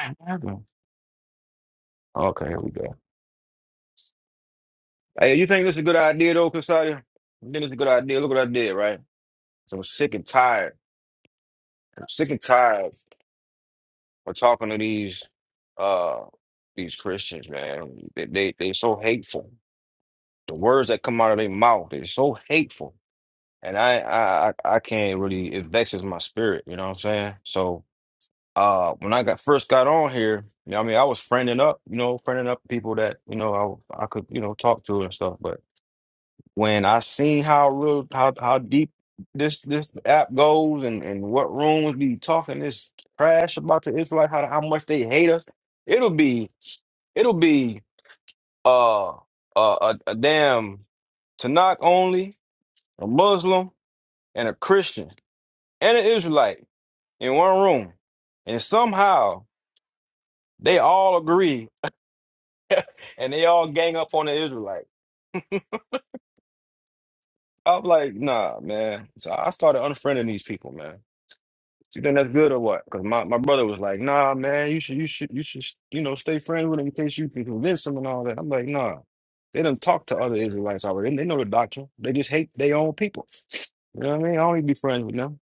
Damn, what happened? Okay, here we go. Hey, you think this is a good idea though, Kasadia? You think it's a good idea? Look what I did, right? So I'm sick and tired. I'm sick and tired of talking to these uh these Christians, man. They they they so hateful. The words that come out of their mouth, they're so hateful. And I I I I can't really it vexes my spirit, you know what I'm saying? So uh when I got first got on here, you know, what I mean I was friending up, you know, friending up people that, you know, I I could, you know, talk to and stuff. But when I seen how real how how deep this this app goes and and what rooms be talking this trash about the Israelites, how how much they hate us, it'll be it'll be uh a a, a damn Tanakh only, a Muslim and a Christian and an Israelite in one room, and somehow they all agree and they all gang up on the Israelite. I'm like, nah, man. So I started unfriending these people, man. You think that's good or what? Because my, my brother was like, nah, man, you should you should you should you know stay friends with him in case you can convince him and all that. I'm like, nah. They done talk to other Israelites already. They know the doctrine. They just hate their own people. You know what I mean? I don't need to be friends with them.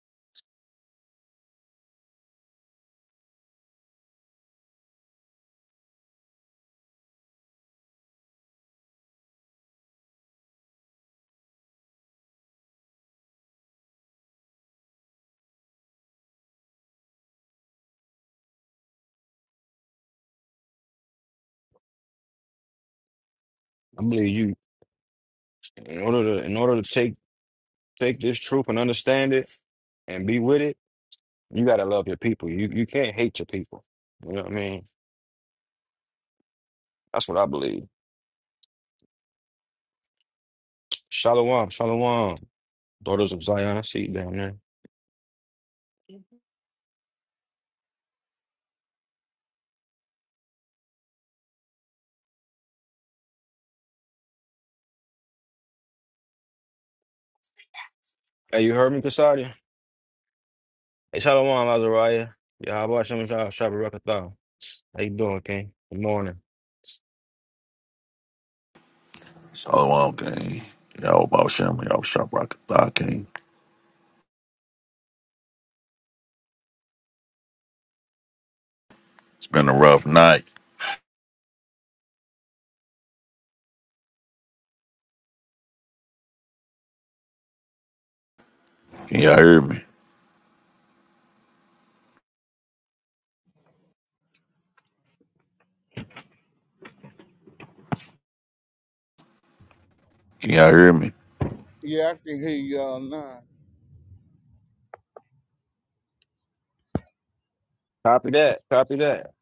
I believe you in order to in order to take take this truth and understand it and be with it, you gotta love your people. You you can't hate your people. You know what I mean? That's what I believe. Shalom, shalom, daughters of Zion. I see you down there. Hey, you heard me, Kasadia? Hey, Shalom, Azariah. Y'all watching me, y'all. Shabbat Rakatha. How you doing, King? Good morning. Shalom King. Y'all about Shem, y'all shop rocket thought King. It's been a rough night. Can y'all hear me? Can y'all hear me? Yeah, I can hear y'all now. Copy that. Copy that.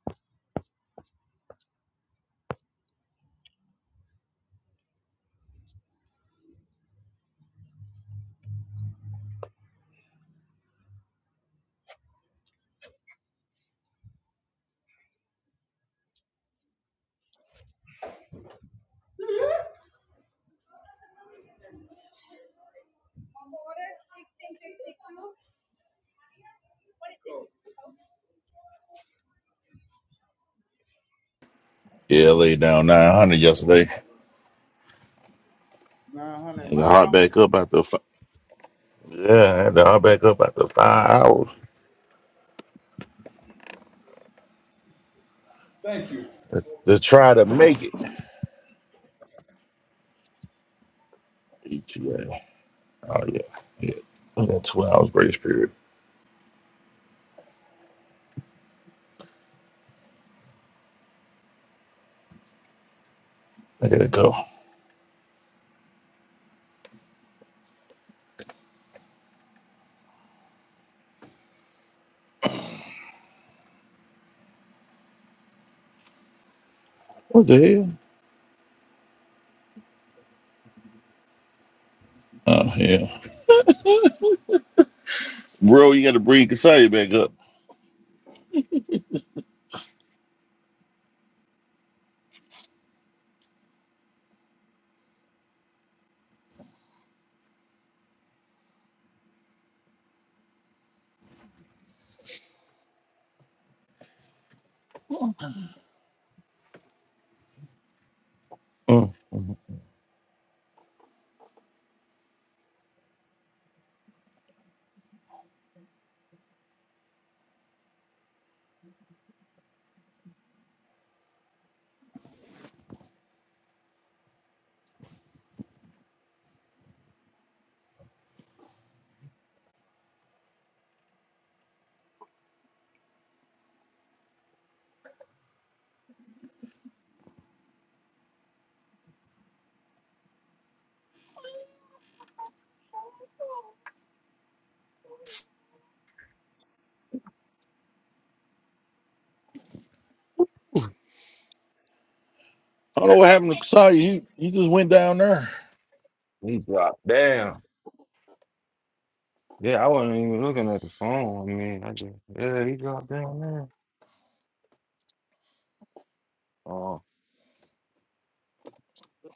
Yeah, I laid down 900 yesterday. 900 And the hot miles? back up after five. Yeah, I had the hot back up after five hours Thank you. to, to try to make it. ETA. Oh, yeah. yeah. I got two hours grace period. I gotta go. What the hell? Oh, yeah. Bro, you gotta bring Kasaya back up. Mm. I don't know what happened to Kasaya. He, he just went down there. He dropped down. Yeah, I wasn't even looking at the phone. I mean, I just, yeah, he dropped down there. Oh,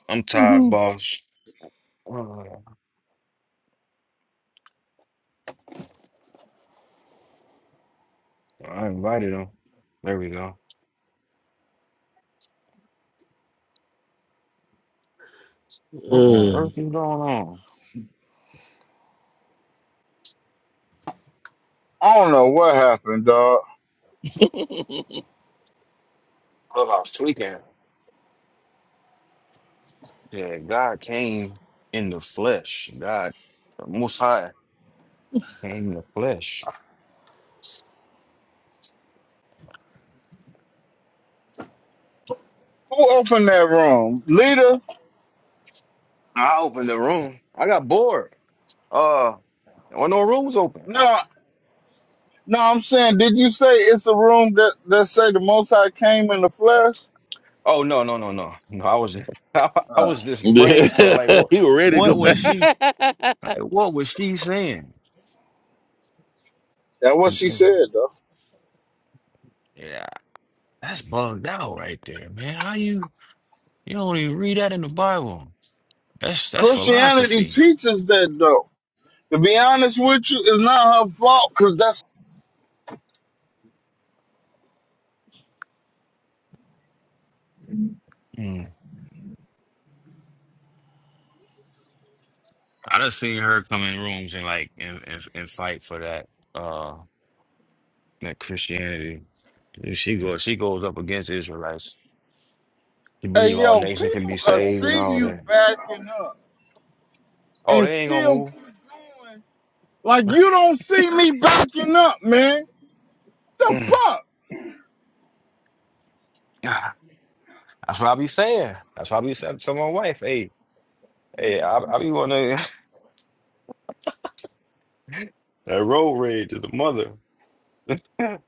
I'm tired, Mhm. boss. Uh, I invited him. There we go. What on earth is going on? I don't know what happened, dog. Clubhouse tweaking. Yeah, God came in the flesh. God, the Most High came in the flesh. Who opened that room? Leader? I opened the room. I got bored. Uh, there were no rooms open. No, no, I'm saying, did you say it's the room that, that say the Most High came in the flesh? Oh no, no, no, no, no! I was just, I, Uh, was just he brainstorming. Like, what, was ready to what go. was she? Like, what was she saying that's what in the she movie? said, though. Yeah, that's bugged out right there, man. How you? You don't even read that in the Bible. That's that's Christianity philosophy. teaches that, though. To be honest with you, it's not her fault, because that's, Mm. I done seen her come in rooms and like and, and, and fight for that uh that Christianity. She goes, she goes up against Israelites. You hey, believe all yo, nations can be people are saved and see all you that. backing up Oh, and they ain't gonna still, move. like, you don't see me backing up, man. The Mm. fuck? Ah, That's what I be saying. That's what I be saying to my wife. Hey, hey, I, I be wanna that road rage to the mother. I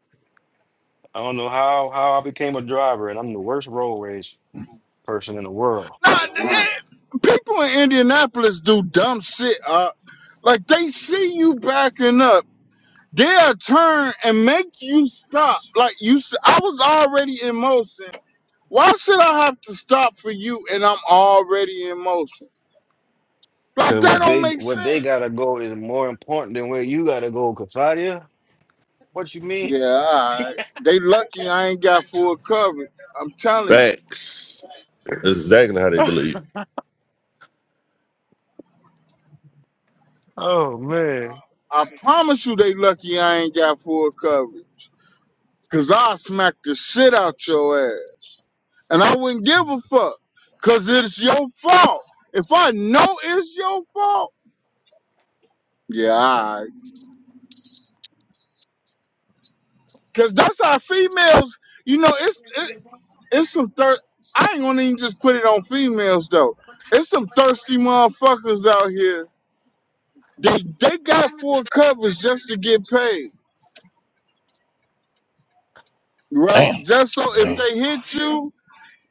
don't know how how I became a driver, and I'm the worst road rage person in the world. Nah, the- people in Indianapolis do dumb shit. Uh, like they see you backing up, they'll turn and make you stop. Like you, s- I was already in motion. Why should I have to stop for you? And I'm already in motion. Like Cause that what don't they make what they sense. gotta go is more important than where you gotta go, Kasadia. What you mean? Yeah, all right. they lucky I ain't got full coverage. I'm telling you. Facts. That's exactly how they believe. Oh man. I promise you, they lucky I ain't got full coverage. Cause I'll smack the shit out your ass. and I wouldn't give a fuck because it's your fault. If I know it's your fault, yeah, all right. Cause that's how females, you know, it's it, it's some thirst. I ain't gonna even just put it on females though. It's some thirsty motherfuckers out here. They they got full coverage just to get paid, right? Damn. Just so if Yeah. they hit you,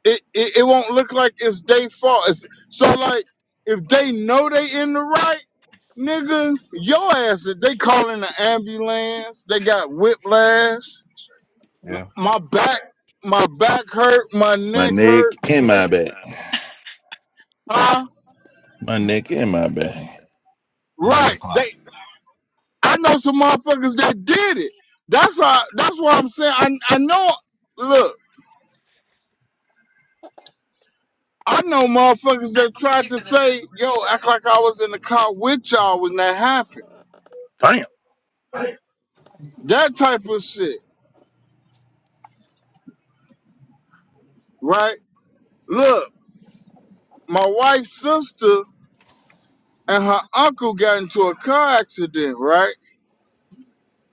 it it, it won't look like it's their fault. It's, so like if they know they in the right Nigga, your ass, if they calling the ambulance, they got whiplash. M- My back, my back hurt, my My neck hurt. neck and nigga. my back. Huh? My neck and my Yeah. back. 11 Right. o'clock. They, I know some motherfuckers that did it. That's why, that's why I'm saying, I, I know, look, I know motherfuckers that tried to say, yo, act like I was in the car with y'all when that happened. Damn. That type of shit, right? Look, my wife's sister and her uncle got into a car accident, right?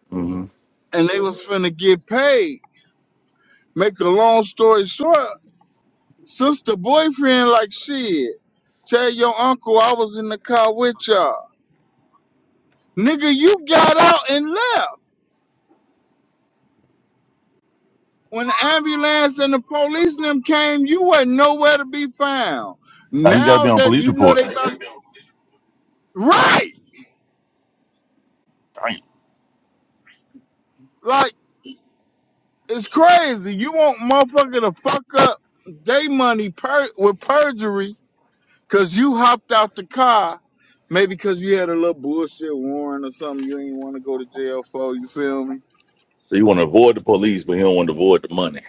hmm and they was finna get paid. Make a long story short, sister boyfriend like shit. Tell your uncle I was in the car with y'all. Nigga, you got out and left. When the ambulance and the police and them came, you wasn't nowhere to be found. Now he got to Now be on that police you know report. they about Right! Damn. Like, it's crazy. You want motherfucker to fuck up day money per- with perjury Cause you hopped out the car, maybe because you had a little bullshit warrant or something you ain't want to go to jail for. You feel me? So you want to avoid the police, but you don't want to avoid the money.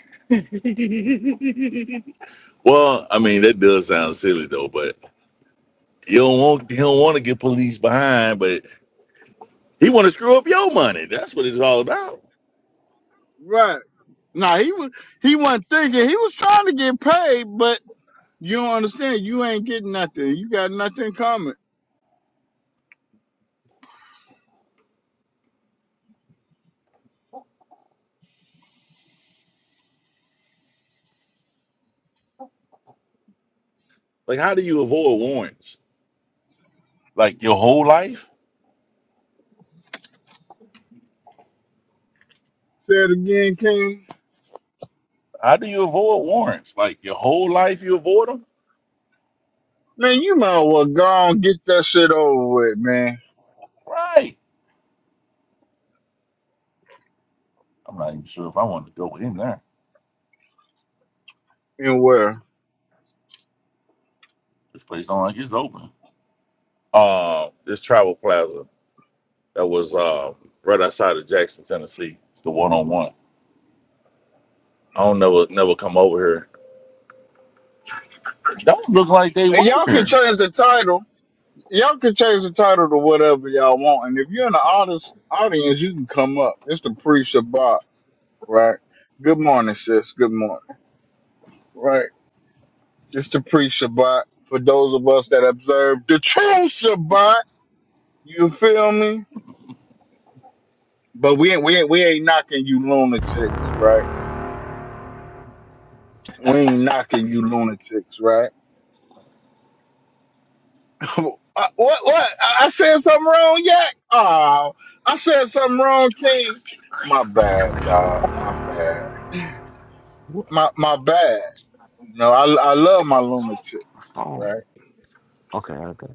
well, I mean that does sound silly though, but you don't want you don't want to get police behind, but he want to screw up your money. That's what it's all about. Right. Nah, he was he wasn't thinking. He was trying to get paid, but you don't understand. You ain't getting nothing. You got nothing coming. Like, how do you avoid warrants? Like your whole life? Say it again, King. How do you avoid warrants? Like your whole life you avoid them? Man, you might as well go on get that shit over with, man. Right. I'm not even sure if I wanted to go in there. And where? This place don't like it's open. Uh, this travel plaza that was uh, right outside of Jackson, Tennessee. It's the one on one. I don't never never come over here. Don't look like they And work y'all can here. change the title. Y'all can change the title to whatever y'all want. And if you're in the audience, audience, you can come up. It's the pre-Shabbat. right? Good morning, sis. Good morning, right? It's the pre Shabbat for those of us that observe the true Shabbat. You feel me? But we ain't, we ain't, we ain't knocking you lunatics, right? We ain't knocking you lunatics, right? what what? I I said something wrong yet? Oh, I said something wrong, King. My bad, dog. My bad. What? My my bad. You know, I I love my lunatics, Oh, right? okay, okay,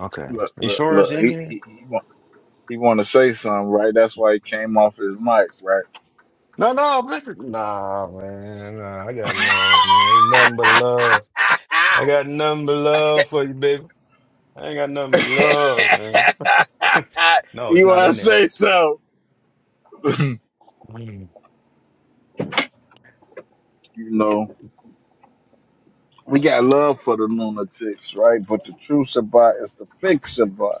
okay. Look, You look, sure look. it's in He here? he, he He want to say something, right? That's why he came off his mic, right? No, no, listen. Nah, man. Nah, I got love, man. Ain't nothing but love. I got nothing but love for you, baby. I ain't got nothing but love, man. No, he it's not want to in there. say so. you Mm. know, we got love for the lunatics, right? But the true Shabbat is the fixed Shabbat,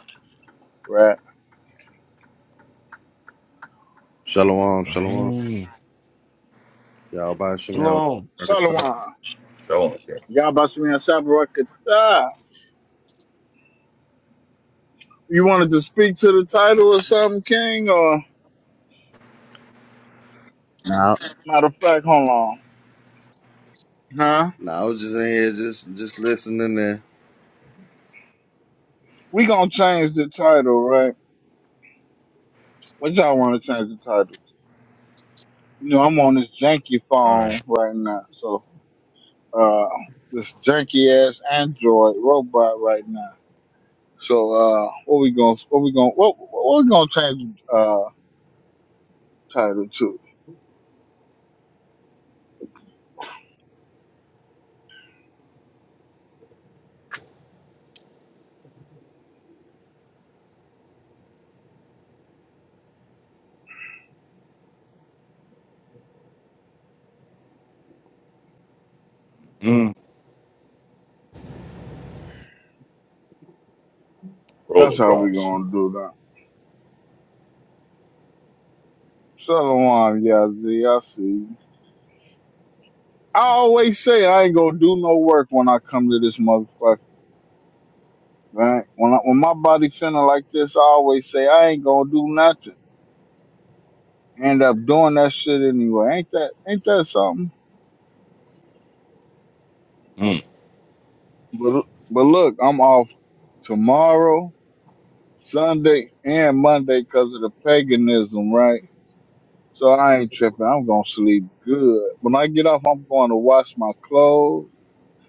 right? Shalom, shalom. Raheem. Y'all by Shimmy Shalom. All Shalom. Don't care. Y'all about to be on Shabbat. You wanted to speak to the title or something, King? Or Nah, matter of fact, hold on, huh? nah, I was just in here just just listening in. We gonna change the title, right? What y'all want to change the title? You know, I'm on this janky right. phone right now. So, uh, this janky ass Android robot right now. So, uh, what we gonna, what we gonna, what, what we gonna change, uh, title to? Mm. Roll That's how we across. gonna do that. Shalom, Yazzie, I see. you. I always say I ain't gonna do no work when I come to this motherfucker, right? When I, when my body feeling like this, I always say I ain't gonna do nothing. End up doing that shit anyway. Ain't that, ain't that something? Mm. But but look, I'm off tomorrow, Sunday, and Monday because of the paganism, right? So I ain't tripping. I'm gonna sleep good. When I get off, I'm going to wash my clothes,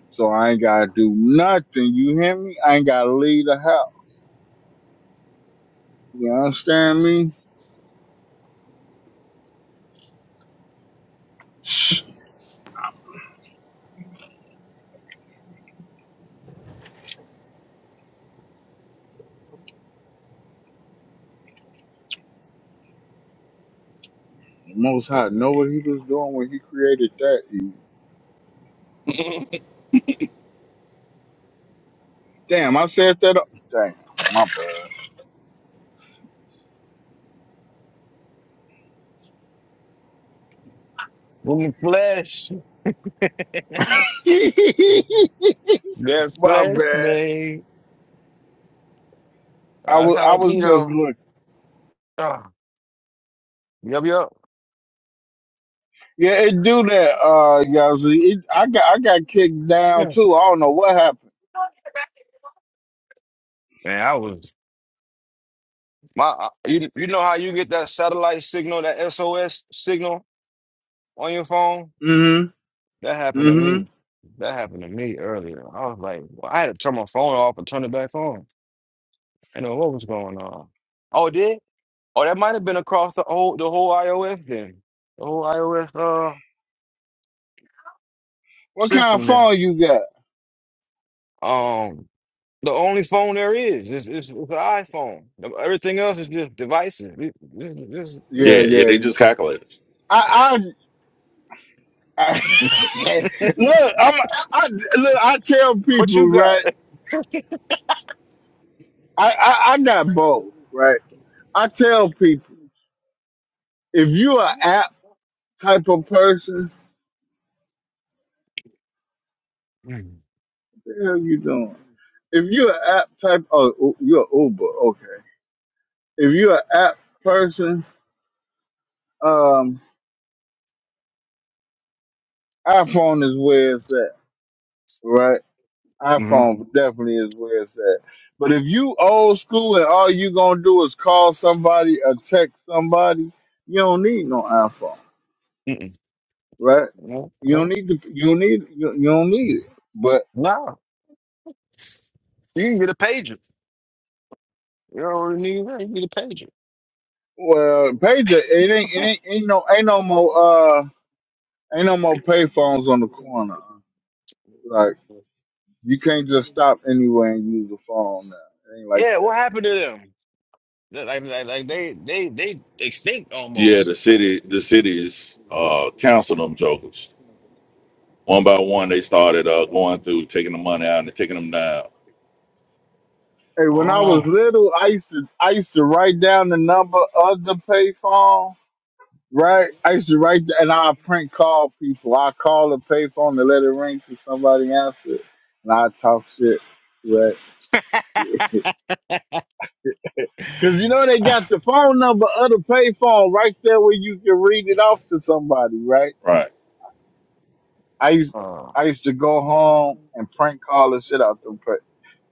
so I ain't gotta do nothing. You hear me? I ain't gotta leave the house. You understand me? Shh, The Most High know what He was doing when He created that. Eve. Damn, I said that. up- Damn, my bad. Woman flesh. There's my flesh, bad. man. I That's was I how it be, was just though. looking. Ah, Yup, yup. Yeah, it do that, uh, Yazzie. It, I got I got kicked down Yeah. too. I don't know what happened. Man, I was my uh, you you know how you get that satellite signal, that SOS signal on your phone? Mm-hmm. That happened to Mm-hmm. me. That happened to me earlier. I was like, well, I had to turn my phone off and turn it back on. I know what was going on. Oh, it did? Oh, that might have been across the whole the whole iOS then. The whole iOS uh What kind of system then. phone you got? Um, The only phone there is is is, is an iPhone. Everything else is just devices. This this this Yeah, Yeah, is yeah, yeah. they just calculators. I I, yeah. I look. I'm I look. I tell What you people got? right. I, I I got both right. I tell people if you're app type of person, Mm. what the hell you doing? If you're an app type, oh, you're Uber. Okay. If you're an app person, um, iPhone is where it's at right? Mhm. iPhone definitely is where it's at. But if you old school and all you gonna do is call somebody or text somebody, you don't need no iPhone, Mm-mm. right? No, You don't no, need to. You don't need. You, you don't need it. But no. You can get a pager. You don't really need that. You can get a pager. well, pager it ain't. It ain't, ain't no. Ain't no more. Uh, ain't no more pay phones on the corner. Like you can't just stop anywhere and use a phone now. It ain't like Yeah, that. what happened to them? Yeah, Like, like, like they, they, they extinct Yeah, almost. the city the cities uh council them jokers. One by one they started uh going through taking the money out and taking them down. Hey, when I Oh. was little, I used to. I used to write down the number of the payphone Right? I used to write, and I prank call people. I call the payphone to let it ring till somebody answer, it. and I talk shit. Right? Because you know they got the phone number of the payphone right there where you can read it off to somebody. Right? Right. I used Oh. I used to go home and prank call the shit out the pay,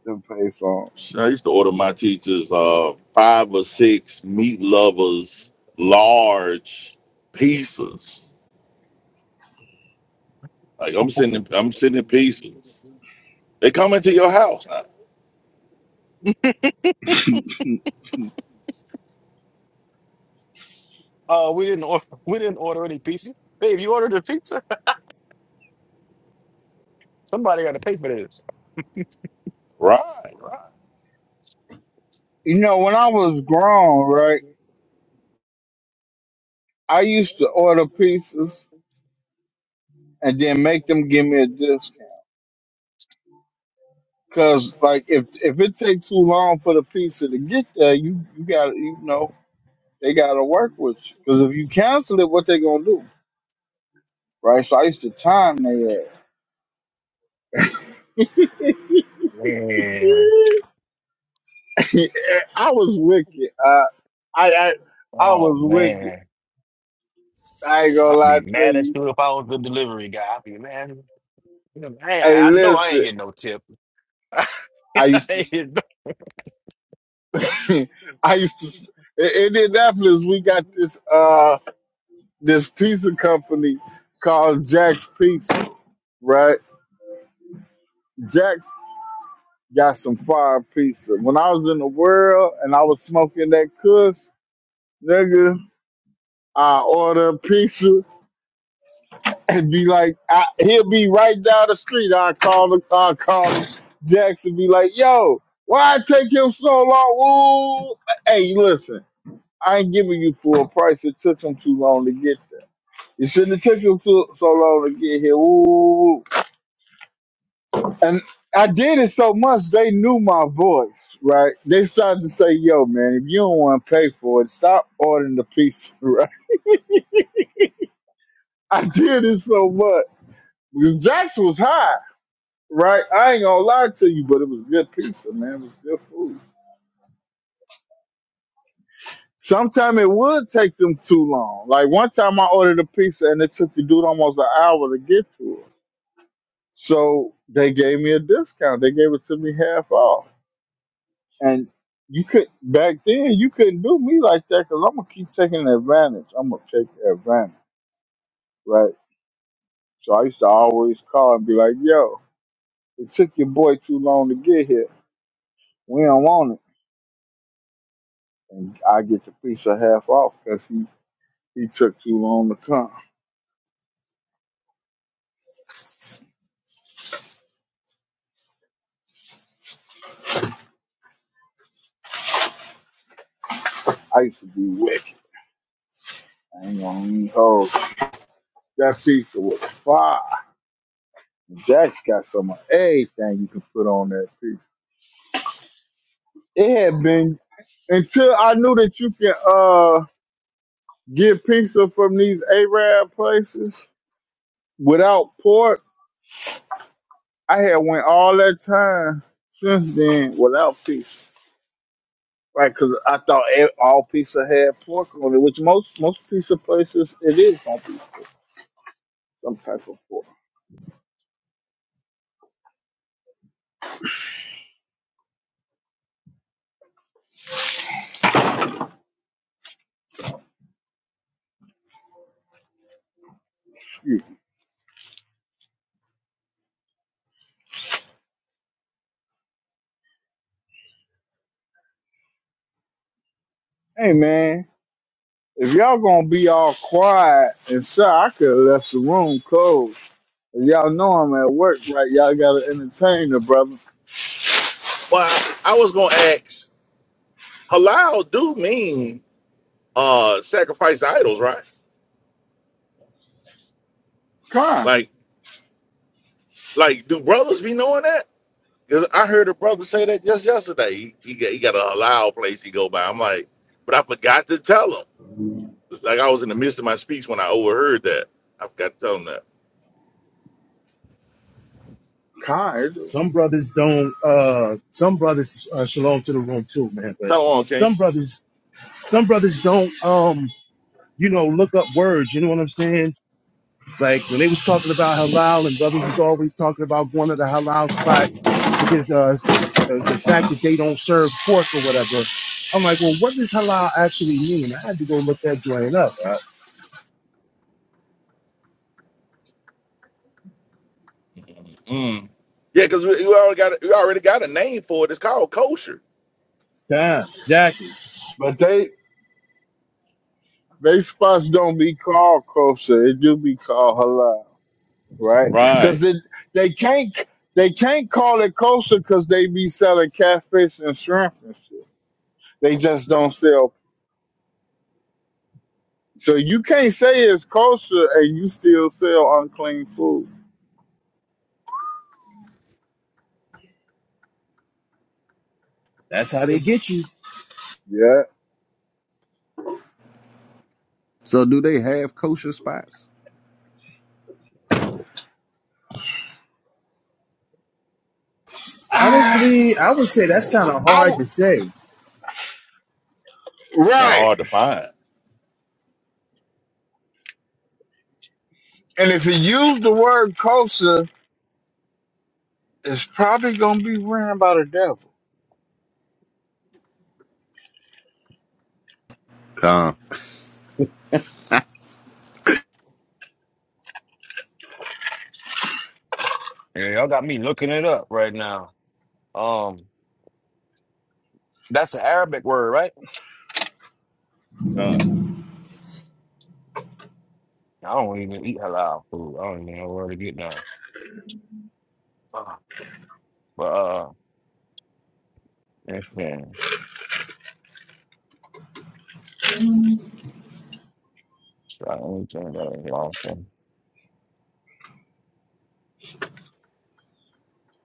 the payphone. So I used to order my teachers uh five or six meat lovers large pieces. Like I'm sending I'm sending pieces. They come into your house. now. Uh, we didn't order. We didn't order any pizza. Hey, if you ordered a pizza, somebody got to pay for Right, right. you know, when I was grown, right, I used to order pizzas this. and then make them give me a discount. Cause like if if it takes too long for the pizza to get there, you you got to you know they got to work with you. Cause if you cancel it, what they gonna do, right? So I used to time they Man, ass. I was wicked. Uh, I I I oh was wicked. man, I ain't gonna I'd lie be to mad at you. you if I was the delivery guy. I'd be mad. You know, Hey, Man, I know I ain't listen, getting no tip. I I ain't used getting no- to I used to in Indianapolis. We got this uh this pizza company called Jack's Pizza, right? Jack's got some fire pizza. When I was in the world and I was smoking that cuss, nigga, I order a pizza and be like, I, he'll be right down the street. I call him, I call him, Jackson be like, yo, why it take him so long? Ooh. Hey, listen, I ain't giving you full price. It took him too long to get there. You shouldn't have took him so so long to get here. Ooh. And I did it so much they knew my voice, right? They started to say, "Yo, man, if you don't want to pay for it, stop ordering the pizza." Right? I did it so much because Jax was high, right? I ain't gonna lie to you, but it was good pizza, man. It was good food. Sometimes it would take them too long. Like one time, I ordered a pizza and it took the dude almost an hour to get to us. So they gave me a discount. They gave it to me half off. And you could back then you couldn't do me like that because I'm gonna keep taking advantage. I'm gonna take advantage, right? So I used to always call and be like, "Yo, it took your boy too long to get here. We don't want it." And I get the piece of half off because he he took too long to come. I used to be wicked. I ain't gonna even hold. you. That pizza was fire. That's got some of everything you can put on that pizza. It had been until I knew that you can. uh get pizza from these Arab places without pork. I had went all that time since then without pizza. Right, because I thought e- all pizza had pork on it, which most most pizza places it is gonna be some type of pork. Excuse me. Hey man, if y'all gonna be all quiet and shy, I could have left the room closed. If y'all know I'm at work, right? Y'all gotta entertain the brother. Well, I was gonna ask, halal do mean uh sacrifice idols, right? Con, Like like do brothers be knowing that? Because I heard a brother say that just yesterday. He, he, got, he got a halal place he go by. I'm like, but I forgot to tell him. like I was in the midst of my speech when I overheard that. I forgot to tell him that. con. it do. Some brothers don't. Uh, some brothers uh, shalom to the room too, man. But Shalom, King. some brothers, some brothers don't. Um, you know, look up words. You know what I'm saying? Like when they was talking about halal, and brothers was always talking about going to the halal spot because uh, the the fact that they don't serve pork or whatever. I'm like, well, what does halal actually mean? I had to go look that joint up. Uh, Mm. Yeah, because we, we already got a- we already got a name for it. It's called kosher. damn, exactly. But they They spots don't be called kosher. It do be called halal, right? Because Right. it they can't they can't call it kosher because they be selling catfish and shrimp and shit. They just don't sell. So you can't say it's kosher and you still sell unclean food. That's how they It's- get you. yeah. So do they have kosher spots? Ah, Honestly, I would say that's kind of I hard w- to say. It's kind of right. hard to find. And if you use the word kosher, it's probably gonna be ran by the devil. Come. Yeah, y'all got me looking it up right now. Um, that's an Arabic word, right? Huh. I don't even eat halal food. I don't even know where to get now. Uh, But uh, it's been try anything that I lost.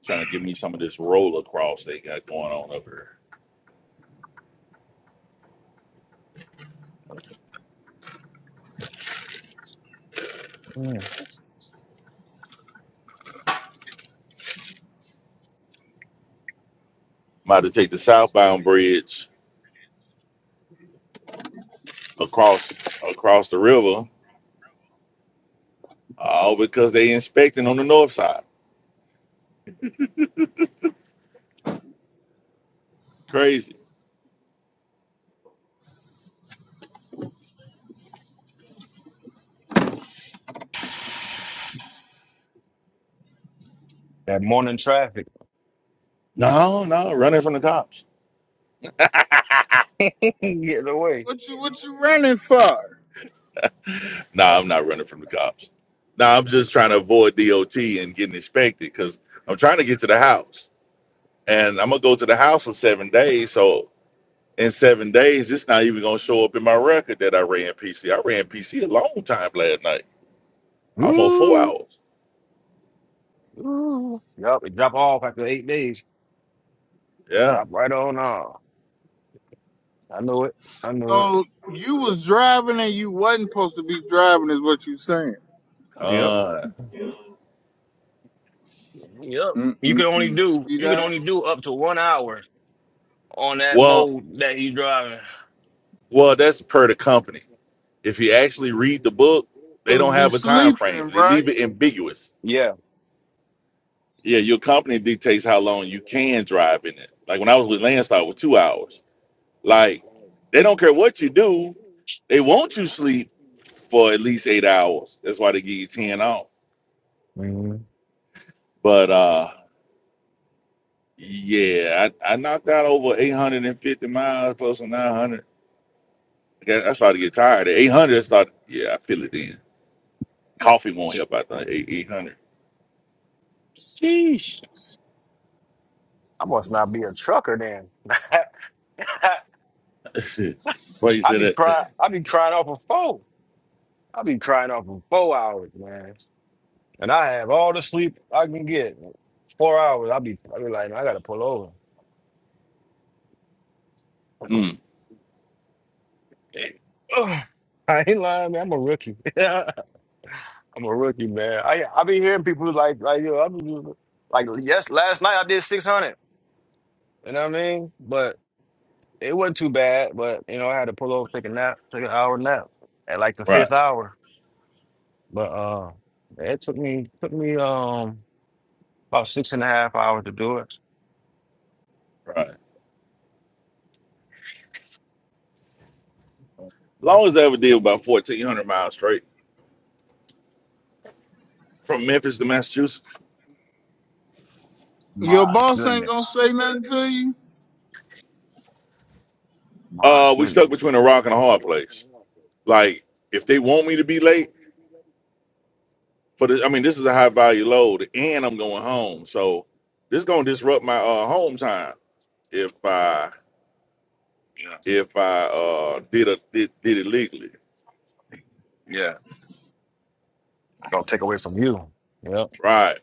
Trying to give me some of this roller cross they got going on over here. I'm about to take the southbound bridge across across the river, all because they inspecting on the north side. Crazy. That morning traffic. No, no, running from the cops. Getting away. What you what you running for? nah, I'm not running from the cops. Nah, I'm just trying to avoid DOT and getting inspected because I'm trying to get to the house. And I'm gonna go to the house for seven days. So in seven days, it's not even gonna show up in my record that I ran PC. I ran PC a long time last night, almost four Ooh, hours. ooh. Yup, it drop off after eight days. Yeah. Drop right on off. I know it. I know it. So you was driving and you wasn't supposed to be driving, is what you saying? Yep. Uh, Yep. You can only Mm-mm-mm. do See you can that? only do up to one hour on that well, mode that you driving. well, that's per the company. If you actually read the book, they Supposed don't to be have a time frame. sleeping, They right? leave it ambiguous. Yeah. Yeah, your company dictates how long you can drive in it. Like when I was with Landstar, it was two hours. Like they don't care what you do, they want you sleep for at least eight hours. That's why they give you ten off. hmm But uh, yeah, I, I knocked out over eight hundred and fifty miles, close to nine hundred. I guess I started to get tired. At eight hundred, I started. Yeah, I feel it then. Coffee won't help out the eight hundred. Sheesh. I must not be a trucker then. Why you I say be that? crying. I be crying off of four. I be crying off of four hours, man. And I have all the sleep I can get. Four hours. I be. I be like, I gotta pull over. Mm, Ugh. I ain't lying, man. I'm a rookie. I'm a rookie, man. I I be hearing people like like yo. I be like yes. Last night I did 600. You know what I mean? But it wasn't too bad. But you know, I had to pull over, take a nap, take an hour nap at like the right, fifth hour. But uh, it took me took me um. About six and a half hours to do it. right. Long as I ever did about fourteen hundred miles straight from Memphis to Massachusetts. Your My boss ain't gonna goodness. say nothing to you. My Uh, we stuck goodness. between a rock and a hard place. Like, if they want me to be late for this, I mean, this is a high value load, and I'm going home, so this gonna disrupt my uh home time if I Yeah. if I uh did a did, did it legally, Yeah. Gonna take away from you. Yeah. right?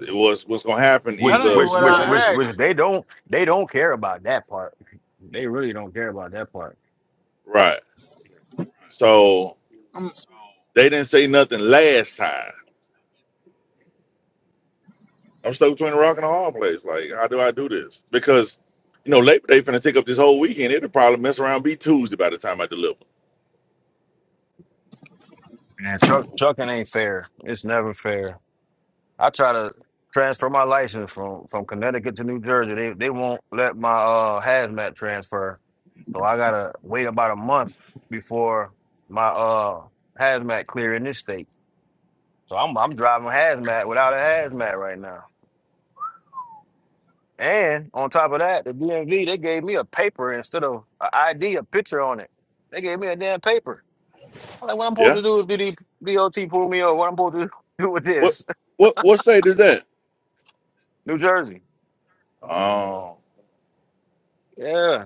It was what's gonna happen That Which ain't either, which what which I which which asked. they don't they don't care about that part. They really don't care about that part. right? So Um, they didn't say nothing last time. I'm stuck between a rock and a hard place. Like, how do I do this? Because you know, Labor Day finna take up this whole weekend. It'll probably mess around be Tuesday by the time I deliver. Man, truck trucking ain't fair. It's never fair. I try to transfer my license from from Connecticut to New Jersey. They they won't let my uh hazmat transfer, so I gotta wait about a month before my uh hazmat clear in this state. So I'm I'm driving hazmat without a hazmat right now. And on top of that, the DMV they gave me a paper instead of an ID, a picture on it. They gave me a damn paper. I'm like, what I'm Yeah. supposed to do is do the DOT pull me over? What I'm supposed to do with What this? what what state is that? New Jersey. Oh, Yeah.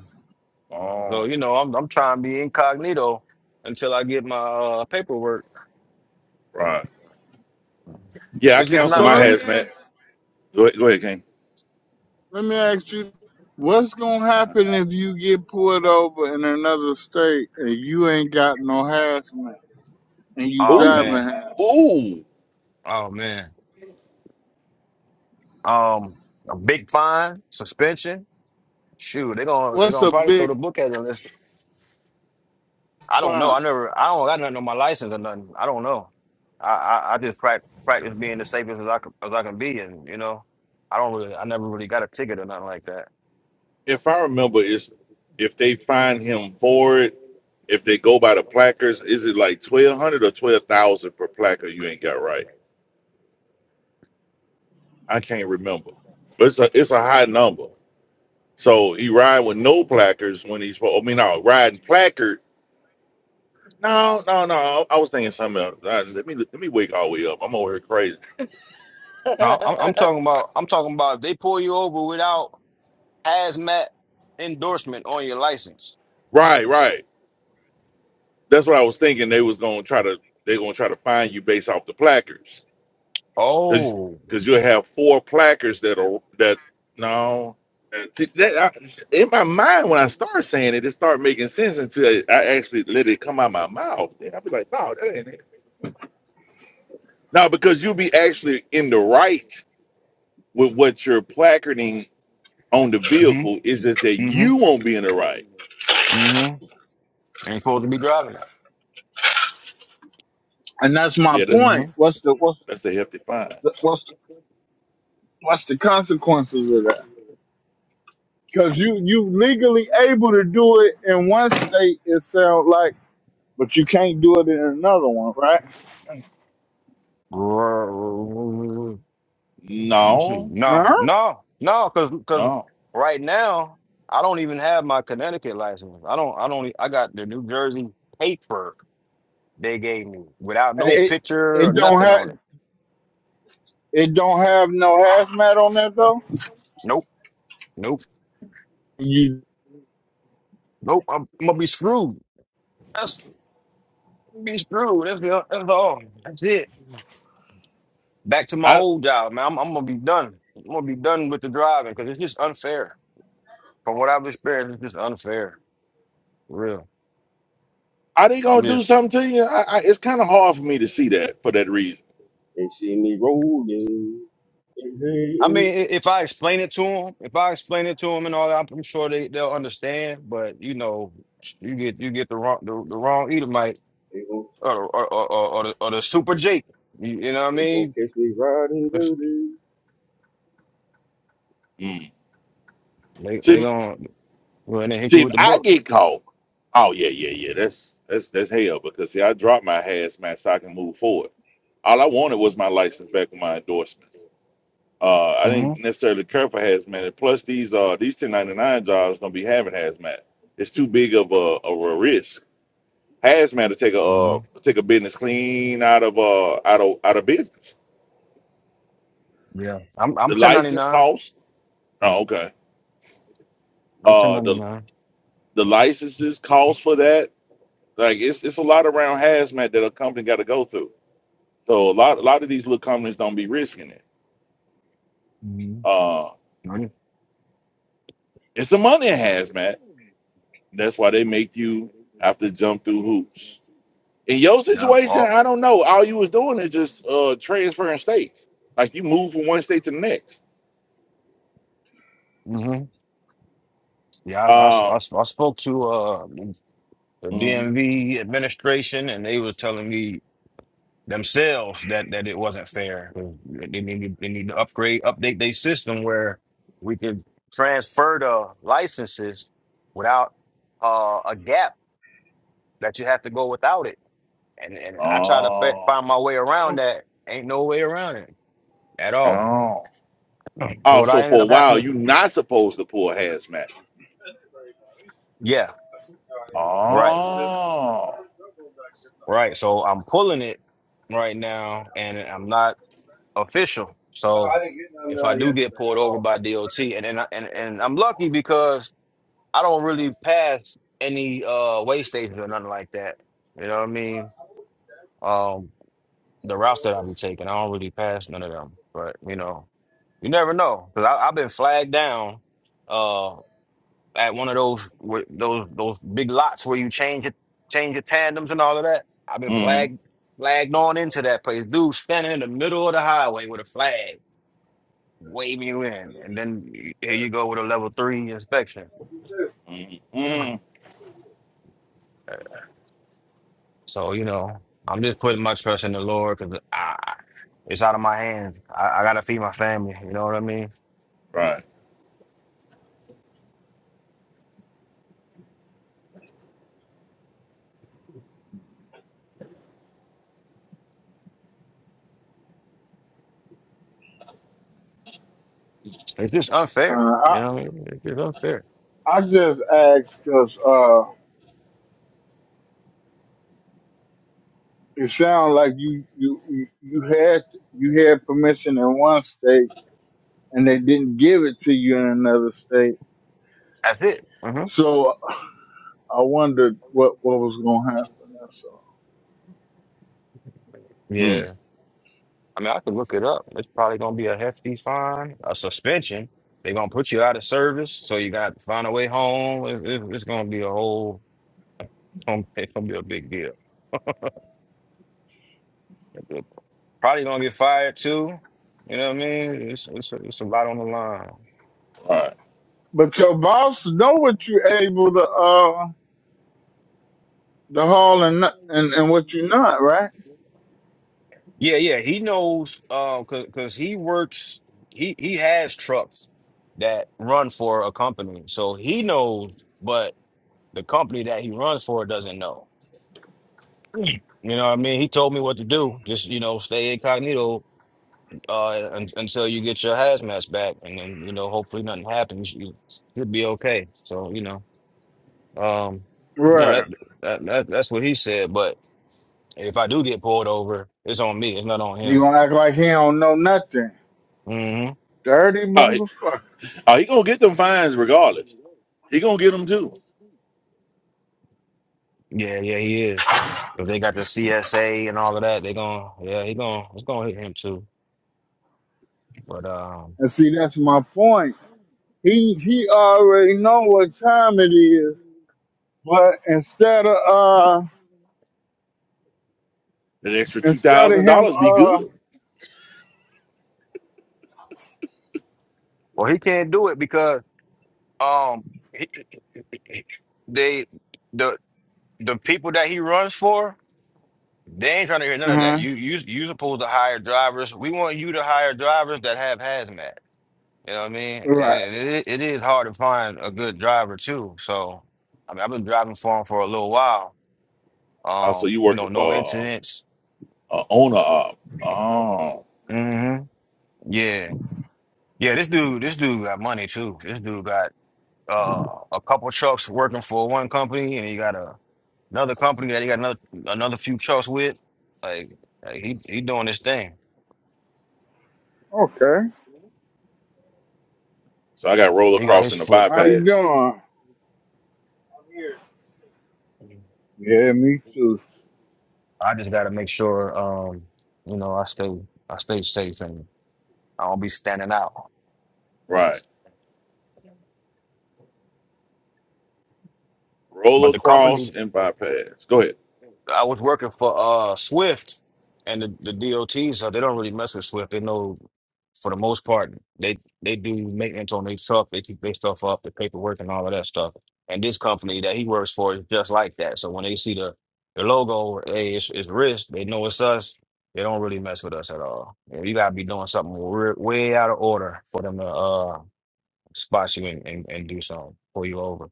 So oh, you know, I'm I'm trying to be incognito until I get my uh, paperwork. right. Yeah, I It's just cancel so not my let me fair. hazmat. ask, Go ahead, go ahead, King. let me ask you, what's gonna Uh-huh. happen if you get pulled over in another state and you ain't got no harassment and you Oh driving? Ooh, man. harassment? ooh. Oh man. Um, a big fine, suspension. Shoot, they're gonna they're What's gonna a probably throw big the book at it unless I don't know. fine? I never I don't got nothing on my license or nothing. I don't know. I I, I just practice practice being the safest as I can, as I can be, and you know, I don't really I never really got a ticket or nothing like that. If I remember, it's if they find him for it, if they go by the placards, is it like twelve hundred or twelve thousand per placard? You ain't got right. I can't remember, but it's a it's a high number. So he ride with no placards when he's. I mean, no riding placard. No, no, no. I was thinking something else. Uh, Let me let me wake all the way up. I'm over here crazy. No, I'm, I'm talking about. I'm talking about. If they pull you over without hazmat endorsement on your license. Right, right. That's what I was thinking. They was gonna try to they gonna try to find you based off the placards, because Oh. because you'll have four placards that are that no. See, that I, in my mind when I start saying it, it start making sense until I I actually let it come out my mouth. Then I'll be like, no, that ain't it. No, because you'll be actually in the right with what you're placarding on the hmm vehicle. It's just that hmm you won't be in the right. hmm Ain't supposed to be driving that. And that's my Yeah, that's point. What's the what's that's a hefty fine. the, what's the, what's the consequences of that? hmm Because you you legally able to do it in one state, it sounds like, but you can't do it in another one, right? Let me see. No, No, Huh? no, no, because because no. right now I don't even have my Connecticut license. I don't. I don't. e- I got the New Jersey paper they gave me without no It picture it or don't nothing have on it. it don't have no hazmat on that though. Nope, nope, You nope. I'm, I'm gonna be screwed. That's be screwed. That's the, that's all. That's it. Back to my old job, man. I'm, I'm gonna be done. I'm gonna be done with the driving because it's just unfair. From what I've experienced, it's just unfair. For real. Are they I'm gonna do just something to you? I, I, it's kind of hard for me to see that for that reason. They see me rolling. They I mean, i- if I explain it to them, if I explain it to them and all that, I'm sure they they'll understand. But you know, you get you get the wrong the, the wrong Edomite gon' or or or, or, or, the, or the super Jake. You, you know what I they gon' mean? catch me riding dirty. Mm. They they See, gonna well, they hit you see, if with the I book. get caught, oh yeah, yeah, yeah, that's that's that's hell because see, I dropped my hazmat so I can move forward. All I wanted was my license back and my endorsement. Uh, I hmm didn't necessarily care for hazmat. And Plus, these uh these 1099 jobs gonna be having hazmat. It's too big of a, of a risk. Hazmat to take a hmm uh, take a business clean out of uh out of out of business. Yeah, I'm I'm The license 1099. costs. Oh, okay I'm Uh, the 1099. The licenses cost for that. Like it's it's a lot around hazmat that a company got to go through. So a lot a lot of these little companies don't be risking it. Mm-hmm. Uh, Mm-hmm. it's the money in hazmat. That's why they make you have to jump through hoops. In your Yep. situation, All. I don't know. All you was doing is just uh, transferring states. Like you move from one state to the next. mm-hmm. Yeah, I, I s- I Um, s- I spoke to uh the mhm. DMV administration, and they were telling me themselves that that it wasn't fair. They need to- they need to upgrade, update their system where we can transfer the licenses without uh a gap that you have to go without it. And and I try to fa Oh, find my way around that. Ain't no way around it at all. oh, So oh. What I So ended for up a having while, to, you're not supposed to pull hazmat. yeah, uh, right, Oh. right. So I'm pulling it right now, and I'm not. official. So if I do get pulled over by DOT, and and I- and, and I'm lucky because I don't really pass any uh way stations or nothing like that. You know what I mean? Um, the routes that I've been taking, I don't really pass none of them. But you know, you never know because I've been flagged down uh at one of those wh- those those big lots where you change it change your tandems and all of that. I've been Mm-hmm. flagged flagged on into that place. Dude standing in the middle of the highway with a flag. wave you in, and then here you go with a level three inspection. Uh, Mm-mm. So you know, I'm just putting my trust in the Lord because I, it's out of my hands. I, I gotta feed my family. You know what I mean? Right. It's just unfair. You I know what I mean? It's just unfair. I just asked because uh, it sounds like you you you you had you had permission in one state and they didn't give it to you in another state. That's it. hmm So I wondered what what was going to happen. That's all. Mm. Yeah. I mean, I could look it up. It's probably gonna be a hefty fine, a suspension. They're gonna put you out of service, so you got to find a way home. It, it, it's gonna be a whole. It's gonna be a big deal. Probably gonna get fired too. You know what I mean? It's it's a, it's a lot on the line. Right. But your boss know what you able to uh to haul and not- and and what you not, right? Yeah, yeah, he knows um cause, 'cause he works he he has trucks that run for a company. So he knows, but the company that he runs for doesn't know. You know what I mean? He told me what to do. Just, you know, stay incognito uh, un until you get your hazmat back, and then you know, hopefully nothing happens. You should be okay. So you know, um, you know that, Right. that that that's what he said. But if I do get pulled over, it's on me. It's not on He him. gonna act like he don't know nothing. hmm Dirty All right. motherfucker. Uh, he gonna get them fines regardless. He gonna get them too. Yeah, yeah, he is. If they got the CSA and all of that, they gonna yeah, he gonna it's gonna hit him too. But um, And see, that's my point. He he already know what time it is, but instead of uh An extra two instead of thousand him dollars be uh good. Well, he can't do it because um they the the people that he runs for, they ain't trying to hear none of that. uh You you you supposed to hire drivers. We want you to hire drivers that have hazmat. You know what I mean? right And it, it is hard to find a good driver too. So I mean, I've been driving for him for a little while. Uh, so Um, you you working know, no for incidents. uh, uh, owner? Uh, oh, hmm Yeah. Yeah, this dude, this dude got money too. This dude got uh a couple trucks working for one company and he got a Another company that he got another another few trucks with. Like, like he he doing his thing. okay so I got roll He got across his and the foot. how you bypass. doing? Yeah, me too. I just gotta make sure um, you know, I stay I stay safe and I don't be standing out. Right. Roll But the company across and bypass. Go ahead. I was working for uh Swift and the, the DOT, so they don't really mess with Swift. They know for the most part they they do maintenance on their truck, they keep their stuff up, the paperwork and all of that stuff. And this company that he works for is just like that. So when they see the the logo, or, hey, it's it's risk, they know it's us. They don't really mess with us at all. And you gotta be doing something re- way out of order for them to uh spot you and, and, and do something, pull you over.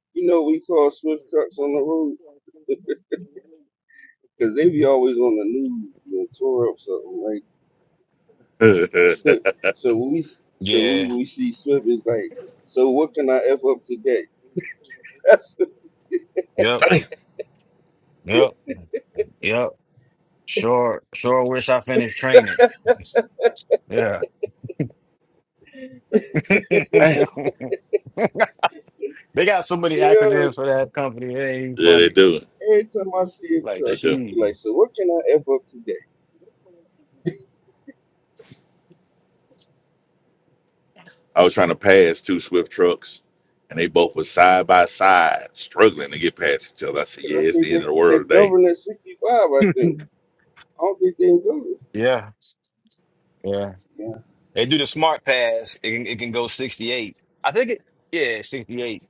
you know we call swift trucks on the road because they be always on the news and tore up something like. so when we so Yeah. we we see swift it's like. So what can I f up today? That's what- Yep. damn. Yep. Yep. Sure. Sure. Wish I finished training. Yeah. they Damn. got so many yeah. acronyms for that company. It ain't even Yeah, they funny. do. Every time I see a Like, They truck, do. I be she. like, so what can I f up today? I was trying to pass two Swift trucks, and they both were side by side, struggling to get past each other. I said, 'Cause I "Yeah, it's the think end they of the they world today." govern at sixty five. I think I don't think they can go. yeah. Yeah. Yeah. They do the smart pass. It can, it can go 68. I think it, yeah, 68.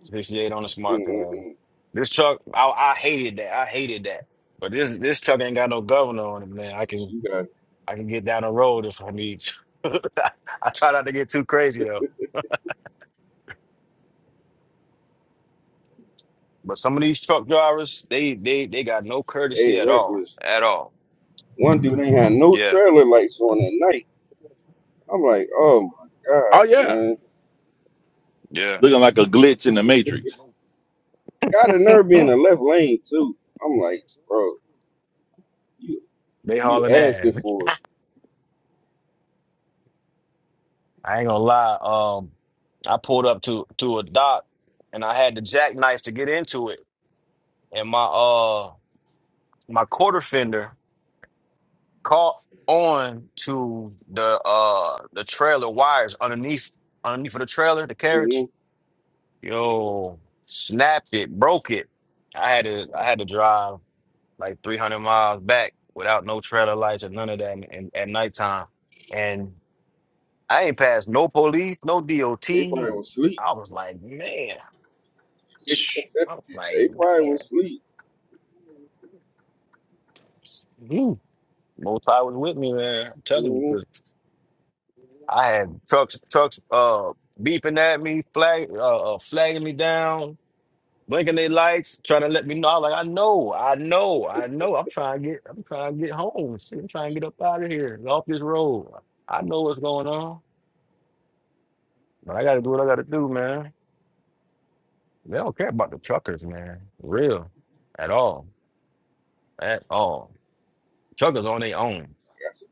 68 on the smart pass. Mm-mm-mm. This truck, I, I hated that. I hated that. But this this truck ain't got no governor on it, man. I can. I can get down the road if I need to. I try not to get too crazy though. But some of these truck drivers, they they they got no They courtesy at all, reckless. at all. One dude ain't had no Yeah, trailer lights on at night. I'm like, oh my Oh gosh, yeah. man. yeah. looking like a glitch in the matrix. Got a nerve being in the left lane too. I'm like, bro, you They you hauling ass. asking for I ain't gonna lie. Um, I pulled up to to a dock, and I had the jackknife to get into it, and my uh my quarter fender. caught on to the uh the trailer wires underneath underneath of the trailer, the it. hmm carriage. Yo, snapped it, broke it. I had to I had to drive like 300 miles back without no trailer lights or none of that and, and at nighttime. And I ain't passed no police, no DOT. They probably was sleep. I was like, man. they I was like, probably man. was sleep. Mm. Most I was with me, man. I'm telling you, hmm 'cause I had trucks, trucks, uh, beeping at me, flag, uh, uh, flagging me down, blinking their lights, trying to let me know. I'm like, I know, I know, I know. I'm trying to get, I'm trying to get home. Shit, I'm trying to get up out of here, off this road. I know what's going on, but I got to do what I got to do, man. They don't care about the truckers, man. For real, at all, at all. Truckers on their own. That's,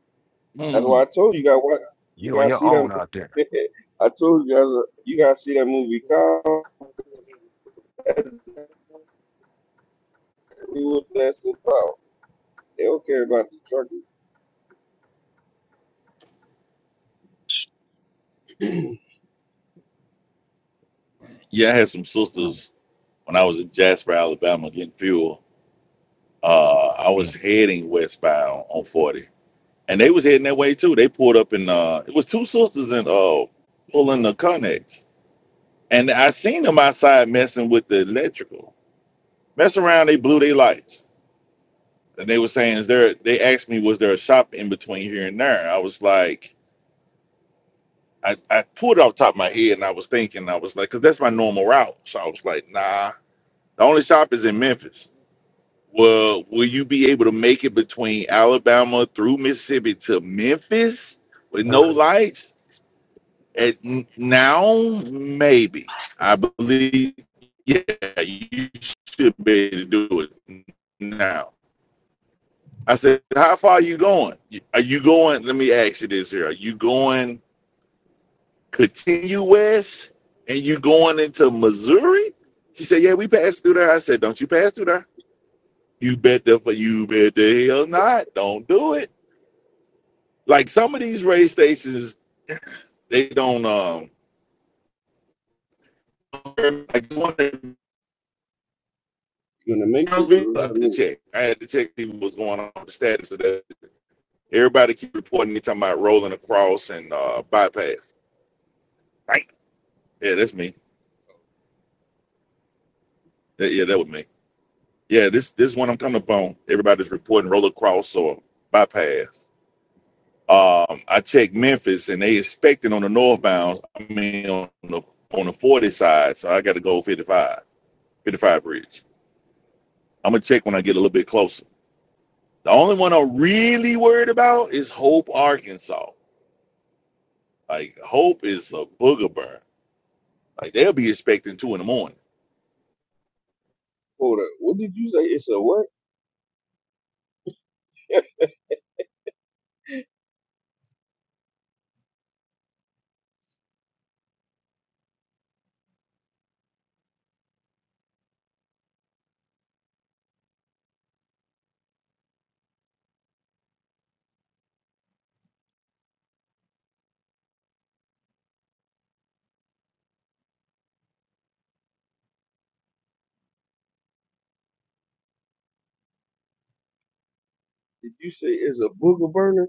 why Mm. I told you, you got what you You on gotta your see them. own out there. I told you guys, uh, you gotta see that movie. Call that's exactly what that's about. They don't care about the trucker. you Yeah, I had some Mm, sisters when I was in Jasper, Alabama, getting fuel. Uh, I was heading westbound on 40, and they was heading that way too. They pulled up in uh, it was two sisters in uh, pulling the connects, and I seen them outside messing with the electrical. messing around, they blew their lights, and they were saying, "Is there?" They asked me, "Was there a shop in between here and there?" I was like. I, I pulled it off the top of my head and I was thinking, I was like, because that's my normal route. So I was like, nah, The only stop is in Memphis. Well, will you be able to make it between Alabama through Mississippi to Memphis with no mm. lights? At n- now, maybe I believe. Yeah, you should be able to do it now. I said, how far are you going? Are you going? Let me ask you this here: Are you going continue west, and you going into Missouri? She said, yeah, we passed through there. I said, don't you pass through there? You bet the you bet the hell not. Don't do it. Like some of these radio stations, they don't. Um, like one in the Matrix or I had to what? check. I had to check see what was going on with the status of that. Everybody keep reporting they talking about rolling across and uh, bypass. Right? Yeah, that's me. That- yeah, that was me. Yeah, this this one I'm coming up on. Everybody's reporting roll across or bypass. Um, I checked Memphis and they expecting on the northbound. I mean on the on the 40 side, so I got to go 55. 55 Bridge. I'm gonna check when I get a little bit closer. The only one I'm really worried about is Hope, Arkansas. Like Hope is a booger burn. Like they'll be expecting two in the morning. Hold up. What did you say? It's a what? Did you say it's a booger burner?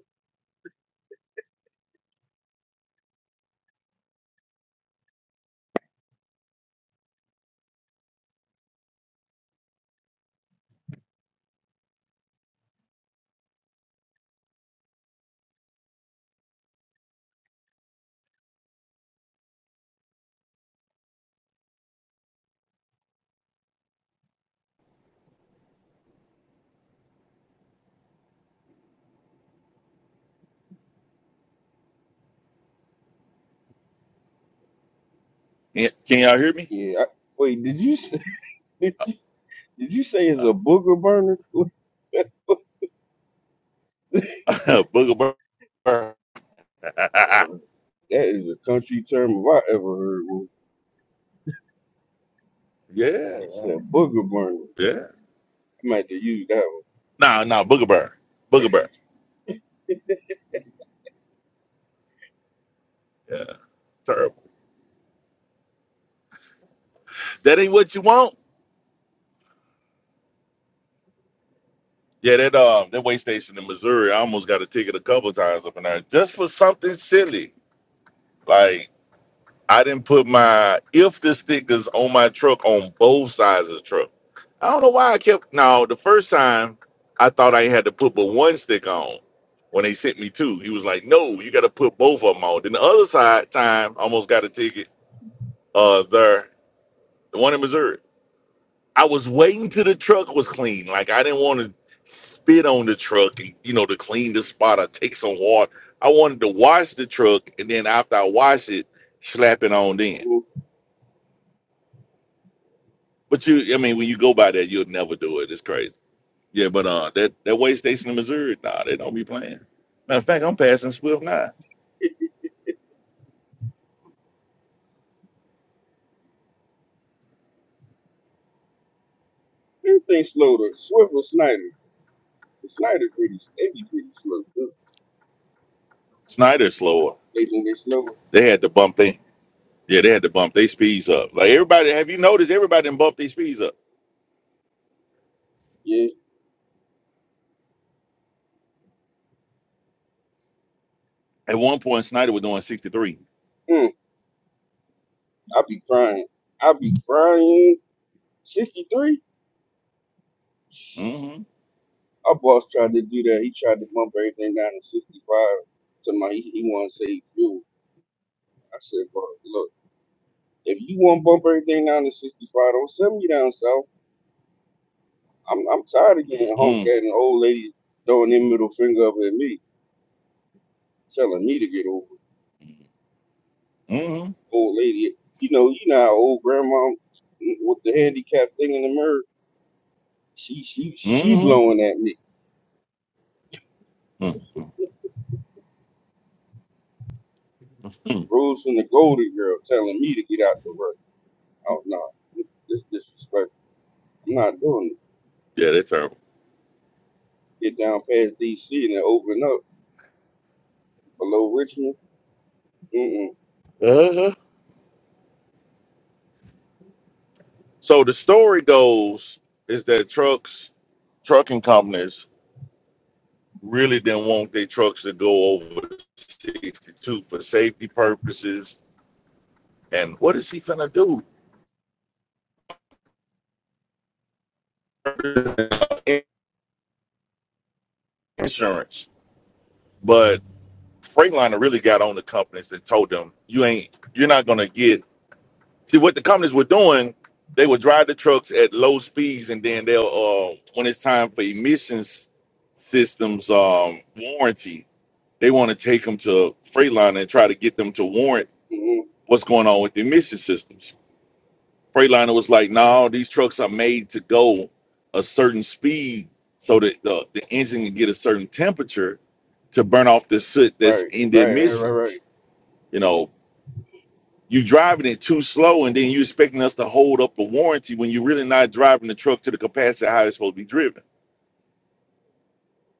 Can, can y'all hear me? Yeah. I, wait. Did you say? Did you, did you say it's a Uh, booger burner? Boy, that booger burn. is a country term if I ever heard one. yeah, It's a booger burner. I yeah. might have to use that Nah, nah, booger burn, booger burn. Yeah, terrible. That ain't what you want. Yeah, that um, that way station in Missouri. I almost got a ticket a couple of times up in there just for something silly. Like I didn't put my if the stickers on my truck on both sides of the truck. I don't know why I kept. No, the first time I thought I had to put but one stick on. When they sent me two, he was like, "No, you got to put both of them on." Then the other side time, I almost got a ticket. Uh, there, the one in Missouri. I was waiting till the truck was clean. Like I didn't want to spit on the truck and you know to clean the spot or take some water. I wanted to wash the truck and then after I wash it, slap it on then. one. But you, I mean, when you go by that, you'll never do it. It's crazy. Yeah, but uh, that that way station in Missouri, nah, they don't be playing. Matter of fact, I'm passing Swift now. Everything slow to Swift or Snyder. The Snyder pretty. They be pretty slow. too. Snyder's slower. They think they slower. They had to bump they, yeah, they had to bump their speeds up. Like everybody, have you noticed everybody done bumped their speeds up? Yeah. At one point, Snyder was doing 63. Mm, I be crying. I be crying. Sixty three. Mm-hmm. Our boss tried to do that. He tried to bump everything down to 65. To my, he, he want to save fuel. I said, bro, look, if you want to bump everything down to 65, don't send me down south. I'm, I'm tired of getting honked at Mm-hmm. and old ladies throwing their middle finger up at me, telling me to get over. it. Mm-hmm. Old lady, you know, you know, how old grandma mm, with the handicap thing in the mirror. She, she, she Mm-hmm. blowing at me. Mm-hmm. Rose from the Golden Girl telling me to get out the way. Oh no, this disrespect. I'm not doing that. Yeah, that's terrible. get down past DC and then open up below Richmond. Mm-mm, Uh-huh. So the story goes is that trucks, trucking companies really didn't want their trucks to go over 62 for safety purposes. And what is he finna do? Insurance. But Freightliner really got on the companies and told them, you ain't, you're not gonna get. See what the companies were doing, they would drive the trucks at low speeds, and then they'll, uh, when it's time for emissions systems um, warranty, they want to take them to Freightliner and try to get them to warrant mm-mm. what's going on with the emission systems Freightliner was like, "No, these trucks are made to go a certain speed so that the, the engine can get a certain temperature to burn off the soot that's Right, in the right, right, right, right. emissions." You know, you driving it too slow, and then you expecting us to hold up a warranty when you're really not driving the truck to the capacity how it's supposed to be driven.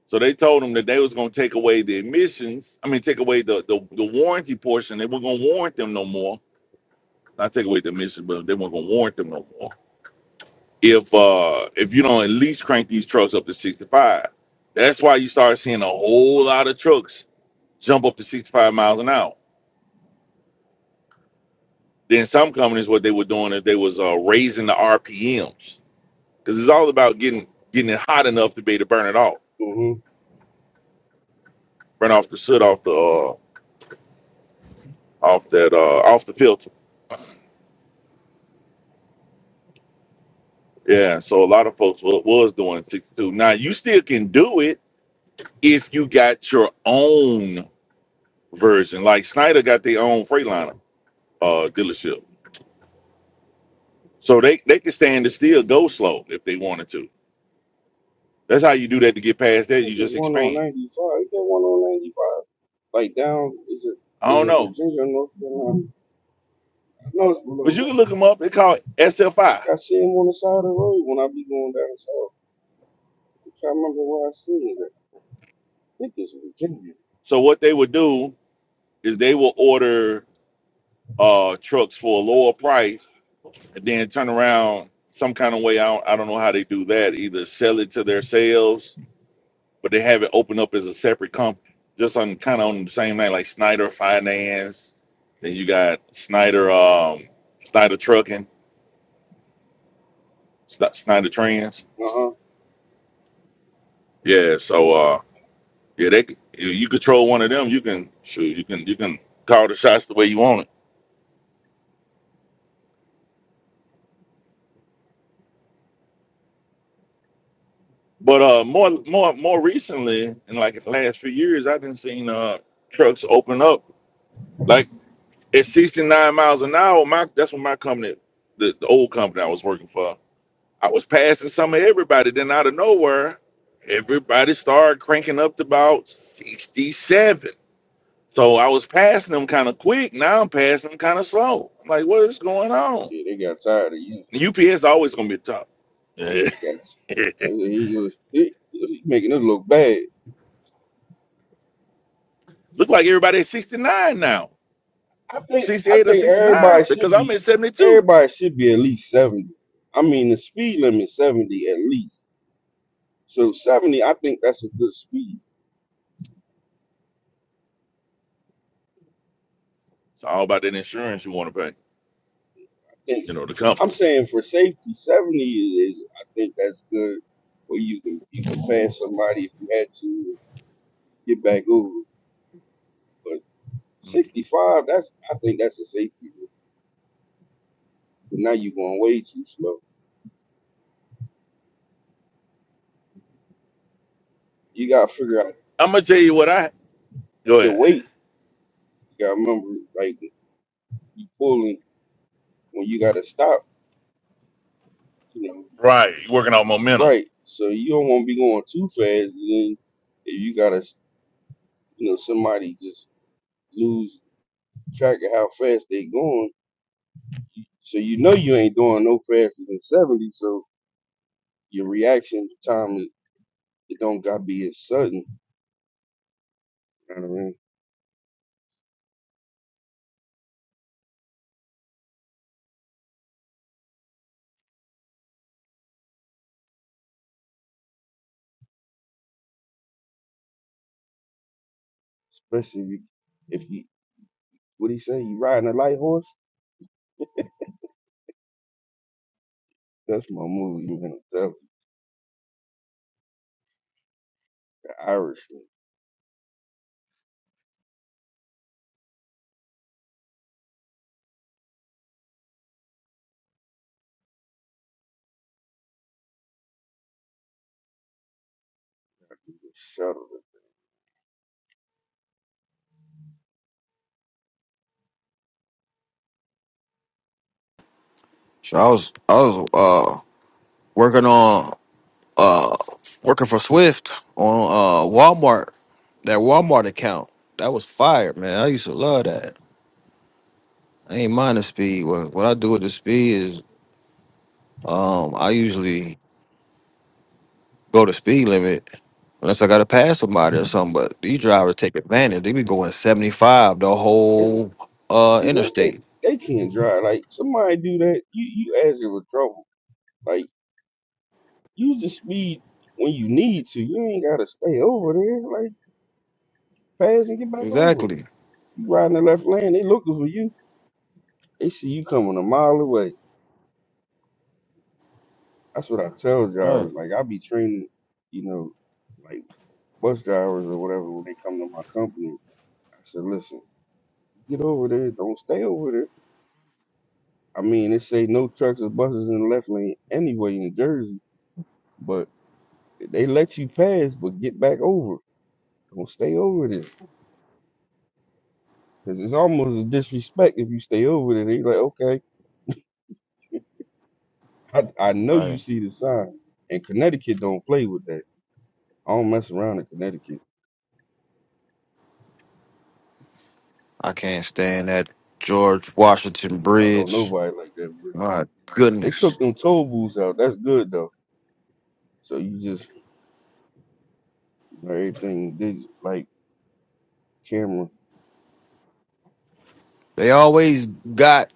So they told them that they was going to take away the emissions. I mean, take away the the, the warranty portion. They weren't going to warrant them no more. Not take away the emissions, but they weren't going to warrant them no more if uh if you don't at least crank these trucks up to 65 that's why you start seeing a whole lot of trucks jump up to 65 miles an hour then some companies what they were doing is they was uh raising the rpms because it's all about getting getting it hot enough to be able to burn it off Mm-hmm. burn off the soot off the uh off that uh off the filter yeah so a lot of folks was, was doing 62 now you still can do it if you got your own version like snyder got their own freightliner uh dealership So they they could stand to still go slow if they wanted to. That's how you do that to get past I that. think You there's just one on expand. 95. Is there one on 95? Like down, is it I is don't it know, Virginia or North Carolina? I know it's but below you can look Richmond. them I up. They call it think SFI. I see him on the side of the road when I be going down south. I'm trying to remember where I seen it. I think it's Virginia. So what they would do is they will order uh trucks for a lower price and then turn around some kind of way. I don't, I don't know how they do that. Either sell it to their sales, but they have it open up as a separate company, just on kind of on the same name like Snyder Finance. Then you got Snyder um Snyder Trucking, Snyder Trans Uh-huh. Yeah, so uh, yeah, they if you control one of them, you can shoot, you can you can call the shots the way you want it. But uh, more more more recently, in like the last few years, I've been seeing uh trucks open up like at 69 miles an hour. My that's when my company, the, the old company I was working for, I was passing some of everybody. Then out of nowhere, everybody started cranking up to about 67. So I was passing them kind of quick. Now I'm passing them kind of slow. I'm like, what is going on? Yeah, they got tired of you. The UPS always gonna be at the top. They got and he was he, he making us look bad. Look like everybody at 69 now. I think I 68 or think 69, everybody because should I'm be at 72. everybody should be at least seventy. I mean, the speed limit seventy at least. So seventy, I think that's a good speed. It's all about that insurance you want to pay, I think you know, the I'm companies. saying for safety, seventy is. is- I think that's good. Where you can you can pass somebody if you had to get back over. But I'm sixty five, that's I think that's a safety. risk. But now you're going way too slow. You got to figure out gonna tell you what I go the ahead. weight. You got to remember, like you pulling when you got to stop. Right, you're working on momentum. Right. So you don't want to be going too fast. and Then if you got to, you know, somebody just lose track of how fast they going. So you know you ain't doing no faster than 70. So your reaction time, it it don't got to be as sudden. You know what I mean? Especially if you, if you what he say, you riding a light horse? That's my movie, man. The Irishman. Shut up. So I was I was uh working on. uh working for Swift on uh Walmart, that Walmart account. That was fire, man. I used to love that. I ain't mind the speed. What, what I do with the speed is um I usually go to speed limit unless I gotta pass somebody or something. But these drivers take advantage. They be going 75 the And whole uh she didn't, they, interstate. they can't drive. Like, somebody do that, you, you asking for trouble. Like, Use the speed when you need to. You ain't gotta stay over there. Like pass and get back over. Exactly. You riding the left lane, they looking for you. They see you coming a mile away. That's what I tell Right, drivers. Like I be training, you know, like bus drivers or whatever when they come to my company. I said, listen, get over there. Don't stay over there. I mean, they say no trucks or buses in the left lane anyway in Jersey, but they let you pass, but get back over. Don't stay over there. Cause it's almost a disrespect if you stay over there. They like, okay, I, I know you right. see the sign, and Connecticut don't play with that. I don't mess around in Connecticut. I can't stand that George Washington I don't know Bridge. nobody like that. Bro. My They goodness. took them toll booths out. That's good though. So you just you know, everything they like camera. They always got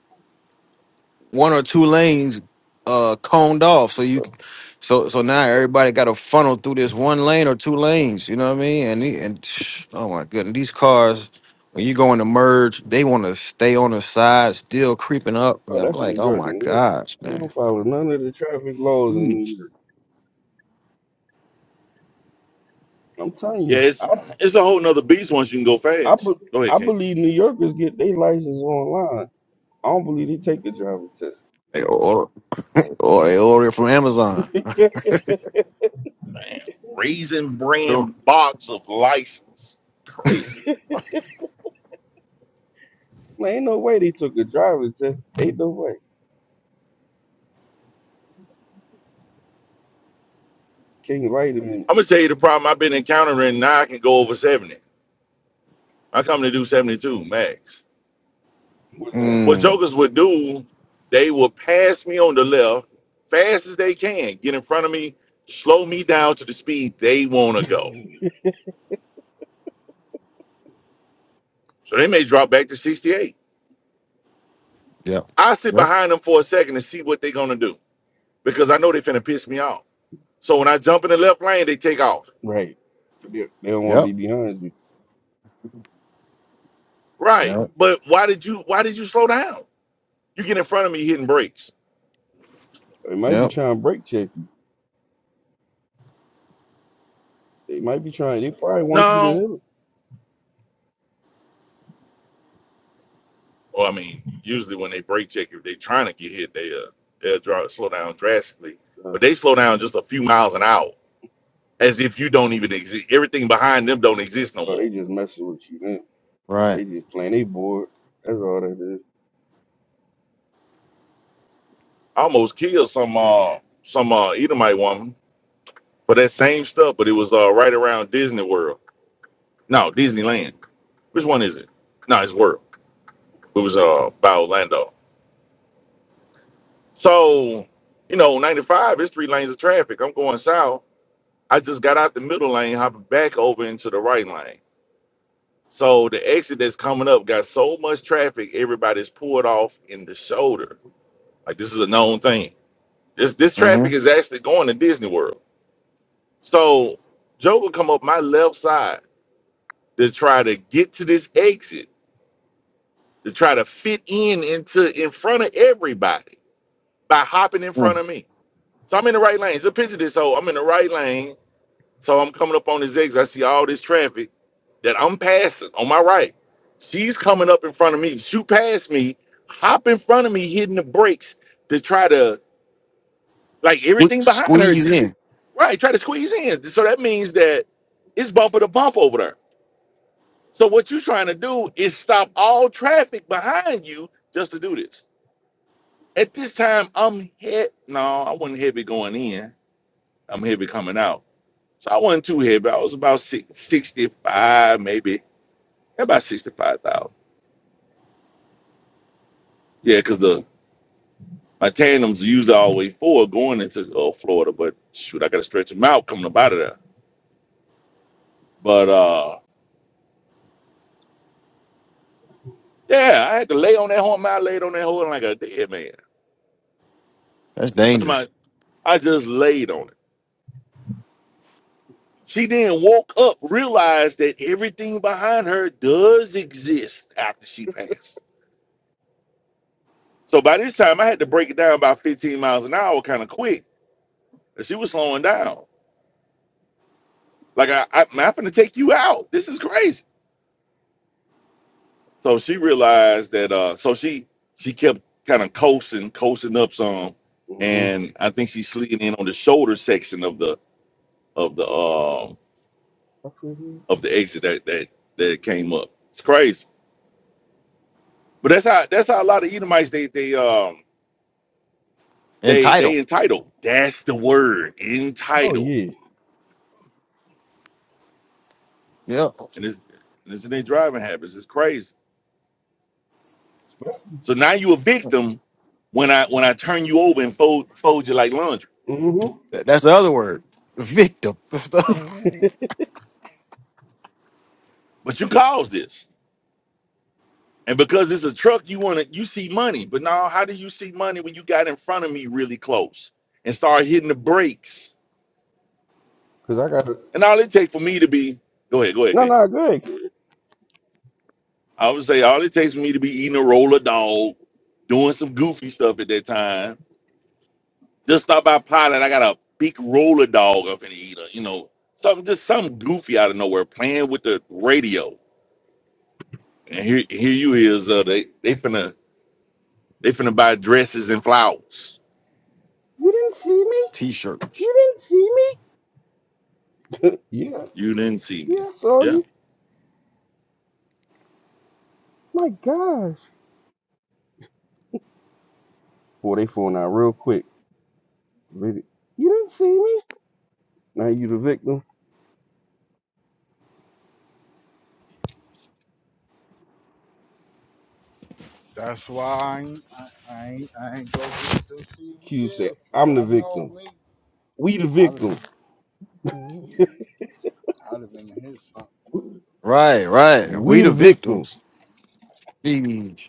one or two lanes uh coned off so you But, so so now everybody got to funnel through this one lane or two lanes you know what i mean and the- and oh my goodness these cars when you go in the merge they want to stay on the side still creeping up And oh, i'm that's New like oh York. my New York. gosh They man don't follow none of the traffic laws in New Jeez. York. I'm telling Yeah, you, I it's it's a whole nother beast once you can go I, fast. be, Go ahead, I King. believe New Yorkers get their license online. I don't believe they take the driver test. They or or they order it from amazon Damn. Raisin True. brand box of license. Crazy. Man, ain't no way they took a driver's test. Ain't no way. King Vitamin I'm gonna tell you the problem I've been encountering now I can go over 70. I come to do 72 max. was that? What mm, jokers would do, they would pass me on the left fast as they can, get in front of me, slow me down to the speed they want to go. So they may drop back to 68. yep I sit yep behind them for a second to see what they're going to do because I know they're finna piss me off. So when I jump in the left lane, they take off. Right. They, they don't want yep to be behind you. Right. yep But why did you why did you slow down? You get in front of me hitting brakes. They might be yep trying to brake check you. They might be trying. They probably want you to hit No. them. Well, I mean, usually when they brake check, if they're trying to get hit, they uh, they'll draw, slow down drastically. Uh, But they slow down just a few miles an hour. as if you don't even exist. Everything behind them don't exist no oh, they more. just messing with you. Then right they just playing. They bored. That's all that is. I almost killed some uh some uh Edomite woman for that same stuff, but it was uh right around Disney World. No, Disneyland. Which one is it? No, it's World. It was uh by Orlando. So, you know, 95 is three lanes of traffic. I'm going south. I just got out the middle lane, hopping back over into the right lane. So the exit that's coming up got so much traffic, everybody's pulled off in the shoulder. Like this is a known thing This this traffic mm-hmm. is actually going to Disney World. So Joe would come up my left side to try to get to this exit, to try to fit in into in front of everybody by hopping in front of me. So I'm in the right lane. So picture this. So I'm in the right lane. So I'm coming up on this exit. I see all this traffic that I'm passing on my right. She's coming up in front of me. Shoot past me, hop in front of me, hitting the brakes to try to like everything behind her. squeeze in Right, try to squeeze in. So that means that it's bumper to bump over there. So what you're trying to do is stop all traffic behind you just to do this. At this time, I'm head. No, I wasn't heavy going in. I'm heavy coming out. So I wasn't too heavy. I was about six, 65, maybe about 65,000. Yeah, because the my tandems usually always four going into uh, Florida, but shoot, I got to stretch them out coming up out of there. But uh, yeah, I had to lay on that horn. I laid on that horn like a dead man. that's That's dangerous my. I just laid on it. She then woke up, realized that everything behind her does exist after she passed. So by this time, I had to break it down about 15 miles an hour, kind of quick. 'cause She was slowing down. Like I, I, I'm not going to take you out. This is crazy. So she realized that. Uh, so she she kept kind of coasting, coasting up some, Mm-hmm. and I think she's slid in on the shoulder section of the of the um I feel you. of the exit that that that came up. It's crazy. But that's how that's how a lot of Edomites they they um they entitled they entitled. That's the word, Oh entitled. yeah. yep And it's and it's in their driving habits. It's crazy. So now you a victim when I when I turn you over and fold fold you like laundry. Mm-hmm. Th- That's the other word. Victim. That's the other- But you caused this. And because it's a truck, you want to you see money. But now how do you see money when you got in front of me really close and start hitting the brakes? Cause I got to And all it take for me to be go ahead, go ahead, no, King. no, Greg. I would say all it takes for me to be eating a roller dog, doing some goofy stuff at that time. Just stop by Pilot. I got a big roller dog up in the eater, you know, something just something goofy out of nowhere, playing with the radio. And here, here you is. Uh, they they finna they finna buy dresses and flowers. You didn't see me. T-shirts. You didn't see me. Yeah, You didn't see me. yeah, I saw Yeah, you. My gosh. Boy, they phone out real quick. Really? You didn't see me. Now you the victim. That's why I ain't, I, I ain't, I ain't go get them Cube said, CVS. 'cause I'm the I know victim. me. We the I'd have, victims. I'd have been to his son. Right, right. We we the the victims. victims. Jeez.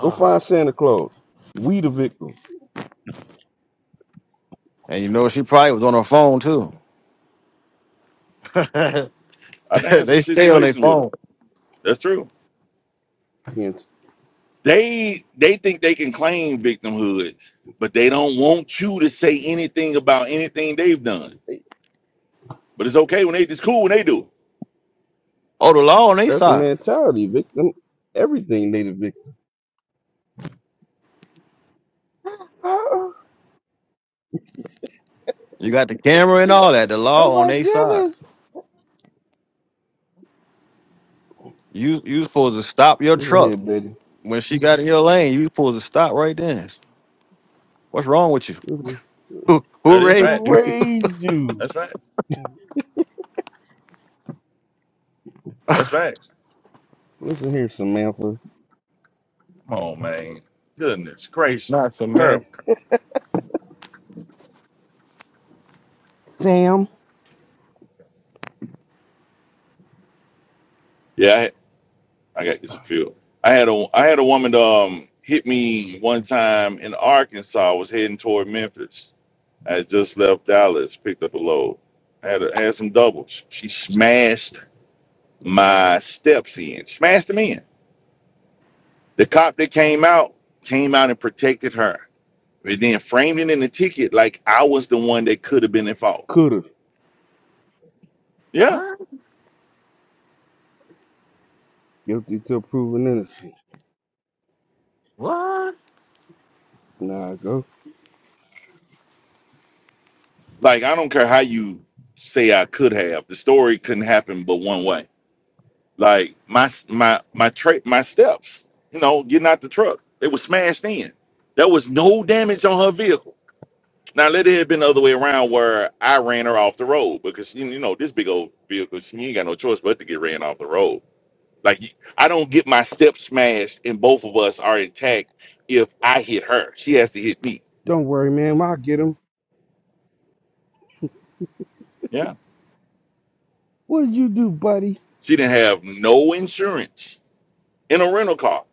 Go find Santa Claus. We the victims. And you know she probably was on her phone too. I done had some they stay on their situations with them. phone. That's true. can They they think they can claim victimhood, but they don't want you to say anything about anything they've done. But it's okay when they it's cool when they do. Oh, the law on their That's a side. mentality, victim. Everything they the victim. Oh, You got the camera and all that. The oh law on my their side. goodness. You you supposed to stop your Listen here, truck Betty. when she got in your lane. You supposed to stop right then. What's wrong with you? Listen here. Who, That who is raised fact. Who you? raised you? That's right. That's facts. Listen here, Samantha. Come on, man. Goodness gracious. Not It's the man. terrible. Sam Yeah, I, I got this feel. I had a I had a woman um hit me one time in Arkansas. I was heading toward Memphis. I had just left Dallas, picked up a load. I had a, had some doubles. She smashed my steps in. Smashed them in. The cop that came out came out and protected her. And then framed it in the ticket like I was the one that could have been at fault. could have. Yeah. What? Guilty till proven innocent. What? Nah, go. Like I don't care how you say I could have. The story couldn't happen but one way. Like my my my tra- my steps, you know, getting out the truck, they were smashed in. There was no damage on her vehicle. Now let it have been the other way around where I ran her off the road because you you know this big old vehicle, she ain't got no choice but to get ran off the road. Like you- I don't get my steps smashed and both of us are intact if I hit her. She has to hit me. Don't worry, ma'am. I'll get him. Yeah. What did you do, buddy? She didn't have no insurance in a rental car,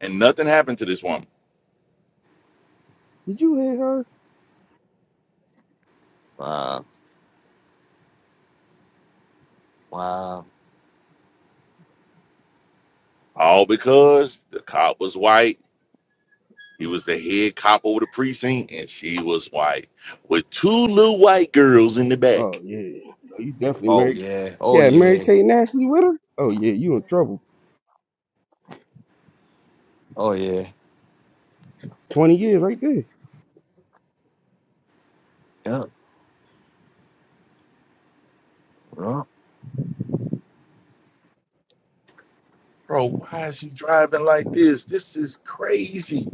and nothing happened to this woman. Did you hit her? Wow. Wow. All because the cop was white. He was the head cop over the precinct, and she was white with two little white girls in the Oh back. yeah, No, you definitely Oh married. yeah. Oh Yeah, Mary yeah. Kate Nashley with her. Oh yeah, you in trouble. Oh yeah. Twenty years right there. Yeah, yeah. Bro, why is you driving like this? This is crazy.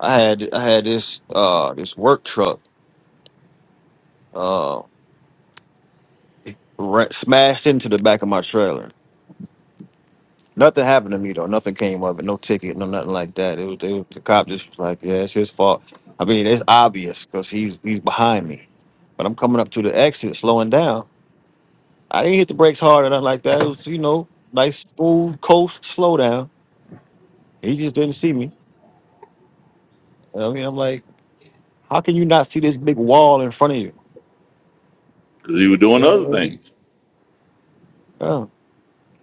I had I had this uh this work truck uh ra- smashed into the back of my trailer. Nothing happened to me though. Nothing came of it. No ticket. No nothing like that. It was, it was the cop just was like, yeah, it's his fault. I mean, it's obvious because he's he's behind me, but I'm coming up to the exit, slowing down. I didn't hit the brakes hard or nothing like that. It was you know nice smooth coast slow down. He just didn't see me. I mean, I'm like, how can you not see this big wall in front of you? Because he was doing Yeah, other things. yeah.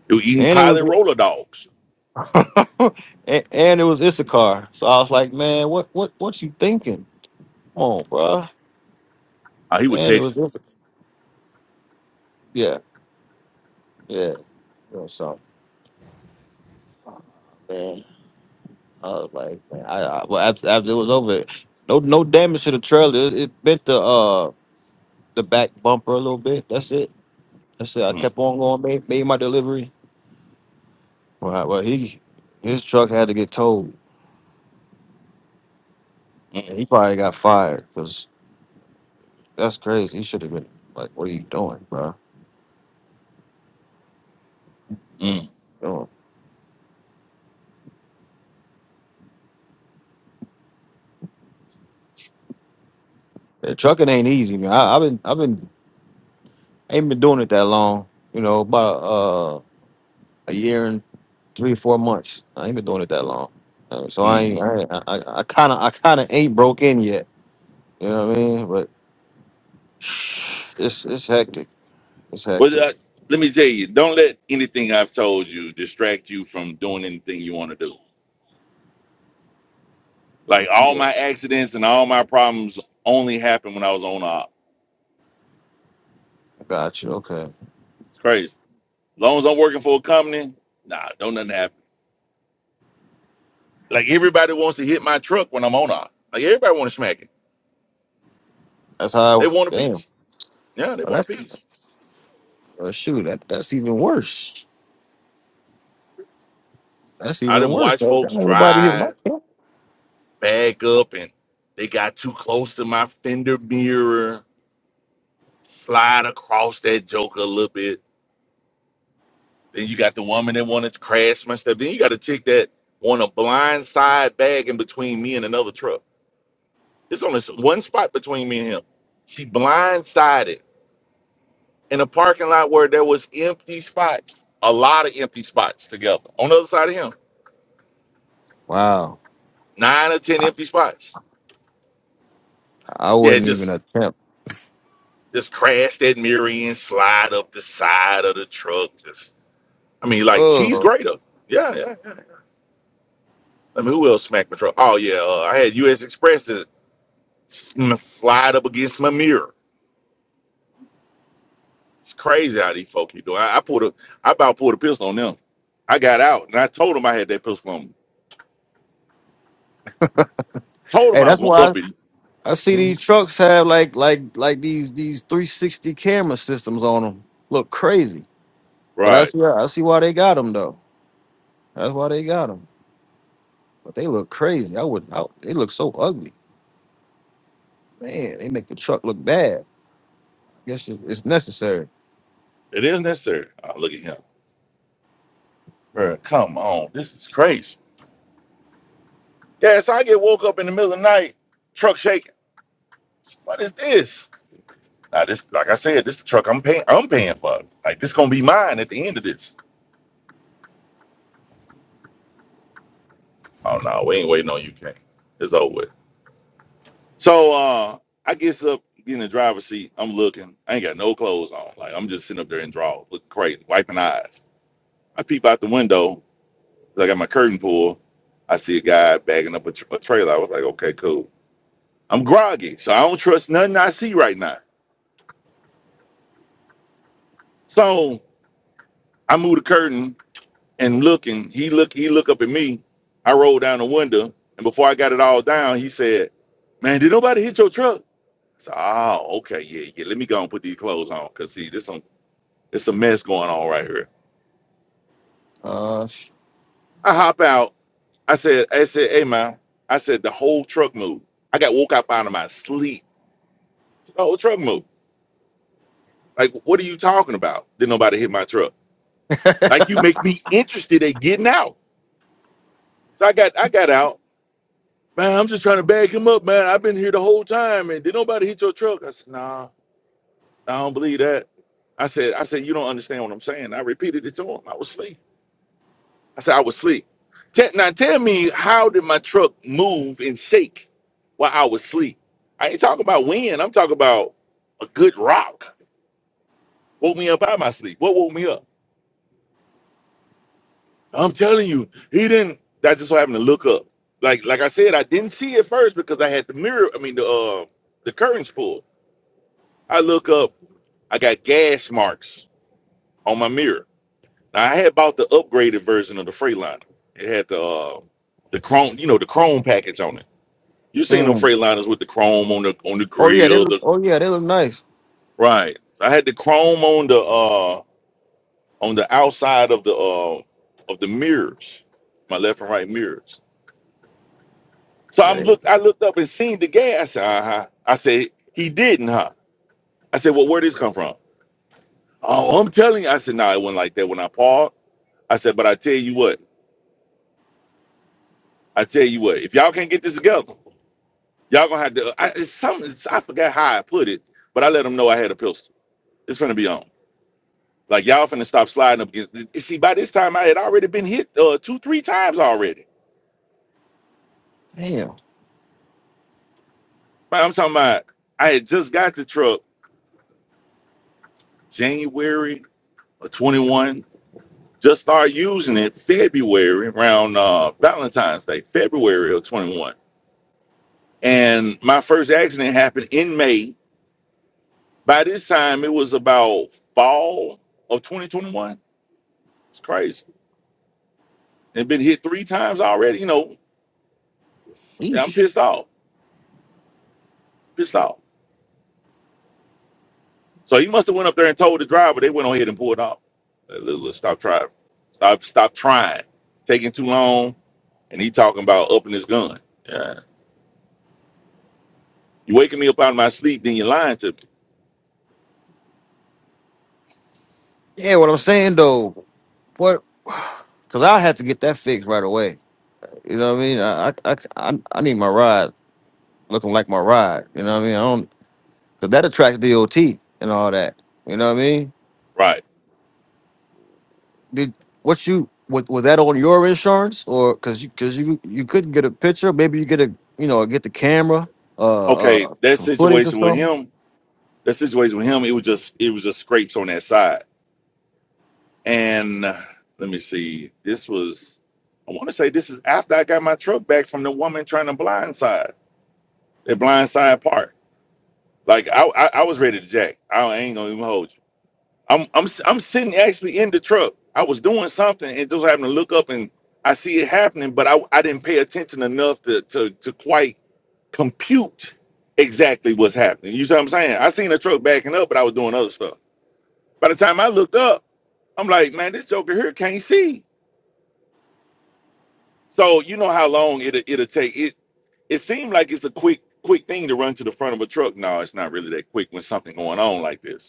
He was eating And it pilot was. roller dogs. and, and it was Issachar. So I was like, man, what what what you thinking? Come on, bruh. Uh, he would And it text. was me. Issachar. Yeah, yeah. You know, so man, I was like, man, I, I well after, after it was over, no no damage to the trailer. It, it bent the uh the back bumper a little bit. That's it. That's it. I Mm, kept on going, made, made my delivery. Well, well, he his truck had to get towed, and he probably got fired because that's crazy. He should have been like, what are you doing, bro? mm, mm, Yeah, trucking ain't easy, man. I, I've been I've been ain't been doing it that long. You know, about uh a year and three four months. I ain't been doing it that long, Uh, so I ain't mm. I ain't- I I kind of I kind of ain't broke in yet. You know what I mean? But it's it's hectic. It's Well, hectic. uh, let me tell you, don't let anything I've told you distract you from doing anything you want to do. Like all Yeah. my accidents and all my problems only happened when I was on op. Got you. Okay, It's crazy. As long as I'm working for a company, nah, don't nothing happen. Like everybody wants to hit my truck when I'm on op. Like everybody want to smack it. that's how. I, They want a damn. piece. Yeah, they Well, want a that's piece. well, shoot. That that's even worse. That's I even didn't worse. watch Like, I folks don't nobody hit my drive, truck. back up, and they got too close to my fender mirror, slide across that joker a little bit. Then you got the woman that wanted to crash my stuff. Then you got a chick that want a blind side bag in between me and another truck. It's only s- one spot between me and him. She blindsided in a parking lot where there was empty spots, a lot of empty spots together. On the other side of him, Wow. nine or ten empty spots. I Yeah, wouldn't even just attempt. just crash that mirror in, slide up the side of the truck. Just, I mean, like cheese Oh, grater. Yeah, yeah, yeah. I mean, who else smacked my truck? Oh yeah, uh, I had U.S. Express to sm- slide up against my mirror. It's crazy how these folk be doing. I, I pulled a, I about pulled a pistol on them. I got out and I told them I had that pistol on me. Told them hey, I that's was gonna why. up it. I see Mhm. these trucks have like like like these these 360 camera systems on them. Look crazy. But I Right. see I see why they got them though. That's why they got them. But they look crazy. I would I, they look so ugly. Man, they make the truck look bad. Guess it- it's necessary. It is necessary. Oh, look at him. Bro, come on. This is crazy. Yeah, so I get woke up in the middle of the night, truck shaking. What is this? Now this like I said, this is the truck I'm paying I'm paying for. Like this gonna be mine at the end of this. Oh no, we ain't waiting on you, King. It's over with. So uh I gets up get in the driver's seat. I'm looking. I ain't got no clothes on. Like I'm just sitting up there in drawers, looking crazy, wiping eyes. I peep out the window. 'cause I got my curtain pulled. I see a guy bagging up a, tr a trailer. I was like, okay, cool. I'm groggy, so I don't trust nothing I see right now. So I move the curtain and looking. He look. He look up at me. I roll down the window, and before I got it all down, he said, "Man, did nobody hit your truck?" So, oh, okay, yeah, yeah. Let me go and put these clothes on, cause see, this on. It's a mess going on right here. Uh sh- I hop out. I said, I said, hey man, I said the whole truck moved. I got woke up out of my sleep. The whole truck moved. Like, what are you talking about? Did nobody hit my truck? Like you make me interested at getting out. So I got I got out. Man, I'm just trying to bag him up, man. I've been here the whole time and did nobody hit your truck? I said, nah, I don't believe that. I said, I said, you don't understand what I'm saying. I repeated it to him. I was asleep. I said I was asleep. Te- Now tell me, how did my truck move and shake while I was asleep? I ain't talking about wind. I'm talking about a good rock woke me up out of my sleep. What woke me up? I'm telling you, he didn't. That just so happened to look up. Like like I said, I didn't see it first because I had the mirror. I mean the uh the curtains pulled. I look up. I got gas marks on my mirror. Now I had bought the upgraded version of the Freightliner. It had the uh, the chrome, you know, the chrome package on it. You seen them mm. Freightliners with the chrome on the on the Oh yeah, they grill, look the oh yeah, they look nice. right. So I had the chrome on the uh on the outside of the uh of the mirrors, my left and right mirrors. So Yeah, I'm they look looked I looked up and seen the gas. I said, uh I said, he didn't, huh? I said, Well, where this come from? Oh, I'm telling you, I said, no, nah, it wasn't like that when I parked. I said, but I tell you what, I tell you what, if y'all can't get this together, y'all gonna have to uh, I it's something it's, I forgot how I put it, but I let them know I had a pistol. It's gonna be on. Like y'all finna stop sliding up against. See, by this time I had already been hit uh, two, three times already. damn. But I'm talking about I had just got the truck January of 21. Just started using it February around uh, Valentine's Day, February of 21. And my first accident happened in May. By this time it was about fall of 2021. It's crazy. And been hit three times already. You know, yeah, I'm Eesh. pissed off. Pissed off. So he must have went up there and told the driver. They went on ahead and pulled off. Uh, Look, look, stop trying. Stop, stop trying. Taking too long. And he talking about upping his gun. Yeah. You waking me up out of my sleep, then you're lying to me. Yeah, what I'm saying though, what cause I have to get that fixed right away. You know what I mean? I I I, I I need my ride looking like my ride. You know what I mean? Cause that attracts DOT and all that. You know what I mean? Right. Did what you was, was that on your insurance or cause you cause you you couldn't get a picture? Maybe you get a you know get the camera, uh, Okay. uh That some footage or situation with something. him, that situation with him, it was just, it was just scrapes on that side. And uh, let me see. This was, I want to say this is after I got my truck back from the woman trying to blindside, that blindside part. Like I, I, I was ready to jack. I ain't gonna even hold you. I'm I'm am i I'm sitting actually in the truck. I was doing something and just having to look up and I see it happening, but I, I didn't pay attention enough to, to to quite compute exactly what's happening. You see what I'm saying? I seen the truck backing up, but I was doing other stuff. By the time I looked up, I'm like, man, this joker here can't see. So you know how long it it'll it'll take. It it seemed like it's a quick quick thing to run to the front of a truck. No, it's not really that quick when something going on like this.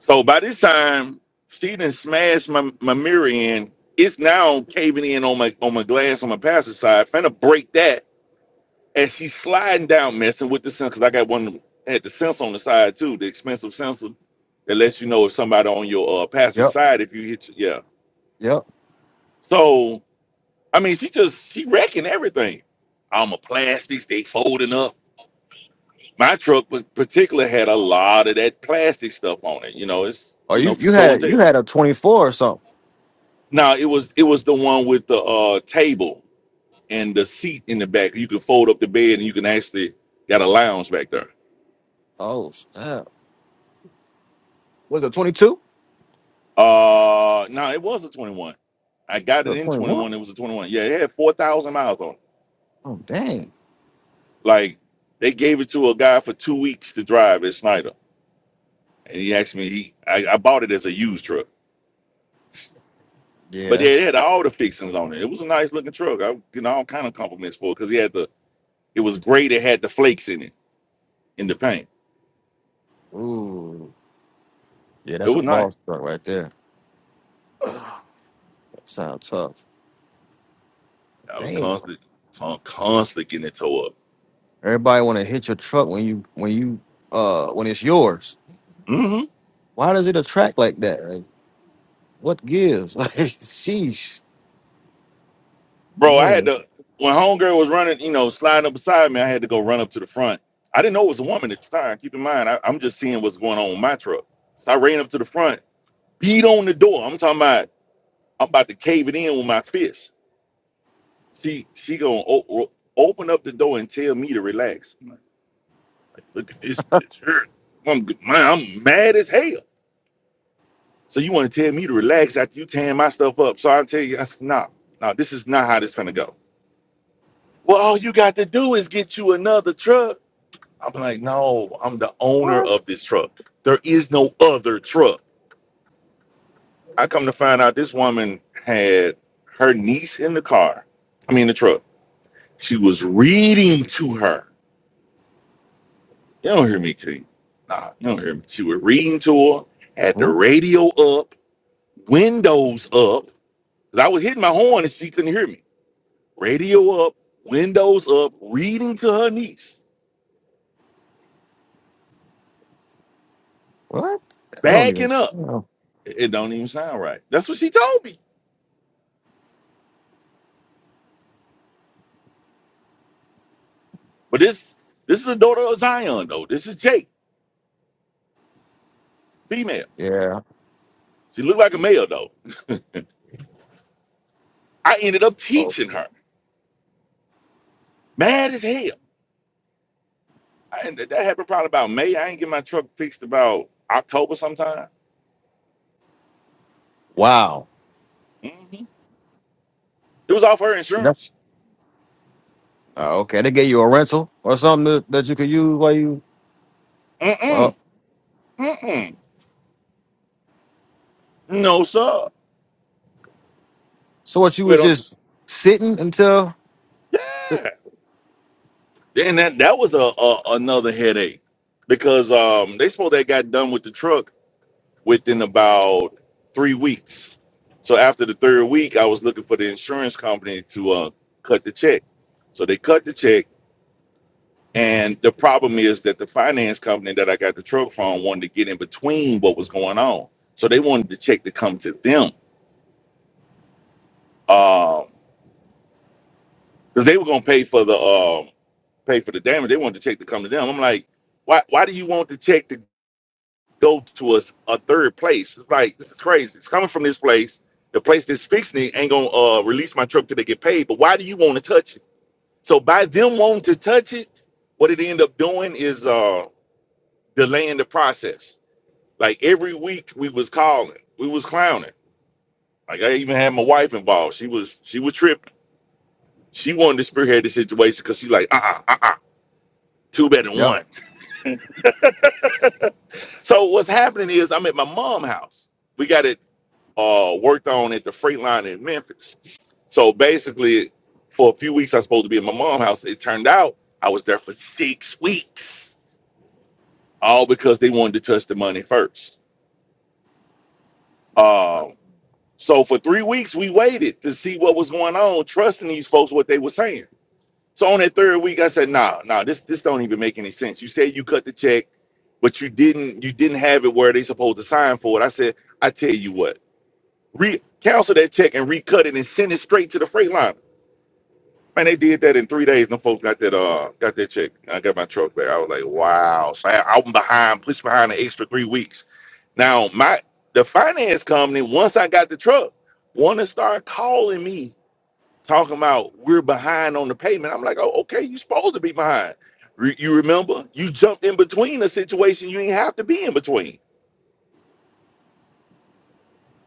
So by this time, Stephen smashed my, my mirror in. It's now caving in on my on my glass on my passenger side. Finna break that as she's sliding down, messing with the sensor. Cause I got one of them- had the sensor on the side too, the expensive sensor that lets you know if somebody on your uh, passenger Yep. side if you hit. Yeah. Yep. So I mean, she just she wrecking everything. All my plastics. They folding up. My truck was particular had a lot of that plastic stuff on it. You know, it's Or you you know for you show and had tell. you had a twenty four or something. No, it was it was the one with the uh table and the seat in the back. You could fold up the bed and you can actually got a lounge back there. Oh snap! Was it twenty two? Uh no, it was a 21. I got it in Twenty one. 21, it was a 21. Yeah, it had 4,000 miles on it. Oh dang. Like they gave it to a guy for 2 weeks to drive at Snyder. And he asked me he I, I bought it as a used truck. Yeah, But yeah, that's it had all the fixings on it. It was a nice looking truck. I getting all kind of compliments for it because he had the it was great. It had the flakes in it in the paint. ooh. Yeah, It that's a was nice. boss truck right there. That sounds tough. I was Damn. constantly con- constantly getting it tore up. Everybody want to hit your truck when you when you uh when it's yours. hmm Why does it attract like that? Like, what gives? Like, sheesh. Bro, I Yeah. had to when homegirl was running, you know, sliding up beside me, I had to go run up to the front. I didn't know it was a woman at the time. Keep in mind, I, I'm just seeing what's going on with my truck. So I ran up to the front, beat on the door. I'm talking about I'm about to cave it in with my fist. She she gonna o- open up the door and tell me to relax. I'm like, Look at this bitch. Her- I'm, man, I'm mad as hell. So you want to tell me to relax after you tearing my stuff up? So I tell you, I said, nah, nah, this is not how this gonna go. Well, all you got to do is get you another truck. I'm like, no, I'm the owner What? of this truck. There is no other truck. I come to find out this woman had her niece in the car. I mean, the truck. She was reading to her. You don't hear me, King. Nah, you don't hear me. She was reading to her, had the Wha- radio up, windows up. Cause I was hitting my horn and she couldn't hear me. radio up, windows up, reading to her niece, What? I don't even. backing s- up. oh, It it don't even sound right. That's what she told me. But this this is the daughter of Zion though. This is Jake, female. Yeah. She looked like a male though. I ended up Oh, teaching her. Mad as hell. I, ended- that happened probably about May. I ain't get my truck fixed about October sometime. wow. hmm It was off her See, that's insurance. oh, okay. They gave you a rental or something that, that you could use while you. Mm mm Well, mm mm. No sir. so what? You We was don't. just sitting until. Yeah. Then that that was a, a another headache because um they supposed they got done with the truck within about three weeks. So after the third week, I was looking for the insurance company to uh, cut the check. So they cut the check, and the problem is that the finance company that I got the truck from wanted to get in between what was going on. So they wanted the check to come to them because they were gonna pay for the um pay for the damage. They wanted the check to come to them. I'm like, why why do you want the check to go to us a third place. It's like this is crazy. It's coming from this place. The place that's fixing it ain't gonna uh, release my truck till they get paid. But why do you want to touch it? So by them wanting to touch it, what it end up doing is uh, delaying the process. Like every week we was calling, we was clowning. Like I even had my wife involved. She was she was tripping. She wanted to spearhead the situation because she like uh uh uh uh two better than Yep. one. So what's happening is I'm at my mom's house. We got it uh, worked on at the freight line in Memphis. So basically, for a few weeks, I was supposed to be at my mom's house. It turned out I was there for six weeks, all because they wanted to touch the money first. Um, so for three weeks, we waited to see what was going on, trusting these folks what they were saying. So on that third week, I said, "Nah, nah, this this don't even make any sense. You said you cut the check, but you didn't you didn't have it where they supposed to sign for it." I said, "I tell you what, re cancel that check and recut it and send it straight to the freight line." Man, they did that in three days. Them folks got that uh got that check. I got my truck back. I was like, wow. So I, I'm behind, pushed behind an extra three weeks. Now my the finance company, once I got the truck, wanna start calling me, talking about we're behind on the payment. I'm like, oh, okay, you supposed to be behind. Re- you remember you jumped in between a situation you didn't have to be in between.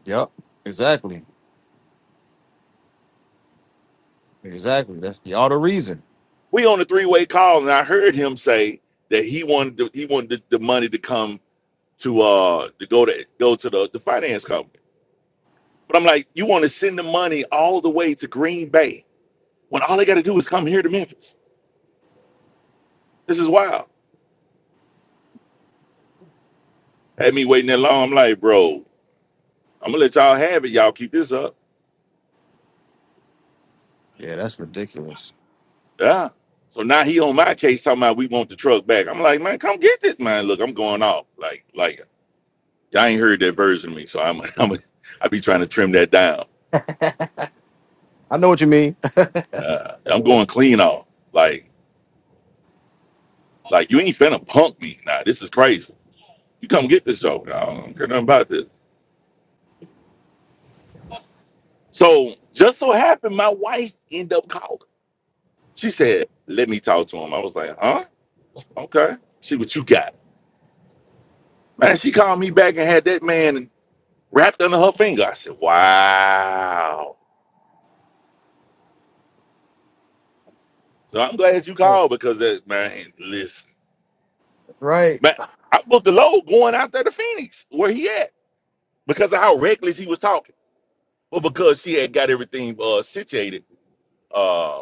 Yep. Exactly. Exactly. That's y'all the reason. We on a three-way call, and I heard him say that he wanted to, he wanted the, the money to come to uh to go to go to the, the finance company. But I'm like, you want to send the money all the way to Green Bay when all they got to do is come here to Memphis. This is wild. Had me waiting that long. I'm like, bro, I'm gonna let y'all have it. Y'all keep this up. Yeah, that's ridiculous. Yeah. So now he on my case talking about we want the truck back. I'm like, man, come get this, man. Look, I'm going off. Like, like y'all ain't heard that version of me, so I'm, I'm, I be trying to trim that down. I know what you mean. I Uh, I'm know what going clean off. Like, like you ain't finna punk me. Nah, this is crazy. You come get this though. I don't care nothing about this. So just so happened, my wife ended up calling. She said, "Let me talk to him." I was like, "Huh? Okay." See what you got, man. She called me back and had that man wrapped under her finger. I said, "Wow." So I'm glad you you- right. called because that man. Listen, Right. man, I booked the load going out there to Phoenix where he at because of how reckless he was talking, but because she had got everything uh, situated, uh,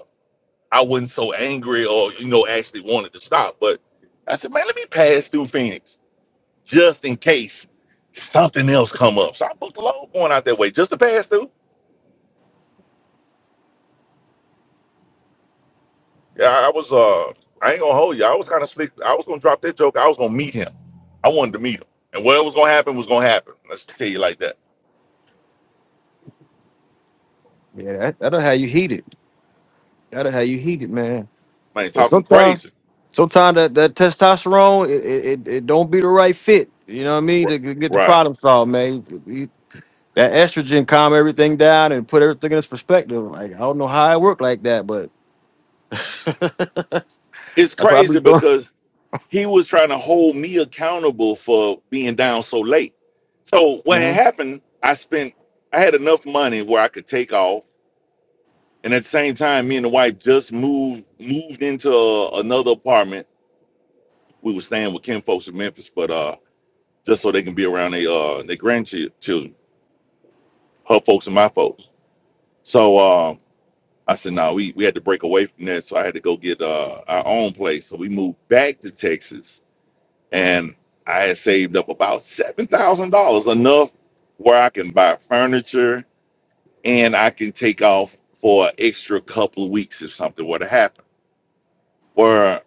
I wasn't so angry or you know actually wanted to stop. But I said, "Man, let me pass through Phoenix." just in case something else come up. So I booked a load going out that way just to pass through. Yeah, I was uh I ain't gonna hold you. I was kind of slick. I was gonna drop that joke. I was gonna meet him. I wanted to meet him. And what was gonna happen was gonna happen. Let's tell you like that. Yeah, that, that'll how you heat it. That'll how you heat it, man. Man, But talking crazy. sometimes, sometimes that, that testosterone, it, it, it it don't be the right fit. You know what I mean? R- To g- get the Right. problem solved, man. You- That estrogen calm everything down and put everything in its perspective. Like I don't know how it worked like that, but It's that's what I be crazy doing. because he was trying to hold me accountable for being down so late. So what hmm had happened, I spent I had enough money where I could take off And at the same time, me and the wife just moved moved into uh, another apartment. We were staying with Kim folks in Memphis, but uh, just so they can be around their uh their grandchildren, her folks and my folks. So um, I said, no, we we had to break away from that, so I had to go get uh our own place. So we moved back to Texas, and I had saved up about seven thousand dollars, enough where I can buy furniture and I can take off for an extra couple of weeks if something were to happen. Where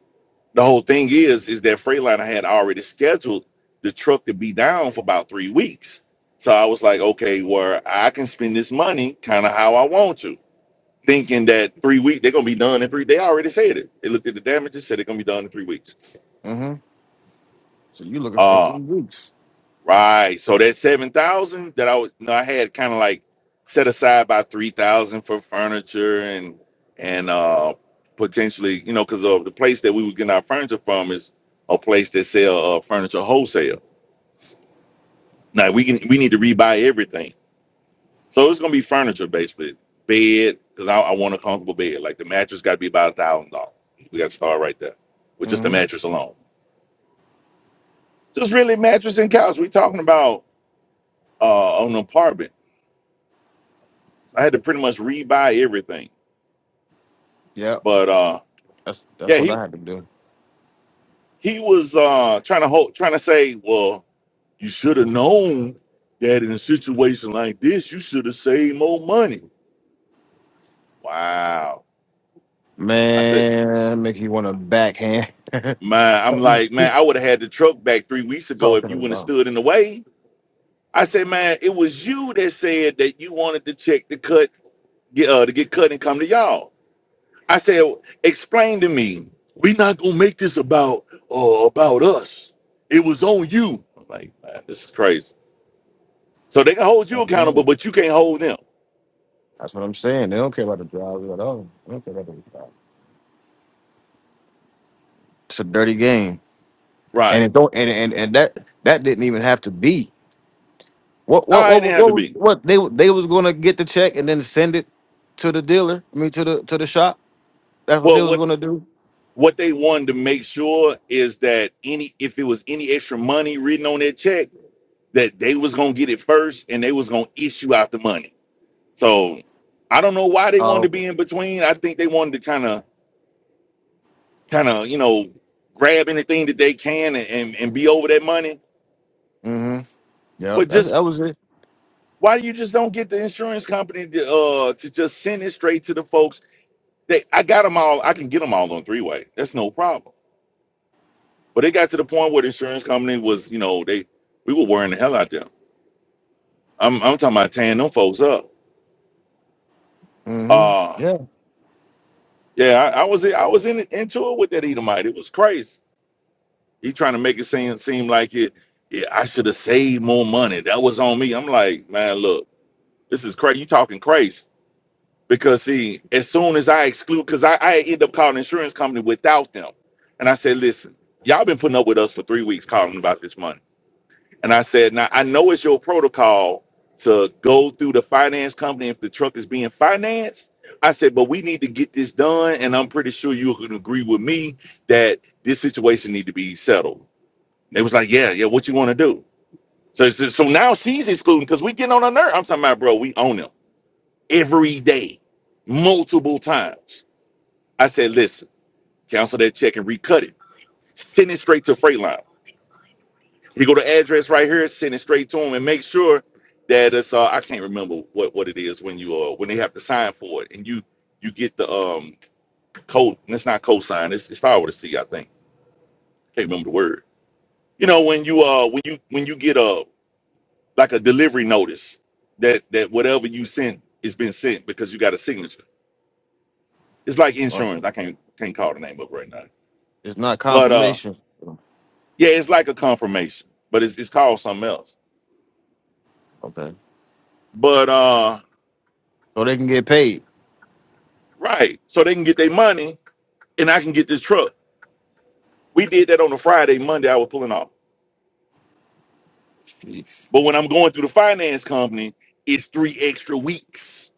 The whole thing is, is that Freightliner had already scheduled the truck to be down for about three weeks. So I was like, okay, well, I can spend this money kind of how I want to, thinking that three weeks they're gonna be done in three. They already said it. They looked at the damages, said they're gonna be done in three weeks. hmm So you looking for Uh, three weeks? Right. So that seven thousand that I was, you know, I had kind of like set aside about three thousand for furniture and and uh potentially, you know, because of the place that we were getting our furniture from is a place that sell uh, furniture wholesale. Now we can we need to rebuy everything, so it's gonna be furniture basically, bed because I, I want a comfortable bed. Like the mattress got to be about a thousand dollars. We got to start right there with just the hmm mattress alone. Just really mattress and couch. we talking about uh, an apartment I had to pretty much rebuy everything. Yeah, But uh, That's that's yeah, what he I had to do. he was uh, trying to hold, trying to say, well, you should have known that in a situation like this, you should have saved more money. Wow. I said, Man, make you want to backhand. man, I'm like, man, I would have had the truck back three weeks ago if Talking you wouldn't have about. stood in the way. I said, man, it was you that said that you wanted the check to cut, get, uh, to get cut and come to y'all. I said, explain to me. We're not gonna make this about uh, about us. It was on you. I'm like, man, this is crazy. So they can hold you I'm accountable, saying. but you can't hold them. That's what I'm saying. They don't care about the drivers at all. They don't care about the drivers. It's a dirty game, Right. and it don't and and, and that that didn't even have to be. What what No, it didn't what what have to what be. what they they was gonna get the check and then send it to the dealer. I mean to the to the shop. That's what they Well, was what gonna do. what they wanted to make sure is that any if it was any extra money written on that check, that they was gonna get it first and they was gonna issue out the money. So I don't know why they Oh, wanted to okay. be in between. I think they wanted to kind of kind of you know grab anything that they can and, and, and be over that money Mm-hmm. Yeah, but that's just that was it. why you just don't get the insurance company to, uh to just send it straight to the folks they i got them all i can get them all on three way that's no problem but it got to the point where the insurance company was you know they we were worrying the hell out them i'm, I'm talking about tearing them folks up Mm-hmm. uh Yeah. yeah i, I was i was in into it with that edomite it was crazy he trying to make it seem seem like it yeah, I should have saved more money. That was on me. I'm like, man, look, This is crazy. You talking crazy because see, as soon as I exclude, because I, I end up calling insurance company without them, and I said, listen, y'all been putting up with us for three weeks calling about this money, and I said, now I know it's your protocol to go through the finance company if the truck is being financed. I said, but we need to get this done, and I'm pretty sure you can agree with me that this situation need to be settled. They was like, yeah, yeah, what you want to do? So, so so now she's excluding because we getting on her nerve. I'm talking about, bro, we own them every day, multiple times. I said, listen, cancel that check and recut it. Send it straight to Freightliner. He go to address right here, send it straight to him, and make sure that it's uh I can't remember what what it is when you uh when they have to sign for it and you you get the um code and it's not cosign, it's it's started with a C, I think. Can't remember the word. You know, when you uh when you when you get a like a delivery notice that that whatever you sent is been sent because you got a signature. It's like Well, insurance. I can't can't call the name up right now it's not But uh, confirmation. yeah, it's like a confirmation, but it's, it's called something else. Okay. But uh, So they can get paid. right, so they can get their money, and I can get this truck. We did that on a Friday, Monday. I was pulling off. Sheesh. But when I'm going through the finance company, it's three extra weeks.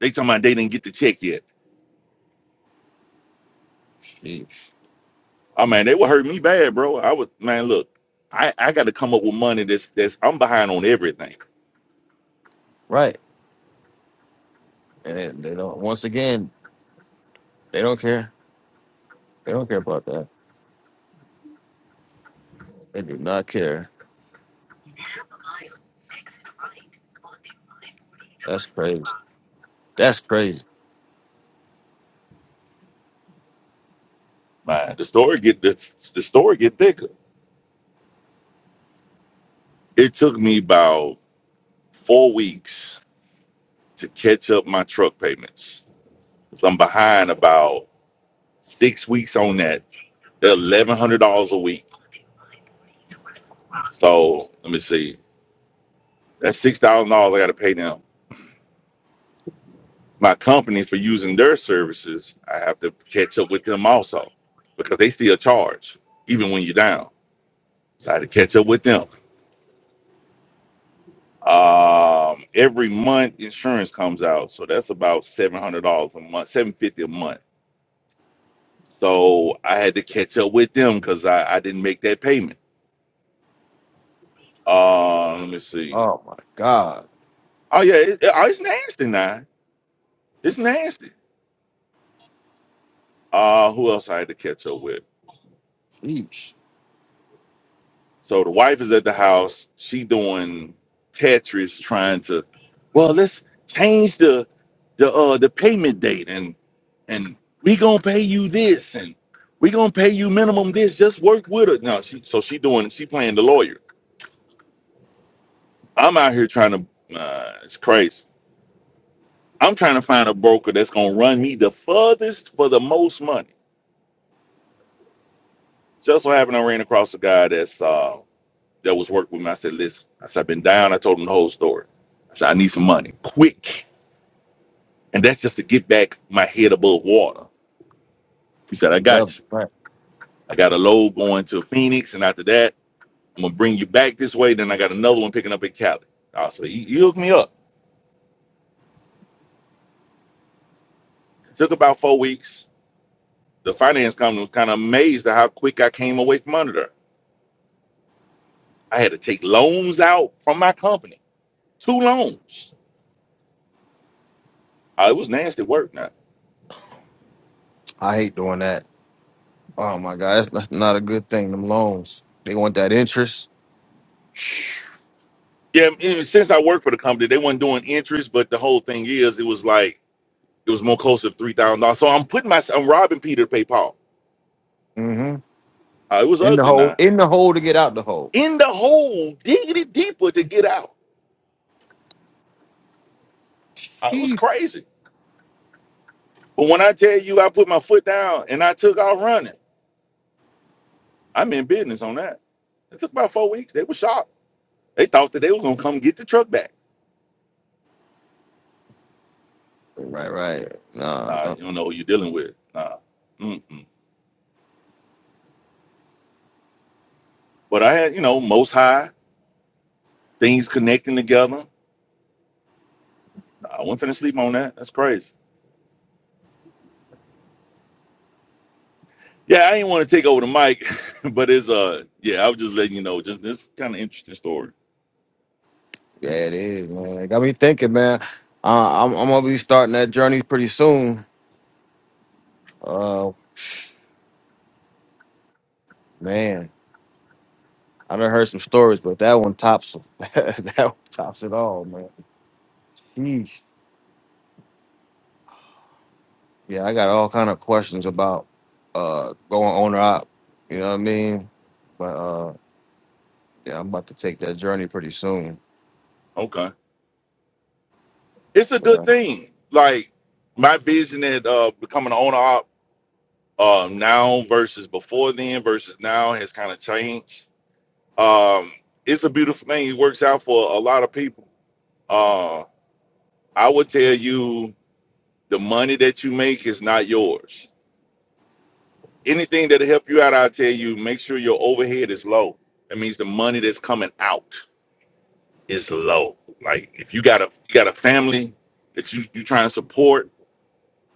They talking about they didn't get the check yet. Sheesh. Oh man, they would hurt me bad, bro. I was man, look, I, I got to come up with money that's that's I'm behind on everything. Right. And they don't. Once again, they don't care. They don't care about that. They do not care. That's crazy. That's crazy. Man, the story get the, the story get thicker. It took me about four weeks to catch up my truck payments So I'm behind about six weeks on that. They're eleven hundred dollars a week. So let me see. That's six thousand dollars I got to pay them. My company for using their services, I have to catch up with them also because they still charge even when you're down. So I had to catch up with them. Um, every month insurance comes out, so that's about seven hundred dollars a month, seven fifty a month. So I had to catch up with them because I, I didn't make that payment. Uh, let me see. Oh my God. Oh yeah, it, it- oh, it's nasty now. It's nasty. Uh, who else I had to catch up with? Each So the wife is at the house. She doing Tetris, trying to. Well, let's change the the uh the payment date, and and we gonna pay you this, and we gonna pay you minimum this. Just work with her. No, she so she doing she playing the lawyer. I'm out here trying to. Uh, it's crazy. I'm trying to find a broker that's gonna run me the furthest for the most money. Just so happened I ran across a guy that's um that was working with me. I said, listen, I said, I've been down. I told him the whole story. I said, I need some money quick. And that's just to get back my head above water. He said, I level. got you. Right. I got a load going to Phoenix. And after that, I'm going to bring you back this way. Then I got another one picking up in Cali. Uh, so he, he hooked me up. took about four weeks. The finance company was kind of amazed at how quick I came away from under there. I had to take loans out from my company, two loans. Uh, it was nasty work. I hate doing that. Oh my god, that's, that's not a good thing. Them loans. They want that interest. Yeah, and since I worked for the company, they weren't doing interest, but the whole thing is, it was like it was more closer to three thousand dollars. So I'm putting myself, I'm robbing Peter to pay Paul. hmm Uh, it was In the ugly hole. now. In the hole to get out the hole. In the hole, digging it deeper to get out. Uh, it was Sheep. crazy. But when I tell you, I put my foot down and I took off running. I'm in business on that. It took about four weeks. They were shocked. They thought that they were gonna come get the truck back. Right, right. Nah, Nah, nah. you don't know who you're dealing with. Nah. Mm-mm. But I had, you know, most high things connecting together. Nah, I wasn't finna sleep on that. That's crazy. Yeah, I didn't want to take over the mic, but it's uh yeah, I was just letting you know just this kind of interesting story. yeah, it is, man. It got me thinking, man. Uh, I'm, I'm gonna be starting that journey pretty soon. Uh, man, I done heard some stories, but that one tops them. that one tops it all, man. Sheesh. Yeah, I got all kind of questions about uh going owner or You know what I mean? But uh, yeah, I'm about to take that journey pretty soon. Okay. It's a But, good uh, thing. Like my vision at uh becoming an owner op uh now versus before then versus now has kind of changed. Um it's a beautiful thing. It works out for a lot of people. Uh I would tell you the money that you make is not yours. Anything that'll help you out, I'll tell you, make sure your overhead is low. That means the money that's coming out is low. Like if you got a you got a family that you you trying to support,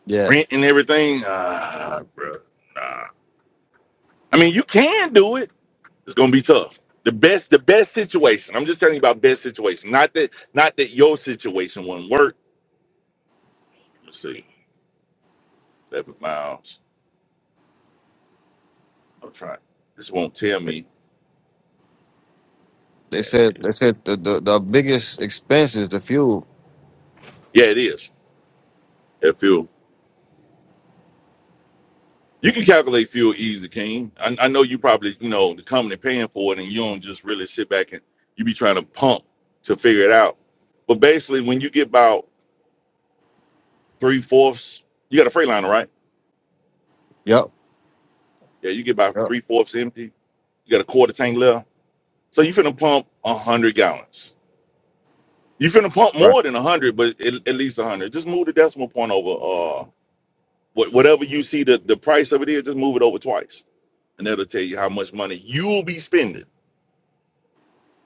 yeah, rent and everything, ah, bro, nah. I mean, you can do it. It's gonna be tough. The best the best situation. I'm just telling you about best situation. Not that not that your situation wouldn't work. Let's see, 11 miles. I'm trying. This won't tell me. they Can't said skip. they said the, the the biggest expense is the fuel. Yeah, it is. That fuel. You can calculate fuel easy, King. I, I know you probably, you know, the company paying for it and you don't just really sit back and you be trying to pump to figure it out. But basically, when you get about three fourths, you got a Freightliner, right? Yep. Yeah, you get about Yep. three fourths empty. You got a quarter tank left. So you finna pump 100 gallons. You finna pump Right. more than 100, but at, at least 100. Just move the decimal point over. Uh, what, whatever you see the, the price of it is, just move it over twice. And that'll tell you how much money you'll be spending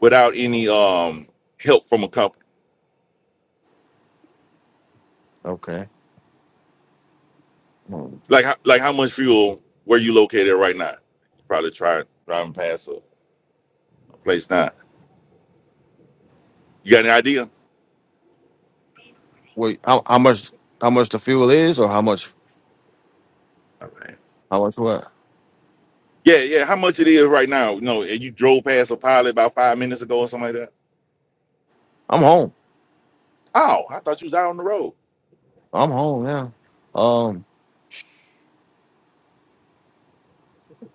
without any um help from a company? Okay. Hmm. Like how- like how much fuel where you located right now? You probably try driving past a, a place now. You got any idea? Wait, how, how much how much the fuel is, or how much All right. how much what? Yeah, yeah. How much it is right now? You know, and you drove past a pilot about five minutes ago or something like that. I'm home. Oh, I thought you was out on the road. I'm home now. Um,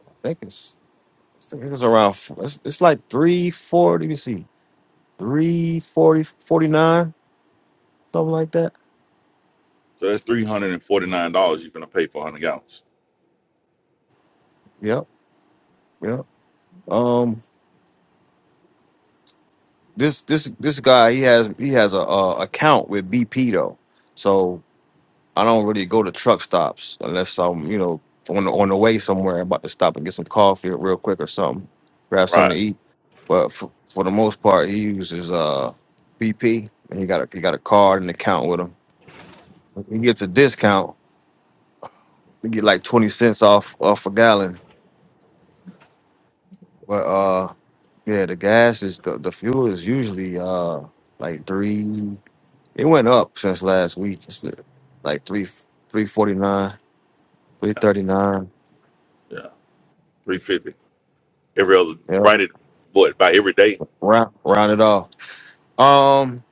I think it's I think it's around f- it's, it's like three forty. Let me see, three forty forty nine something like that. So that's three hundred and forty nine dollars you're gonna pay for hundred gallons. Yep. Yep. Um. this this this guy he has he has a, a account with BP though, so I don't really go to truck stops unless I'm you know on the, on the way somewhere I'm about to stop and get some coffee real quick or something, grab something Right. to eat. But for, for the most part, he uses uh BP and he got a, he got a card and account with him. He gets a discount. He get like twenty cents off off a gallon. But uh yeah, the gas is the, the fuel is usually uh like three. It went up since last week. It's like three three forty nine, three Yeah. thirty nine. Yeah. Three fifty. Every other Yep. right it what by every day. Round round it off. Um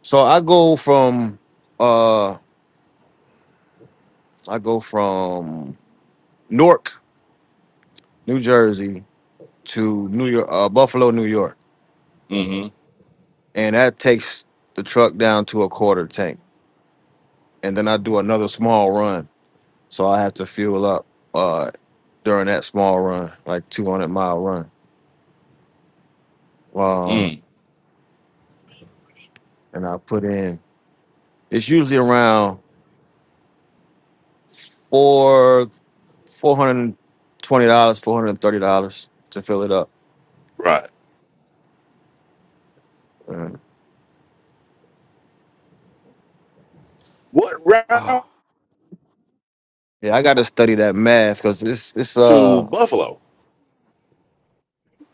so I go from uh I go from Newark, New Jersey to New York uh, Buffalo, New York. Mm-hmm. And that takes the truck down to a quarter tank. And then I do another small run. So I have to fuel up uh during that small run, like two hundred mile run. Um Mm. and I put in it's usually around for four hundred twenty dollars, four hundred thirty dollars to fill it up. Right. Uh, What route oh, yeah, I got to study that math because it's it's to uh Buffalo?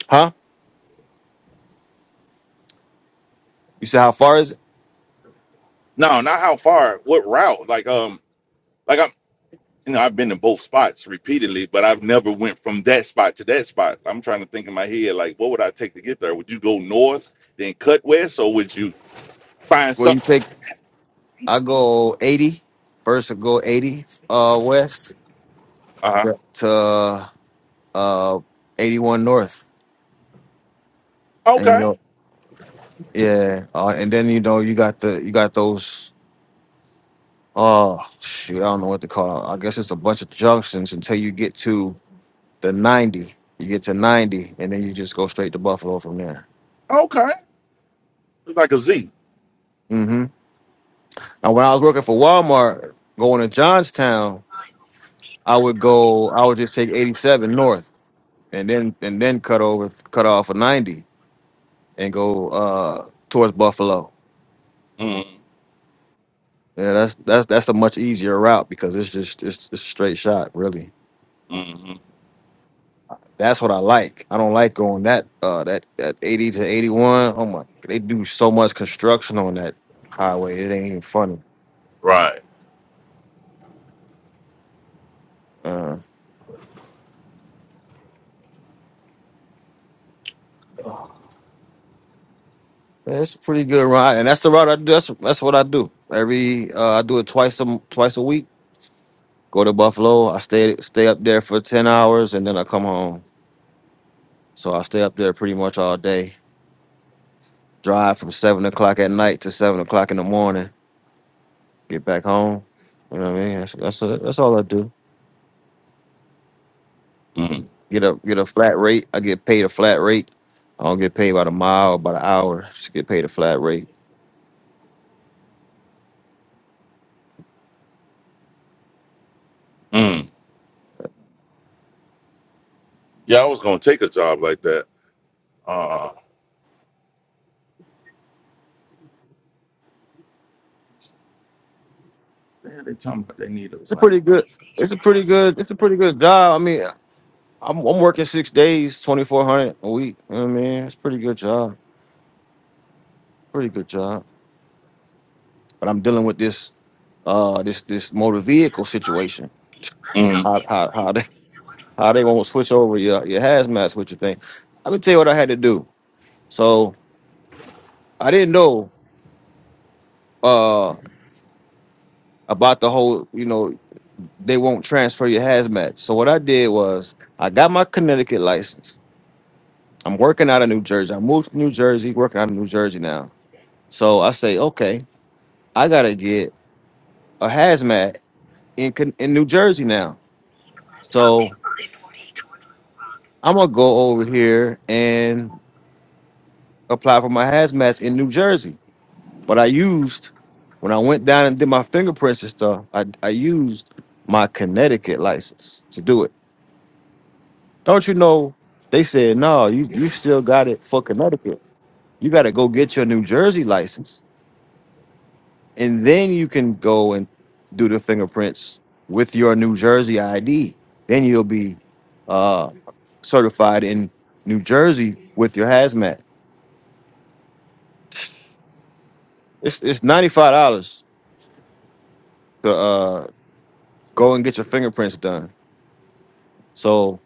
huh. You said how far is it? No, not how far. What route? Like um, like I'm you know I've been in both spots repeatedly, but I've never went from that spot to that spot. I'm trying to think in my head like what would I take to get there? Would you go north then cut west, or would you find Well, you something? take I go eighty first. I go eighty uh west Uh huh. Yeah. to uh eighty one north, and you Okay. know yeah, uh, and then you know you got the you got those. Oh shoot! I don't know what to call. It. I guess it's a bunch of junctions until you get to the 90. You get to 90, and then you just go straight to Buffalo from there. Okay. Like a Z. hmm Now, when I was working for Walmart, going to Johnstown, I would go. I would just take 87 north, and then and then cut over, cut off a 90, and go uh towards Buffalo. Mm, Yeah, that's that's that's a much easier route because it's just it's, it's a straight shot, really. mm-hmm. That's what I like. I don't like going that uh that that 80 to 81. Oh my, they do so much construction on that highway. It ain't even funny. Right. Uh, It's a pretty good ride, and that's the route I do. That's that's what I do. Every uh, I do it twice a m- twice a week. Go to Buffalo. I stay stay up there for ten hours, and then I come home. So I stay up there pretty much all day. Drive from seven o'clock at night to seven o'clock in the morning. Get back home. You know what I mean? That's that's, that's all I do. Mm, Get a get a flat rate. I get paid a flat rate. I don't get paid by the mile, or by the hour. Just get paid a flat rate. mm. Yeah, I was gonna take a job like that. Uh, man, they talking about they need a It's a what? pretty good. It's a pretty good. It's a pretty good job. I mean, I'm, I'm working six days, 2,400 a week. You know what I mean? It's a pretty good job. Pretty good job. But I'm dealing with this uh this this motor vehicle situation. How Mm. how how they how they won't switch over your your hazmat switcher thing. Let me tell you what I had to do. So I didn't know uh about the whole, you know, they won't transfer your hazmat. So what I did was I got my Connecticut license. I'm working out of New Jersey. I moved to New Jersey, working out of New Jersey now. So I say, okay, I gotta get a hazmat in Con- in New Jersey now. So I'm gonna go over here and apply for my hazmats in New Jersey. But I used when I went down and did my fingerprints and stuff. I I used my Connecticut license to do it. Don't you know? They said no. You you still got it for Connecticut. You got to go get your New Jersey license. and then you can go and do the fingerprints with your New Jersey ID. Then you'll be uh, certified in New Jersey with your hazmat. It's it's ninety five dollars to uh, go and get your fingerprints done. So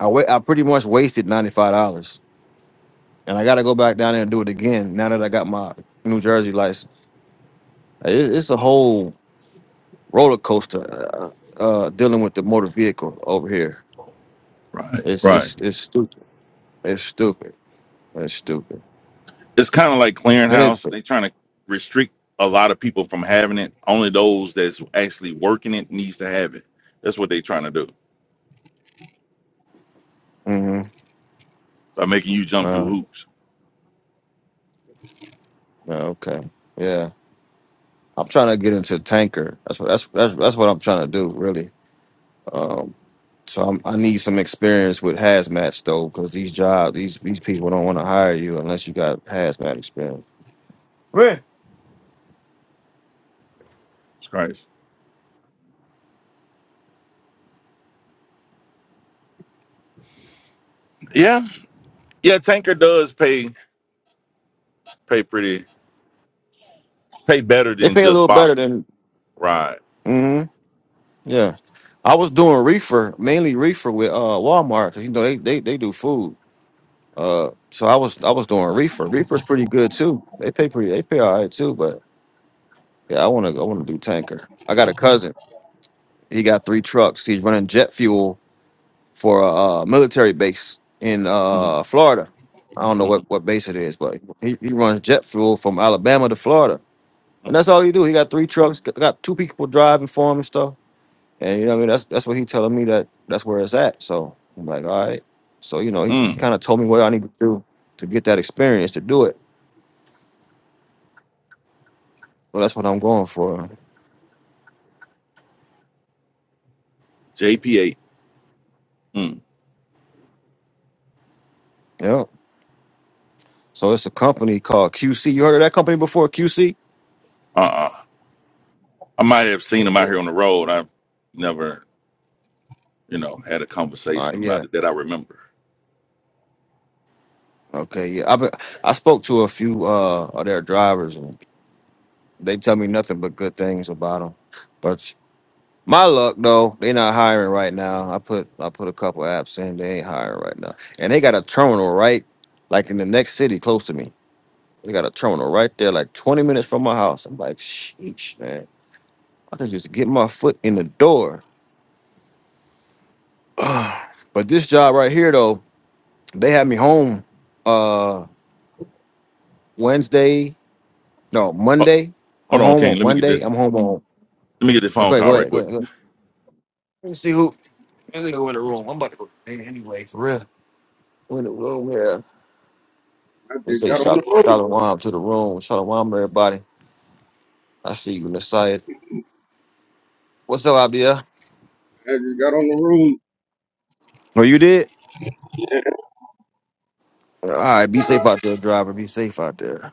I wa- I pretty much wasted ninety five dollars, and I got to go back down there and do it again now that I got my New Jersey license. It- it's a whole roller coaster uh, uh, dealing with the motor vehicle over here. Right. It's Right. it's it's stupid. It's stupid. That's stupid. it's kind of like Then it. clearinghouse. They're trying to restrict a lot of people from having it. Only those that's actually working it needs to have it. That's what they're trying to do Mm-hmm. by making you jump through Uh, hoops. yeah, okay. Yeah, I'm trying to get into tanker. That's what that's that's that's what I'm trying to do, really. So I'm, I need some experience with hazmat though, because these jobs, these these people don't want to hire you unless you got hazmat experience. Right. It's crazy. Yeah, yeah. Tanker does pay pay pretty pay better They than pay a just little better box. than. Right. hmm Yeah. I was doing reefer, mainly reefer with uh Walmart, 'cause, you know they they they do food. Uh, so I was I was doing reefer. Reefer's pretty good too. They pay pretty. They pay all right too, but Yeah, I want to. I want to do tanker. I got a cousin. He got three trucks. He's running jet fuel for a uh, military base in Mm, uh, Florida. I don't know what, mm, what base it is, but he, he runs jet fuel from Alabama to Florida, and mm, that's all he do. He got three trucks. g- Got two people driving for him and stuff. And you know, what I mean, that's that's what he telling me that that's where it's at. So I'm like, all right. So you know, he, he mm. kind of told me what I need to do to get that experience to do it. Well, that's what I'm going for. JP8. Mm. Yeah. So it's a company called QC. You heard of that company before? QC? Uh. uh I might have seen him out here on the road. I've never, you know, had a All conversation right, yeah. about it that I remember. Okay, yeah. I have I spoke to a few uh of their drivers and they tell me nothing but good things about them. But my luck though, they not hiring right now. I put I put a couple apps in, they ain't hiring right now. And they got a terminal right like in the next city close to me. They got a terminal right there like 20 minutes from my house. I'm like, "Sheesh, man. I can just get my foot in the door." But this job right here though, they had me home uh Wednesday No, Ho- Monday. I'm Hold on, home King. on Let me get Monday. this. I'm home on. Let me get this phone Okay, go call right ahead. Go quick. ahead. Go ahead. Let me see who. Let me go in the room. I'm about to go hey, anyway. For real. Go in the room here. I Let's just say got on the shout road. shalom to the room. Shalom, everybody. I see you, Messiah. What's up, Abia? I just got on the road. Oh, you did. All right. Be safe out there, driver. Be safe out there.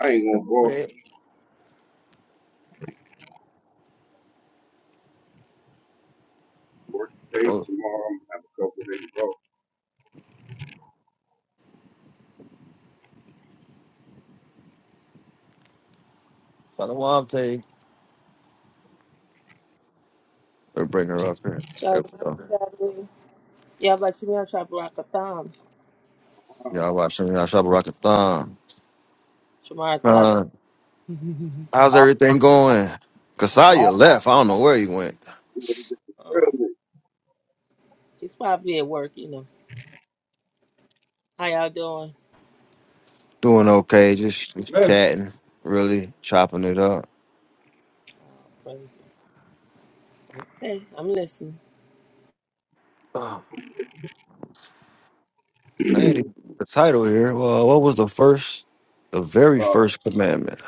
I ain't gonna go Right. work today, Oh, tomorrow. I'm gonna have a couple days off. shalom, Tay. Let's bring her up here. Shalom, There we go. family. Yeah, but you know, Shabarakatam. Uh, Y'all watching y'all shop rock a thumb. Shamaratha. Uh, how's everything going? Uh-huh. Kasaya left. I don't know where he went. who was the Uh, girl he's probably at work, you know. How y'all doing? Doing okay, just, just with? Left. chatting, really chopping it up. Oh, praises. Okay, I'm listening. Oh, I ain't even the title here. Well, what was the first, the very Uh, first commandment?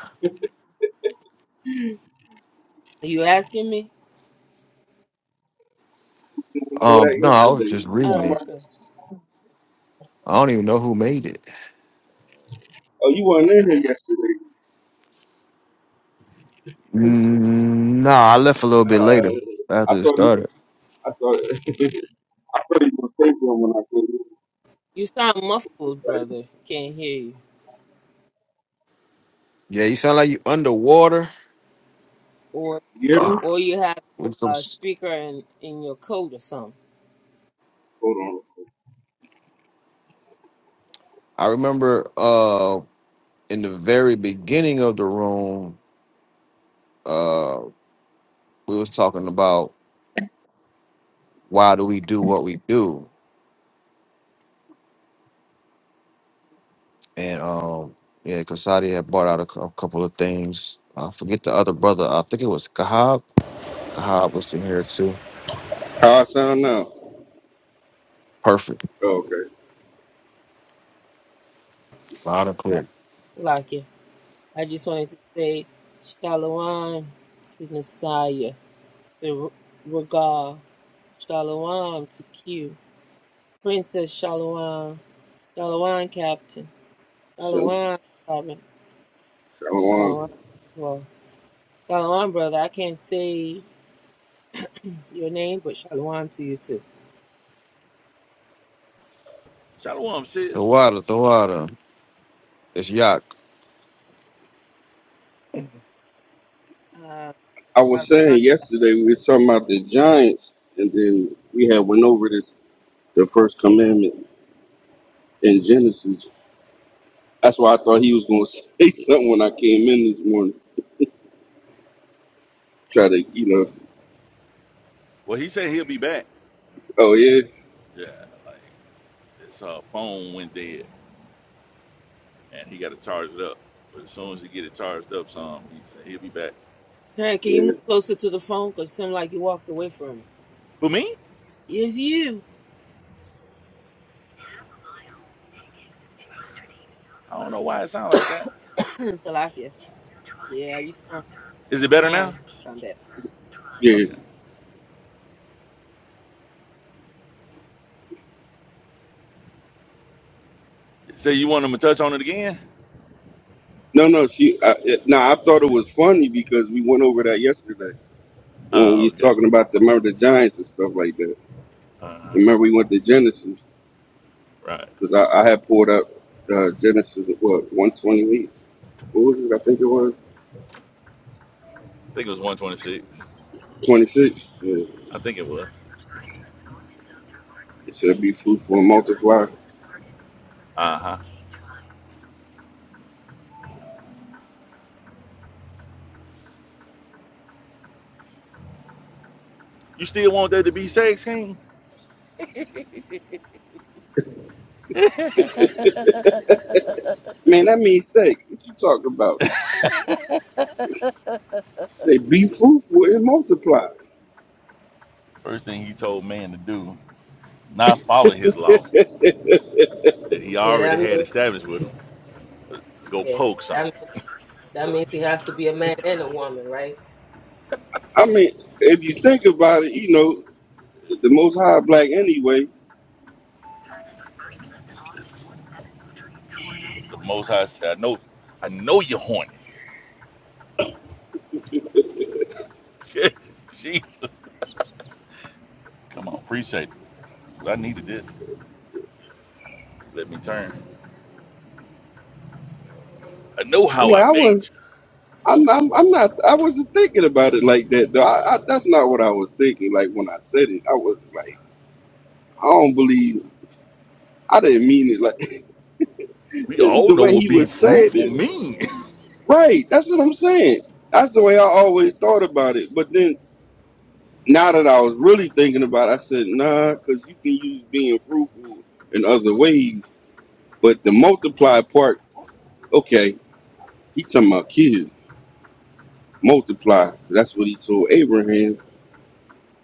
Are you asking me? you went over Um, no, that I yesterday. was just You reading want it. Oh, my- okay. I don't even know who made it. Oh, you weren't in here yesterday. Mm, nah, I left a little bit later Uh, I after it thought you. started. I thought. I thought you were safe when I said you. You sound muffled, brother. Can't hear you. Yeah, you sound like you underwater Or You hear Ugh, me? or you have your with some. uh, s- speaker in, in your coat or something. Hold on. I remember uh in the very beginning of the room, uh, we was talking about why do we do what we do, and um, yeah, Kasadi had bought out a, cou- a couple of things. I forget the other brother. I think it was Kahab. Kahab was in here too. How I sound now? Perfect, Oh, okay. loud and Like clear. like it. I just wanted to say Shalom to Messiah, to R- Ragal, Shalom to Q. Princess Shalom. Shalom, Captain. So. Shalom, Robin. So, Shalom. um, Well, Shalom, brother. I can't say your name, but Shalom to you, too. Shalom, The sis. water, the water. It's Yak. Uh, I was shalom. saying yesterday we were talking about the giants, and then we had went over this the first commandment in Genesis. That's why I thought he was going to say something when I came in this morning. Try to, you know, Well, he said he'll be back. oh yeah, Yeah, like his uh, phone went dead, and he got to charge it up. But as soon as he get it charged up, some he said he'll be back. Terry, can you yeah, move closer to the phone? Because it seemed like you walked away from it. For me, It's you. I don't know why it sounds like that. Salakia. Yeah, you sound Is it better now? kind. Sound better. yeah. Okay. So you want him to touch on it again? No, no, she. I, it, no, I thought it was funny because we went over that yesterday when we Oh, was okay. talking about the remember the giants and stuff like that. Uh, huh. Remember we went to Genesis right. because I, I had pulled up uh, Genesis what one twenty eight. What was it? I think it was I think it was 126. twenty six. I think it was. It said, be fruitful and multiply. Uh huh. You still want that to be sex, King? Man, that means sex. What you talking about? Say, be fruitful and multiply. First thing he told man to do, not follow his law that he Yeah, already that had means established with him. Go yeah, poke that something. means that means he has to be a man and a woman, right? I mean, if you think about it, you know, the Most High Black anyway. The Most High said, "I know, I know you're horny." Jesus, come on, appreciate it. I needed this. Let me turn. I know I'm how like, I I wasn't. made you. I'm, I'm, I'm not. I wasn't thinking about it like that, though. I, I, that's not what I was thinking. Like when I said it, I wasn't like, I don't believe. I didn't mean it. Like We it's all the know way what he being was saying fruitful it. mean. Right. That's what I'm saying. That's the way I always thought about it. But then now that I was really thinking about it, I said, nah, because you can use being fruitful in other ways. But the multiply part, okay, he talking about kids. Multiply. That's what he told Abraham.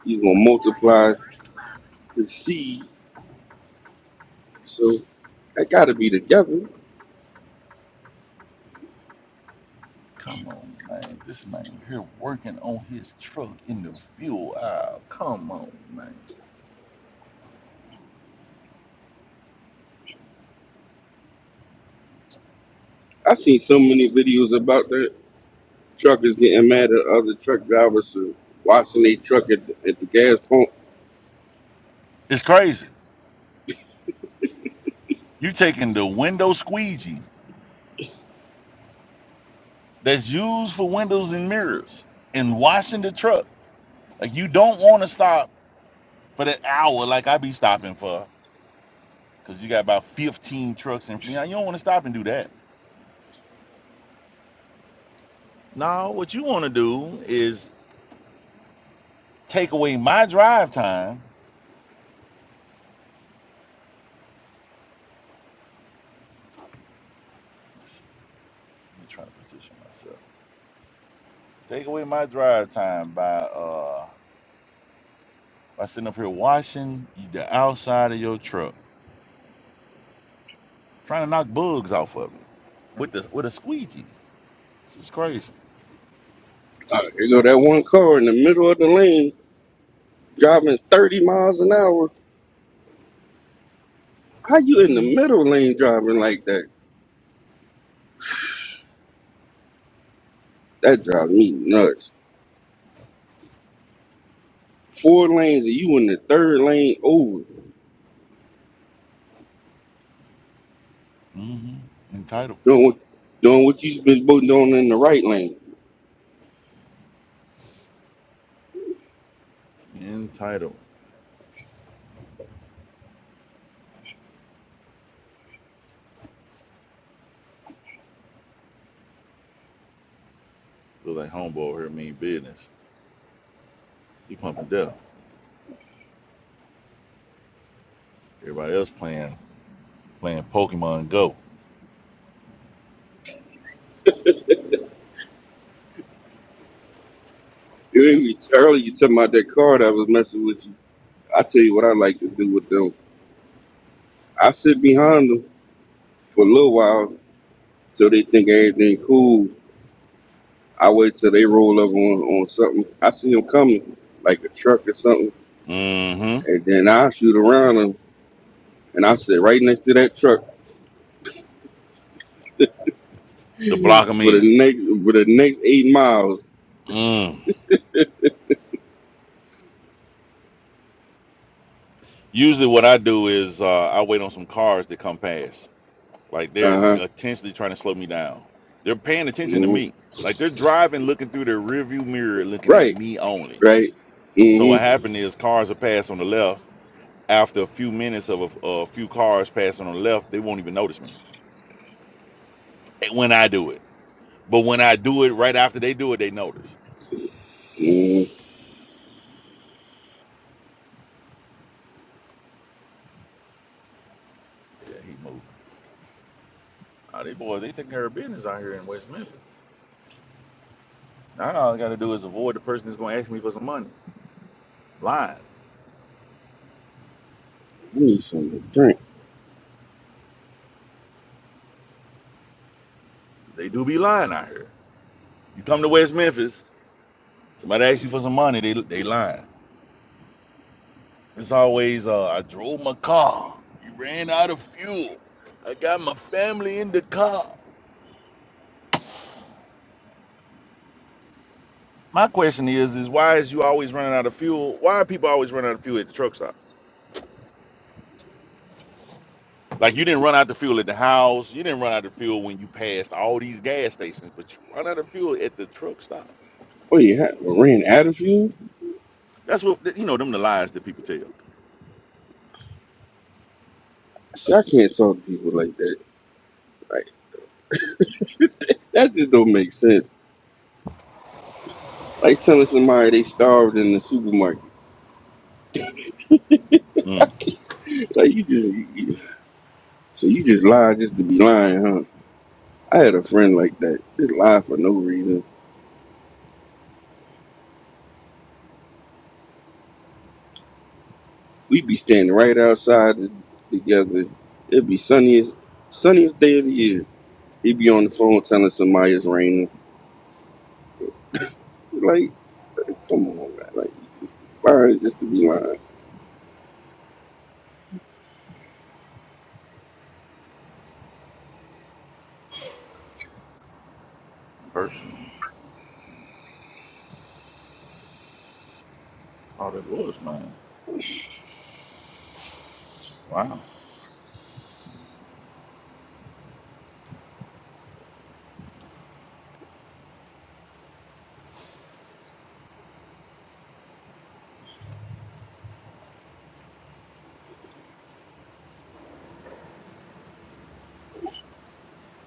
He's going to multiply his seed. So that got to be together. come on, man. This man here working on his truck in the fuel aisle. Come on, man. I seen so many videos about that. Truckers getting mad at other truck drivers for washing their truck at the, at the gas pump. It's crazy. You taking the window squeegee that's used for windows and mirrors and washing the truck. Like you don't want to stop for that hour like I be stopping for because you got about 15 trucks in front. You, you don't want to stop and do that. No, what you want to do is take away my drive time. Let's Let me try to position myself. Take away my drive time by uh by sitting up here washing the outside of your truck, trying to knock bugs off of it with the with a squeegee. It's crazy. Uh, you know, that one car in the middle of the lane driving 30 miles an hour How you in the Mm-hmm. middle lane driving like that? That drives me nuts. Four lanes and you in the third lane over Mm-hmm. Entitled. doing what, doing what you been doing in the right lane. Entitled. Look like homeboy over here mean business. He pumping death. Everybody else playing playing Pokemon Go. You ain't re- Earlier you talking about that car that was messing with you. I tell you what I like to do with them. I sit behind them for a little while till they think everything cool. I wait till they roll up on, on something. I see them coming like a truck or something, Mm-hmm. and then I shoot around them and I sit right next to that truck To block them for in. the next for the next eight miles. Mm. Usually what I do is uh, I wait on some cars that come past. Like Uh they're huh. intentionally trying to slow me down. They're paying attention to hmm me. Like they're driving, looking through their rearview mirror, looking at Right, me only. right. So what Mm-hmm. happened is cars are passed on the left. After a few minutes of a, a few cars passing on the left, they won't even notice me when I do it. But when I do it right after they do it, they notice. hmm Yeah, he moving. Oh, they boys, they taking care of business out here in West Memphis. Now all I gotta do is avoid the person that's gonna ask me for some money. Lying. I need something to drink. They do be lying out here. You come to West Memphis, somebody asks you for some money, they they lying. It's always uh, I drove my car. You ran out of fuel. I got my family in the car. My question is, is why is you always running out of fuel? Why are people always running out of fuel at the truck stop? Like you didn't run out the fuel at the house. You didn't run out of fuel when you passed all these gas stations, but you run out of fuel at the truck stop. Wait, ha- Lorraine Adderfield? That's what you know. Them the lies that people tell. See, I can't talk to people like that. Like that just don't make sense. Like telling somebody they starved in the supermarket. Mm. Like you just you, you- so you just lie just to be lying, huh? I had a friend like that. Just lie for no reason. We'd be standing right outside t- together. It'd be sunniest sunniest day of the year He be on the phone telling somebody it's raining. Like, like come on, man. Like, why is this to be lying? First, oh, that was man. Wow.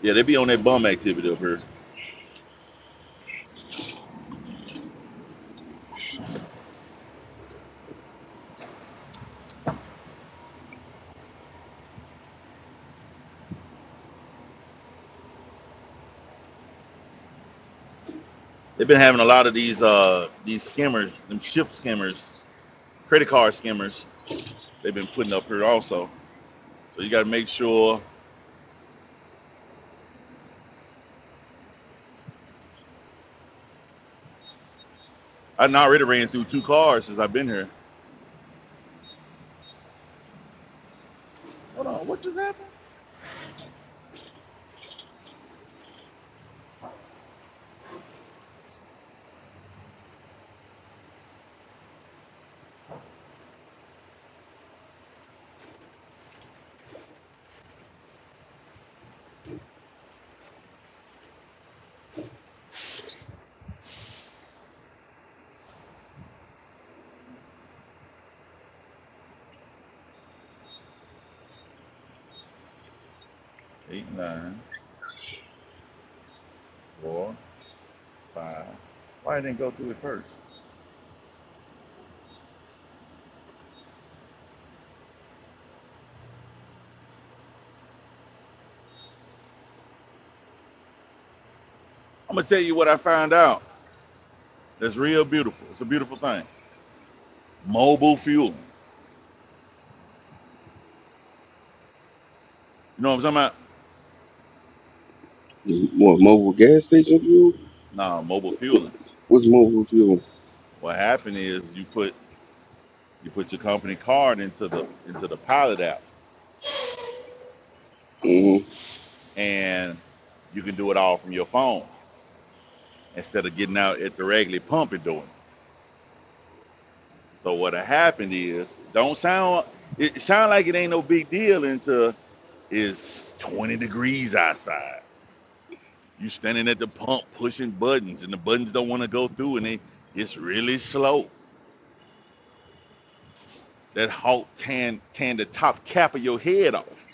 Yeah, they be on that bum activity up here. They've been having a lot of these uh these scammers, them shift scammers, credit card scammers. They've been putting up here also. So you got to make sure. I done already ran through two cars since I've been here. Hold on, what just happened? Eight, nine, four, five. Why I didn't go through it first? I'm gonna tell you what I found out. That's real beautiful. It's a beautiful thing. Mobile fueling. You know what I'm talking about? What, mobile gas station fuel? Nah, mobile fueling. What's mobile fuel? What happened is you put you put your company card into the into the pilot app, hmm and you can do it all from your phone instead of getting out at the regular pump and doing. It. So what happened is don't sound it sound like it ain't no big deal until it's 20 degrees outside. You standing at the pump pushing buttons, and the buttons don't want to go through, and they it's really slow. That halt tan tan the top cap of your head off.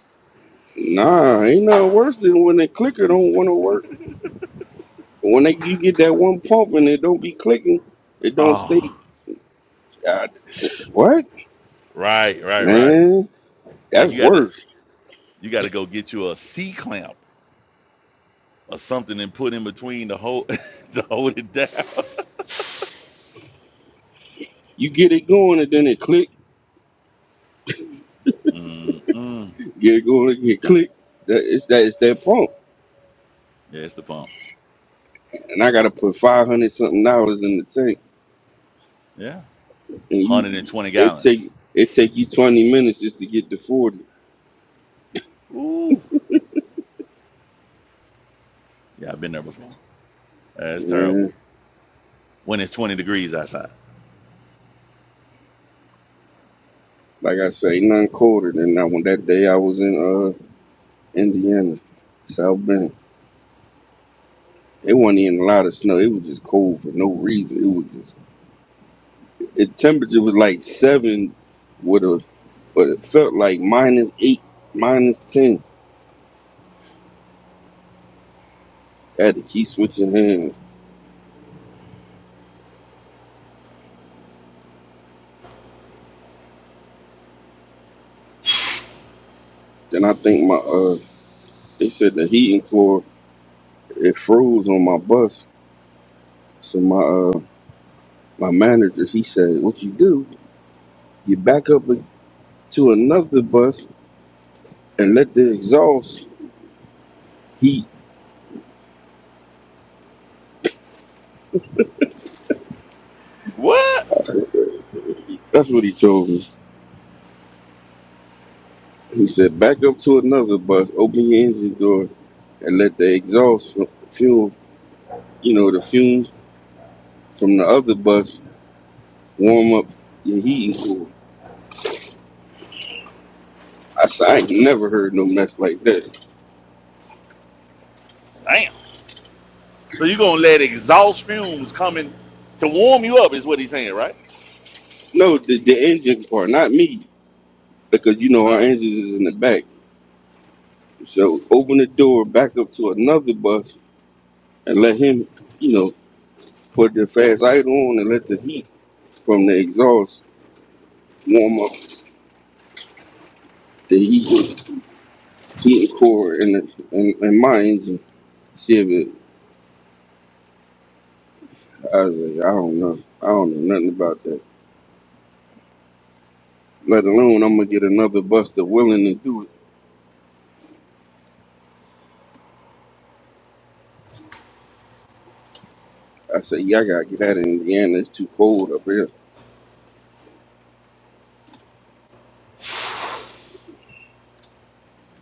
Nah, ain't nothing worse than when the clicker don't want to work. When they, you get that one pump and it don't be clicking, it don't stay. Oh, God, what? right, right, right. Man, Like that's you got to worse. you got to go get you a C clamp or something and put in between to hold to hold it down. You get it going and then it click. Mm-mm. Get it going and it click. That, it's, that, it's that pump. Yeah, it's the pump. And I got to put 500 something dollars in the tank. Yeah, and you 120 it gallons. take it take you twenty minutes just to get to forty. Ooh, yeah, I've been there before. That's terrible. And When it's 20 degrees outside. like I say, none colder than that one. That day I was in uh Indiana, South Bend. It wasn't even a lot of snow. It was just cold for no reason. It was just the temperature was like seven, with a but it felt like minus eight, minus ten. I had to keep switching hands. Then I think my uh they said the heating core it froze on my bus, so my uh my manager he said, "What you do?" You back up to another bus and let the exhaust heat. What? That's what he told me. He said, back up to another bus, open your engine door, and let the exhaust fu- fuel, you know, the fumes from the other bus warm up your heating cool. I said, I ain't never heard no mess like that. Damn. So you're gonna let exhaust fumes coming to warm you up is what he's saying, right? No, the, the engine part, not me, because you know Uh, our engine is in the back. So open the door back up to another bus and let him, you know, put the fast idle on and let the heat from the exhaust warm up the heat, heat core in the in, in my engine. Shit, but I was like, I don't know, I don't know nothing about that. Let alone I'm gonna get another buster willing to do it. I said, yeah, I gotta get out of Indiana. It's too cold up here.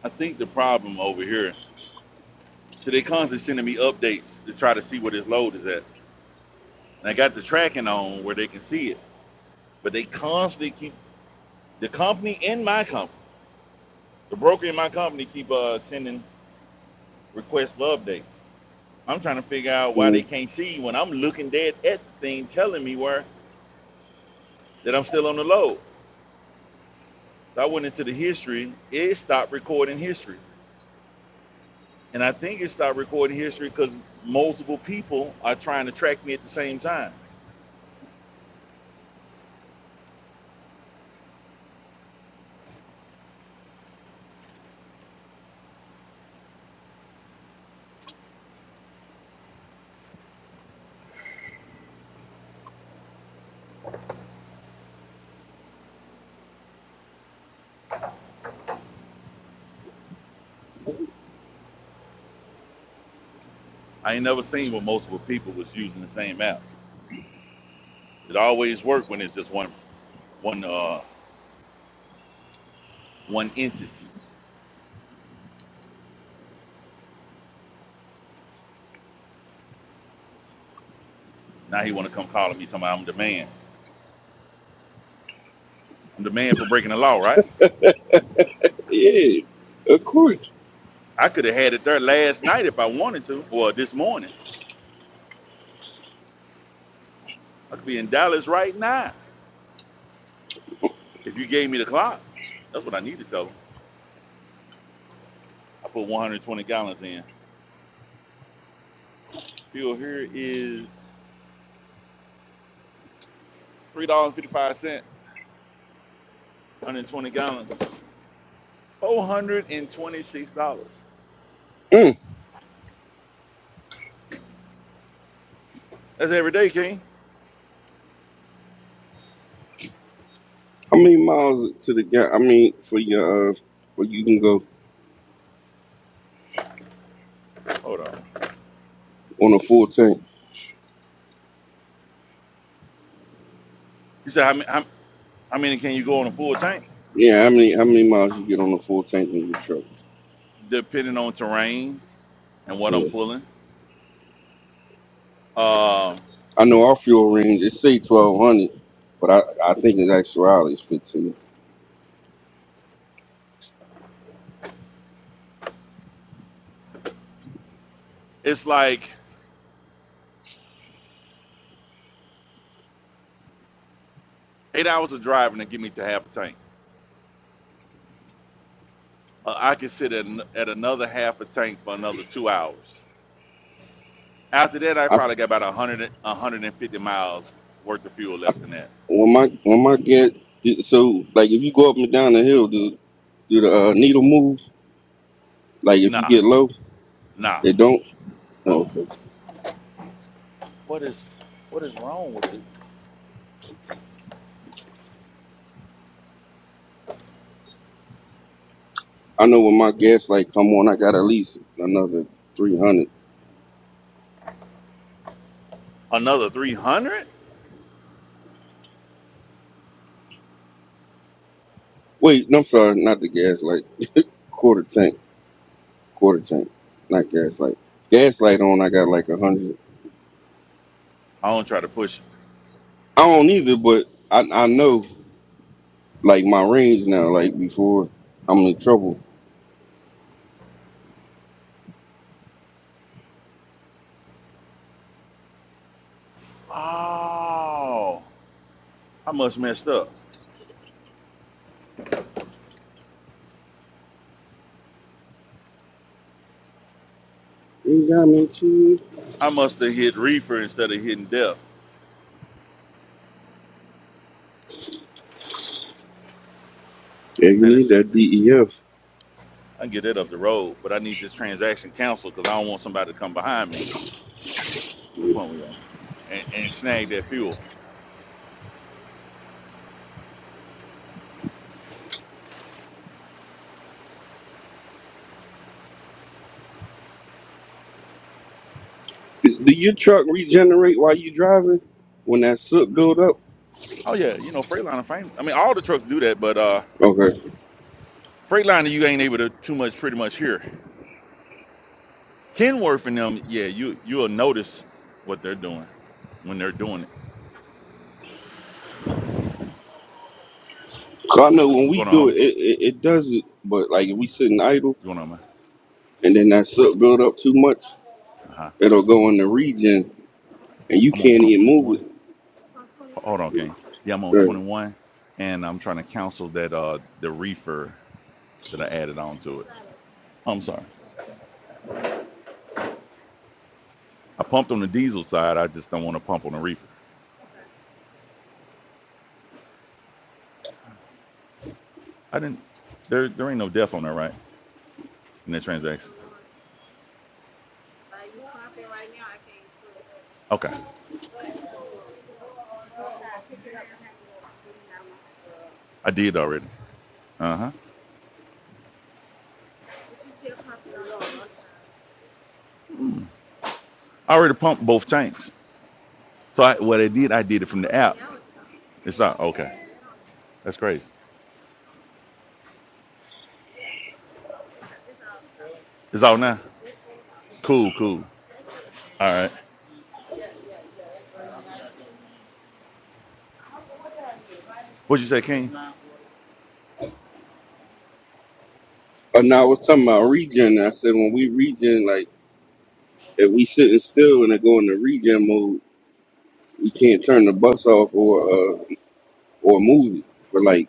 I think the problem over here, so they constantly sending me updates to try to see what his load is at. And I got the tracking on where they can see it. But they constantly keep the company in my company, the broker in my company keep uh, sending requests for updates. I'm trying to figure out why they Mm, can't see when I'm looking dead at the thing telling me where that I'm still on the load. So I went into the history, it stopped recording history. And I think it started recording history because multiple people are trying to track me at the same time. I ain't never seen where multiple people was using the same app. It always worked when it's just one, one, uh, one entity. Now he want to come calling me, talking about I'm the man. I'm the man for breaking the law, right? yeah, of course. I could have had it there last night if I wanted to, or this morning. I could be in Dallas right now if you gave me the clock. That's what I need to tell them. I put 120 gallons in. Fuel here is $3.55. 120 gallons, $426. Mm. That's every day, King. How many miles to the guy? I mean, for your uh, where you can go Hold on. on a full tank. You said how many, how, how many can you go on a full tank? Yeah, how many how many miles you get on a full tank in your truck? Depending on terrain and what Yeah. I'm pulling. Um, I know our fuel range it say twelve hundred, but I, I think it's actuality is fifteen. it's like eight hours of driving to get me to half a tank. Uh, I can sit at, at another half a tank for another two hours. After that, I I probably got about 100, 150 miles worth of fuel left in that. when my when my get so like if you go up and down the hill, do do the uh, needle move? Like if you Nah, get low, nah. they don't. Uh, Oh, okay. What is what is wrong with it? I know when my gas light come on, I got at least another three hundred. another 300? Wait, no, I'm sorry, not the gas light, quarter tank, quarter tank, not gas light. Gas light on, I got like a hundred. I don't try to push I don't either, but I I know like my range now. Like before, I'm in trouble Oh, I must messed up. You got me too. I must have hit reefer instead of hitting death. Yeah, you Man, need this that DEF. I can get that up the road, but I need this transaction counsel because I don't want somebody to come behind me. What point we on? And, and snag that fuel. Do your truck regenerate while you driving when that soot build up? Oh yeah, you know Freightliner fame. I mean, all the trucks do that, but uh, Okay. Freightliner you ain't able to too much pretty much here. Kenworth and them, yeah, you you'll notice what they're doing when they're doing it. 'Cause I know when What's we going on, do homie? it, it, it, it does it, but like if we sitting idle What's going on, man? and then that soot build up too much, Uh huh. it'll go in the regen and you I'm on can't pump even 21. move Hold on, gang. Yeah, I'm it. on Right. 21, and I'm trying to cancel that uh the reefer that I added on to it. I'm sorry. I pumped on the diesel side. I just don't want to pump on the reefer. I didn't. There, there ain't no death on that, right? In that transaction. Okay, I did already. Uh huh. I already pumped both tanks. So I, what I did, I did it from the app. It's not okay. That's crazy. It's out now. Cool, cool. All right. What'd you say, King? But now I was talking about regen. I said when we regen, like if we sitting still and it go in the regen mode, we can't turn the bus off or uh, or move it for like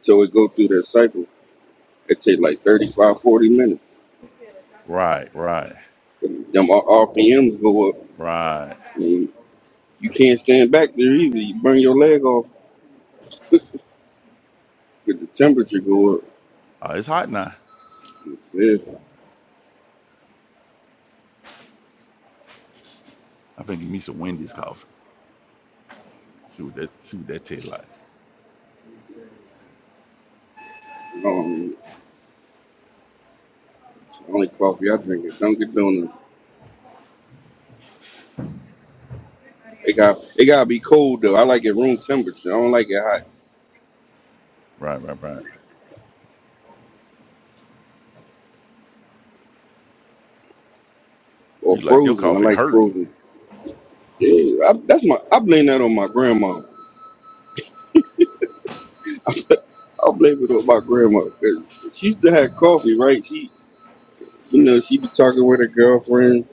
till it go through that cycle. It take like 35, 40 minutes. Right, right, Them R- RPMs go up. right. And you can't stand back there either. You burn your leg off because the temperature go up. Uh, it's hot now. Yeah. I think give me some Wendy's coffee. See what that see what that tastes like. Um, it's the only coffee I drink is Dunkin' Donuts. It got it gotta be cold though. I like it room temperature. I don't like it hot Right, right, right. or You like your frozen. I coffee like hurting? frozen. Yeah, I, that's my. I blame that on my grandma. I blame it on my grandma because she used to have coffee, right? She, you know, she be talking with her girlfriend,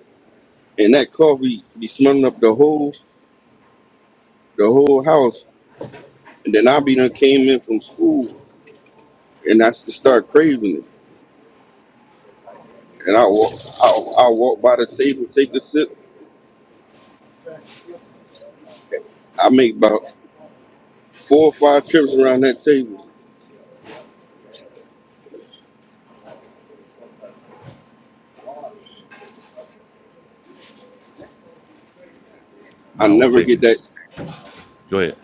and that coffee be smelling up the whole the whole house, and then I be done came in from school, and I just start craving it. And I walk, I, I walk by the table, take a sip. I make about four or five trips around that table. I Nah, I was never get texting. that, Go ahead.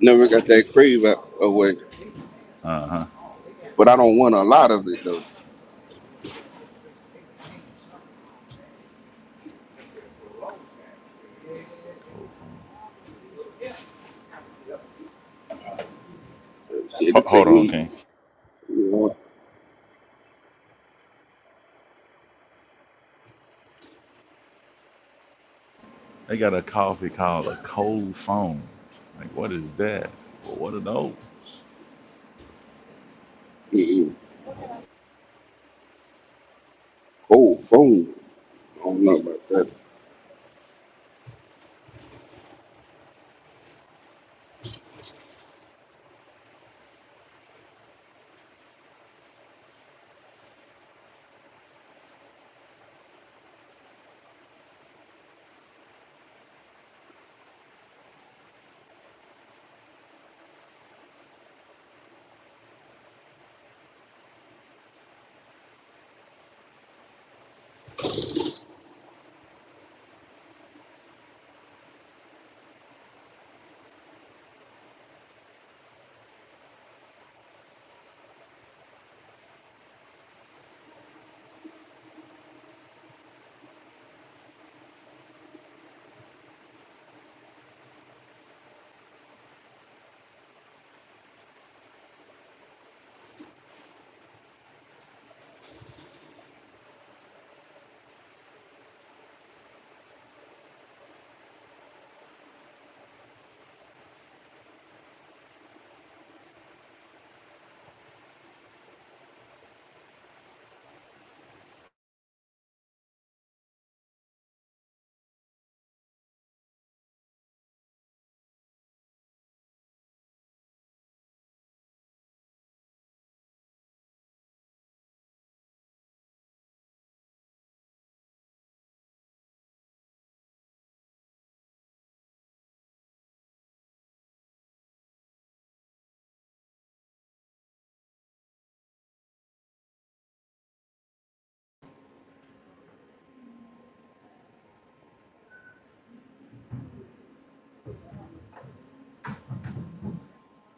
never got that crave out, away. Uh huh. But I don't want a lot of it though. Cold Uh, Shit, it take hold on, me, King. you know, They got a coffee called a cold foam. Like what is that? Well, what are those? mm, cold phone. I don't know about that.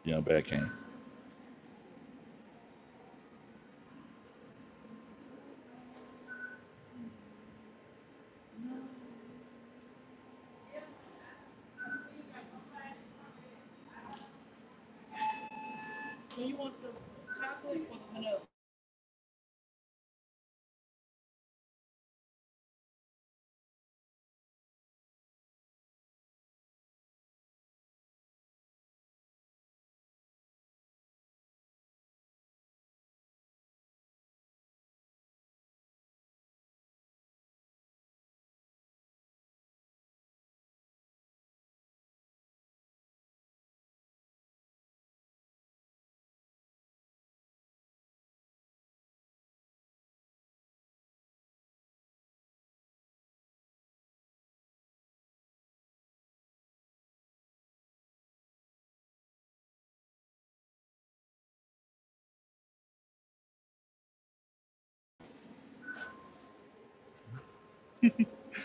Yeah, I'm back, King.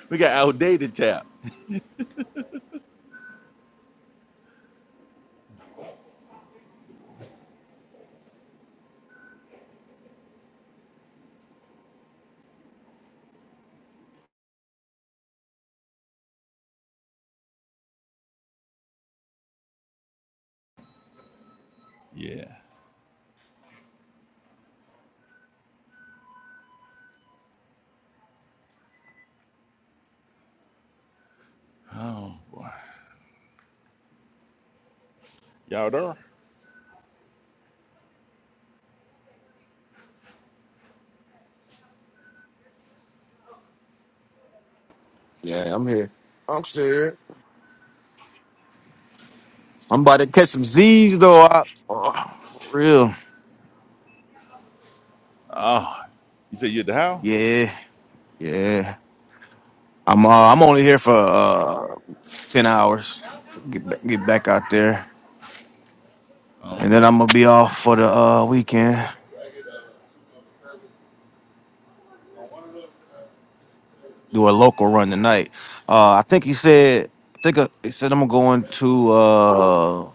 We got outdated tap. Yeah. Oh boy. Y'all there? Yeah, I'm here. I'm still here. I'm about to catch some Z's though. I, oh, for real. Oh, you said you at the house? Yeah, yeah. I'm uh, I'm only here for uh ten hours. Get ba- get back out there, Oh, and then okay. I'm gonna be off for the uh weekend. do a local run tonight. Uh, I think he said, I think uh, he said I'm going to uh,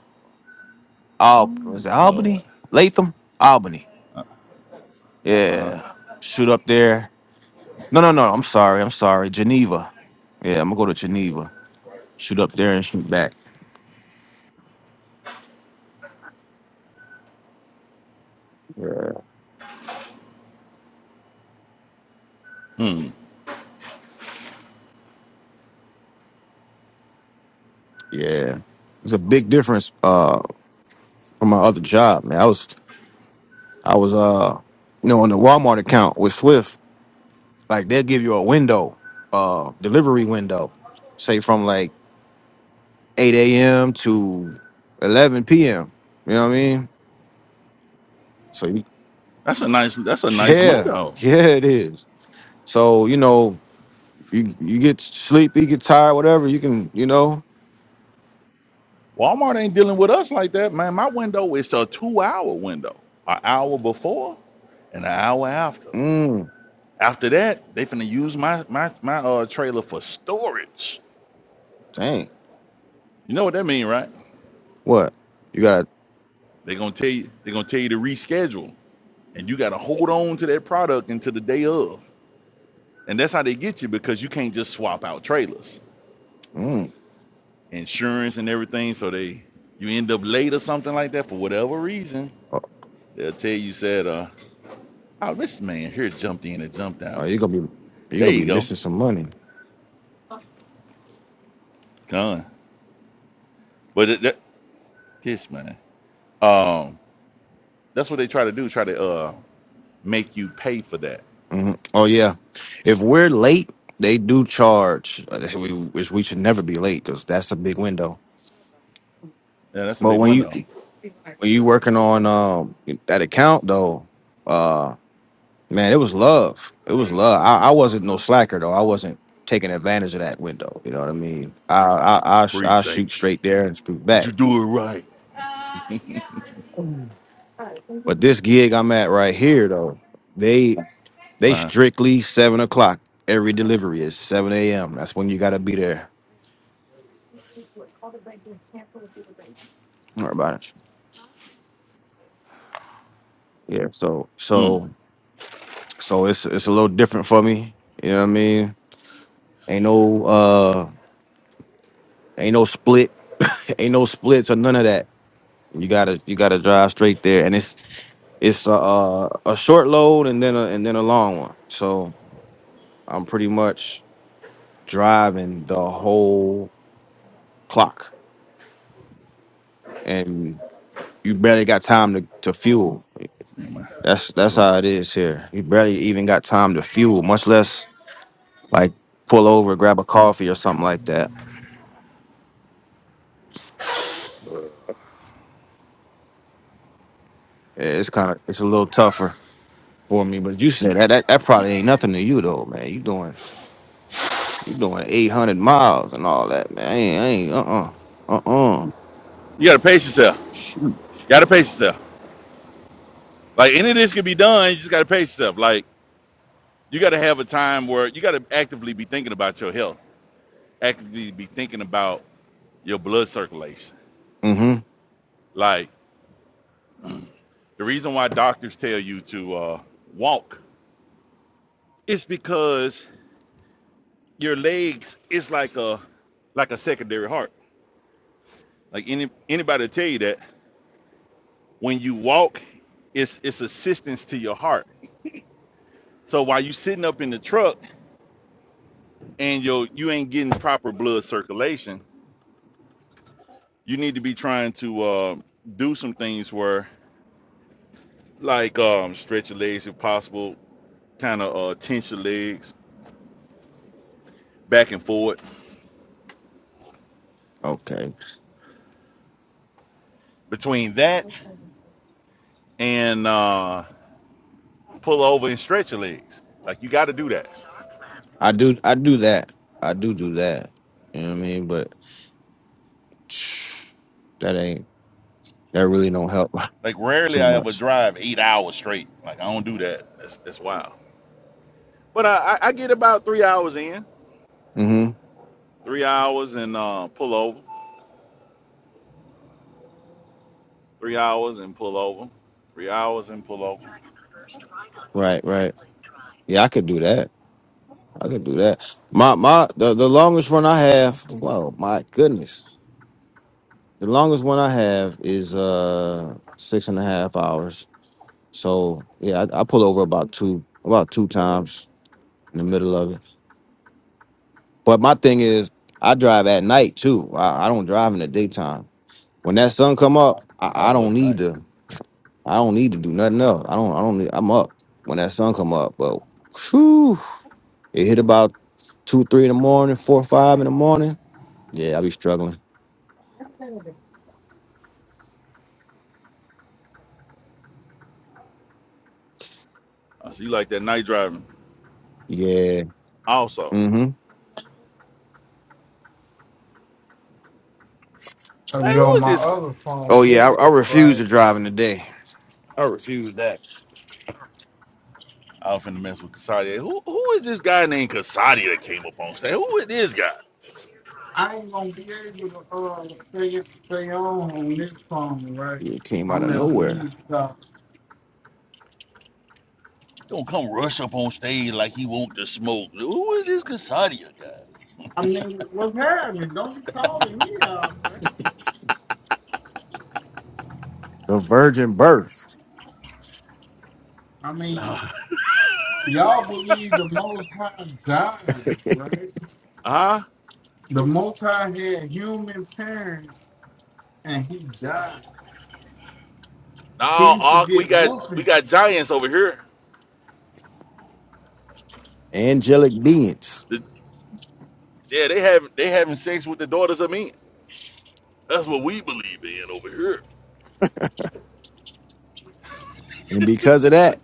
Al- Ooh, was it Lord. Albany, Latham, Albany. Uh huh. Yeah, shoot up there. No, no, no. I'm sorry. I'm sorry. Geneva. Yeah, I'm gonna go to Geneva. Shoot up there and shoot back. Yeah, Hmm. yeah. it's a big difference uh, from my other job. Man, I was I was uh you know on the Walmart account with Swift, like they'll give you a window, uh delivery window, say from like 8 a.m. to 11 p.m. You know what I mean? So you, That's a nice. That's a nice yeah, window. yeah, it is. So you know, you you get sleepy, you get tired, whatever. You can, you know, Walmart ain't dealing with us like that, man. My window is a two-hour window, an hour before and an hour after. mm, After that, they finna use my my my uh trailer for storage. dang, You know what that mean, right? what you got? They gonna tell you they gonna tell you to reschedule, and you gotta hold on to that product until the day of. And that's how they get you because you can't just swap out trailers, Mm, insurance and everything. So they you end up late or something like that for whatever reason. oh, They'll tell you said, uh, oh this man here jumped in and jumped oh, out. you're gonna be you're There gonna you be go. missing some money. Done. But it, that, this man, um, that's what they try to do. Try to uh make you pay for that. Mhm. Oh yeah, if we're late, they do charge. uh, We which we should never be late because that's a big window. Yeah, that's a But big when you window. when you working on um that account though. uh, Man, it was love. It was love. I, I wasn't no slacker though. I wasn't taking advantage of that window. You know what I mean? I I I, sh- I Preach, shoot H. straight there and shoot Did back. you do it right? uh-huh. But this gig I'm at right here though, they they strictly seven o'clock. Every delivery is seven a.m. That's when you gotta be there. Don't worry about it. Yeah. So Mm. so so it's it's a little different for me. You know what I mean? Ain't no uh ain't no split ain't no splits or none of that. You gotta you gotta drive straight there, and it's It's a a, a short load and then a and then a long one. So I'm pretty much driving the whole clock, and you barely got time to, to fuel. Never That's What's that's going on? how it is I know. here. You barely even got time to fuel, much less like pull over, grab a coffee or something like that. Yeah, It's kind of it's a little tougher for me. But you said that that, that probably ain't nothing to you though, man. You doing you doing 800 miles and all that, man. I ain't I ain't uh uh uh uh. You gotta pace yourself. Shoot. You gotta pace yourself. Like any of this can be done. You just gotta pace yourself. Like you gotta have a time where you gotta actively be thinking about your health. Actively be thinking about your blood circulation. Mm-hmm. Like the reason why doctors tell you to uh, walk It's because your legs is like a like a secondary heart. Like any anybody tell you that when you walk, it's it's assistance to your heart. So while you sitting up in the truck and you you ain't getting proper blood circulation, you need to be trying to uh, do some things where like um, stretch your legs if possible, kind of uh, tense your legs back and forward. Okay. Between that and uh, pull over and stretch your legs, like you got to do that. I do I do that. I do do that. You know what I mean? But that ain't that really don't help Like rarely too I ever much. drive eight hours straight. Like I don't do that. That's that's wild. But I, I I get about three hours in, hmm three hours and uh, pull over, three hours and pull over, three hours and pull over. Right, right. Yeah, I could do that. I could do that. My my the, the longest run I have, whoa, my goodness. The longest one I have is uh six and a half hours. So yeah, I, I pull over about two about two times in the middle of it. But my thing is I drive at night too. I, I don't drive in the daytime. When that sun come up, I I, I don't love the night. need to. I don't need to do nothing else. I don't. I don't. Need, I'm up when that sun come up. But whew, it hit about two, three in the morning, four, five in the morning. Yeah, I be struggling. I see you like that night driving Yeah. also. Mm-hmm. Man, Yo, who is my this? other phone Oh yeah, I, I dead, refuse to right? drive in the day. I refuse that. I was finna mess with Casadia. Who who is this guy named Casadia that came up on stage? Who is this guy? I ain't gonna be able to uh stay, stay on on this phone, right? It came out I'm of Uh, at nowhere. Wingstop. don't come rush up on stage like he want to smoke. Who is this Casadia guy? I mean, what's happening? Don't be calling me out, right? The virgin birth, I No. mean, y'all believe the Most High died, right? Huh? The Most High had human parents and he died. He No, used to Ark, we get got we whooping. got giants over here. angelic beings, The, yeah, they have they having sex with the daughters of men. That's what we believe in over here. and because of that,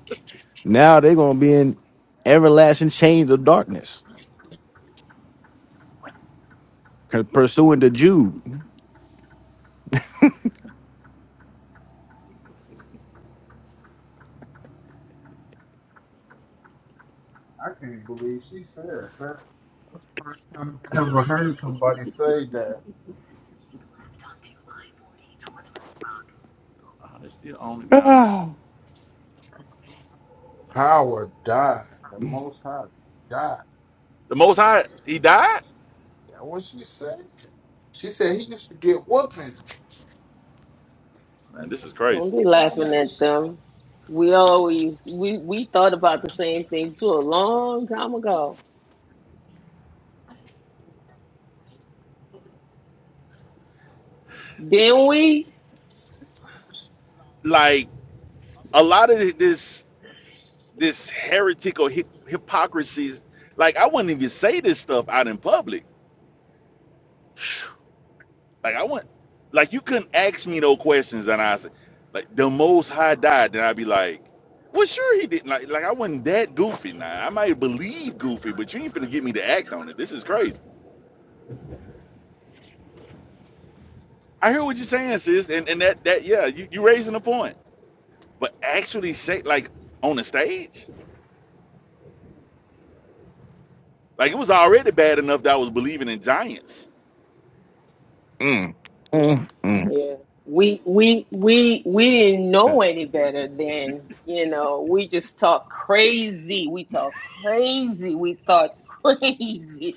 now they're gonna be in everlasting chains of darkness, pursuing the Jude. I can't believe she said that. First time I ever heard somebody say that. Uh, it's still own it down here. Power died. The Most High died. The Most High, he died. That what she said? She said he used to get. Man, this is crazy. Don't be laughing at them. We always we we thought about the same thing too a long time ago, didn't we? Like a lot of this this heretical hip, hypocrisy. Like I wouldn't even say this stuff out in public. Like I want, like you couldn't ask me no questions, and I said, like the Most High died, then I'd be like, well, sure he didn't. Like, like I wasn't that goofy. Now I might believe goofy, but you ain't finna get me to act on it. This is crazy. I hear what you're saying, sis, and and that that yeah, you you raising a point. But actually, say like on the stage, like it was already bad enough that I was believing in giants. Mm, mm, mm, Yeah, we we we we didn't know any better then. You know, we just talk crazy. We talk crazy. We thought crazy.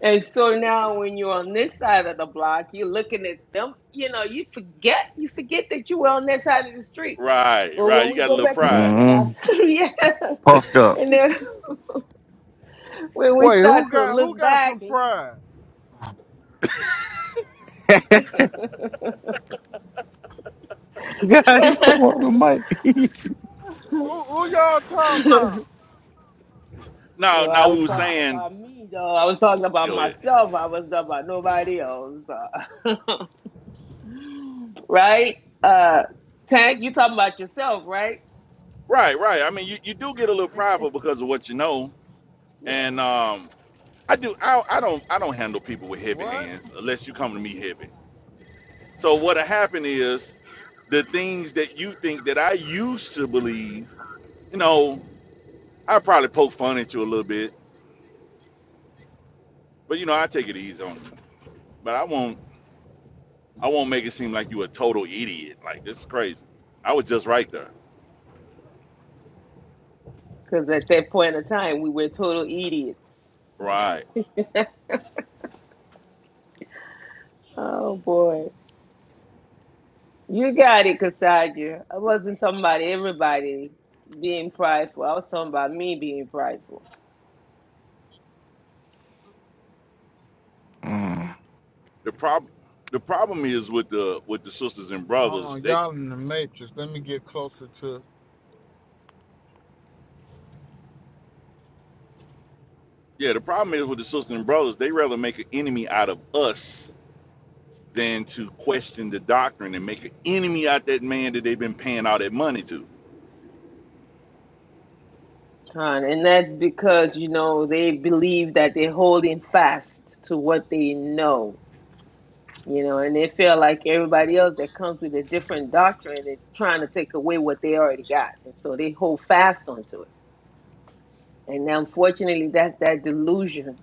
And so now, when you're on this side of the block, you're looking at them. You know, you forget you forget that you were on that side of the street. Right, But right. when You we got a go little back and look pride. at us, mm. yeah, Puffed up. and then. when we Wait, who start to got who look got back some and you pride? know Yeah, he come on Who the mic. who, who y'all talking about? Now, well i now we was were talking saying, about me though i was talking about go ahead. myself i was talking about nobody else uh, right uh tank you talking about yourself right Right, right. I mean, you, you do get a little prideful because of what you know, yeah and um, I do. I, I don't. I don't handle people with heavy What? hands unless you come to me heavy. So what'll happen is the things that you think that I used to believe. You know, I probably poke fun at you a little bit, but you know, I take it easy on you. But I won't. I won't make it seem like you a total idiot. Like this is crazy. I was just right there. because at that point of time we were total idiots Right. oh boy you got it Kasaja. i wasn't talking about everybody being prideful i was talking about me being prideful mm, The problem. The problem is with the with the sisters and Hold brothers. on, They y'all in the matrix. Let me get closer to. yeah. The problem is with the sisters and brothers. They rather make an enemy out of us than to question the doctrine and make an enemy out that man that they've been paying all that money to. Con, and that's because you know they believe that they're holding fast to what they know, you know, and they feel like everybody else that comes with a different doctrine is trying to take away what they already got, and so they hold fast onto it. And unfortunately, that's that delusion,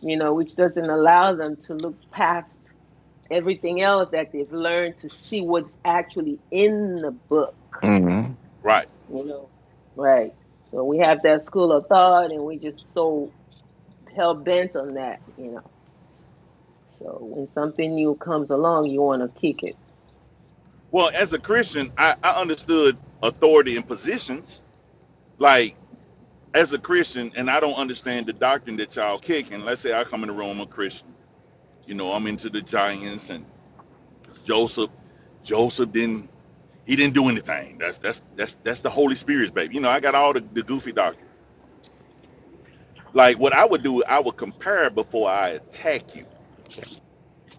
you know, which doesn't allow them to look past everything else that they've learned to see what's actually in the book, mm. Right. you know, right. So we have that school of thought, and we just so hell bent on that, you know. So when something new comes along, you want to kick it. Well, as a Christian, I, I understood authority and positions. Like, as a Christian, and I don't understand the doctrine that y'all kick. And let's say I come in the room a Christian. You know, I'm into the giants and Joseph. Joseph didn't he didn't do anything. That's that's that's that's the Holy Spirit's baby. You know, I got all the, the goofy doctrine. Like what I would do, I would compare before I attack you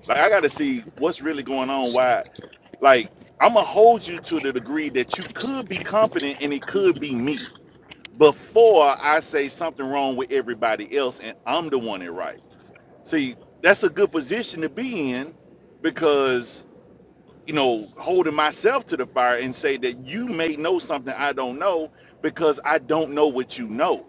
Like I gotta see what's really going on. Why like I'm gonna hold you to the degree that you could be competent and it could be me before I say something wrong with everybody else and I'm the one that right. See, that's a good position to be in because you know holding myself to the fire and say that you may know something I don't know because I don't know what you know.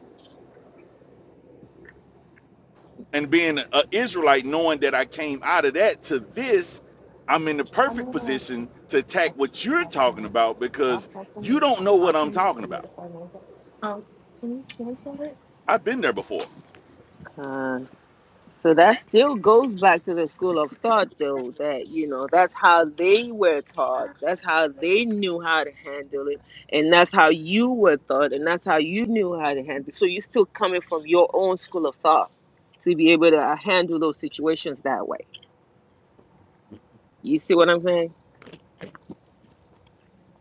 and being an Israelite, knowing that I came out of that to this, I'm in the perfect position to attack what you're talking about because you don't know what I'm talking about. I've been there before. Uh, so that still goes back to the school of thought, though, that, you know, that's how they were taught. That's how they knew how to handle it. And that's how you were taught. And that's how you knew how to handle it. So you're still coming from your own school of thought to be able to uh, handle those situations that way. You see what I'm saying?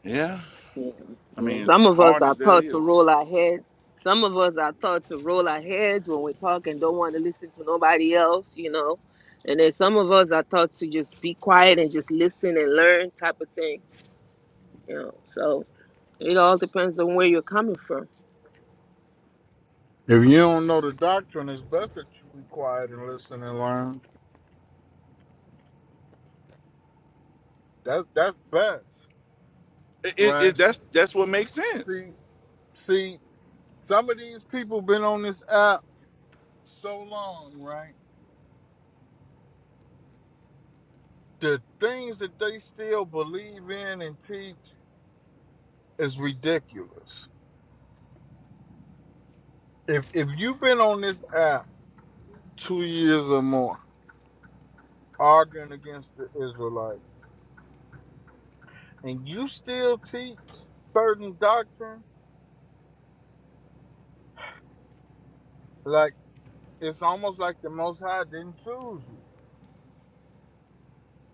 Yeah, Yeah, I yeah. mean, as Some of us hard are as that taught to is, roll our heads. Some of us are taught to roll our heads when we're talking, don't want to listen to nobody else, you know. And then some of us are taught to just be quiet and just listen and learn type of thing, you know. So it all depends on where you're coming from. If you don't know the doctrine, it's best that you be quiet and listen and learn. That's that's best, it, it, it- right? that's that's what makes sense. See, see, some of these people been on this app so long, right? The things that they still believe in and teach is ridiculous. If if you've been on this app two years or more arguing against the Israelites and you still teach certain doctrines, like it's almost like the Most High didn't choose you.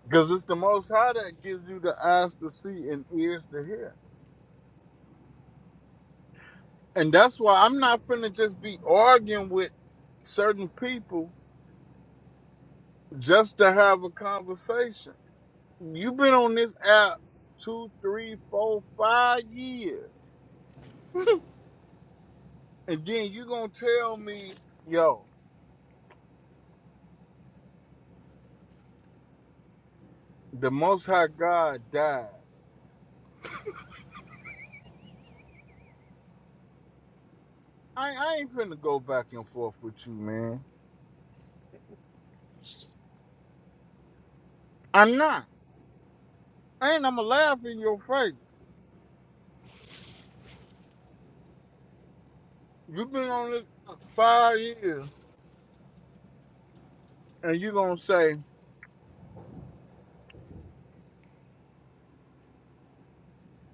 Because it's the Most High that gives you the eyes to see and ears to hear. And that's why I'm not finna just be arguing with certain people just to have a conversation. You've been on this app two, three, four, five years And then you gonna tell me, yo, the Most High God died. I I ain't finna go back and forth with you, man. I'm not, and I'ma laugh in your face. You've been on this earth five years, and you gonna say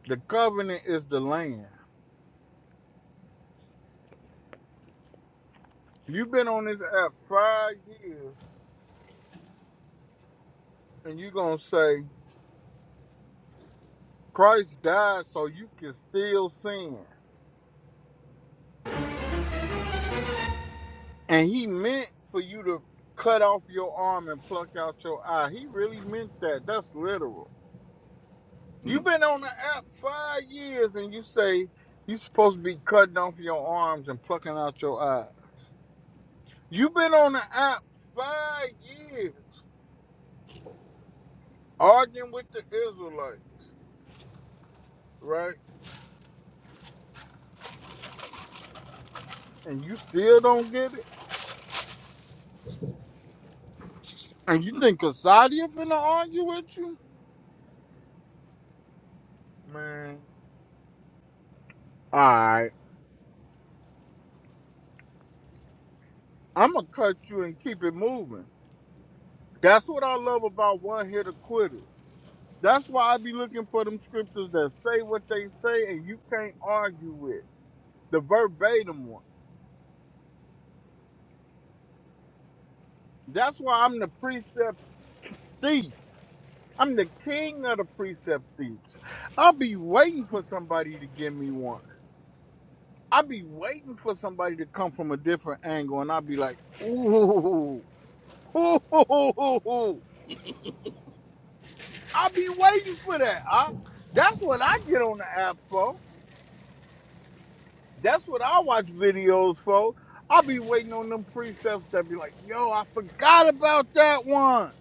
the covenant is the land. You've been on this earth five years, and you gonna say Christ died so you can still sin, and He meant for you to cut off your arm and pluck out your eye. He really meant that. That's literal. You've been on the app five years and you say you're supposed to be cutting off your arms and plucking out your eyes. You've been on the app five years arguing with the Israelites, right? And you still don't get it? And you think Kasadia finna argue with you? Man. Alright. I'ma cut you and keep it moving. That's what I love about one hitter quitters. That's why I be looking for them scriptures that say what they say and you can't argue with. The verbatim one. That's why I'm the precept thief. I'm the king of the precept thieves. I'll be waiting for somebody to give me one. I'll be waiting for somebody to come from a different angle, and I'll be like, ooh, ooh, I'll be waiting for that. I, that's what I get on the app for. That's what I watch videos for. I'll be waiting on them precepts that be like, yo, I forgot about that one.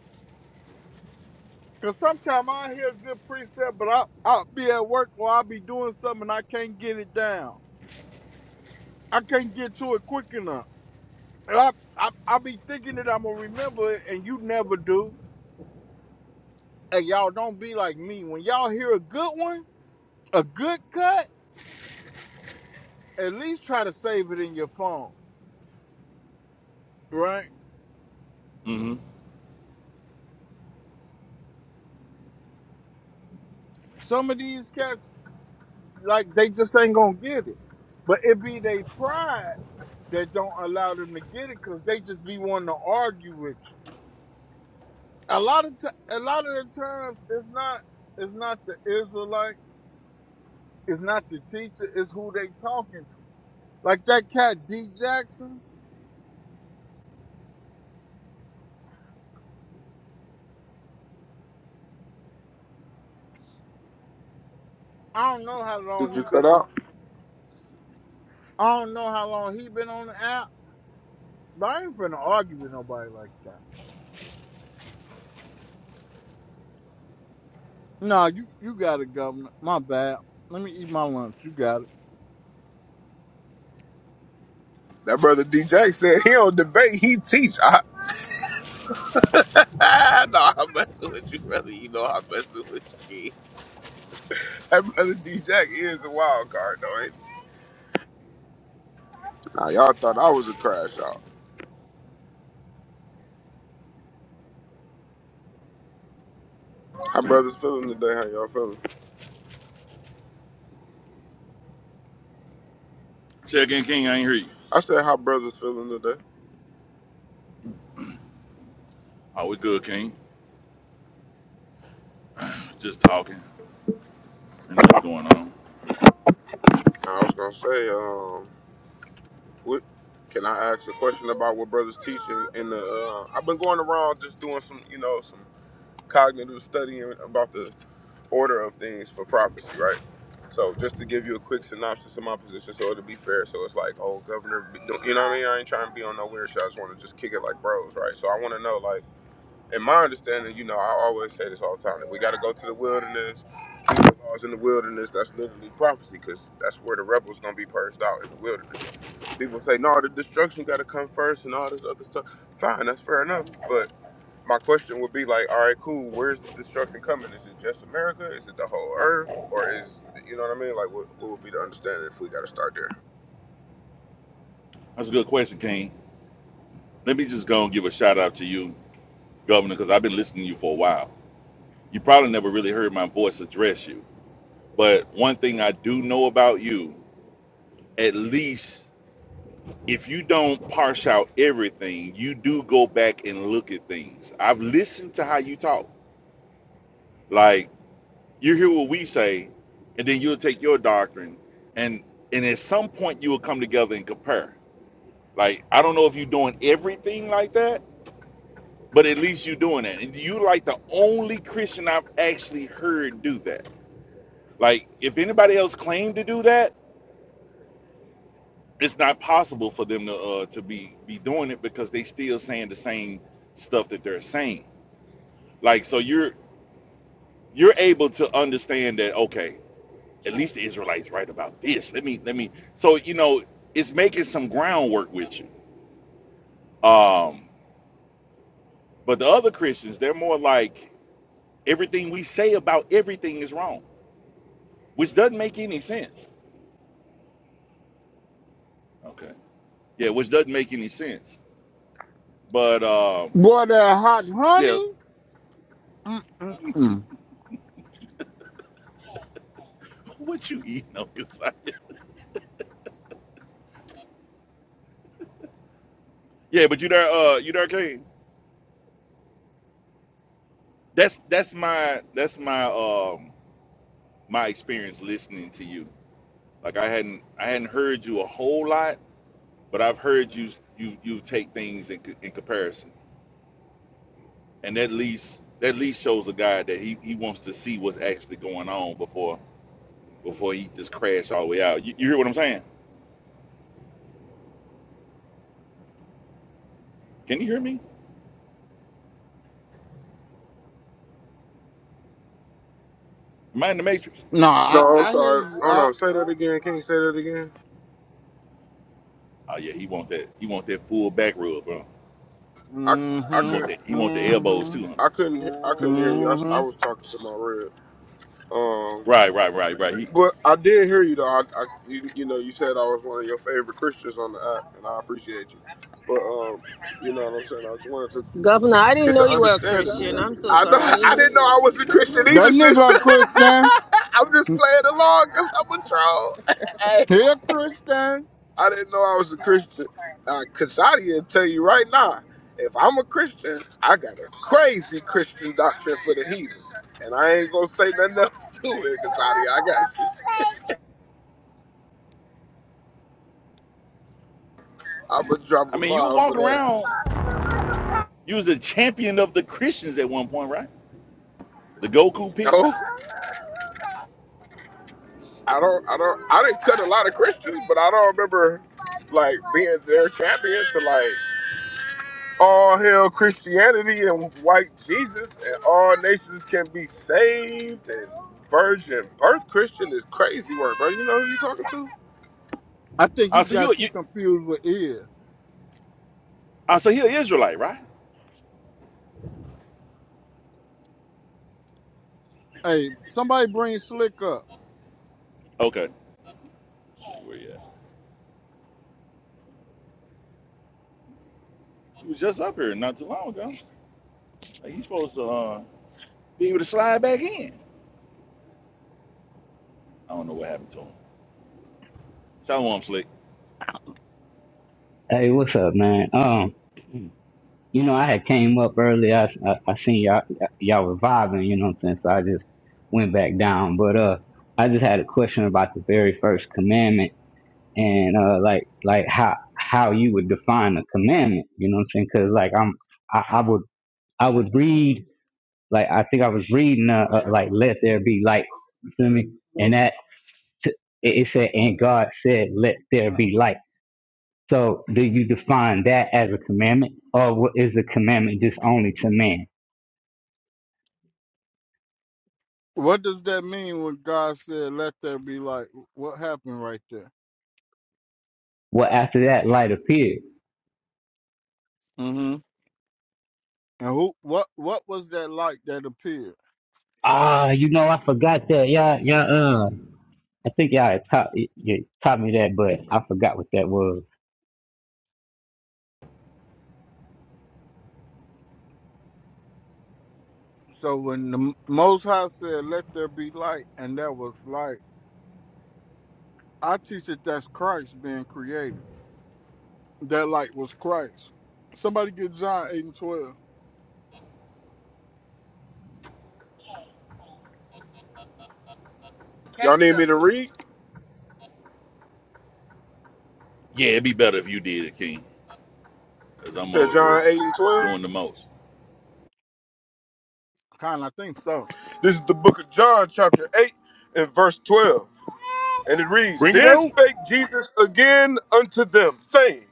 Cause sometimes I hear a good precept, but I I'll be at work or I'll be doing something and I can't get it down. I can't get to it quick enough. And I I I be thinking that I'm gonna remember it, and you never do. And y'all don't be like me. When y'all hear a good one, a good cut, at least try to save it in your phone, right? Mm-hmm. Some of these cats like they just ain't gonna get it, but it be they pride that don't allow them to get it because they just be wanting to argue with you. a lot of t- a lot of the times it's not it's not the Israelite, it's not the teacher, it's who they talking to. Like that cat D Jackson, I don't know how long Did you he cut been on. out? I don't know how long he been on the app, but I ain't finna argue with nobody like that. Nah, you you got it, governor. My bad. Let me eat my lunch. You got it. That brother DJ said he don't debate, he teach. I, no, I'm messing with you, brother. You know I'm messing with you. That brother DJ is a wild card, though, ain't he? Nah, y'all thought I was a crash out. How brothers feeling today? How y'all feeling? Say again, King. I ain't hear you. I said how brothers feeling today. Oh, we good, King. Just talking and nothing going on. I was gonna say, um, what? Can I ask a question about what brothers teaching in the? Uh, I've been going around just doing some, you know, some. cognitive studying about the order of things for prophecy, right? So just to give you a quick synopsis of my position, so it'll be fair. So it's like, oh, governor, be- don't- you know what I mean? I ain't trying to be on no weird shit. I just want to just kick it like bros, right? So I want to know, like, in my understanding, you know, I always say this all the time. That we got to go to the wilderness, keep the laws in the wilderness. That's literally prophecy, because that's where the rebels gonna be purged out in the wilderness. People say, no, the destruction got to come first, and all this other stuff. Fine, that's fair enough, but my question would be like, all right, cool. Where's the destruction coming? Is it just America? Is it the whole Earth? Or is you know what I mean? Like, what, what would be the understanding if we got to start there? That's a good question, King. Let me just go and give a shout out to you, Governor, because I've been listening to you for a while. You probably never really heard my voice address you. But one thing I do know about you, at least if you don't parse out everything, you do go back and look at things. I've listened to how you talk. Like you hear what we say, and then you'll take your doctrine, and and at some point you will come together and compare. Like I don't know if you're doing everything like that, but at least you're doing that. And you like the only Christian I've actually heard do that. Like if anybody else claimed to do that it's not possible for them to uh to be be doing it because they still saying the same stuff that they're saying like so you're you're able to understand that okay at least the israelites right about this let me let me so you know it's making some groundwork with you um but the other christians they're more like everything we say about everything is wrong which doesn't make any sense okay yeah which doesn't make any sense but um Boy, that hot yeah honey. mm mm mm. what you eating on this side? yeah but you there uh you there king that's that's my that's my um my experience listening to you. Like I hadn't I hadn't heard you a whole lot, but I've heard you you you take things in co- in comparison, and that least that least shows a guy that he he wants to see what's actually going on before before he just crash all the way out. You, you hear what I'm saying? Can you hear me? Am I in the matrix? Nah, I, No, I'm I hear sorry. you Hold up. on. Say that again. Can you say that again? Oh yeah, he want that he want that full back rub, bro. I I He want could. that Mm-hmm. he want the elbows Mm-hmm. too, huh? I couldn't. I couldn't hear you. I, s- I Mm-hmm. was talking to my rib, Um, Right, right, right, right. He, but I did hear you though. I, I you, you know you said I was one of your favorite Christians on the app, and I appreciate you. But um, you know what I'm saying. I just wanted to Governor, I didn't Get know the you were a understanding of Christian. I'm that. so I know. sorry. I didn't I know didn't you know were I was a a Christian either, That sister. nigga a Christian. Christian. Jeez. I'm just playing along because I'm a troll. Here, Christian. I didn't know I was a Christian. Uh, Cassati will tell you right now, if I'm a Christian, I got a crazy Christian doctrine for the heathen. And I ain't gonna say nothing else to it, Cassati. I got you. I'ma drop I a mean, you bomb for walk that. around. You was the champion of the Christians at one point, right? The Goku No, Peaks. I don't. I don't. I didn't cut a lot of Christians, but I don't remember like being their champion to like. all hail Christianity and white Jesus, and all nations can be saved. And virgin birth Christian is crazy word, bro. You know who you talking to? I think I he so you, got you you confused with ear. I so you're Israelite, right? Hey, somebody bring Slick up. Okay. Where you at? He was just up here not too long ago. Like he's supposed to uh, be able to slide back in. I don't know what happened to him. Shalom, Slick. Hey, what's up, man? Um, you know, I had came up early. I, I, I seen y'all y'all reviving. you know what I'm saying? So I just went back down. But uh, I just had a question about the very first commandment and uh, like like how how you would define a commandment, you know what I'm saying? Because like I'm I, I would I would read like I think I was reading uh, uh like let there be light, you feel me? And that t- it it said and God said let there be light. So do you define that as a commandment, or what is the commandment just only to man? What does that mean when God said, "Let there be light"? What happened right there? Well, after that, light appeared. Mm-hmm. And who? What? What was that light that appeared? Ah, you know, I forgot that. Yeah, yeah. Uh, I think y'all had taught, you taught me that, but I forgot what that was. So when the M- Most High said, "Let there be light," and there was light, I teach that that's Christ being created. That light was Christ. Somebody get John eight and twelve. Y'all need me to read? Yeah, it'd be better if you did it, King, as You I'm said over here John 8 and 12. doing the most. Kind, I think so. This is the book of John, chapter 8 and verse 12. And it reads, Bring it Then out. spake Jesus again unto them, saying,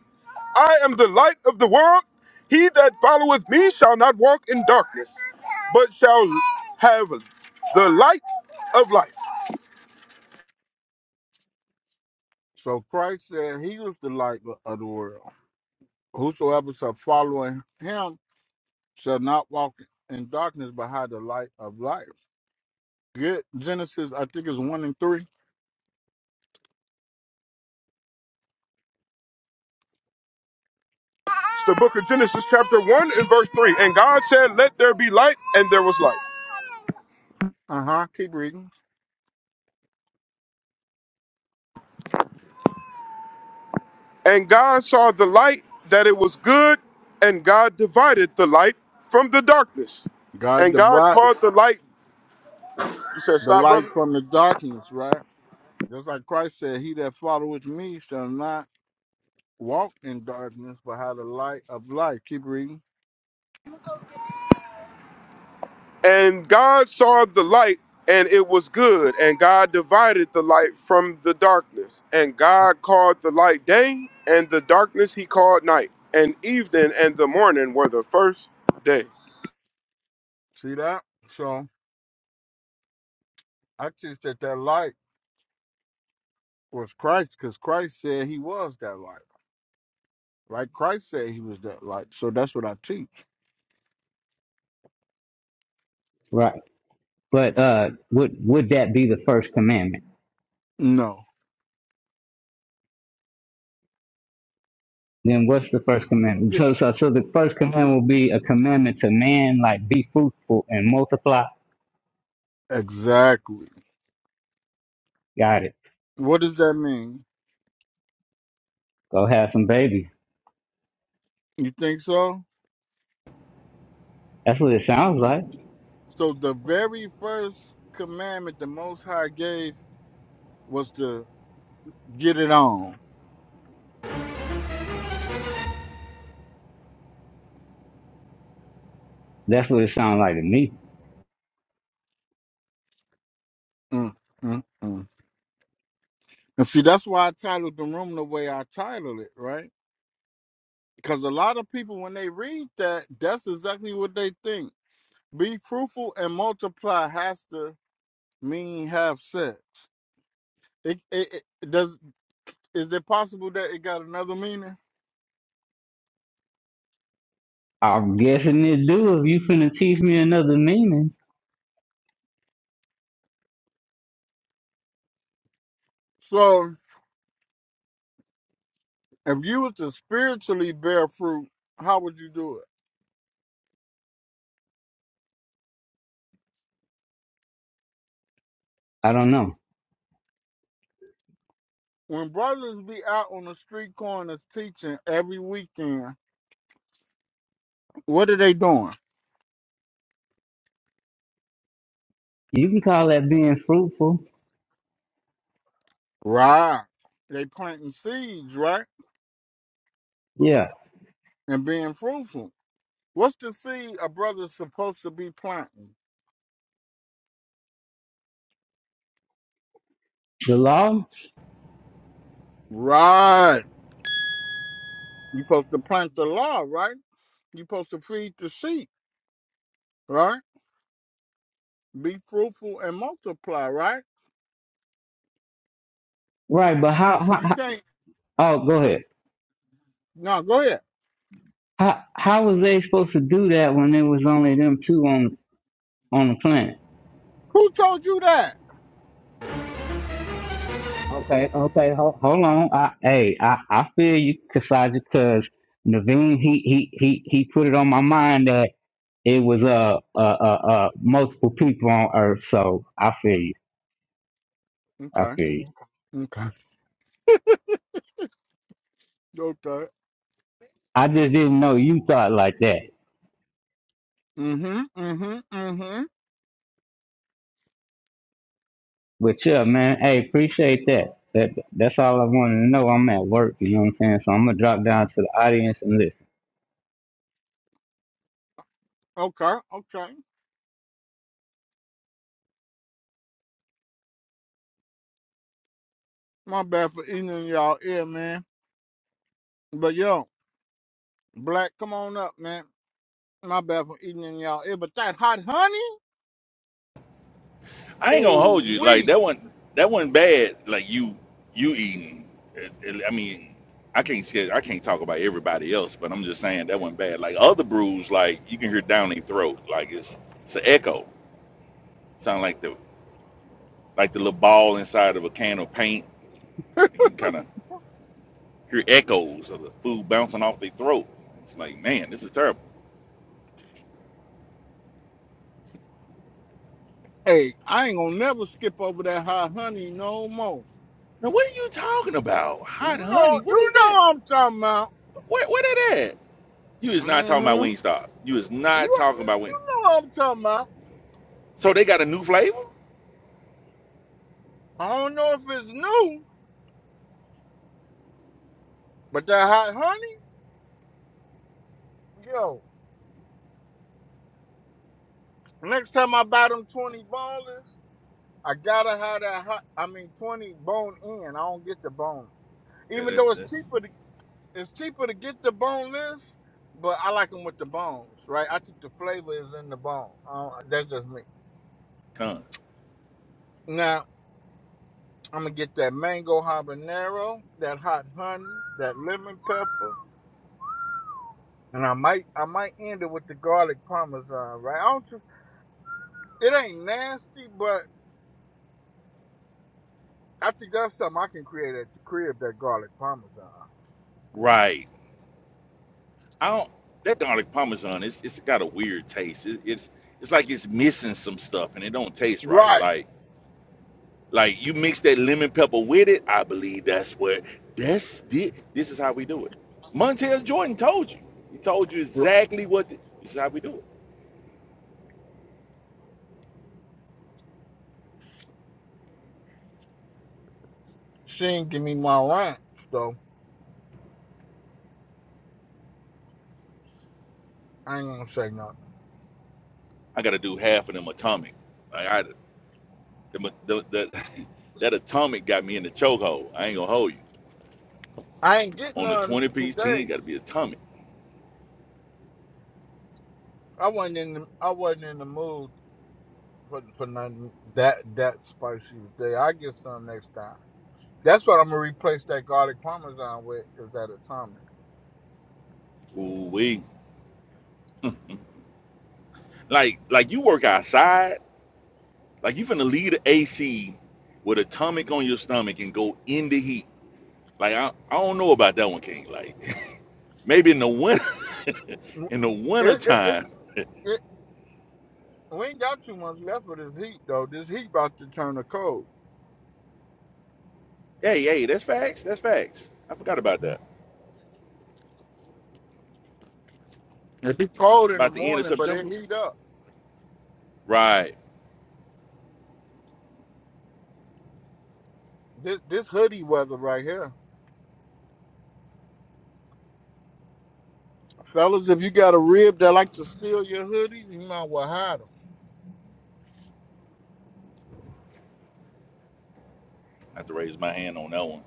I am the light of the world. He that followeth me shall not walk in darkness, but shall have the light of life. So Christ said he was the light of the world. Whosoever shall follow him shall not walk in darkness, but have the light of life. Get Genesis, I think it's 1 and 3. The book of Genesis, chapter 1 and verse 3. And God said, Let there be light, and there was light. Uh huh. Keep reading. And God saw the light that it was good, and God divided the light from the darkness. God And God divided called the light, you said, the Stop, light brother. from the darkness, right? Just like Christ said, He that followeth me shall not walk in darkness, but have the light of life. Keep reading. And God saw the light, and it was good. And God divided the light from the darkness. And Uh, God called the light day, and the darkness he called night. And evening and the morning were the first day. see that? So I teach that that light was Christ because Christ said He was that light, right? Christ said He was that light. So that's what I teach. Right. But uh, would would that be the first commandment? No. Then what's the first commandment? So, so, so the first commandment will be a commandment to man, like be fruitful and multiply. Exactly. Got it. What does that mean? Go have some babies. You think so? That's what it sounds like. So the very first commandment the Most High gave was to get it on. That's what it sounds like to me. Mm, mm, mm. And see, that's why I titled the room the way I titled it, right? Because a lot of people, when they read that, that's exactly what they think. Be fruitful and multiply has to mean have sex. It, it, it does. Is it possible that it got another meaning? I'm guessing it do if you finna teach me another meaning. So If you was to spiritually bear fruit, how would you do it? I don't know. When brothers be out on the street corners teaching every weekend, what are they doing? You can call that being fruitful. Right. They planting seeds, right? Yeah. And being fruitful. What's the seed a brother's supposed to be planting? The law? Right. you supposed to plant the law, right? you supposed to feed the sheep, right? Be fruitful and multiply, right? Right, but how, how, You how can't. oh go ahead. No, go ahead. How how was they supposed to do that when it was only them two on on the planet? Who told you that? Okay, okay, hold, hold on. I hey, I, I feel you, Kasaja, cause Naveen he, he he he put it on my mind that it was uh uh uh, uh multiple people on earth, so I feel you. I Okay. feel you. Okay. Okay. I just didn't know you thought like that. Mm-hmm. Mm-hmm. Mm-hmm. But yeah, man, hey, appreciate that. That that's all I wanted to know. I'm at work, you know what I'm saying? So I'm gonna drop down to the audience and listen. Okay. Okay. My bad for eating in y'all ear, man. But yo, black, come on up, man. My bad for eating in y'all ear. But that hot honey, I ain't gonna hold ooh you. Like wee. that one, that wasn't bad. Like you, you eating. It- it- I mean, I can't say I can't talk about everybody else, but I'm just saying that wasn't bad. Like other brews, like you can hear down their throat. Like it's it's an echo. Sound like the like the little ball inside of a can of paint. You can kind of hear echoes of the food bouncing off their throat. It's like, man, this is terrible. Hey, I ain't gonna never skip over that hot honey no more. Now, what are you talking about? You Hot honey? know, What is you know that? what I'm talking about. Where, where that at? You is not talking about Mm-hmm. Wingstop. You is You, not you talking about Wing. know what I'm talking about. So they got a new flavor? I don't know if it's new, but that hot honey, yo. Next time I buy them twenty ballers. I gotta have that hot. I mean, twenty bone in. I don't get the bone, Yeah, even that's though it's that's cheaper. To, it's cheaper to get the boneless, but I like them with the bones, right? I think the flavor is in the bone. Uh, that's just me. con. Now I'm gonna get that mango habanero, that hot honey, that lemon pepper, and I might I might end it with the garlic parmesan, right? I don't. tr- It ain't nasty, but I think that's something I can create at the crib. That garlic parmesan, Right. I don't. That garlic parmesan, it's it's got a weird taste. It, it's it's like it's missing some stuff, and it don't taste right. right? Like like you mix that lemon pepper with it. I believe that's what that's the, This is how we do it. Montel Jordan told you. He told you exactly what. The, this is how we do it. She didn't give me my rent, so I ain't gonna say nothing. I got to do half of them atomic. Like I the, the, the- that atomic got me in the chokehold. I ain't gonna hold you. I ain't getting On the none twenty piece, ten today. got to be atomic. I wasn't in the I wasn't in the mood for for nothing that that spicy today. I get some next time. That's what I'm gonna replace that garlic parmesan with is that atomic. Ooh wee. Like like you work outside. Like you finna leave the AC with a tummy on your stomach and go in the heat. Like I, I don't know about that one, King. Like maybe in the winter in the winter It, it, it, time. it, we ain't got too much left for this heat though. This heat about to turn to cold. Hey, hey, that's facts. That's facts. I forgot about that. It be cold in the About the end of morning, but it September. heat up. Right. This this hoodie weather right here, fellas. If you got a rib that like to steal your hoodies, you might well hide 'em. I have to raise my hand on that one.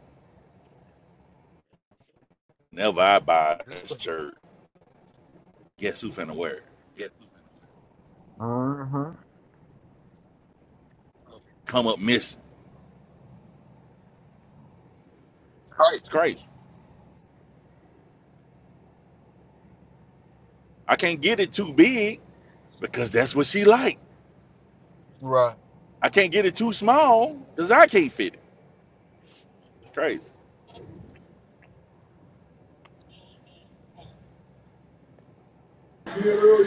Never I buy This a thing. shirt. Guess who finna wear it? Mm-hmm. Come up missing. Right. It's crazy. I can't get it too big because that's what she like. Right. I can't get it too small because I can't fit it. It's crazy.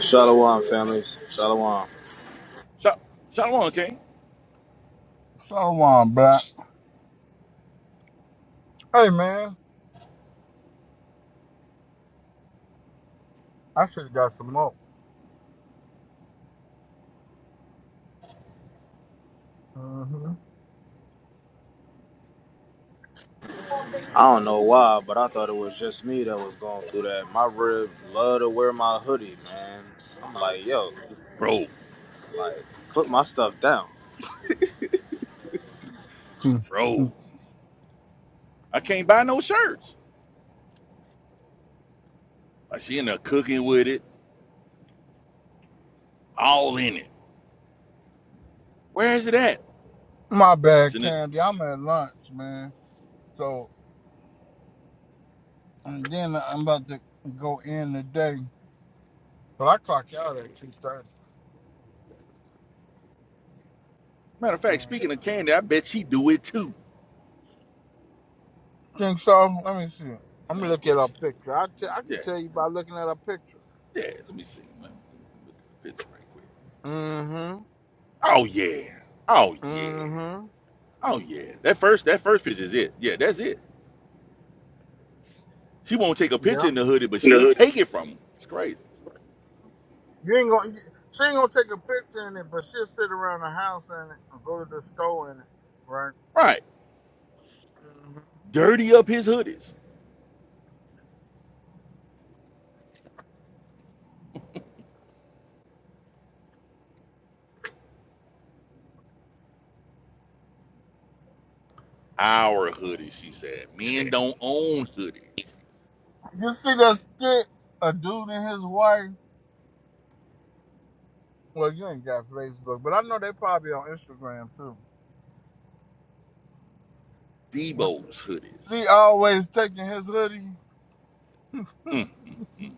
Shalom, families. Shalom. So, Shalom, King. So on, black. Hey, man. I should have got some more. Mm-hmm. I don't know why, but I thought it was just me that was going through that. My rib love to wear my hoodie, man. I'm like, yo, Bro, like, put my stuff down. Hmm. Hmm. bro. I can't buy no shirts. Like she in there cooking with it, all in it. Where is it at? My It's bad, in the, Candy. I'm at lunch, man. So and then I'm about to go in the day, But I clock out at two thirty. matter of fact, speaking of candy, I bet she do it too. Think so? Let me see. I'm Uh, gonna look at yeah, her she do picture. I te- I it. can tell Yeah, you by looking at her picture. yeah. Let me see. Let me look at the picture right quick. Mm-hmm. Oh yeah. Oh yeah. Mm-hmm. Oh yeah. That first that first picture is it. Yeah, that's it. She won't take a picture in Yeah. the hoodie, but she'll take it from him. It's crazy. You ain't gonna. She ain't gonna take a picture in it, but she'll sit around the house in it or go to the store in it, right? Right. hmm dirty up his hoodies. Our hoodies, she said. Men Shit. don't own hoodies. You see that skit? A dude and his wife. Well, you ain't got Facebook, but I know they probably on Instagram too. What's- it? Debo's She hoodies. always taking his hoodie. Mm, mm, mm.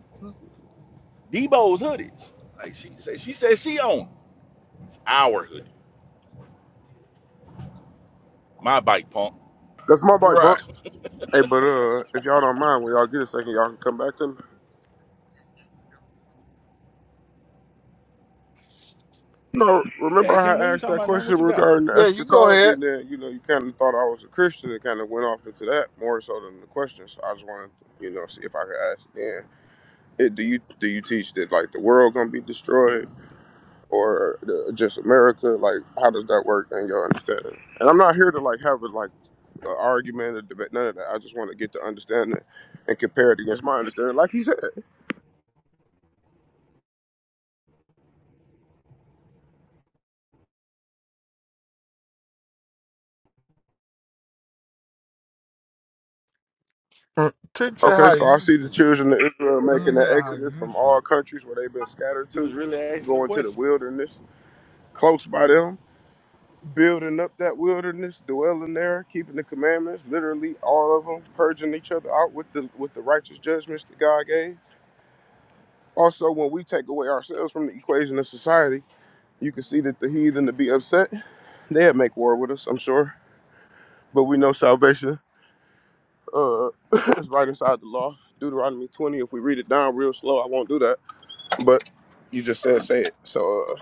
Debo's hoodies. Like she said, she said she owned our hoodie. My bike, punk. That's my bike, punk. Right. Hey, but uh, if y'all don't mind, when y'all get a second, y'all can come back to me. No, Yeah, remember I King, had when you asked talking that about nothing, what question you got? regarding Yeah, you go eschatology, ahead. and then you know you kind of thought I was a Christian, and kind of went off into that more so than the question. So I just wanted, to, you know, see if I could ask. again. it, do you do you teach that like the world gonna be destroyed, or the, just America? Like, how does that work? And y'all understand it? And I'm not here to like have a like an argument or debate, none of that. I just want to get the understanding and compare it against my understanding, like he said. Mm, Teach her Okay, how so I you see see the it. children of Israel Let me making the hear how exodus you from see all it. countries where they've been scattered He was to, really asking a going to the question. wilderness, close by them, building up that wilderness, dwelling there, keeping the commandments, literally all of them, purging each other out with the with the righteous judgments that God gave. Also, when we take away ourselves from the equation of society, you can see that the heathen to be upset, they'd make war with us, I'm sure. But we know salvation uh, is right inside the law. Deuteronomy 20, if we read it down real slow, I won't do that But you just said say it. So uh,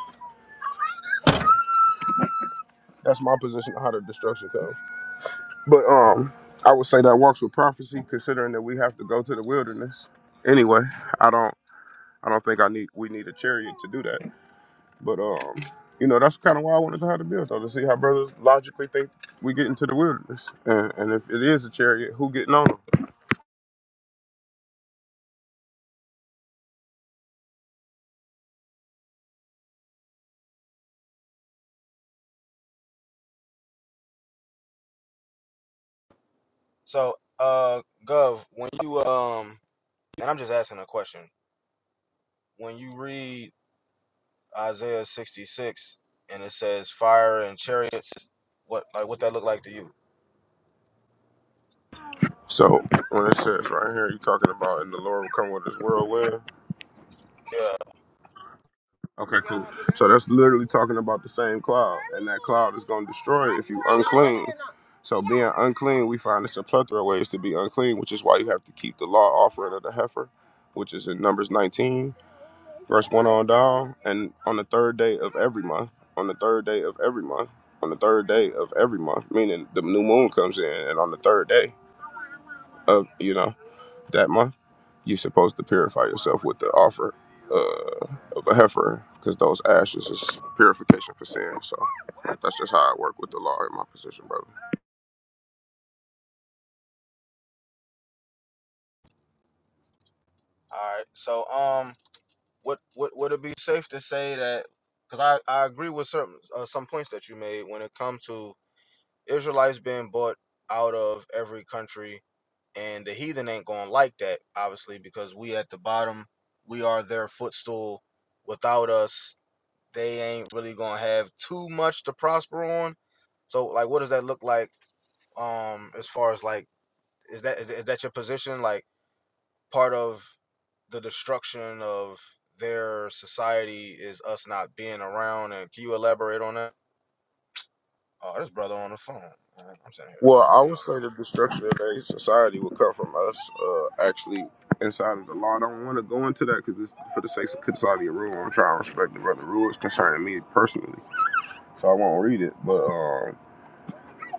that's my position on how the destruction comes. But um, I would say that works with prophecy, considering that we have to go to the wilderness anyway. I don't. I don't think I need. We need a chariot to do that. But um, you know, that's kind of why I wanted to have the build though, to see how brothers logically think we get into the wilderness, and and if it is a chariot, who getting on them? So, uh, Gov, when you um, and I'm just asking a question. When you read Isaiah 66 and it says fire and chariots, what like what that look like to you? So when it says right here, you talking about, and the Lord will come with His whirlwind. Yeah. Okay, cool. So that's literally talking about the same cloud, and that cloud is going to destroy it if you unclean. So being unclean, we find it's a plethora of ways to be unclean, which is why you have to keep the law offering of the heifer, which is in Numbers 19, verse 1 on down, and on the third day of every month, on the third day of every month, on the third day of every month, meaning the new moon comes in, and on the third day of, you know that month, you're supposed to purify yourself with the offer uh, of a heifer because those ashes is purification for sin. So like, that's just how I work with the law in my position, brother. All right. So, um, What would would it be safe to say that? Because I I agree with certain uh, some points that you made when it comes to Israelites being bought out of every country, and the heathen ain't gonna like that, obviously, because we at the bottom, we are their footstool. Without us, they ain't really gonna have too much to prosper on. So like, what does that look like? Um, as far as like, is that is, is that your position? Like part of the destruction of their society is us not being around. And can you elaborate on that? Oh, this brother on the phone. Uh, I'm sitting here Well, drop I me would on the say phone. the destruction of a society would come from us uh, actually inside of the law. I don't want to go into that because it's for the sake of consolidating rule. I'm trying to respect the brother rules concerning me personally, so I won't read it. But um,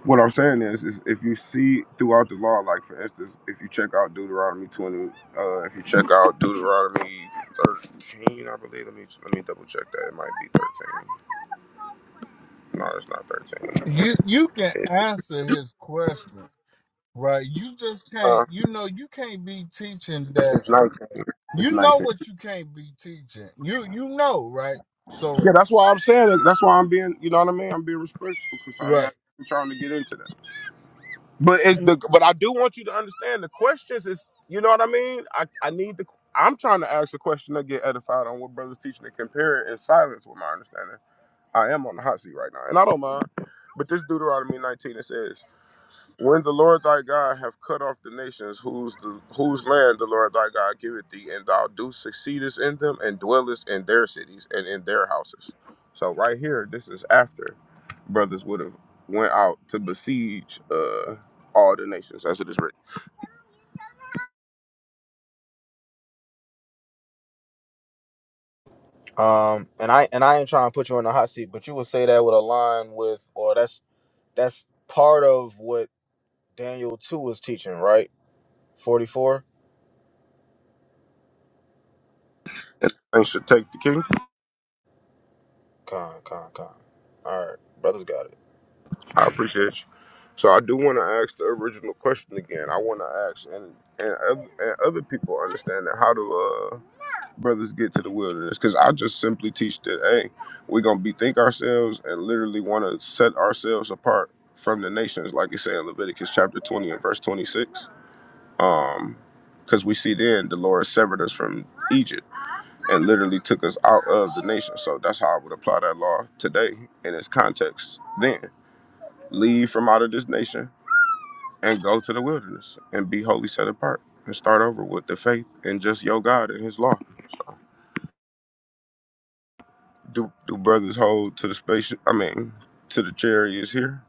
What I'm saying is, is if you see throughout the law, like for instance, if you check out Deuteronomy 20, uh, if you check out Deuteronomy 13, I believe. Let me let me double check that. It might be 13. No, it's not 13. You you can It, answer his question, right? You just can't. uh, You know, you can't be teaching that. it's 19. It's you know 19. what you can't be teaching. You you know, right? Yeah, So that's why I'm saying it. That's why I'm being, you know what I mean? I'm being respectful because I, right. I'm trying to get into that. But it's And, the but I do want you to understand the questions is you know what I mean? I, I need the I'm trying to ask a question to get edified on what brothers teaching and compare it in silence with my understanding. I am on the hot seat right now, and I don't mind. But this Deuteronomy 19 it says when the Lord thy God have cut off the nations whose the, whose land the Lord thy God giveth thee, and thou do succeedest in them and dwellest in their cities and in their houses. So right here, this is after brothers would have went out to besiege uh, all the nations, as it is written. Um, and I and I ain't trying to put you in the hot seat, but you would say that with a line with, or that's that's part of what Daniel two was teaching, right? Forty four. And thanks to take the king. Con, con, con. All right, brothers got it. I appreciate you. So I do want to ask the original question again. I want to ask, and and other, and other people understand that how to. uh, brothers get to the wilderness because I just simply teach that hey, we're gonna bethink ourselves and literally want to set ourselves apart from the nations, like you say in Leviticus chapter 20 and verse 26. Um, because we see then the Lord severed us from Egypt and literally took us out of the nation. So that's how I would apply that law today in its context. Then leave from out of this nation and go to the wilderness and be wholly set apart and start over with the faith and just your God and His law. So do do brothers hold to the space? I mean, to the chariots here,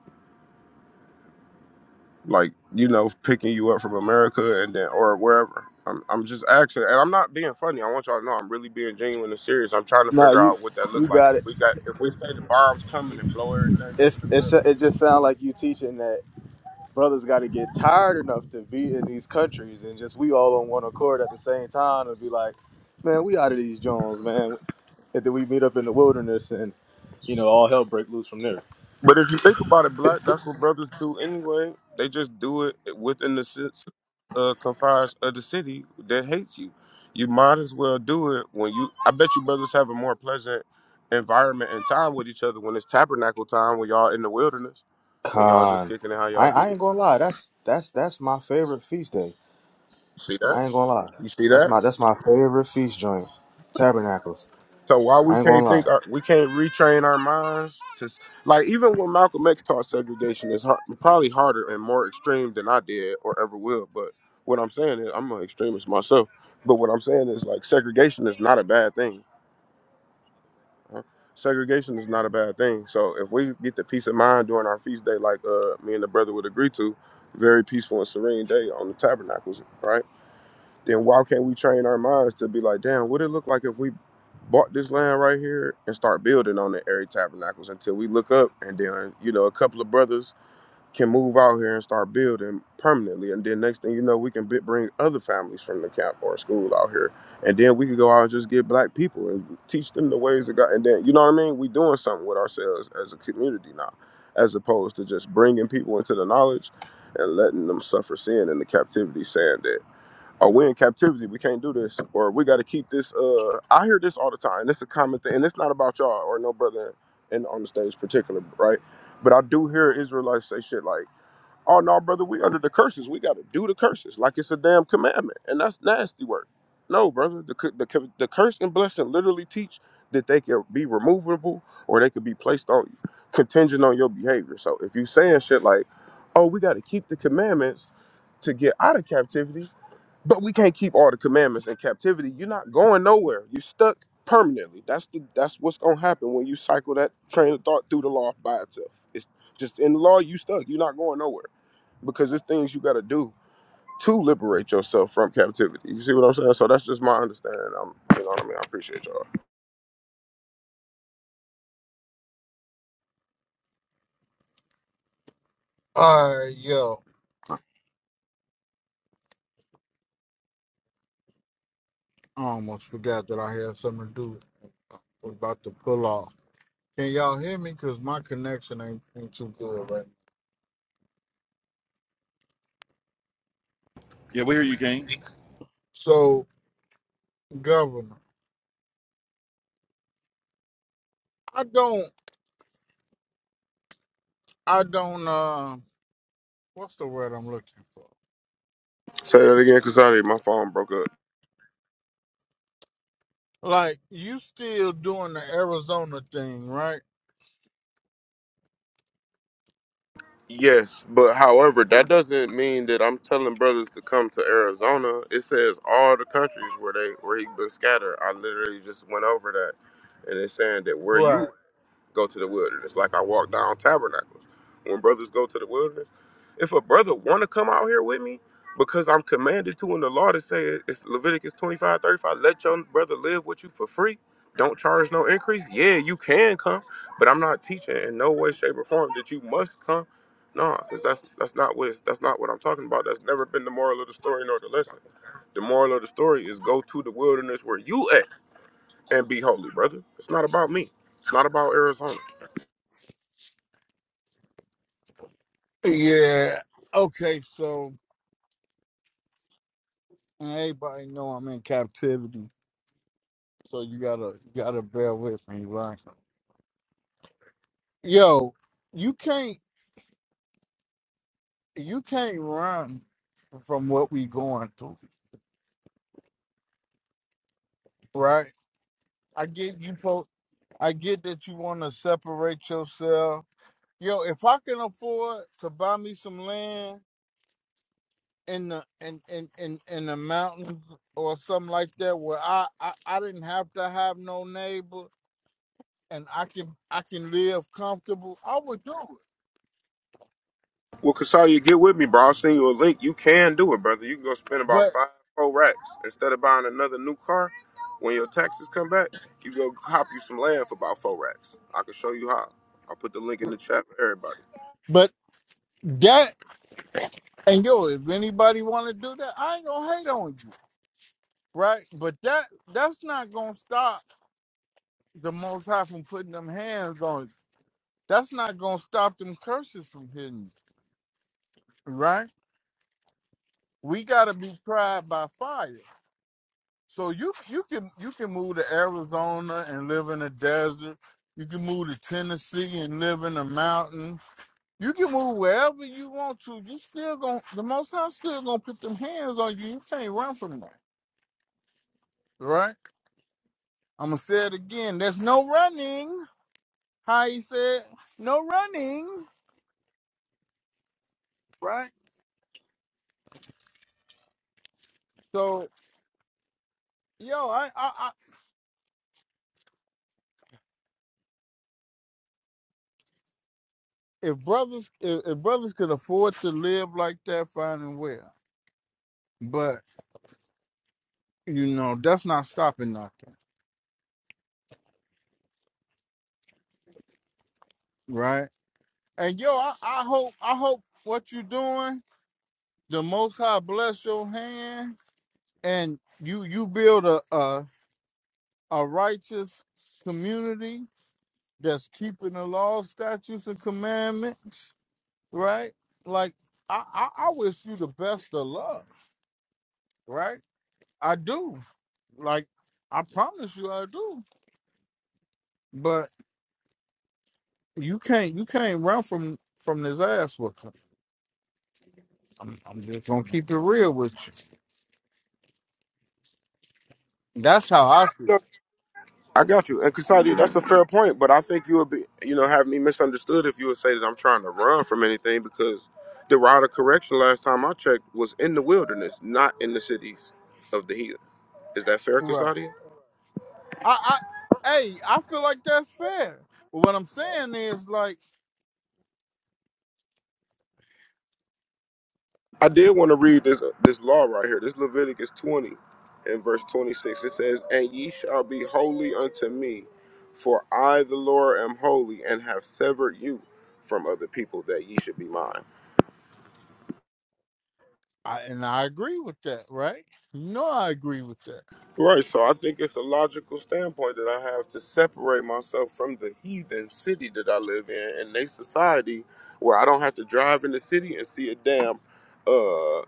like you know, picking you up from America and then or wherever. I'm I'm just asking, and I'm not being funny. I want y'all to know I'm really being genuine and serious. I'm trying to No, figure you out what that looked you like. If got it. we got if we It's say the bombs coming and blow everything up in it's, it's America. it just sounds like you teaching that. brothers got to get tired enough to be in these countries and just we all on one accord at the same time and be like, man, we out of these Jones, man. And then we meet up in the wilderness and you know all hell break loose from there. But if you think about it, black, that's what brothers do anyway. They just do it within the ci- uh, confines of the city that hates you. You might as well do it when you. I bet you brothers have a more pleasant environment and time with each other when it's tabernacle time, when y'all in the wilderness and y'all just Con, kicking it how I, y'all see I it. ain't gonna lie. That's that's that's my favorite feast day. See that? I ain't gonna lie. You see That's that? my that's my favorite feast joint. Tabernacles. So why we I ain't gonna can't think lie. our, we can't retrain our minds to s- like even when Malcolm X taught segregation is hard, probably harder and more extreme than I did or ever will. But what I'm saying is I'm an extremist myself. But what I'm saying is like segregation is not a bad thing. huh? Segregation is not a bad thing. So if we get the peace of mind during our feast day, like uh, me and the brother would agree to, very peaceful and serene day on the tabernacles, right? then why can't we train our minds to be like, damn, what it look like if we bought this land right here and start building on the Airy Tabernacles until we look up and then, you know, a couple of brothers can move out here and start building permanently. And then next thing you know, we can bi- bring other families from the camp or school out here. And then we can go out and just get black people and teach them the ways of God. And then, you know what I mean? We doing something with ourselves as a community now, as opposed to just bringing people into the knowledge and letting them suffer sin in the captivity, saying that or we're in captivity. We can't do this, or we got to keep this. Uh, I hear this all the time, and it's a common thing, and it's not about y'all or no brother in on the stage particular, right? But I do hear Israelites say shit like. Oh no, brother, we under the curses. We got to do the curses like it's a damn commandment, and that's nasty work. No, brother, the cu- the, cu- the curse and blessing literally teach that they can be removable or they could be placed on you, contingent on your behavior. So if you saying shit like, "Oh, we got to keep the commandments to get out of captivity," but we can't keep all the commandments in captivity, you're not going nowhere. You're stuck permanently. That's the that's what's gonna happen when you cycle that train of thought through the law by itself. It's just in the law, you stuck. You're not going nowhere because there's things you got to do to liberate yourself from captivity. You see what I'm saying? So that's just my understanding. I'm, you know what I mean? I appreciate y'all. uh yeah. I almost forgot that I had something to do was about to pull off. Can y'all hear me? Cause my connection ain't, ain't too good right now. Yeah, we hear you, King. So governor, I don't I don't uh what's the word I'm looking for? Say that again, cause I my phone broke up. Like you still doing the Arizona thing, right? Yes, but however, that doesn't mean that I'm telling brothers to come to Arizona. It says all the countries where they where he been scattered. I literally just went over that, and it's saying that where you Right. go to the wilderness, like I walk down tabernacles. When brothers go to the wilderness, if a brother want to come out here with me, because I'm commanded to in the law to say it- it's Leviticus 25 35. let your brother live with you for free. Don't charge no increase. Yeah, you can come, but I'm not teaching in no way, shape, or form that you must come. No, because that's that's not what it's, that's not what I'm talking about. That's never been the moral of the story nor the lesson. The moral of the story is go to the wilderness where you at and be holy, brother. It's not about me. It's not about Arizona. Yeah. Okay, so and everybody know I'm in captivity So you gotta you gotta bear with me, right? Yo, you can't you can't run from what we going through, right? I get you po- I get that you wanna separate yourself. Yo, if I can afford to buy me some land in the in in in, in the mountains or something like that where I, I I didn't have to have no neighbor and I can I can live comfortable, I would do it. Well, Kasadia, get with me, bro. I'll send you a link. You can do it, brother. You can go spend about But five, four racks. Instead of buying another new car, when your taxes come back, you go cop you some land for about four racks. I can show you how. I'll put the link in the chat for everybody. but that And yo, if anybody want to do that, I ain't gonna hate on you, right? But that that's not gonna stop the Most High from putting them hands on you. That's not gonna stop them curses from hitting you, right? We gotta be tried by fire. So you you can you can move to Arizona and live in a desert. You can move to Tennessee and live in a mountain. You can move wherever you want to. You still gonna the Most High still gonna put them hands on you. You can't run from that, right? I'm gonna say it again. There's no running. How you said no running, right? So yo, I, I, I if brothers if, if brothers could afford to live like that, fine and well. But you know that's not stopping nothing, right? And yo, I, I hope I hope what you're doing, the Most High bless your hand, and you you build a a, a righteous community that's keeping the laws, statutes, and commandments right? Like I, I, I wish you the best of luck, right? I do. Like I promise you, I do. But you can't you can't run from from this ass whooping. I'm, I'm just gonna keep it real with you. That's how I see it. No, I got you. And Kasadia, that's a fair point, but I think you would be, you know, have me misunderstood if you would say that I'm trying to run from anything because the route of correction last time I checked was in the wilderness, not in the cities of the heathen. Is that fair, Right. Kasadia? I, I hey, I feel like that's fair. But what I'm saying is like I did want to read this this law right here. This Leviticus 20 and verse 26. It says, And ye shall be holy unto me, for I the Lord am holy, and have severed you from other people that ye should be mine. I and I agree with that, right? No, I agree with that. Right, so I think it's a logical standpoint that I have to separate myself from the heathen city that I live in and they society where I don't have to drive in the city and see a damn uh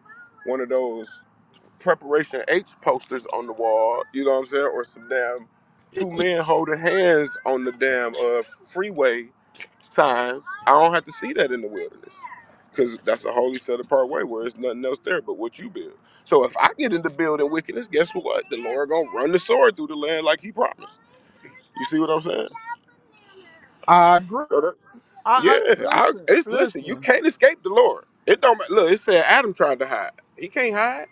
one of those preparation H posters on the wall, you know what I'm saying, or some damn two men holding hands on the damn uh, freeway signs. I don't have to see that in the wilderness. Cause that's a holy set apart way where there's nothing else there but what you build. So if I get into building wickedness, guess what? The Lord gonna run the sword through the land like He promised. You see what I'm saying? I agree. So that, I, I yeah, I, listen, it's, listen, you listen. can't escape the Lord. It don't ma- look. It said Adam tried to hide. He can't hide.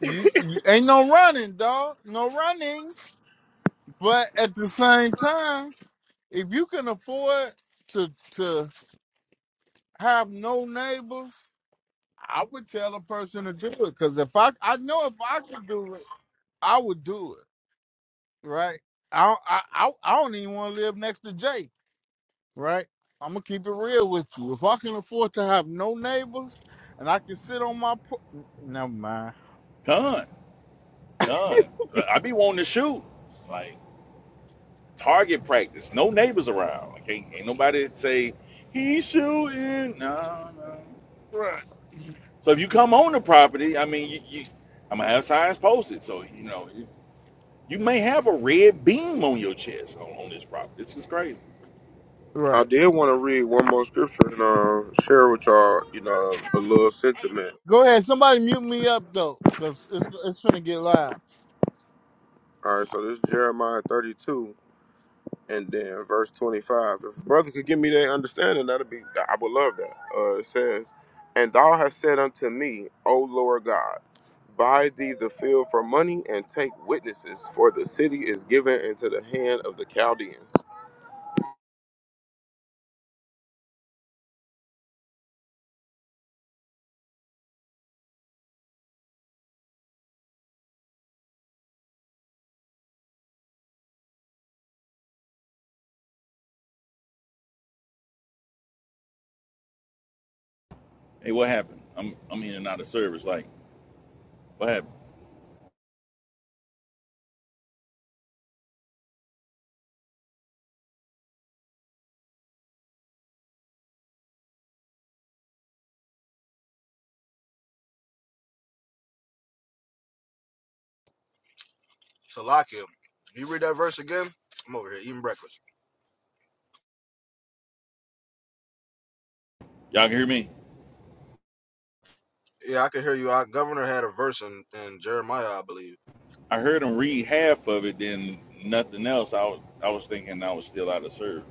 You, you ain't no running, dog. No running. But at the same time, if you can afford to to have no neighbors, I would tell a person to do it. Cause if I I know if I could do it, I would do it. Right. I don't- I I, I don't even want to live next to Jake. Right. I'm gonna keep it real with you. If I can afford to have no neighbors, and I can sit on my pro- never mind. Done, done. I be wanting to shoot. Like, target practice. No neighbors around. Like, ain't, ain't nobody say, he's shooting. No, no. So if you come on the property, I mean, you, you I'm gonna have signs posted. So you know, you, you may have a red beam on your chest on, on this property. This is crazy. I Right. did want to read one more scripture and uh, share with y'all, you know, a little sentiment. Go ahead. Somebody mute me up though, cause it's it's gonna get loud. All right, so this is Jeremiah 32 and then verse 25. If a brother could give me that understanding, that'd be, I would love that. Uh, it says, And thou hast said unto me, O Lord God, buy thee the field for money and take witnesses, for the city is given into the hand of the Chaldeans. Hey, what happened? I'm I'm in and out of service. Like, what happened? Salakia. You read that verse again? I'm over here eating breakfast. Y'all can hear me? Yeah, I can hear you. Our governor had a verse in, in Jeremiah, I believe. I heard him read half of it, then nothing else. I was I was thinking I was still out of service.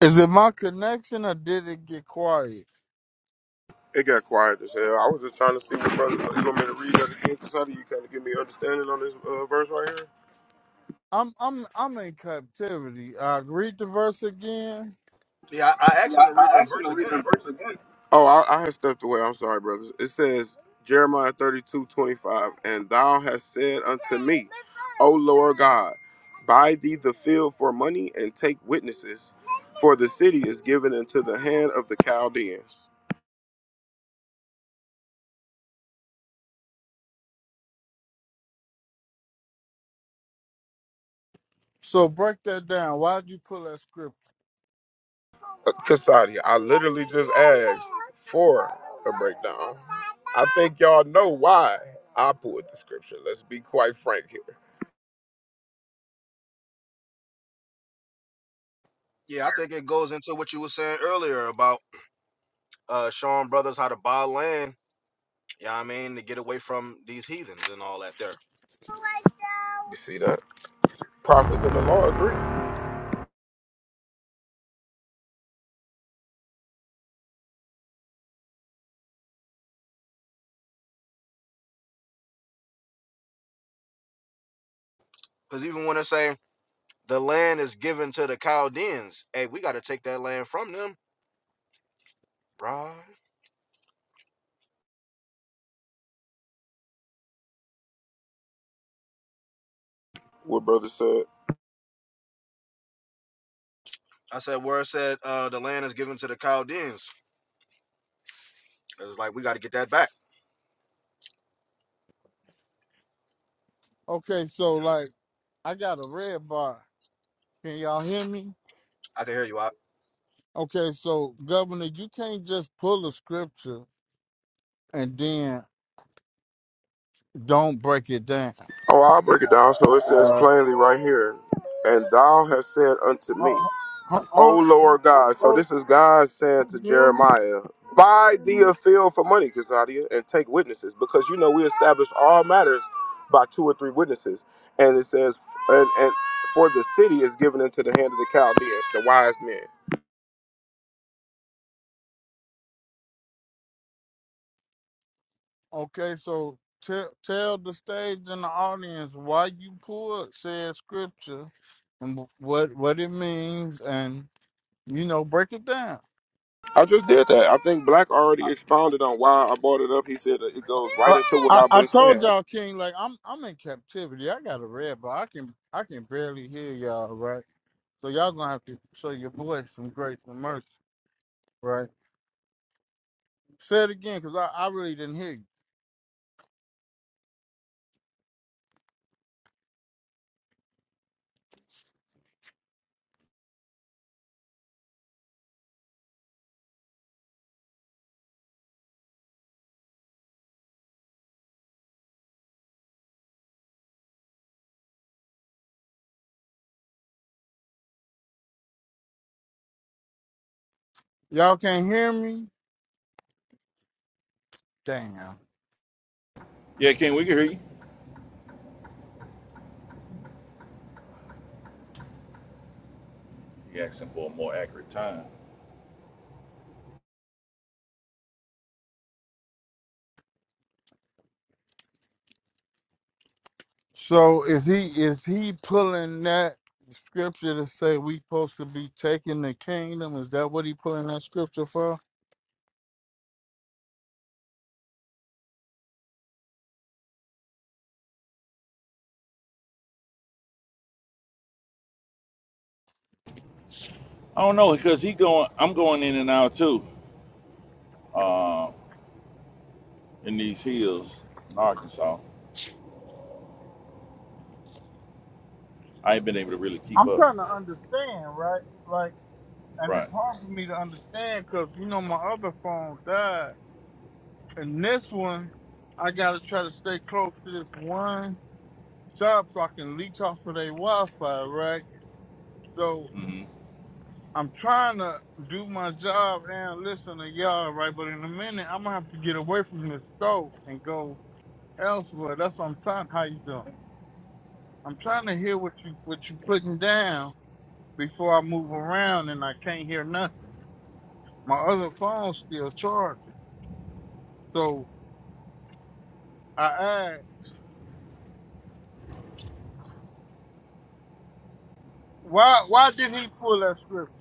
Is it my connection or did it get quiet? It got quiet as hell. I was just trying to see what brother, you want me to read that again? Because how do you kind of give me understanding on this uh, verse right here? I'm I'm I'm in captivity. Uh, read the verse again. Yeah, I, I asked Yeah, him to I read I the asked him verse to read again. the verse again. Oh, I, I had stepped away. I'm sorry, brothers. It says Jeremiah 32:25, and thou hast said unto me, O Lord God, buy thee the field for money and take witnesses, for the city is given into the hand of the Chaldeans. So break that down. Why'd you pull that script? Uh, Cassadi, I literally just asked for a breakdown. I think y'all know why I pulled the scripture. Let's be quite frank here. Yeah, I think it goes into what you were saying earlier about uh showing brothers how to buy land, yeah, I mean, to get away from these heathens and all that there. You see that? Prophets and the law agree. Because even when they say the land is given to the Chaldeans, hey, we got to take that land from them, right? What brother said. I said, where it said uh, the land is given to the Chaldeans, it was like, we got to get that back. Okay, so like I got a red bar. Can y'all hear me? I can hear you out. Okay, so Governor, you can't just pull a scripture and then don't break it down. Oh, I'll break it down. So it says Right. plainly right here, and thou hast said unto me, Ho- ho- ho- O Hold, on. Lord God. So this is God saying to Can you hear me? Jeremiah, buy thee a field for money, Casadia, and take witnesses, because you know we establish all matters by two or three witnesses. And it says, and, and for the city is given into the hand of the Chaldeans, the wise men. Okay, so tell tell the stage and the audience why you pulled said scripture and what what it means, and you know break it down. I just did that. I think Black I, already expounded on why I brought it up. He said that it goes right I, into what I I've I been told saying. y'all, King, like I'm I'm in captivity. I got a red bar. I can I can barely hear y'all, right? So y'all gonna have to show your boy some grace and mercy, right? Say it again, cause I, I really didn't hear you. Y'all can't hear me. Damn. Yeah, Ken, we can hear you. You're asking for a more accurate time. So is he is he pulling that scripture to say we supposed to be taking the kingdom? Is that what he pulling that scripture for? I don't know because he going. I'm going in and out too. Uh, in these hills in Arkansas, I ain't been able to really keep I'm up. trying to understand, right? Like, and Right. it's hard for me to understand because you know my other phone died, and this one I gotta try to stay close to this one shop so I can leech off of their Wi-Fi, right? So Mm-hmm. I'm trying to do my job and listen to y'all, right? But in a minute, I'm gonna have to get away from this store and go elsewhere. That's what I'm trying. How you doing? I'm trying to hear what you what you putting down before I move around, and I can't hear nothing. My other phone's still charging. So I asked, why why did he pull that script?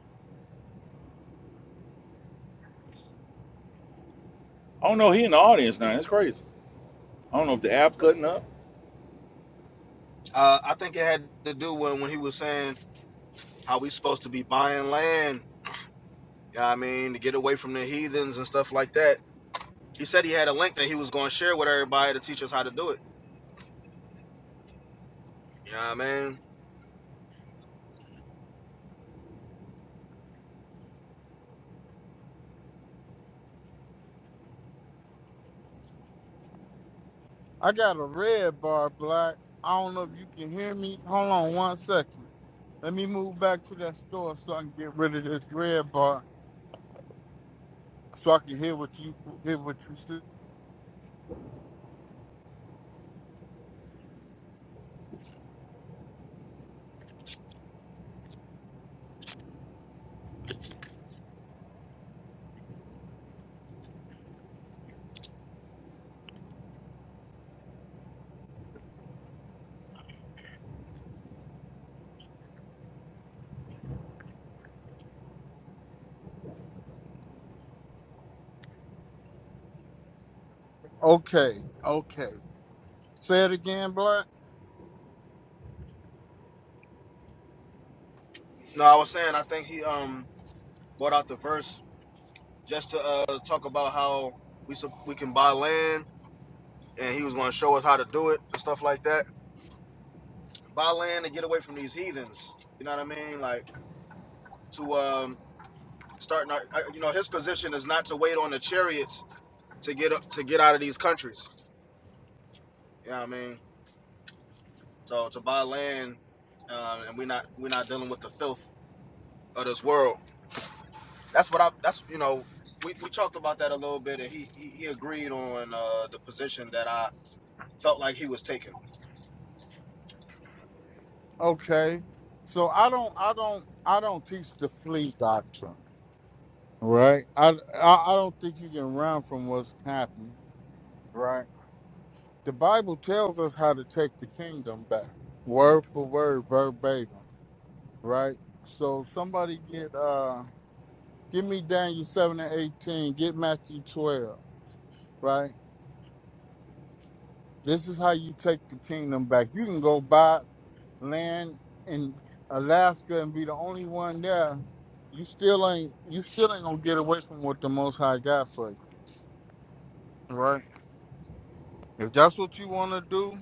I don't know. He in the audience now. That's crazy. I don't know if the app cutting up. Uh, I think it had to do when, when he was saying how we supposed to be buying land, yeah, I mean, to get away from the heathens and stuff like that He said he had a link that he was going to share with everybody to teach us how to do it. You know what I mean? I got a red bar, black. I don't know if you can hear me. Hold on one second. Let me move back to that store so I can get rid of this red bar, so I can hear what you hear what you see. Okay, okay. Say it again, black. No, I was saying I think he um brought out the verse just to uh talk about how we sup- we can buy land and he was going to show us how to do it and stuff like that. Buy land and get away from these heathens. You know what I mean? Like to um starting our, I- you know his position is not to wait on the chariots to get uh, to get out of these countries. You know what I mean? So to buy land um, and we're not we're not dealing with the filth of this world. that's what I that's you know we, we talked about that a little bit and he he, he agreed on uh, the position that I felt like he was taking. Okay. So I don't I don't I don't teach the flee doctrine. Right? I, I I don't think you can run from what's happening. Right. The Bible tells us how to take the kingdom back. Word for word, verbatim. Right? So somebody get uh give me Daniel seven and eighteen, get Matthew twelve, right? This is how you take the kingdom back. You can go buy land in Alaska and be the only one there, you still ain't you still ain't gonna get away from what the Most High got for you, right? If that's what you want to do,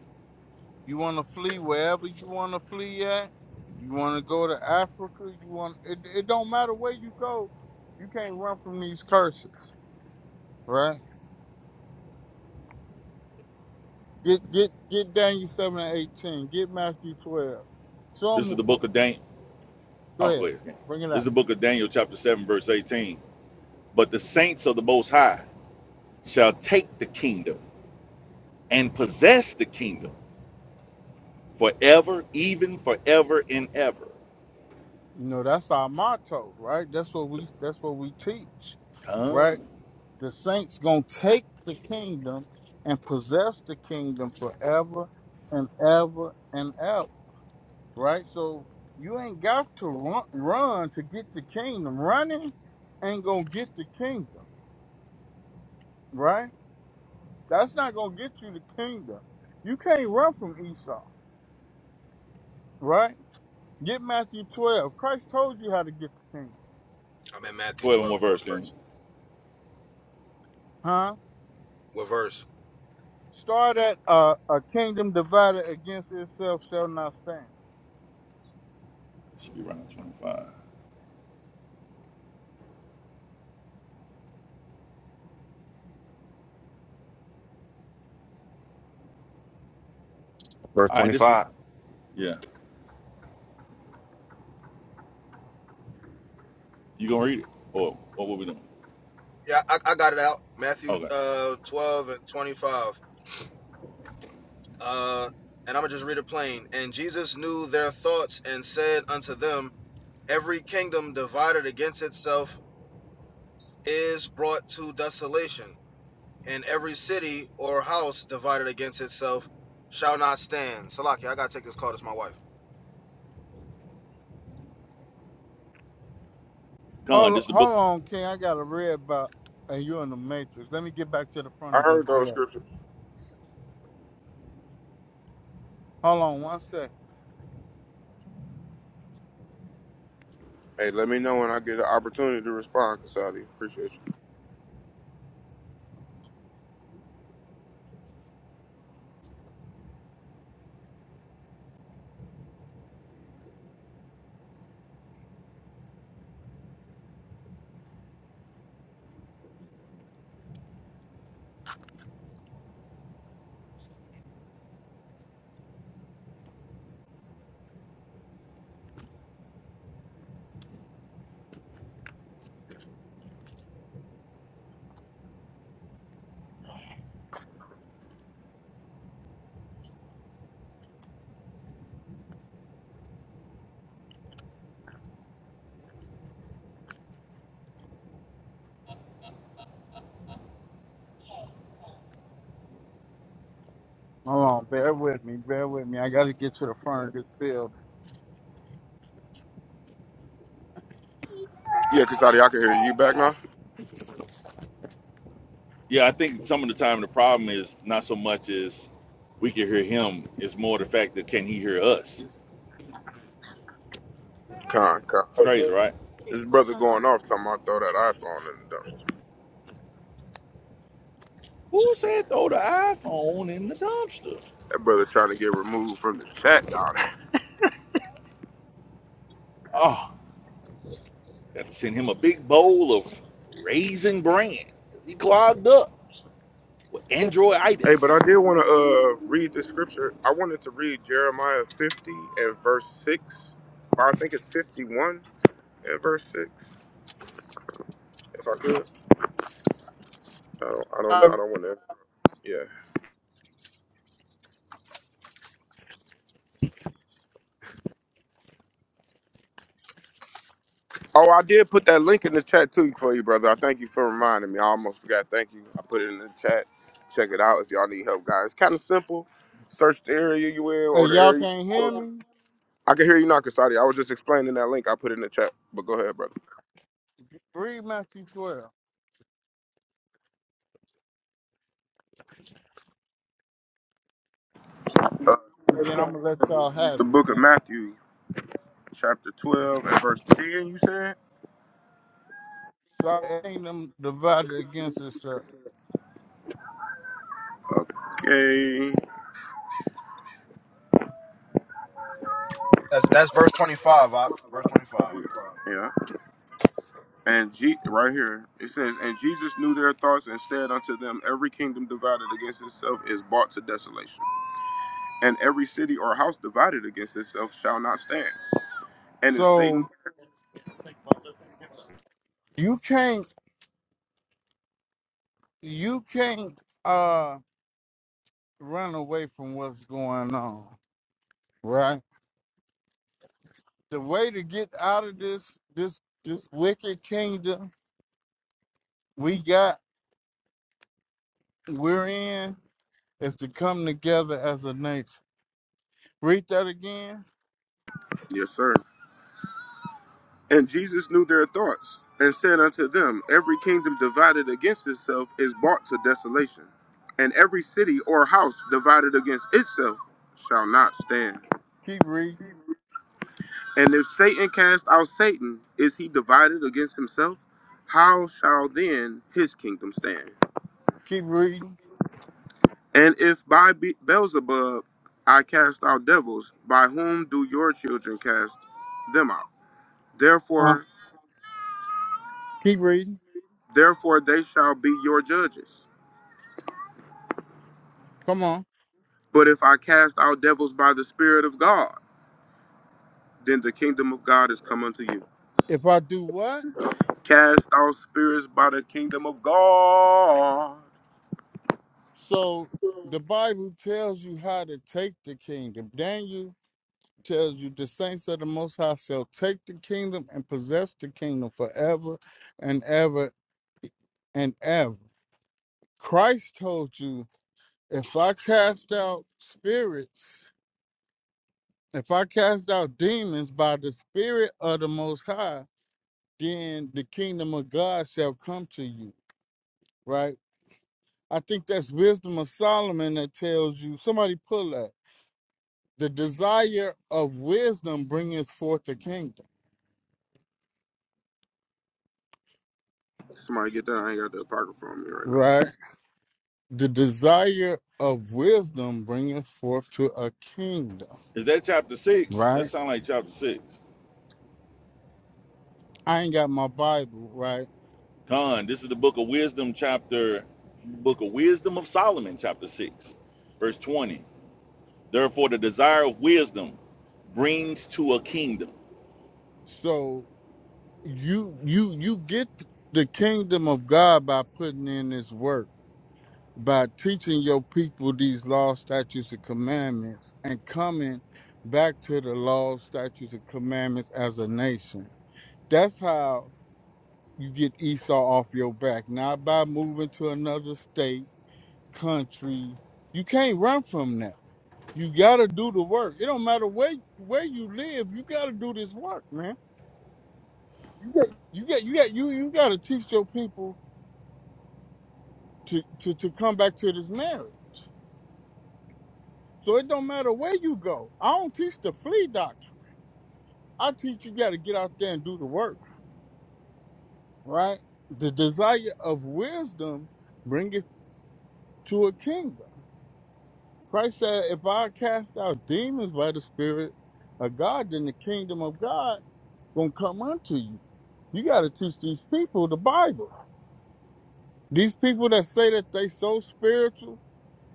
you want to flee wherever you want to flee at. You want to go to Africa. You want it. It don't matter where you go, you can't run from these curses, right? Get get get Daniel seven and eighteen. Get Matthew twelve. Show This 'em is the wh- book of Daniel. Go Oh, go ahead, ahead. bring it This up. is the book of Daniel, chapter 7, verse 18. But the saints of the Most High shall take the kingdom and possess the kingdom forever, even forever and ever. You know, that's our motto, right? That's what we that's what we teach, right? Come. The saints gonna take the kingdom and possess the kingdom forever and ever and ever, right? So you ain't got to run, run to get the kingdom. Running ain't gonna get the kingdom, right? That's not gonna get you the kingdom. You can't run from Esau, right? Get Matthew 12. Christ told you how to get the kingdom, I'm in Matthew 12 12. and what What verse, King? verse? huh? What verse? Start at uh, a kingdom divided against itself shall not stand. Should be around 25. All Verse right, this is, 25. yeah. You going to read it? Or, or what we doing? Yeah, I, I got it out. Matthew Okay. uh, 12 and 25. Uh, and I'm going to just read it plain. And Jesus knew their thoughts and said unto them, Every kingdom divided against itself is brought to desolation, and every city or house divided against itself shall not stand. Salaki, I got to take this call. It's my wife. Come. Hold, this is the book. hold on, King. I got a red box, and you in the matrix. Let me get back to the front I of this heard those bill. scriptures. Hold on one second. Hey, let me know when I get an opportunity to respond, Kasadi. Appreciate you. Hold on. Bear with me. Bear with me. I got to get to the front of this bill. Yeah, Kasadi, I can hear you. You back now? Yeah, I think some of the time the problem is not so much as we can hear him, it's more the fact that can he hear us? Con, con. It's crazy, right? This brother going off talking about throw that iPhone in the dumpster. Who said throw the iPhone in the dumpster? That brother trying to get removed from the chat down there. Oh, got to send him a big bowl of raisin bran. 'cause He clogged up with Hey, but I androiditis. did want to uh read the scripture. I wanted to read Jeremiah 50 and verse 6. Or I think it's 51 and verse 6. If I could. I don't I don't know. Uh, I don't want to. Yeah. Oh, I did put that link in the chat too for you, brother. I thank you for reminding me. I almost forgot. Thank you. I put it in the chat. Check it out if y'all need help, guys. It's kind of simple. Search the area you in Hey, or the y'all area you can't go hear to. me? I can hear you knocking, Saudi. I was just explaining that link I put in the chat, but go ahead, brother. Read Matthew 12, Uh, and then I'm going to let y'all it's have the book it, of man. Matthew, chapter 12 and verse 10, you said? So I ain't them divided against itself. Okay. That's that's verse twenty five. Verse twenty five. Yeah, And Je- right here it says, and Jesus knew their thoughts and said unto them, Every kingdom divided against itself is brought to desolation, and every city or house divided against itself shall not stand. And if Satan, So you can't, you can't, uh. run away from what's going on, right? The way to get out of this this this wicked kingdom we got we're in is to come together as a nation. Read that again. yes sir. And Jesus knew their thoughts and said unto them, Every kingdom divided against itself is brought to desolation, and every city or house divided against itself shall not stand. Keep reading. And if Satan cast out Satan, is he divided against himself? How shall then his kingdom stand? Keep reading. And if by Be- Beelzebub I cast out devils, by whom do your children cast them out? Uh, Therefore, keep reading. therefore they shall be your judges. Come on. But if I cast out devils by the Spirit of God, then the kingdom of God is come unto you. If I do what? Cast out spirits by the kingdom of God. So the Bible tells you how to take the kingdom. Daniel tells you the saints of the Most High shall take the kingdom and possess the kingdom forever and ever and ever. Christ told you, if I cast out spirits, if I cast out demons by the Spirit of the Most High, then the kingdom of God shall come to you, right? I think that's wisdom of Solomon that tells you, somebody pull that. The desire of wisdom bringeth forth the kingdom, Somebody get that? I ain't got the apocrypha on me right now. right? The desire of wisdom bringeth forth to a kingdom, Is that chapter six? That right? sound like chapter six. I ain't got my Bible, right? Con, this is the book of wisdom, chapter book of wisdom of Solomon, chapter six, verse 20. Therefore, the desire of wisdom brings to a kingdom. So you you you get the kingdom of God by putting in this work, by teaching your people these laws, statutes, and commandments, and coming back to the laws, statutes, and commandments as a nation. That's how you get Esau off your back, not by moving to another state, country. You can't run from that. You gotta do the work. It don't matter where where you live. You gotta do this work, man. You got you got you you gotta teach your people to, to, to come back to this marriage. So it don't matter where you go. I don't teach the flea doctrine. I teach you got to get out there and do the work, right? The desire of wisdom bringeth to a kingdom. Christ said, if I cast out demons by the Spirit of God, then the kingdom of God gonna come unto you. You got to teach these people the Bible. These people that say that they so spiritual,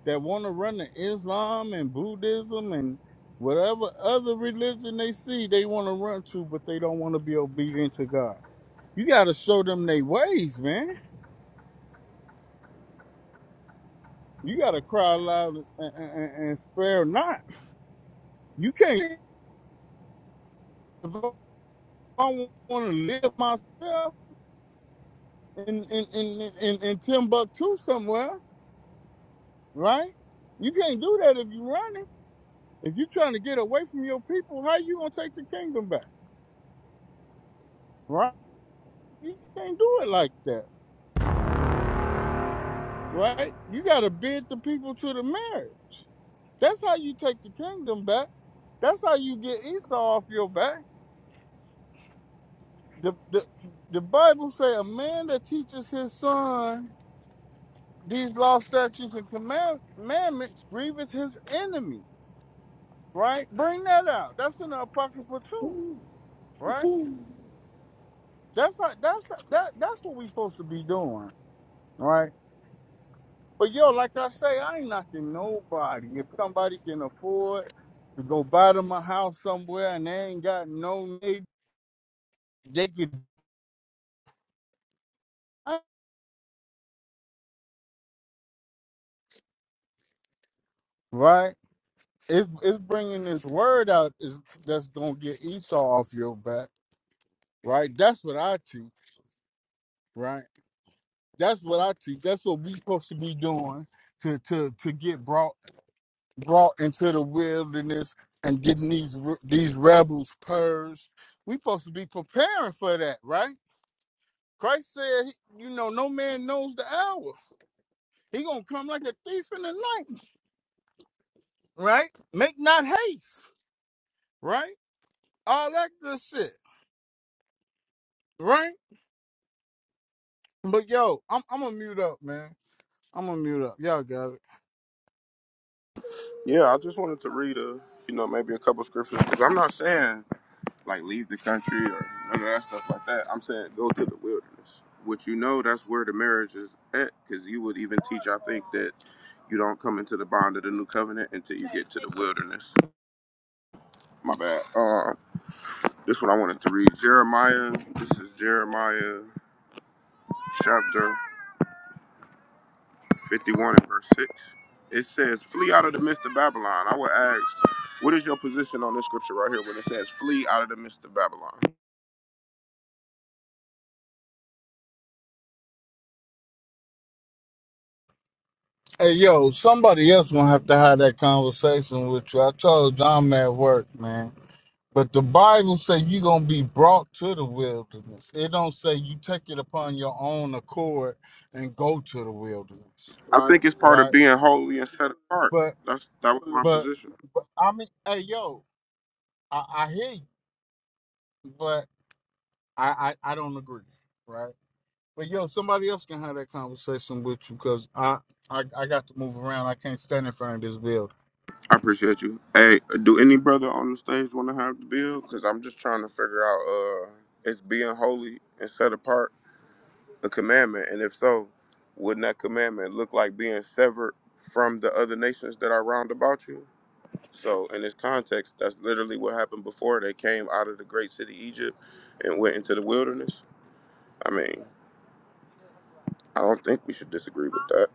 that want to run to Islam and Buddhism and whatever other religion they see they want to run to, but they don't want to be obedient to God. You got to show them they ways, man. You got to cry loud and, and, and spare not. You can't. If I want to live myself in in, in, in, in Timbuktu somewhere, right? You can't do that if you're running. If you're trying to get away from your people, how you gonna take the kingdom back, right? You can't do it like that. right? You got to bid the people to the marriage. That's how you take the kingdom back. That's how you get Esau off your back. The, the, the Bible say a man that teaches his son these law, statutes, and command- commandments grieveth his enemy, right? Bring that out. That's in the apocryphal truth, right? Woo-hoo. That's how, that's that that's what we are supposed to be doing, right? But yo, like I say, I ain't knocking nobody. If somebody can afford to go buy them a house somewhere and they ain't got no need, they can, right? It's it's bringing this word out is that's gonna get Esau off your back, right? That's what I teach, right? That's what I teach. That's what we supposed to be doing to to to get brought brought into the wilderness and getting these re- these rebels purged. We supposed to be preparing for that, right? Christ said, you know, no man knows the hour. He gonna come like a thief in the night, right? Make not haste, right? All that good shit, right? But yo, I'm I'm gonna mute up, man. I'm gonna mute up. Y'all got it. Yeah, I just wanted to read a, you know, maybe a couple scriptures. Cause I'm not saying like leave the country or none of that stuff like that. I'm saying go to the wilderness, which you know that's where the marriage is at. Cause you would even teach, I think, that you don't come into the bond of the new covenant until you get to the wilderness. My bad. Uh, this is what I wanted to read. Jeremiah. This is Jeremiah chapter. 51 and verse 6. It says, Flee out of the midst of Babylon. I would ask, what is your position on this scripture right here when it says, Flee out of the midst of Babylon? Hey, yo, somebody else gonna have to have that conversation with you. I told John I'm at work, man. But the Bible say you gonna be brought to the wilderness. It don't say you take it upon your own accord and go to the wilderness, I Right. think it's part of right? being holy and set apart. That's that was my But, position. but I mean, hey, yo, I, I hear you, but I, I, I don't agree, right? But yo, somebody else can have that conversation with you because I, I I got to move around. I can't stand in front of this bill. I appreciate you. Hey, do any brother on the stage want to have the bill? Because I'm just trying to figure out uh is being holy and set apart a commandment? And if so, wouldn't that commandment look like being severed from the other nations that are round about you? So in this context, that's literally what happened before they came out of the great city Egypt and went into the wilderness. I mean, I don't think we should disagree with that.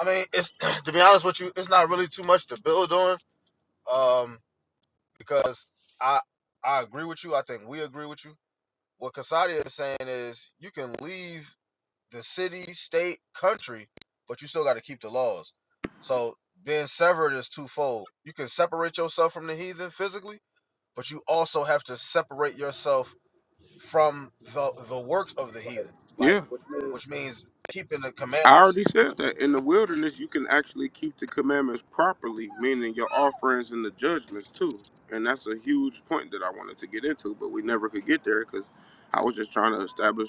I mean, it's to be honest with you, it's not really too much to build on, um, because I I agree with you. I think we agree with you. What Kasadia is saying is you can leave the city, state, country, but you still got to keep the laws. So being severed is twofold. You can separate yourself from the heathen physically, but you also have to separate yourself from the the works of the heathen, like Yeah, which means keeping the I commandments already said that in the wilderness you can actually keep the commandments properly, meaning your offerings and the judgments too. And that's a huge point that I wanted to get into, but we never could get there because I was just trying to establish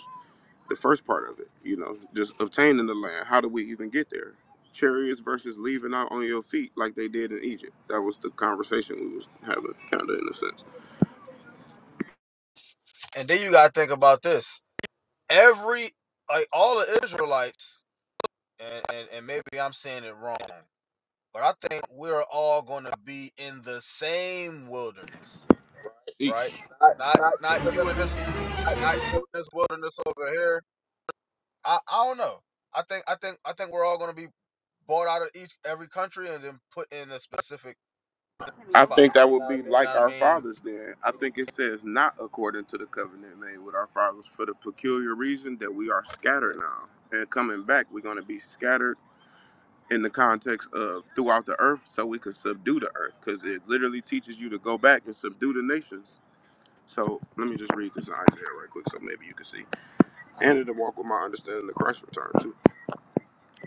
the first part of it, you know, just obtaining the land. How do we even get there? Chariots versus leaving out on your feet like they did in Egypt. That was the conversation we was having, kind of in a sense. And then you gotta think about this. Every like all the Israelites, and, and, and maybe I'm saying it wrong, but I think we're all gonna be in the same wilderness, right? Eesh. Not not you in this not you in this wilderness over here. I, I don't know. I think I think I think we're all gonna be bought out of each every country and then put in a specific I spot. think that would be You know like what I our mean? fathers then. I think it says not according to the covenant made with our fathers for the peculiar reason that we are scattered now. And coming back, we're going to be scattered in the context of throughout the earth so we can subdue the earth because it literally teaches you to go back and subdue the nations So let me just read this in Isaiah right quick, so maybe you can see. And to walk with my understanding of Christ's return too.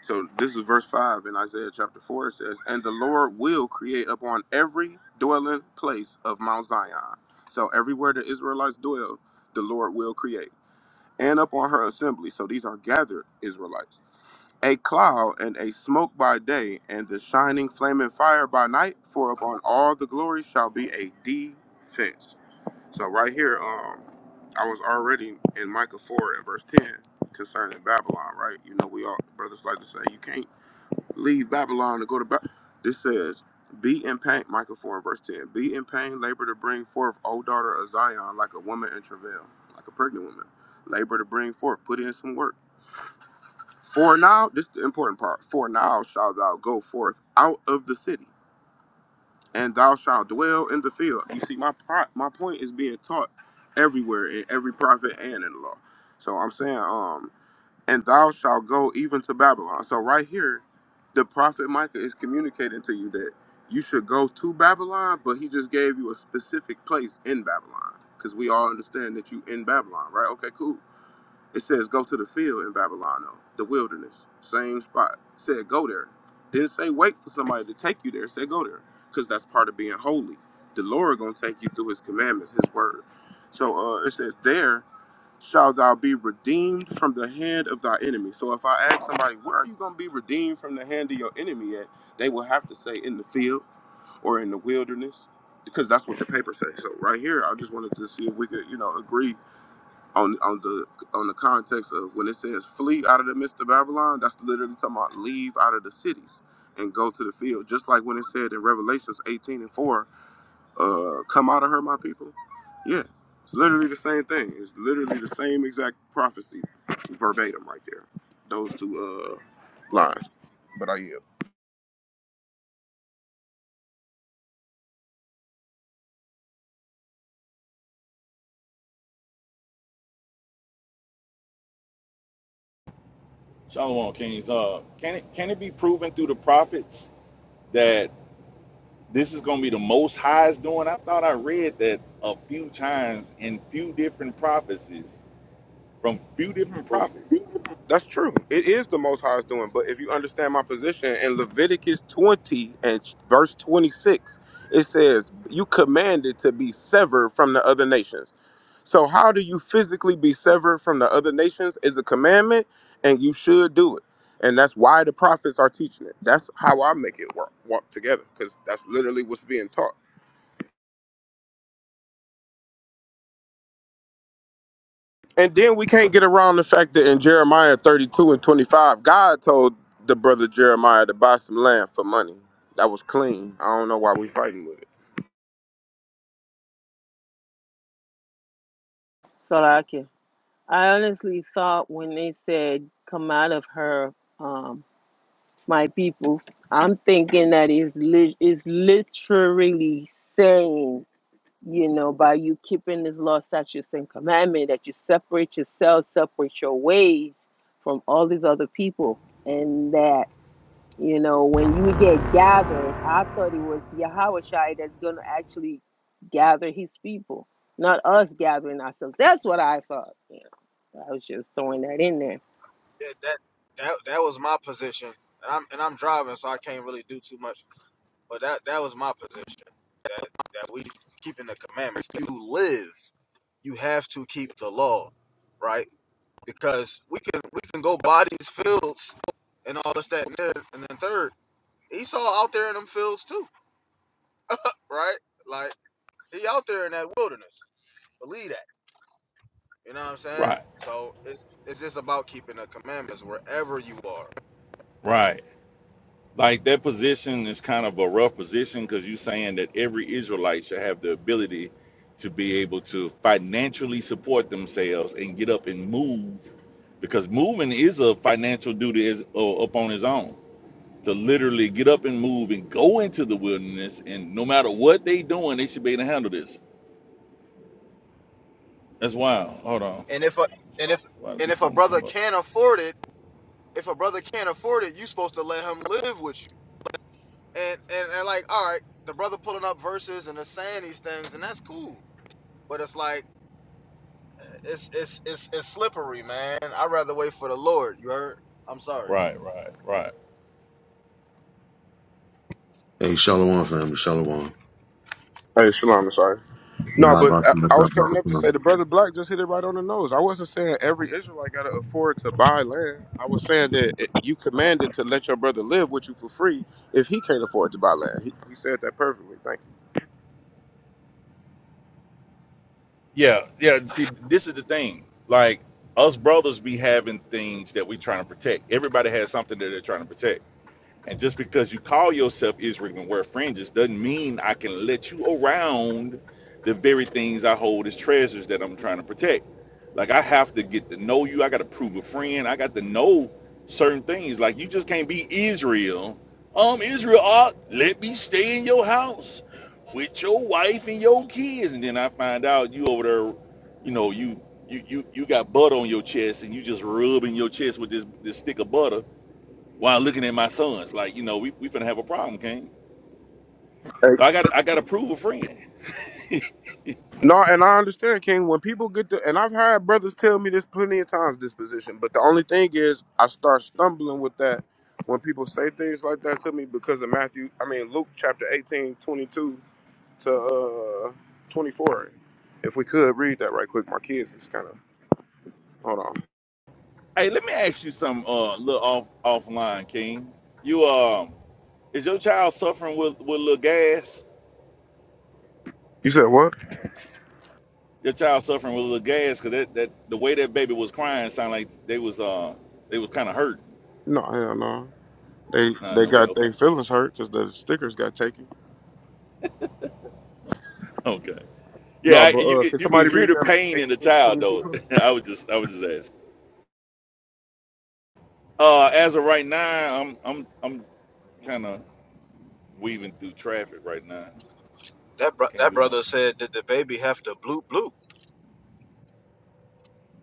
So this is verse five in Isaiah chapter four. It says, "And the Lord will create upon every dwelling place of Mount Zion." So everywhere the Israelites dwell, the Lord will create, and upon her assembly. So these are gathered Israelites a cloud and a smoke by day, and the shining flaming fire by night, for upon all the glory shall be a defense. So right here, um, I was already in Micah 4 and verse 10 concerning Babylon, right? You know, we all brothers like to say you can't leave Babylon to go to Babylon. This says, Be in pain, Micah 4 and verse 10. Be in pain, labor to bring forth, O daughter of Zion, like a woman in travail, like a pregnant woman. Labor to bring forth, put in some work for now, this is the important part. For now shalt thou go forth out of the city, and thou shalt dwell in the field. You see, my pro- my point is being taught everywhere in every prophet and in the law. So I'm saying, um, and thou shalt go even to Babylon. So right here, the prophet Micah is communicating to you that you should go to Babylon, but he just gave you a specific place in Babylon, because we all understand that you in Babylon, right? Okay, cool. It says, Go to the field in Babylon, the wilderness, same spot. It said, Go there. Didn't say wait for somebody to take you there. It said, Go there. Because that's part of being holy. The Lord gonna take you through his commandments, his word. So uh it says, There shall thou be redeemed from the hand of thy enemy. So if I ask somebody, where are you gonna be redeemed from the hand of your enemy at? They will have to say in the field or in the wilderness. Because that's what the paper says. So right here, I just wanted to see if we could, you know, agree on on the on the context of when it says flee out of the midst of Babylon, that's literally talking about leave out of the cities and go to the field. Just like when it said in Revelations 18 and 4, uh, come out of her, my people. Yeah, it's literally the same thing. It's literally the same exact prophecy, verbatim, right there. Those two uh, lines. But I yeah. Shalom, Kings. Uh, can it can it be proven through the prophets that this is going to be the Most High's doing? I thought I read that a few times in few different prophecies from few different prophets. That's true. It is the Most High's doing. But if you understand my position in Leviticus 20 and ch- verse 26, it says, You commanded to be severed from the other nations. So, how do you physically be severed from the other nations is a commandment, and you should do it. And that's why the prophets are teaching it. That's how I make it work, walk together, because that's literally what's being taught. And then we can't get around the fact that in Jeremiah 32 and 25, God told the brother Jeremiah to buy some land for money. That was clean. I don't know why we fighting with it. Salaki. I honestly thought when they said come out of her, um. my people. I'm thinking that is it's, li- it's literally saying, you know, by you keeping this law, statutes, and commandment, that you separate yourselves, separate your ways from all these other people. And that, you know, when you get gathered, I thought it was Yahweh Shai that's going to actually gather his people, not us gathering ourselves. That's what I thought. You know, I was just throwing that in there That that that, that was my position. And I'm and I'm driving, so I can't really do too much But that that was my position. That that we keeping the commandments. You live. You have to keep the law, right? Because we can we can go buy these fields and all this that and there. And then third, Esau out there in them fields too, right? Like he out there in that wilderness. Believe that. You know what I'm saying? Right, So it's it's just about keeping the commandments wherever you are. right. Like that position is kind of a rough position because you're saying that every Israelite should have the ability to be able to financially support themselves and get up and move, because moving is a financial duty is uh, up on his own. To literally get up and move and go into the wilderness, and no matter what they doing, they should be able to handle this. That's wild. Hold on, And if a and if why do and if people a want to brother come up? can't afford it, if a brother can't afford it, you are supposed to let him live with you. and and and like all right the brother pulling up verses and they're saying these things and that's cool but it's like it's it's it's it's slippery man i'd rather wait for the lord you heard i'm sorry Right, right, right. Hey, Shalom family, Shalom. Hey, Shalom, I'm sorry. No, but I, I was coming up to say the brother Black just hit it right on the nose. I wasn't saying every Israelite got to afford to buy land. I was saying that it, you commanded to let your brother live with you for free if he can't afford to buy land. He, he said that perfectly. Thank Yeah, yeah. See, this is the thing. Like us brothers be having things that we trying to protect. Everybody has something that they're trying to protect. And just because you call yourself Israel and wear fringes doesn't mean I can let you around the very things I hold as treasures that I'm trying to protect. Like I have to get to know you. I got to prove a friend. I got to know certain things. Like you just can't be Israel. Um, Israel, ah, let me stay in your house with your wife and your kids, and then I find out you over there, you know, you you you you got butter on your chest, and you just rubbing your chest with this this stick of butter while looking at my sons. Like, you know, we we finna have a problem, King. you. So I got I got to prove a friend. No, and I understand, King. When people get to, and I've had brothers tell me this plenty of times, this position. But the only thing is, I start stumbling with that when people say things like that to me because of Matthew, I mean, Luke chapter 18, 22 to uh, 24. If we could read that right quick, my kids is kind of, hold on. Hey, let me ask you some uh a little off offline, King. You um uh, is your child suffering with with a little gas? You said what? Your child suffering with a little gas because that that the way that baby was crying sounded like they was uh they was kind of hurt. No, hell no. They No, they no, okay, got okay, their feelings hurt because the stickers got taken. okay. No, Yeah, but I, you uh, can can you somebody can hear read the that pain in the 18 to child 22 though. for me? I was just I was just asking. Uh, as of right now, I'm I'm I'm kind of weaving through traffic right now. that bro- I can't that do much. brother said did the baby have to bloop bloop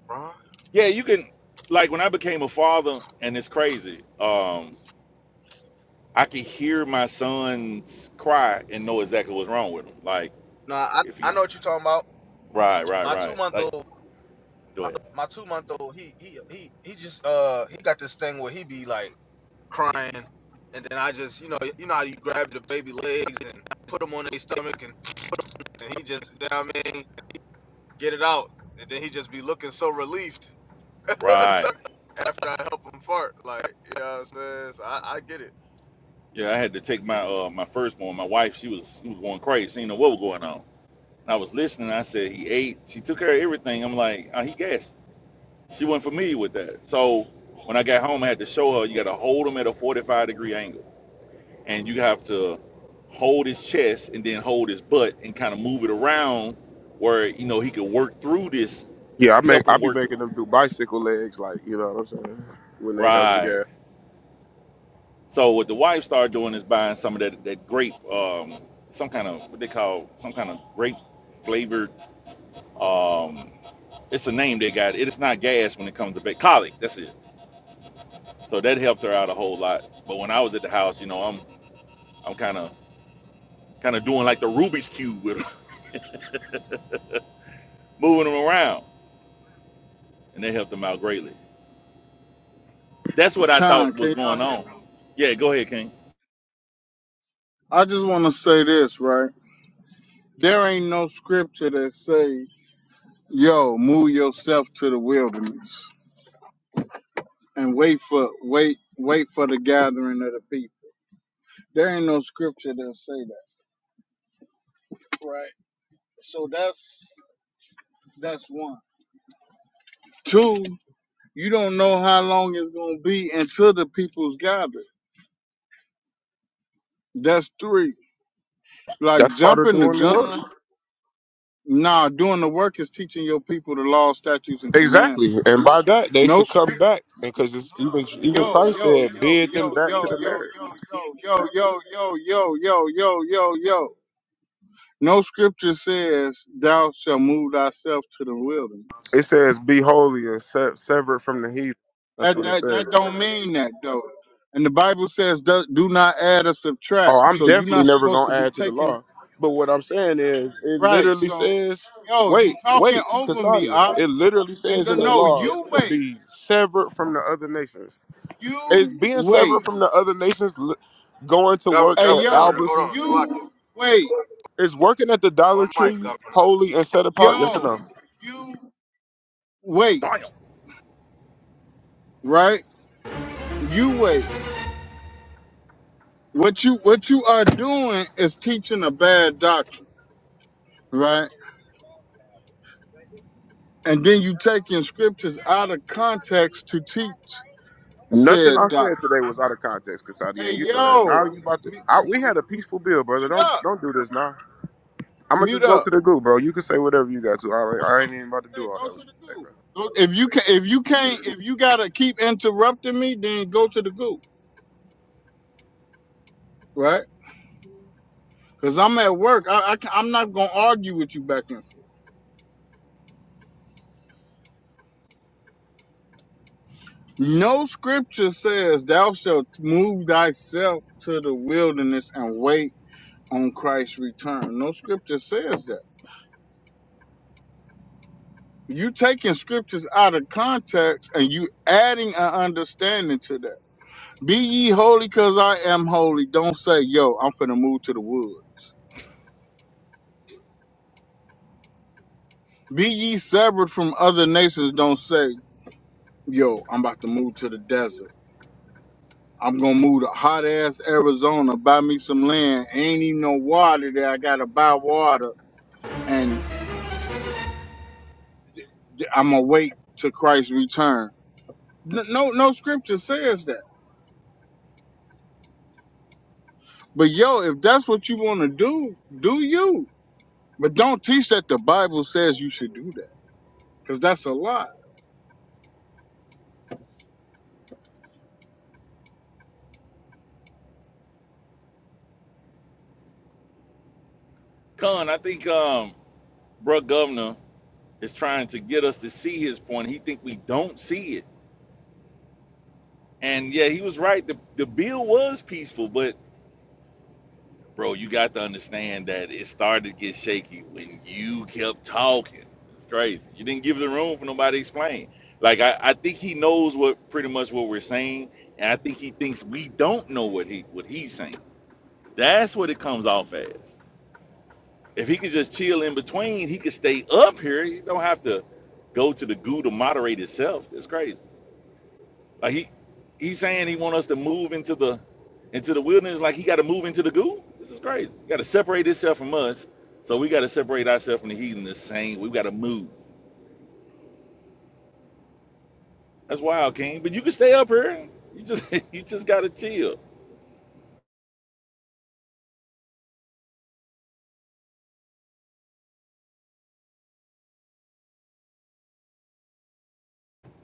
bro Yeah, you can like when I became a father, and it's crazy. Um, I could hear my sons cry and know exactly what's wrong with them. Like no i if he, i know what you're talking about right, right, my two right. month Like old go my, ahead. my two month old he he he he just uh he got this thing where he be like crying and then I just, you know, you know how you grab the baby legs and put them on their stomach, and, and he just, you know what I mean? get it out. And then he just be looking so relieved Right. after I help him fart. Like, you know what I'm saying? So I, I get it. Yeah, I had to take my uh my firstborn. My wife, she was she was going crazy. She didn't know what was going on. And I was listening. I said he ate. She took care of everything. I'm like, oh, he gassed. She wasn't familiar with that. So when I got home, I had to show her you got to hold him at a 45 degree angle. and you have to hold his chest and then hold his butt and kind of move it around where you know he could work through this Yeah, I make help I him be work through making them do bicycle legs, like you know what I'm saying, when they having right gas. so what the wife started doing is buying some of that that grape um some kind of what they call some kind of grape flavored um it's a name they got it's not gas when it comes to ba- colic that's it so that helped her out a whole lot but when i was at the house you know i'm i'm kind of kind of doing like the rubik's cube with her, moving them around and that helped them out greatly That's what I Con, thought was can y'all going hear on. me? Yeah, go ahead, King. I just want to say this, right? There ain't no scripture that say, "Yo, move yourself to the wilderness and wait for wait wait for the gathering of the people." There ain't no scripture that say that, right? So that's that's one. Two, you don't know how long it's gonna be until the people's gathered. That's three. Like That's part of jumping the doing the work. gun. Nah, doing the work is teaching your people the law, statutes, and Exactly, commandments. and by that they No should come script. back, because it's even even Yo, Christ yo, said, yo, "Bid them yo, back to yo, the yo, marriage." yo, yo, yo, yo, yo, yo, yo, yo, yo, yo. No scripture says thou shall move thyself to the wilderness. It says, "Be holy and se- severed from the heathen." That's That what it that that says. don't mean that though. And the Bible says do, do not add or subtract. Oh, I'm So you're definitely not never supposed to gonna be add to the taking law, but what I'm saying is, it right. literally So says, yo, you "Wait, talking wait, over me, Casadia." ah. It literally And says in don't the know law you to wait. be severed from the other nations. Is You being separate wait. from the other nations li- going to Governor, work Hey governor, at yo, governor, hold Albertsons? on, slack it. you wait. Is working at the Dollar One mic, Tree governor. holy and set apart? Yes or Yo, no? you wait. Damn. Right? You wait. What you what you are doing is teaching a bad doctrine, right? And then you taking scriptures out of context to teach Nothing said I doctrine. said today was out of context, Casadia, Hey and you know that. yo, Now you about to. m- I, m- we m- had a peaceful bill, brother. mute Don't up, don't do this now. I'm gonna mute just go up. to the goo, bro. You can say whatever you got to. All right, Okay, I ain't even about to do okay, all go that to with the you today, goo. bro. Go- If you can, if you can't, if you gotta keep interrupting me, then go to the goo. right? Because I'm at work. I, am not going to argue with you back and forth. No scripture says, Thou shalt move thyself to the wilderness and wait on Christ's return. No scripture says that. You taking scriptures out of context and you adding an understanding to that. Be ye holy because I am holy. Don't say, yo, I'm finna move to the woods. Be ye severed from other nations. Don't say, yo, I'm about to move to the desert. I'm gonna move to hot ass Arizona, buy me some land. Ain't even no water there. I gotta buy water, and I'm gonna wait till Christ's return. N- No, no scripture says that. But yo, if that's what you wanna do, do you? But don't teach that the Bible says you should do that, cause that's a lie. Con, I think um bruh governor is trying to get us to see his point. He think we don't see it. And yeah, he was right. The the bill was peaceful, but bro, you got to understand that it started to get shaky when you kept talking. It's crazy. You didn't give the room for nobody to explain. Like I, I think he knows what pretty much what we're saying, and I think he thinks we don't know what he what he's saying. That's what it comes off as. If he could just chill in between, he could stay up here. He don't have to go to the goo to moderate itself. It's crazy. Like he he's saying he want us to move into the into the wilderness like he got to move into the goo. This is crazy. You got to separate itself from us. So we got to separate ourselves from the heathen the same. We got to move. That's wild, King. But you can stay up here. You just you just got to chill.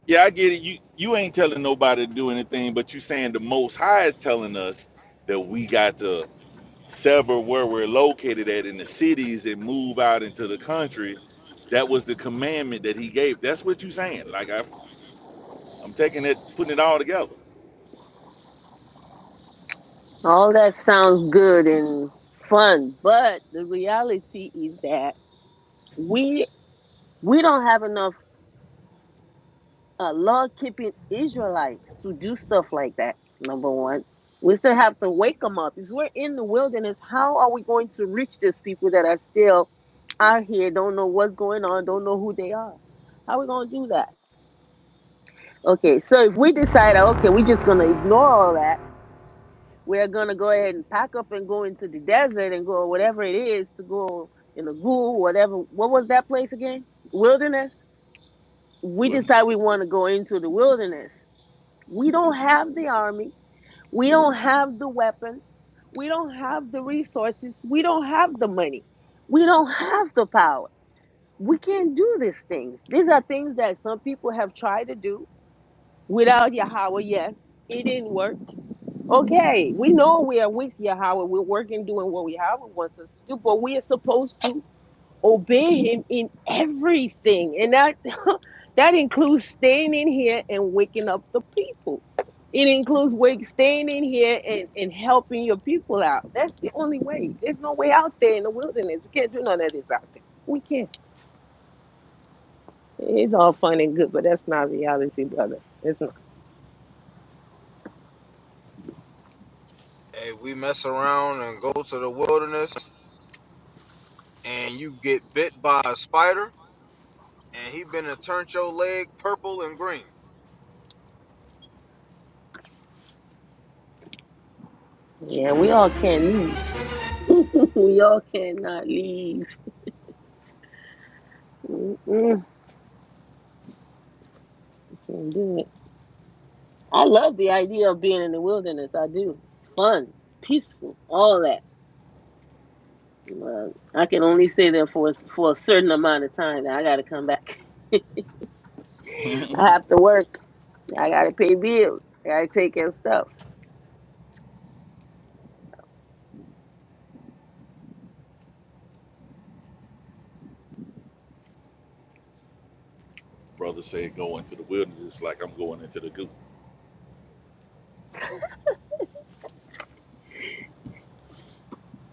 Yeah, I get it. You you ain't telling nobody to do anything, but you saying the Most High is telling us that we got to. sever where we're located at in the cities and move out into the country. That was the commandment that he gave. That's what you're saying. Like I, I'm taking it, putting it all together. All that sounds good and fun, but the reality is that we we don't have enough uh, law keeping Israelites to do stuff like that. Number one, we still have to wake them up. If we're in the wilderness, how are we going to reach these people that are still out here, don't know what's going on, don't know who they are? How are we going to do that? Okay, so if we decide, okay, we're just going to ignore all that We're gonna go ahead and pack up and go into the desert and go whatever it is to go in the ghoul, whatever. What was that place again? Wilderness. We decide we want to go into the wilderness. We don't have the army. We don't have the weapons. We don't have the resources. We don't have the money. We don't have the power. We can't do these things. These are things that some people have tried to do without Yahweh. Yes, it didn't work. Okay, we know we are with Yahweh. We're working, doing what Yahweh wants us to do, but we are supposed to obey Him in everything, and that that includes staying in here and waking up the people. It includes wake, staying in here and, and helping your people out. That's the only way. There's no way out there in the wilderness. We can't do none of this out there. We can't. It's all fun and good, but that's not reality, brother. It's not. Hey, we mess around and go to the wilderness and you get bit by a spider and he been to turn your leg purple and green. Yeah, we all can't leave. we all cannot leave. And do it. I love the idea of being in the wilderness. I do. It's fun, peaceful, all that. But I can only stay there for a, for a certain amount of time. Now I got to come back. I have to work. I got to pay bills. I got to take care of stuff. Brother said, go into the wilderness like I'm going into the goo.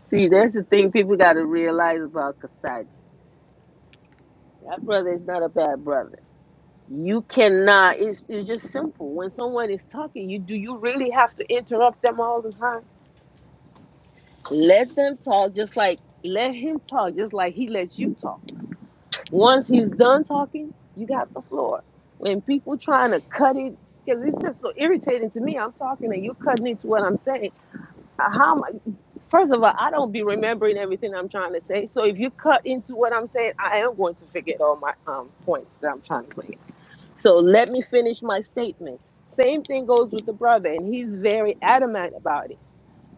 See, that's the thing people got to realize about Kasaja. That brother is not a bad brother. You cannot. It's it's just simple. When someone is talking, you do you really have to interrupt them all the time? Let them talk, just like let him talk, just like he lets you talk Once he's done talking, you got the floor. When people trying to cut it, because it's just so irritating to me. I'm talking and you're cutting into what I'm saying. Uh, How am I, first of all, I don't be remembering everything I'm trying to say. So if you cut into what I'm saying, I am going to forget all my um, points that I'm trying to make. So let me finish my statement. Same thing goes with the brother, and he's very adamant about it.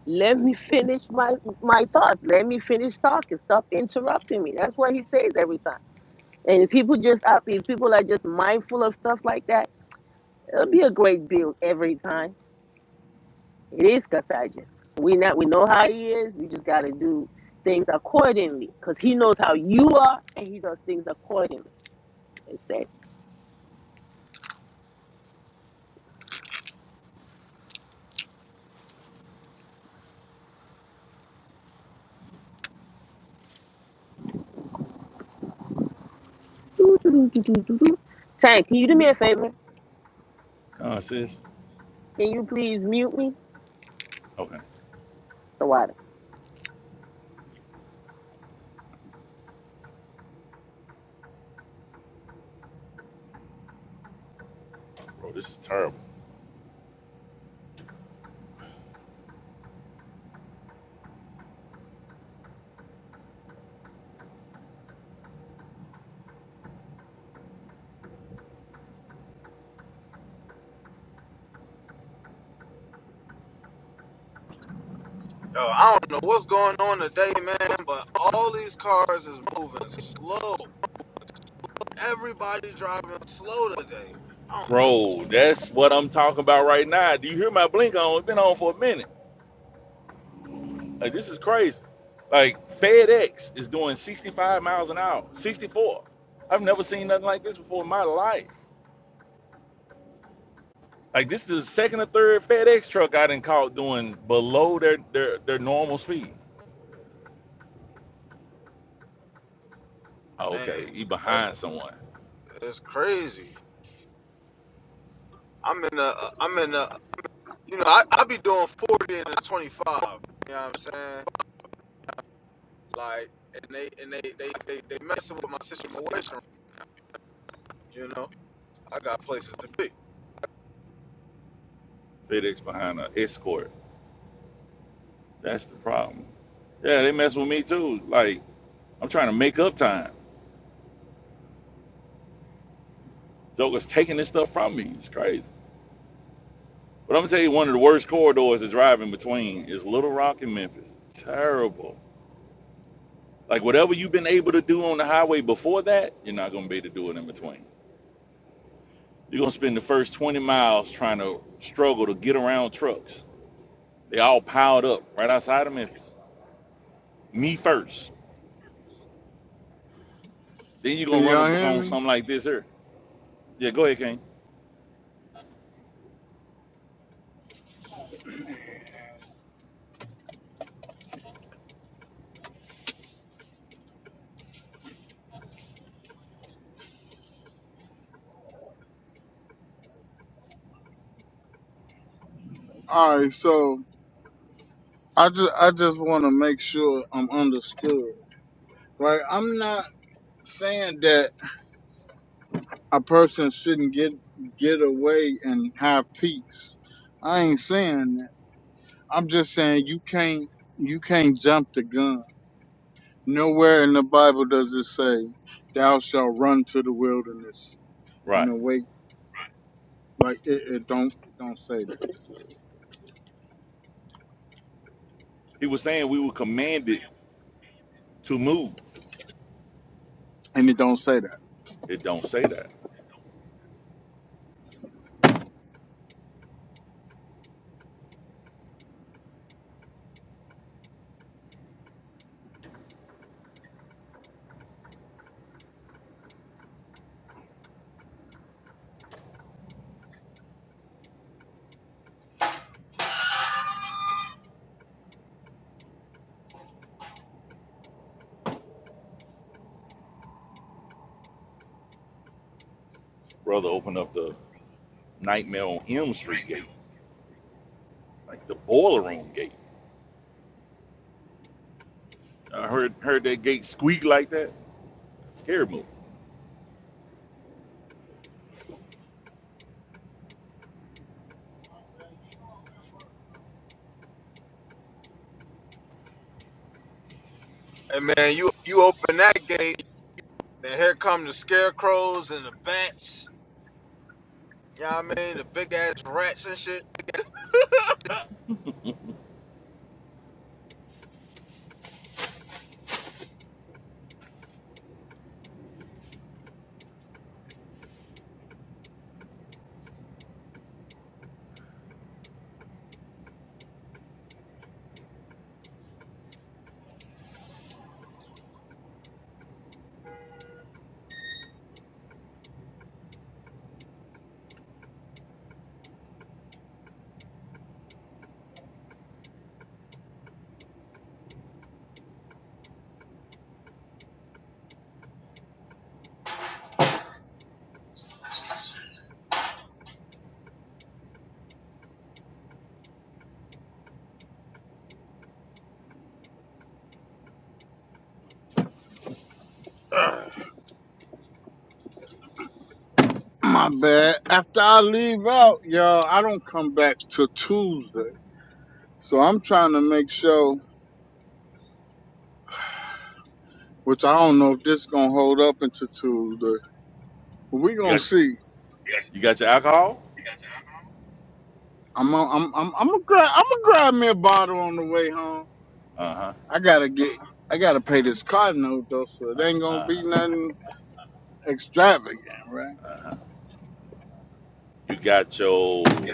Let me finish my my thoughts. Let me finish talking. Stop interrupting me. That's what he says every time. And if people just out there, if people are just mindful of stuff like that, it'll be a great build every time. It is contagious. We not we know how he is. We just gotta do things accordingly because he knows how you are and he does things accordingly. It's that. doo, doo, doo, doo, doo, doo, doo. Tank, can you do me a favor? Huh, sis? Can you please mute me? Okay. The water. Bro, this is terrible. Yo, I don't know what's going on today, man, but all these cars is moving slow. Everybody driving slow today. I don't Bro, that's what I'm talking about right now. Do you hear my blink on? It's been on for a minute. Like, this is crazy. Like, FedEx is doing 65 miles an hour, 64. I've never seen nothing like this before in my life. Like this is the second or third FedEx truck I didn't caught doing below their, their their normal speed. Oh, know, man. okay, he That's behind someone. it's crazy. I'm in a, I'm in a, you know, I, I be doing 40 and a 25. You know what I'm saying? Like, and they, and they, they, they, they messing with my situation. You know, I got places to be. FedEx behind an escort. That's the problem. Yeah, they mess with me too. Like I'm trying to make up time. Joker's taking this stuff from me. It's crazy. But I'm gonna tell you, one of the worst corridors to drive in between is Little Rock and Memphis. Terrible. Like whatever you've been able to do on the highway before that, you're not gonna be able to do it in between. You're gonna spend the first 20 miles trying to struggle to get around trucks They all piled up right outside of Memphis. Me first. Then you're Can gonna run a y'all book hear on me? something like this here. Yeah, go ahead, King. All right, so I just I just wanna make sure I'm understood, right? I'm not saying that a person shouldn't get get away and have peace. I ain't saying that. I'm just saying you can't you can't jump the gun. Nowhere in the Bible does it say, "Thou shalt run to the wilderness and Right. await." Like it, it don't it don't say that, He was saying we were commanded to move. and it don't say that. It don't say that. Brother opened up the nightmare on Elm Street gate, like the boiler room gate. I heard heard that gate squeak like that. Scary move. And man, you, you open that gate, and here come the scarecrows and the bats. You know what I mean? The big ass rats and shit. My bad. After I leave out, y'all, I don't come back till Tuesday, so I'm trying to make sure. Which I don't know if this gonna hold up until Tuesday. But we You gonna got see. you got your alcohol? I'm i I'm I'm I'm gonna grab I'm gonna grab me a bottle on the way home. Uh-huh. I gotta get I gotta pay this car note though, so it ain't gonna Uh-huh. be nothing extravagant, right? Uh-huh. You got your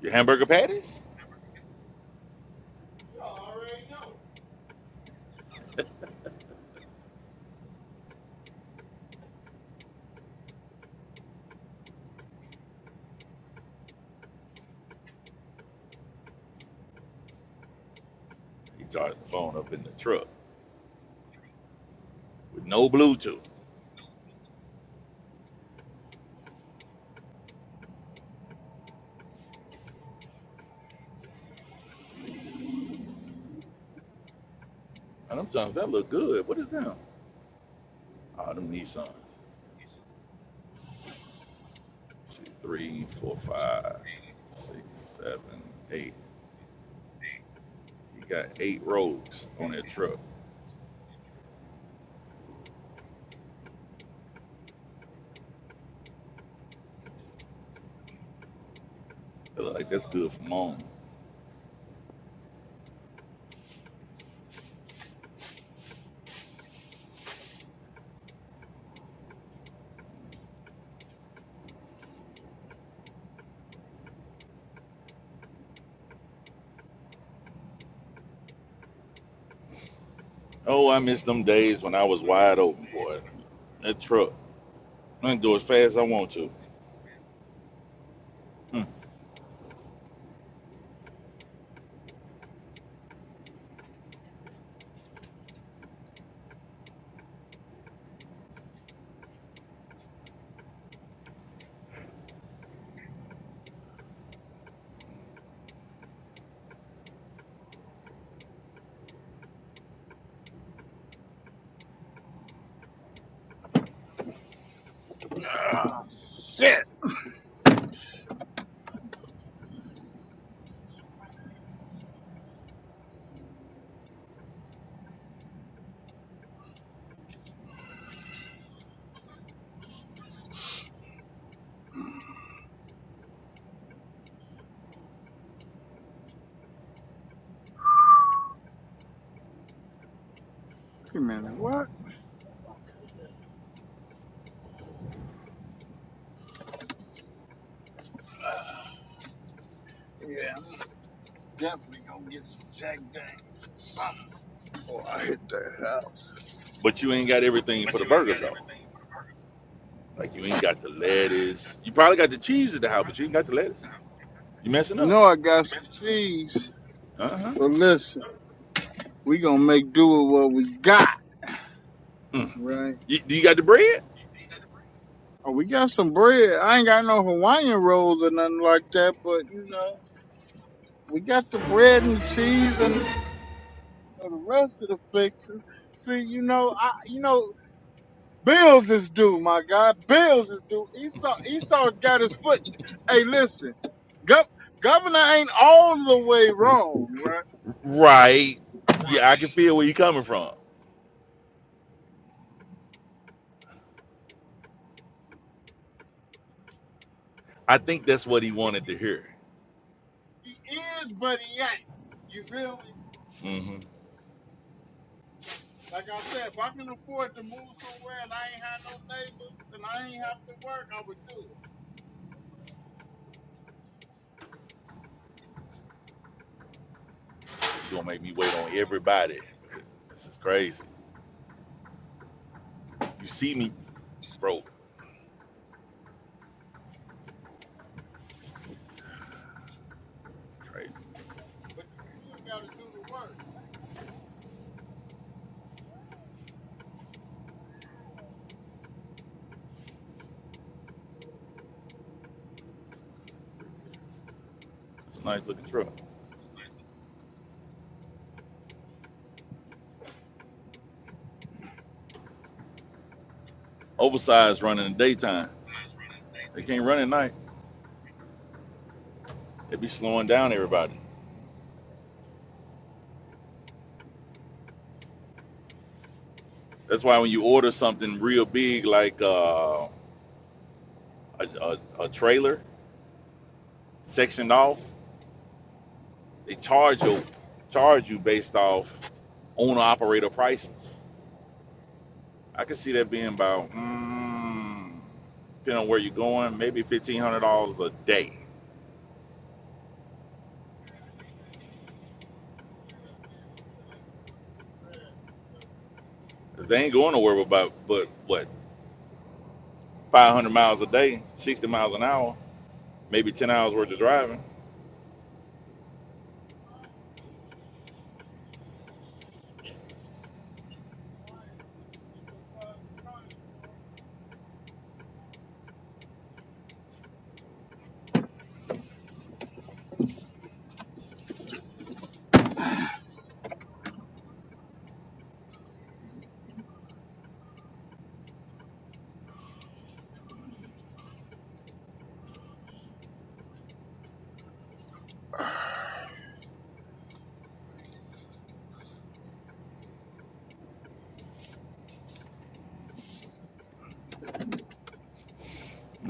your hamburger patties? He charged the phone up in the truck with no Bluetooth. And them Johns, that look good. What is them? Oh, them Nissans. Shit, three, four, five, six, seven, eight. You got eight rows on that truck. They look like that's good for mom. Oh, I miss them days when I was wide open, boy. That truck. I can go as fast as I want to. Hmm. Shit. Wait a minute, what? Yeah, I'm definitely gonna get some Jack Daniels or something before I hit the house. But you ain't got everything for the burgers though. Like you ain't got the lettuce. You probably got the cheese at the house, but you ain't got the lettuce. You messing up. No, I got some cheese, Uh but listen, we gonna make do with what we got, huh. right? You, do you got the bread? Oh, we got some bread. I ain't got no Hawaiian rolls or nothing like that, but you know, we got the bread and the cheese and know, the rest of the fixes. See, you know, I, you know, bills is due, my God. Bills is due. Esau, Esau got his foot. Hey, listen, Gov- governor ain't all the way wrong, right? Right. Yeah, I can feel where you're coming from. I think that's what he wanted to hear. He is, but he ain't. You feel me? hmm Like I said, if I can afford to move somewhere and I ain't have no neighbors and I ain't have to work, I would do it. So you're gonna make me wait on everybody. This is crazy. You see me, bro. Crazy. But you still got to do the work. It's a nice looking truck. Oversized running in the daytime. They can't run at night. They be slowing down everybody. That's why when you order something real big like uh, a, a, a trailer sectioned off, they charge you charge you based off owner operator prices. I could see that being about, mm, depending on where you're going, maybe fifteen hundred dollars a day. 'Cause they ain't going nowhere about but what five hundred miles a day, sixty miles an hour, maybe ten hours worth of driving.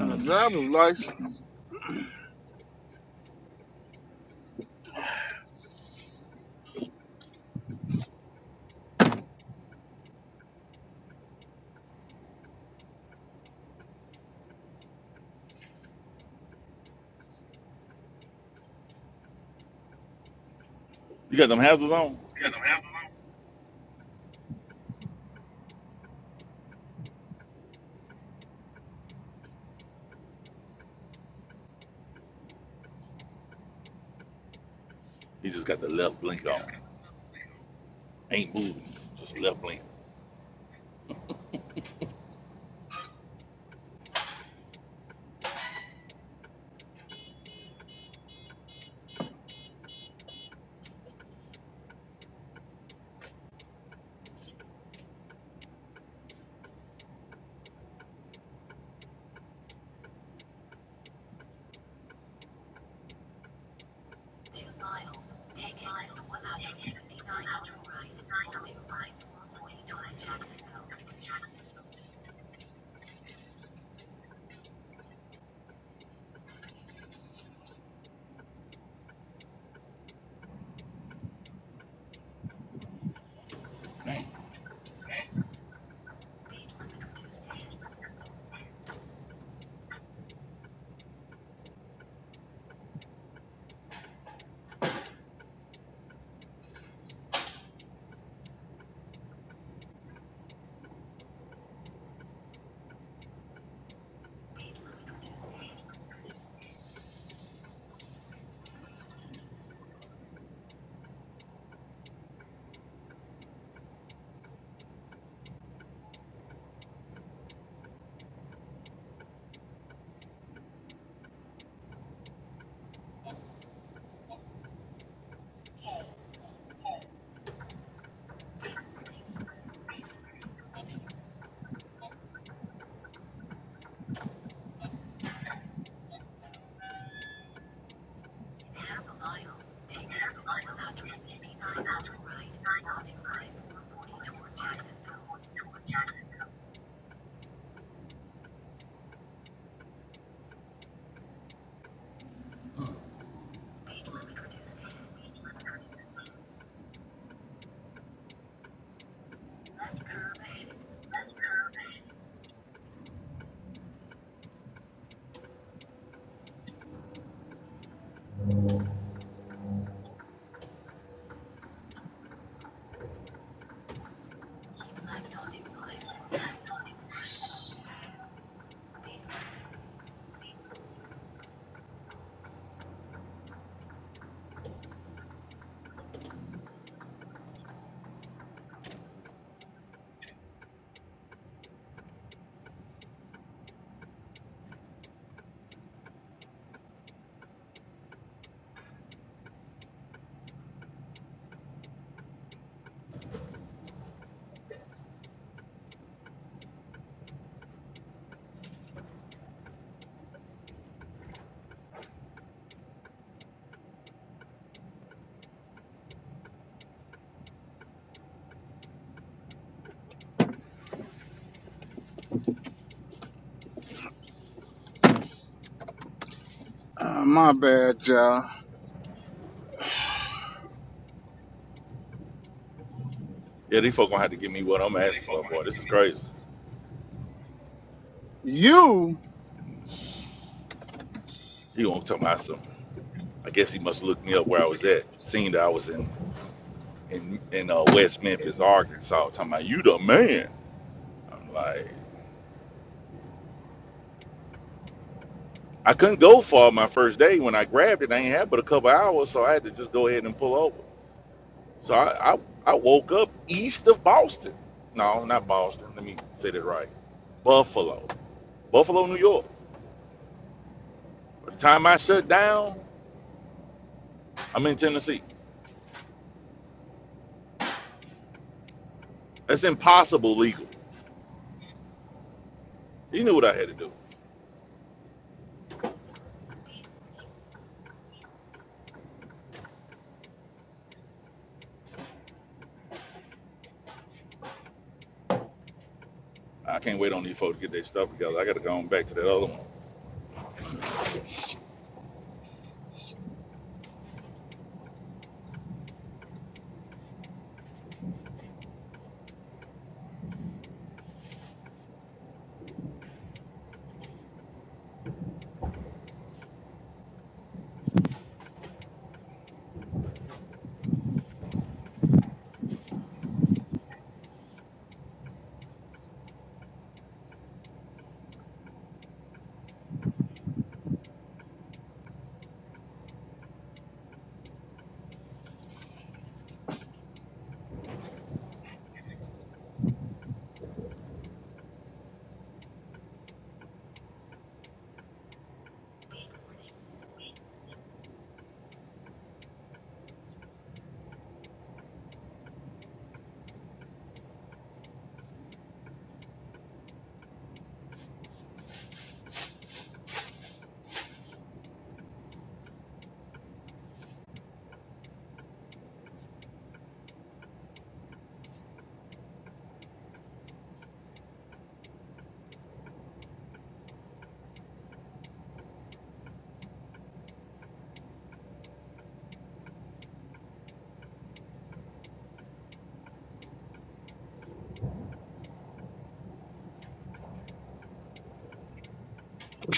Uh, driver's license. You got them hazards on. You just got the left blink on. Ain't moving, just left blink. Dang. Uh, my bad, y'all. Yeah, these folk gonna have to give me what I'm asking for, boy. This is crazy. You He gonna talk about some. I guess he must look me up where I was at, seen that I was in in in uh, West Memphis, Arkansas, talking about you the man. I'm like, I couldn't go far my first day. When I grabbed it, I ain't had but a couple hours, so I had to just go ahead and pull over. So I I, I woke up east of Boston. No, not Boston. Let me say that right. Buffalo, Buffalo, New York. By the time I shut down, I'm in Tennessee. That's impossible legal. You knew what I had to do. I can't wait on these folks to get their stuff together. I got to go on back to that other one.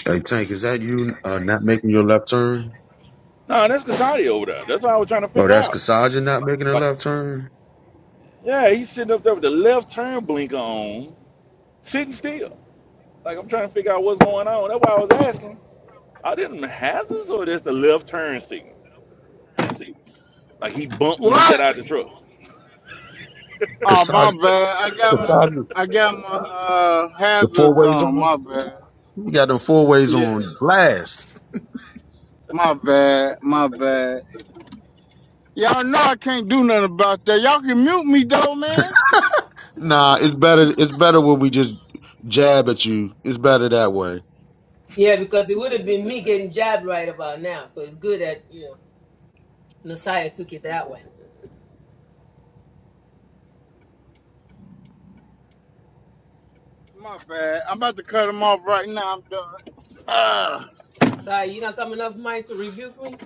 Hey, Tank, is that you uh, not making your left turn? No, that's Casati over there. That's what I was trying to Oh, figure that's out. Kasaja not making a Like. left turn? Yeah, he's sitting up there with the left turn blinker on, sitting still. Like I'm trying to figure out what's going on. That's why I was asking. Are them hazards or just the left turn signal? Like he bumped when he what? got out the truck. Oh my Kasaja, bad. I got my Kasaja, I got my uh the four hazards ways on. on? My bad. We got them four ways Yeah. on blast. My bad. My bad. Y'all know I can't do nothing about that. Y'all can mute me though, man. Nah, it's better It's better when we just jab at you. It's better that way. Yeah, because it would have been me getting jabbed right about now. So it's good that, you know, Messiah took it that way. My bad. I'm about to cut them off right now. I'm done. Ah. Sorry, you're not coming off mic to rebuke me?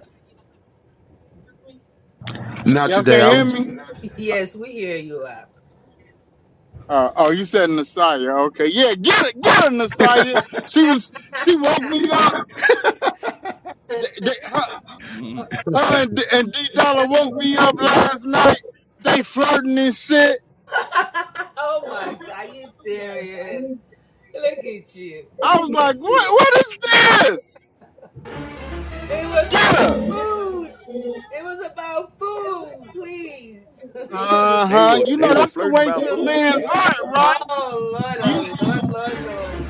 Not y'all today. I can't was. hear me. yes, we hear you out. Uh, oh, you said Nasaya, Okay. Yeah. Get it. Get her, Nasaya. She was. She woke me up. They, they, her, Mhm. her and D Dollar woke me up last night. They flirting and shit. oh my god, you serious? Look at you. I was like, what? What is this? It was Get about her. food. It was about food, please. Uh They huh. were You they know were that's the flirting way about to a food. man's heart, Oh right? Lord, You oh Lord, Lord, Lord.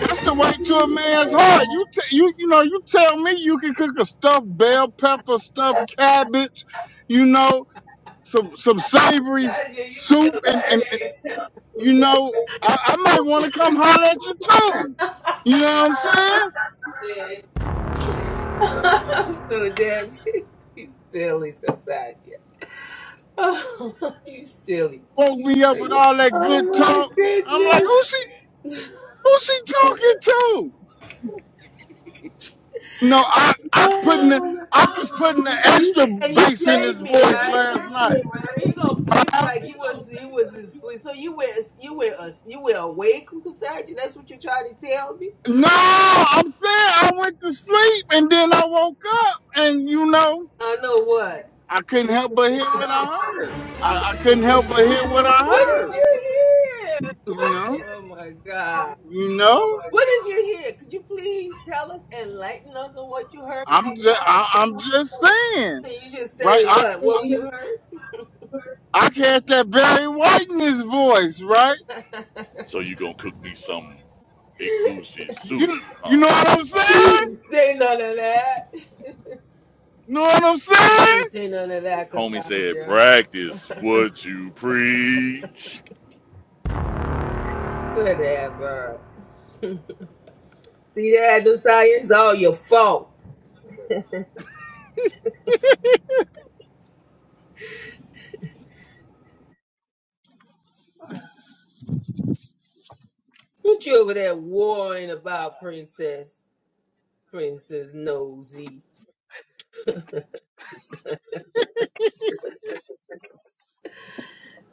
that's the way to a man's heart. You t- you you know you tell me you can cook a stuffed bell pepper, stuffed cabbage, you know some some savory Sadia, you soup, killed and, and, and you know I, I might want to come holler at you too. You know what I'm saying? dead. I'm so dead. you silly, Sadia. Oh, you silly. Woke me up They with were. all that Oh good my talk. I'm like, goodness. who she who she talking to? No, I I putting the, Oh, I was putting the and you extra and you bass in his played me voice right. last night. He gonna play me I- like he was he was asleep. So you were you were us you were awake, Cassandra. That's what you trying to tell me. no, I'm saying I went to sleep and then I woke up and you know I know what. I couldn't help but hear what I heard. I, I couldn't help but hear what I What heard. did you hear? You know, Oh my God. you know. What did you hear? Could you please tell us, enlighten us on what you heard? brother? I'm just I, I'm just saying, Can you just right? say I what? What were you heard? I had that Barry White in his voice, right? So you gonna cook me some big goosey soup, You you huh? know what I'm He Uh huh. saying? didn't say none of that. You know what I'm He saying? didn't say none of that, Homie said, Cassandra. practice what you preach. Whatever. See that, Desire? It's all your fault. What you over there worrying about, princess? Princess Nosy.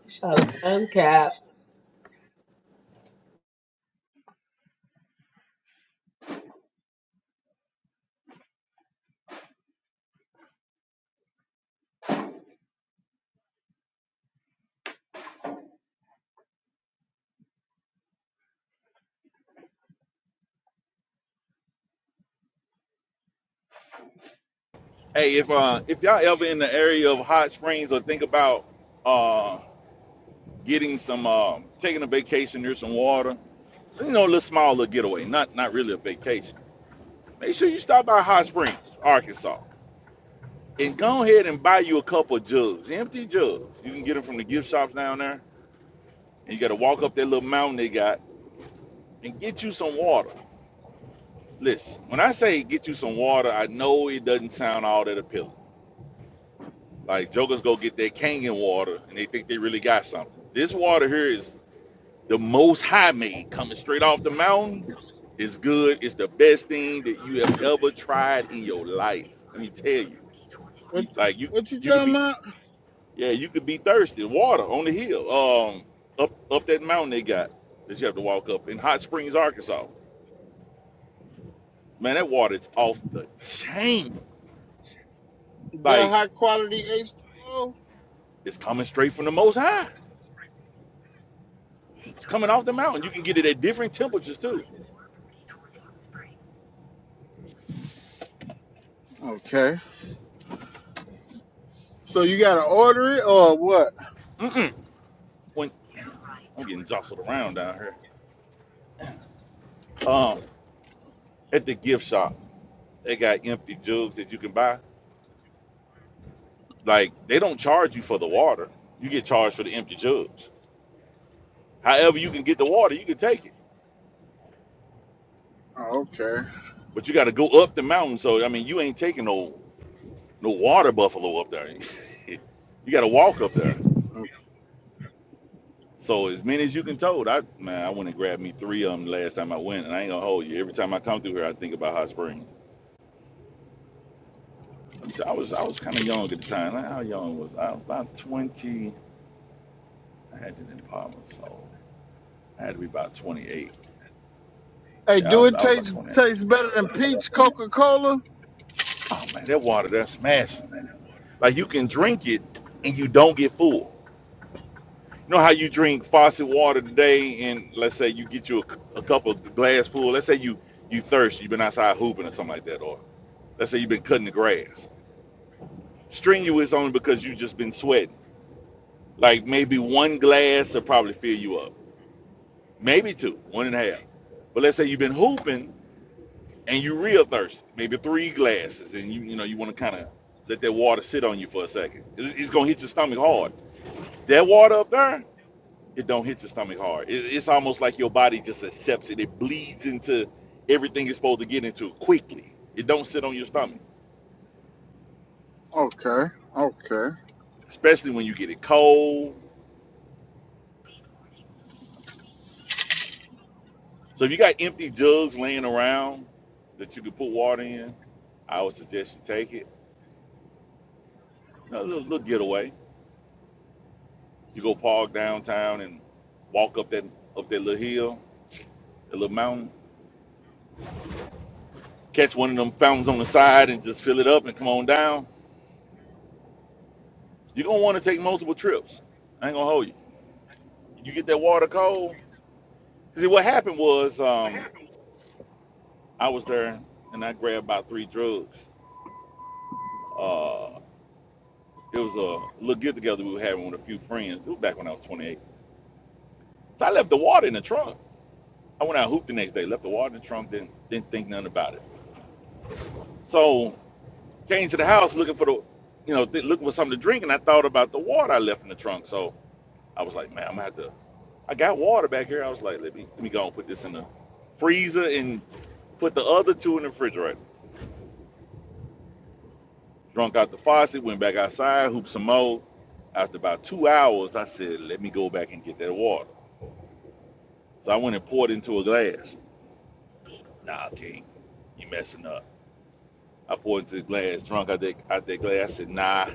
Shalom Cap. Hey, if uh if y'all ever in the area of hot springs or think about uh. getting some, um, taking a vacation near some water. You know, a little small little getaway, not not really a vacation. Make sure you stop by Hot Springs, Arkansas, and go ahead and buy you a couple of jugs, empty jugs. You can get them from the gift shops down there, and you got to walk up that little mountain they got and get you some water. Listen, when I say get you some water, I know it doesn't sound all that appealing. Like jokers go get their Kangen water and they think they really got something. This water here is the most high made coming straight off the mountain is good. It's the best thing that you have ever tried in your life. Let me tell you. What Like you what you you could talking be about? yeah, you could be thirsty, water on the hill. Um up up that mountain they got that you have to walk up in Hot Springs, Arkansas. Man, that water is off the chain. The Like high quality H2O? it's coming straight from the most high. It's coming off the mountain. You can get it at different temperatures too. Okay. So you gotta order it or what? Mm-mm. When I'm getting jostled around down here. Um at the gift shop. They got empty jugs that you can buy. Like they don't charge you for the water. You get charged for the empty jugs. However, you can get the water, you can take it. Oh, okay. But you got to go up the mountain. So I mean, you ain't taking no no water buffalo up there. you got to walk up there. So as many as you can tote. I man, I went and grabbed me three of them last time I went, and I ain't gonna hold you. Every time I come through here, I think about hot springs. I'm s- I was I was kind of young at the time. Like, How young was I? I was about 20. I had it in Palmer, so I had to be about 28. Hey, Yeah, I do was it I was about to taste taste better than peach Coca Cola? Oh man, that water that's smashing. Like you can drink it and you don't get full. You know how you drink faucet water today, and let's say you get you a a cup of glass full. Let's say you you thirsty, you've been outside hooping or something like that, or let's say you've been cutting the grass. Strenuous only because you just been sweating. Like maybe one glass will probably fill you up, maybe two, one and a half. But let's say you've been hooping and you real thirsty, maybe three glasses, and you you know you want to kind of let that water sit on you for a second. It's, it's gonna hit your stomach hard. That water up there, it don't hit your stomach hard. It, it's almost like your body just accepts it. It bleeds into everything it's supposed to get into quickly. It don't sit on your stomach, Okay. Okay. especially when you get it cold. So if you got empty jugs laying around that you could put water in, I would suggest you take it. Another little, little getaway. You go park downtown and walk up that up that little hill a little mountain, catch one of them fountains on the side and just fill it up and come on down. You're gonna want to take multiple trips. I ain't gonna hold you. You get that water cold. See, what happened was um, I was there and I grabbed about three drugs. Uh, it was a little get together we were having with a few friends. It was back when I was 28. So I left the water in the trunk. I went out and hooped the next day, left the water in the trunk, didn't didn't think nothing about it. So came to the house looking for the, you know, th- looking for something to drink, and I thought about the water I left in the trunk. So I was like, man, I'm gonna have to I got water back here. I was like, let me let me go and put this in the freezer and put the other two in the refrigerator. Drunk out the faucet, went back outside, hooped some more. After about two hours, I said, let me go back and get that water. So I went and poured into a glass. Nah, King, you messing up. I poured into the glass, drunk out that out that glass. I said, nah,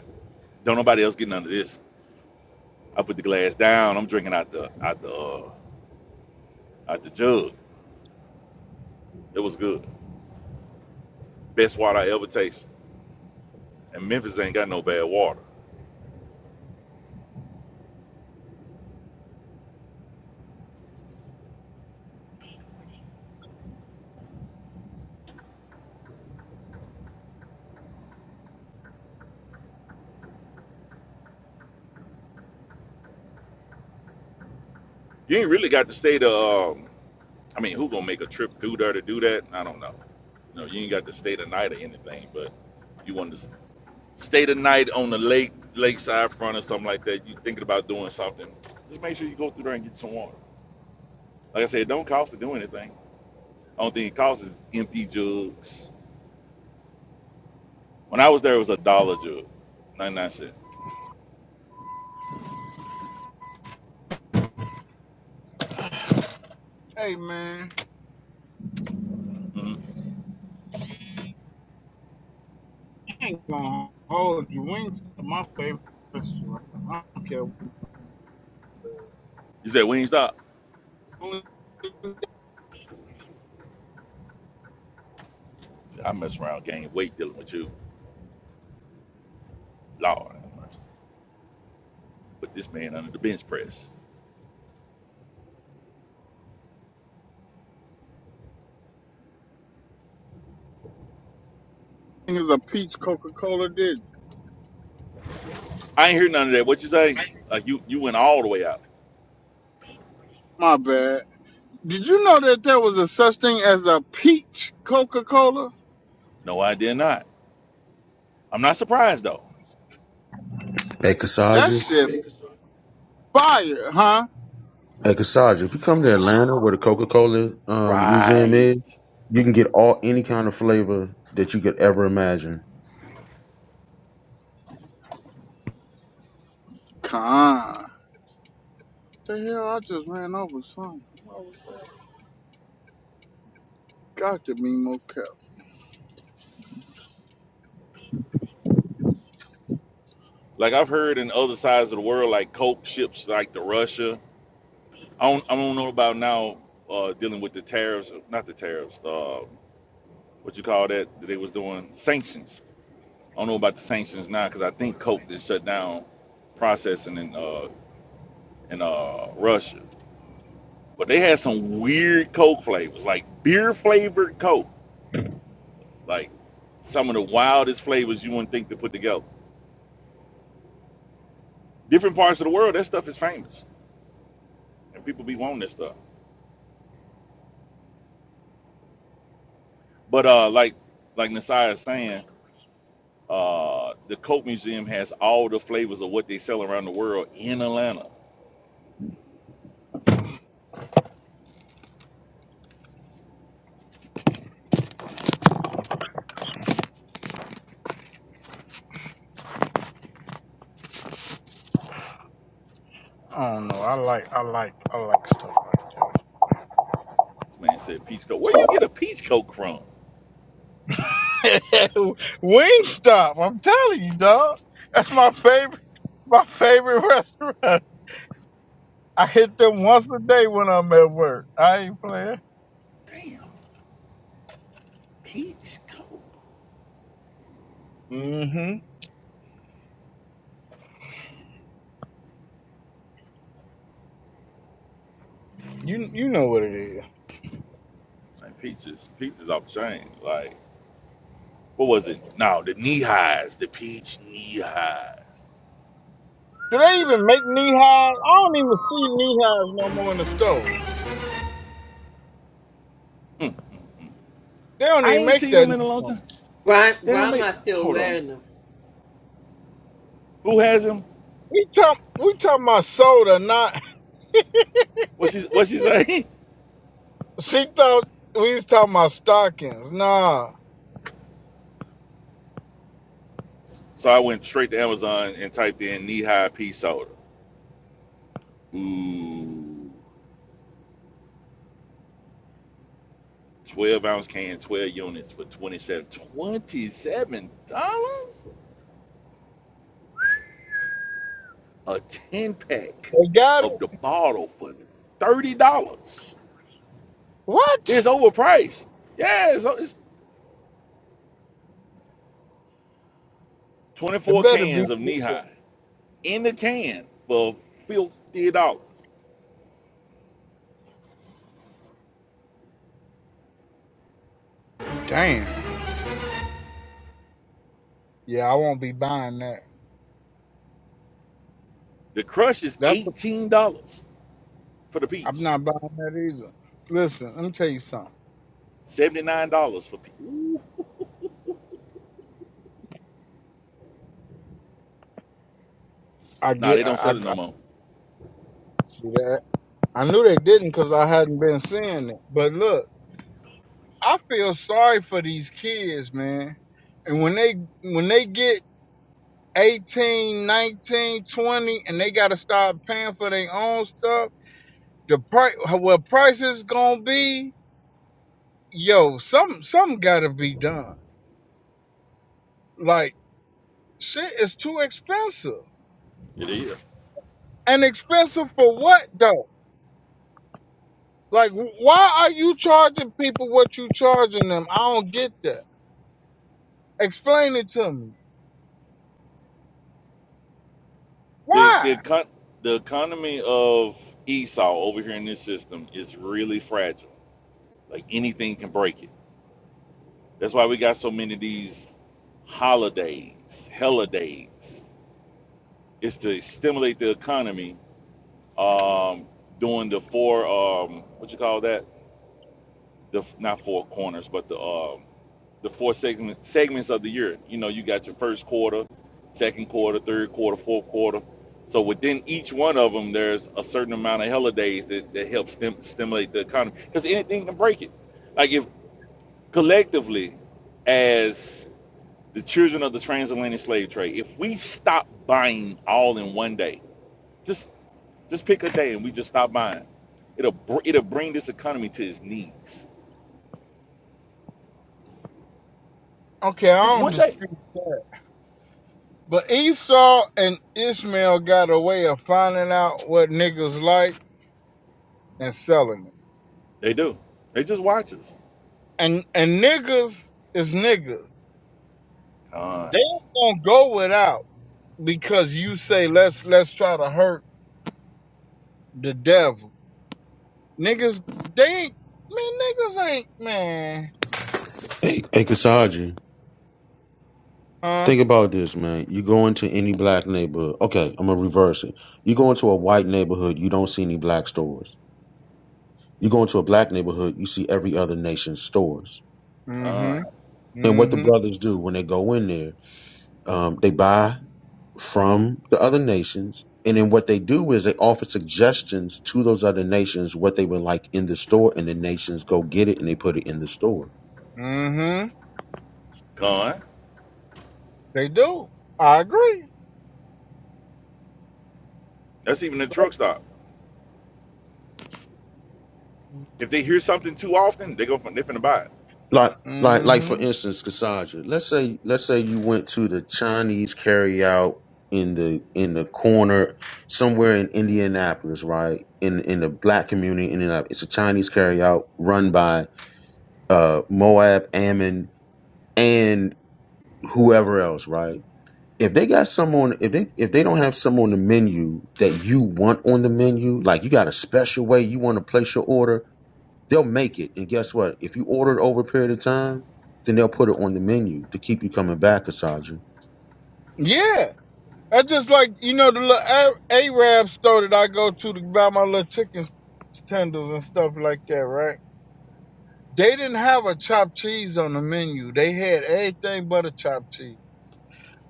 don't nobody else get none of this. I put the glass down. I'm drinking out the out the uh, out the jug. It was good. Best water I ever tasted. And Memphis ain't got no bad water. You ain't really got to stay to. Um, I mean, who gonna make a trip through there to do that? I don't know. You know, you ain't got to stay the night or anything, but you want to stay the night on the lake, lakeside front or something like that. You thinking about doing something? Just make sure you go through there and get some water. Like I said, it don't cost to do anything. The Only thing it costs is empty jugs. When I was there, it was a dollar jug, ninety nine cent. Hey man, Mm-hmm. I'm gonna hold you wings are my favorite restaurant. I don't care what the You said we ain't stop. only I mess around, gain weight dealing with you, Lord. have mercy. Put this man under the bench press. thing is a peach Coca Cola did. I ain't hear none of that. What you say? Like you you went all the way out. My bad. Did you know that there was a such thing as a peach Coca Cola? No, I did not. I'm not surprised though. Hey, That Kasaja. shit fire, huh? Hey, Kasaja, if you come to Atlanta where the Coca-Cola um, museum Right. is, you can get all any kind of flavor that you could ever imagine. Con. The hell, I just ran over something. Got to be more careful. Like I've heard in other sides of the world, like coke ships like to Russia. I don't I don't know about now uh, dealing with the tariffs, not the tariffs. Uh, what you call that? That they was doing sanctions. I don't know about the sanctions now because I think coke did shut down processing in uh, in uh, Russia. But they had some weird coke flavors, like beer flavored coke. Like some of the wildest flavors you wouldn't think to put together. Different parts of the world, that stuff is famous, and people be wanting that stuff. But uh, like like Nasiah is saying, uh, the Coke Museum has all the flavors of what they sell around the world in Atlanta. I don't know. I like, I like, I like stuff like This man said peach coke. Where you get a peach coke from? that. Wingstop, I'm telling you, dog. That's my Damn, favorite, my favorite restaurant. I hit them once a day when I'm at work. I ain't playing. damn, peach coke. hmm You know what it is. Like peaches, peaches off the chain. Like what was it? No, the knee highs, the peach knee high. Do they even make knee highs? I don't even see knee highs no more in the store. Hmm. They don't I even ain't make seen that them in a no long more. time. Grand, They don't make. grandma's still Hold on. wearing them. Who has him? We talk, we talking about soda, not What she what she say? She thought we was talking about stockings. Nah, So I went straight to Amazon and typed in knee high pea soda. Ooh, twelve ounce can, twelve units for twenty seven twenty seven dollars. A ten pack they got it. of the bottle for thirty dollars. What? It's overpriced. Yeah, it's, it's twenty It four better be. cans of knee good. high in the can for fifty dollars. Damn. Yeah, I won't be buying that. The crush is That's. eighteen dollars for the I'm peach, not buying that either. Listen, let me tell you something. seventy nine dollars for peach. I Nah, get. they don't I, I, sell it no I more. see that. I knew they didn't because I hadn't been seeing it. But look, I feel sorry for these kids, man. And when they when they get 18, 19, 20, and they got to start paying for their own stuff the price well prices gonna be yo some some gotta be done like shit is too expensive It is. and expensive for what though like wh- why are you charging people what you charging them i don't get that explain it to me The the why econ- the economy of Esau over here in this system is really fragile. Like anything can break it. That's why we got so many of these holidays, holidays. It's to stimulate the economy um, during the four um, what you call that the not four corners, but the um, the four segment, segments of the year. You know, you got your first quarter, second quarter, third quarter, fourth quarter. So within each one of them, there's a certain amount of holidays that, that help stim- stimulate the economy because anything can break it. Like if collectively, as the children of the transatlantic slave trade, if we stop buying all in one day, just just pick a day and we just stop buying, it'll br- it'll bring this economy to its knees. okay i Just don't one day dispute that but esau and ishmael got a way of finding out what niggas like and selling it They do. They just watch us. and and niggas is niggas Con, they ain't gonna go without because you say let's let's try to hurt the devil. Niggas, they ain't man. Niggas ain't man, Hey, hey Kasaja. huh? Think about this, man. You go into any black neighborhood. Okay, I'm gonna reverse it. You go into a white neighborhood, you don't see any black stores. You go into a black neighborhood, you see every other nation's stores. Mm-hmm. con, And what the Mm-hmm. brothers do when they go in there, um, they buy. from the other nations. And then what they do is they offer suggestions to those other nations what they would like in the store, and the nations go get it and they put it in the store. Mm-hmm. con. They do. I agree. That's even the Like, truck stop. If they hear something too often, they go from they finna buy it. like like like for mm-hmm. instance Cassandra, let's say let's say you went to the Chinese carryout in the in the corner somewhere in Indianapolis, right? In in the black community in Indianapolis. It's a Chinese carryout run by uh Moab, Ammon, and whoever else, right? If they got some on if they if they don't have some on the menu that you want on the menu, like you got a special way you want to place your order, They'll make it. And guess what? If you order it over a period of time, then they'll put it on the menu to keep you coming back, Asaja. Yeah. That's just like you know the little A- Arab store that I go to to buy my little chicken tenders and stuff like that, right? They didn't have a chopped cheese on the menu. They had everything but a chopped cheese.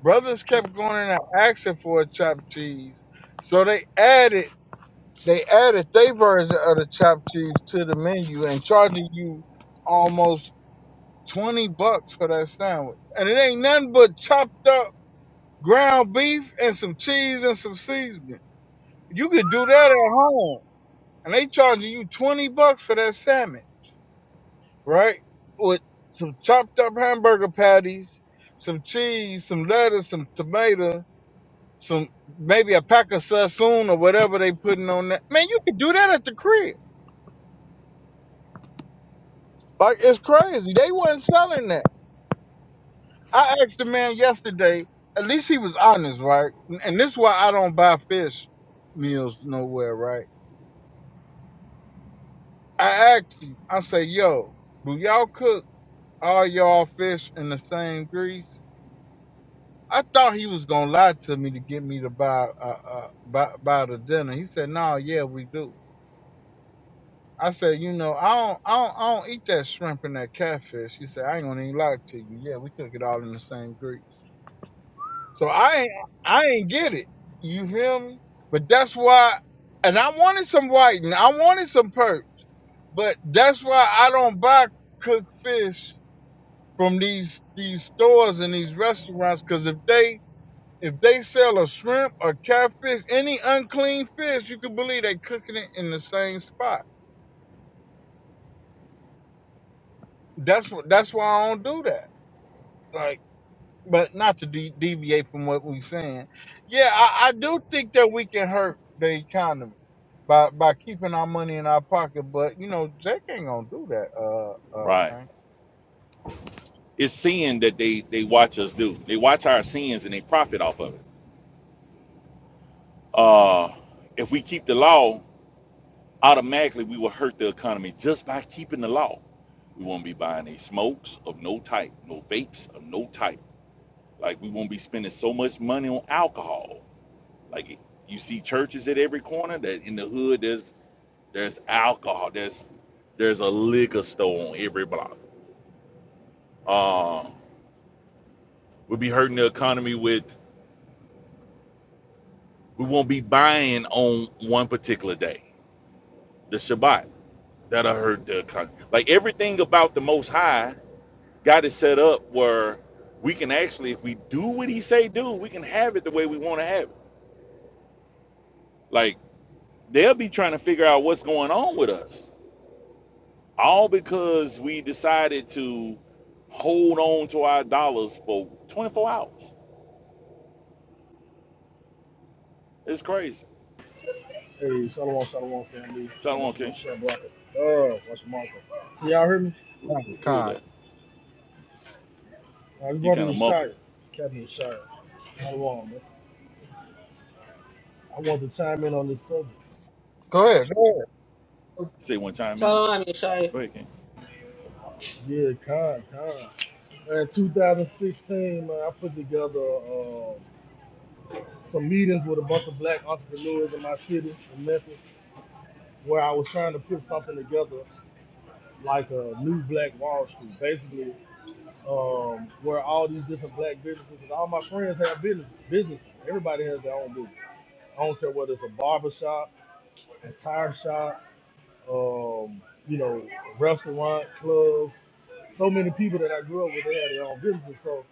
Brothers kept going in and asking for a chopped cheese. So they added they added their version of the chopped cheese to the menu and charging you almost twenty bucks for that sandwich. And it ain't nothing but chopped up ground beef and some cheese and some seasoning. You could do that at home. And they charging you twenty bucks for that salmon, right? With some chopped up hamburger patties, some cheese, some lettuce, some tomato, some maybe a pack of Sassoon or whatever they putting on that. Man, you can do that at the crib. Like it's crazy. They wasn't selling that. I asked the man yesterday. At least he was honest, right? And and this is why I don't buy fish meals nowhere, right? I asked him. I say, yo, do y'all cook all y'all fish in the same grease? I thought he was gonna lie to me to get me to buy uh, uh buy, buy the dinner. He said, no, yeah, we do. I said, you know, I don't, I don't, I don't eat that shrimp and that catfish. She said, I ain't gonna even lie to you. Yeah, we cook it all in the same grease. So I ain't, I ain't get it. You feel me? But that's why, and I wanted some whiting. I wanted some perk. But that's why I don't buy cooked fish from these these stores and these restaurants. Cause if they if they sell a shrimp or catfish, any unclean fish, you can believe they cooking it in the same spot. That's what. That's why I don't do that. Like but not to de- deviate from what we're saying. Yeah, I, I do think that we can hurt the economy by by keeping our money in our pocket. But you know, Jake ain't gonna do that. Uh, uh, Right. thing. It's sin that they they watch us do. They watch our sins and they profit off of it. Uh, if we keep the law, automatically we will hurt the economy just by keeping the law. We won't be buying any smokes of no type, no vapes of no type. Like we won't be spending so much money on alcohol. Like you see churches at every corner that in the hood there's There's alcohol. There's there's a liquor store on every block. Uh, we'll be hurting the economy with we won't be buying on one particular day, the Shabbat. That'll hurt the economy. Like everything about the Most High got it set up where we can actually, if we do what He say do, we can have it the way we want to have it. Like they'll be trying to figure out what's going on with us, all because we decided to hold on to our dollars for 24 hours. It's crazy. Hey, Salomon, Salomon family. Got Shalom, us a little King. share blocker. Oh, what's Marco? Can y'all hear me? Who, who is Con, that? I just You brought kind you of to muffled. Shire. Captain Shire. Salomon, man. I want to chime in on this subject. go ahead. Go ahead. You say one time in. Shalom Yeshaya. Go ahead, King. Yeah, con, con. In 2016, man, I put together uh, some meetings with a bunch of black entrepreneurs in my city, in Memphis, where I was trying to put something together like a new black Wall Street. Basically, um, where all these different black businesses, because all my friends have business, businesses. Everybody has their own business. I don't care whether it's a barber shop, a tire shop, um, you know, restaurant, club. So many people that I grew up with, they had their own businesses. So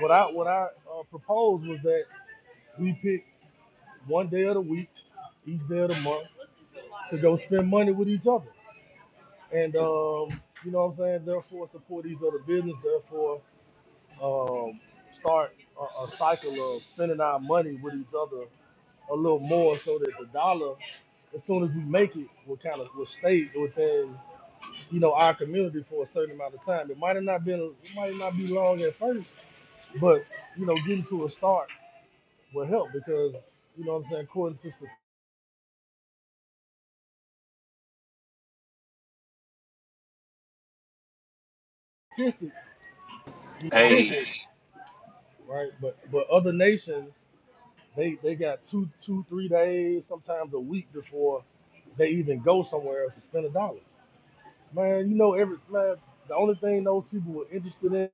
what I what I uh, proposed was that we pick one day of the week, each day of the month, to go spend money with each other, and um, you know what I'm saying. Therefore, support each other business. Therefore, um, start a, a cycle of spending our money with each other a little more so that the dollar, as soon as we make it, will kind of will stay within, you know, our community for a certain amount of time. It might have not been, it might not be long at first, but you know, getting to a start will help because, you know, what I'm saying, according to statistics, you every other nation, right? But but other nations They they got two two three days, sometimes a week before they even go somewhere else to spend a dollar. Man, you know every man. The only thing those people were interested in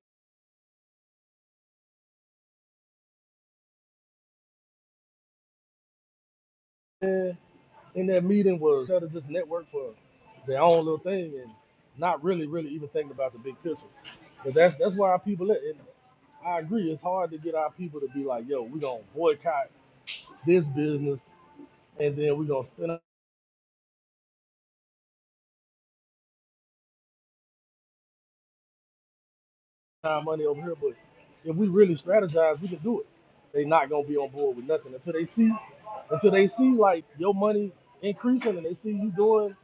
in that meeting was how to just network for their own little thing and not really really even thinking about the big picture. But that's that's why our people. At. And I agree, it's hard to get our people to be like, yo, we gonna boycott this business and then we gonna spend. time money over here, but if we really strategize, we can do it. They not gonna be on board with nothing until they see, until they see like your money increasing and they see you doing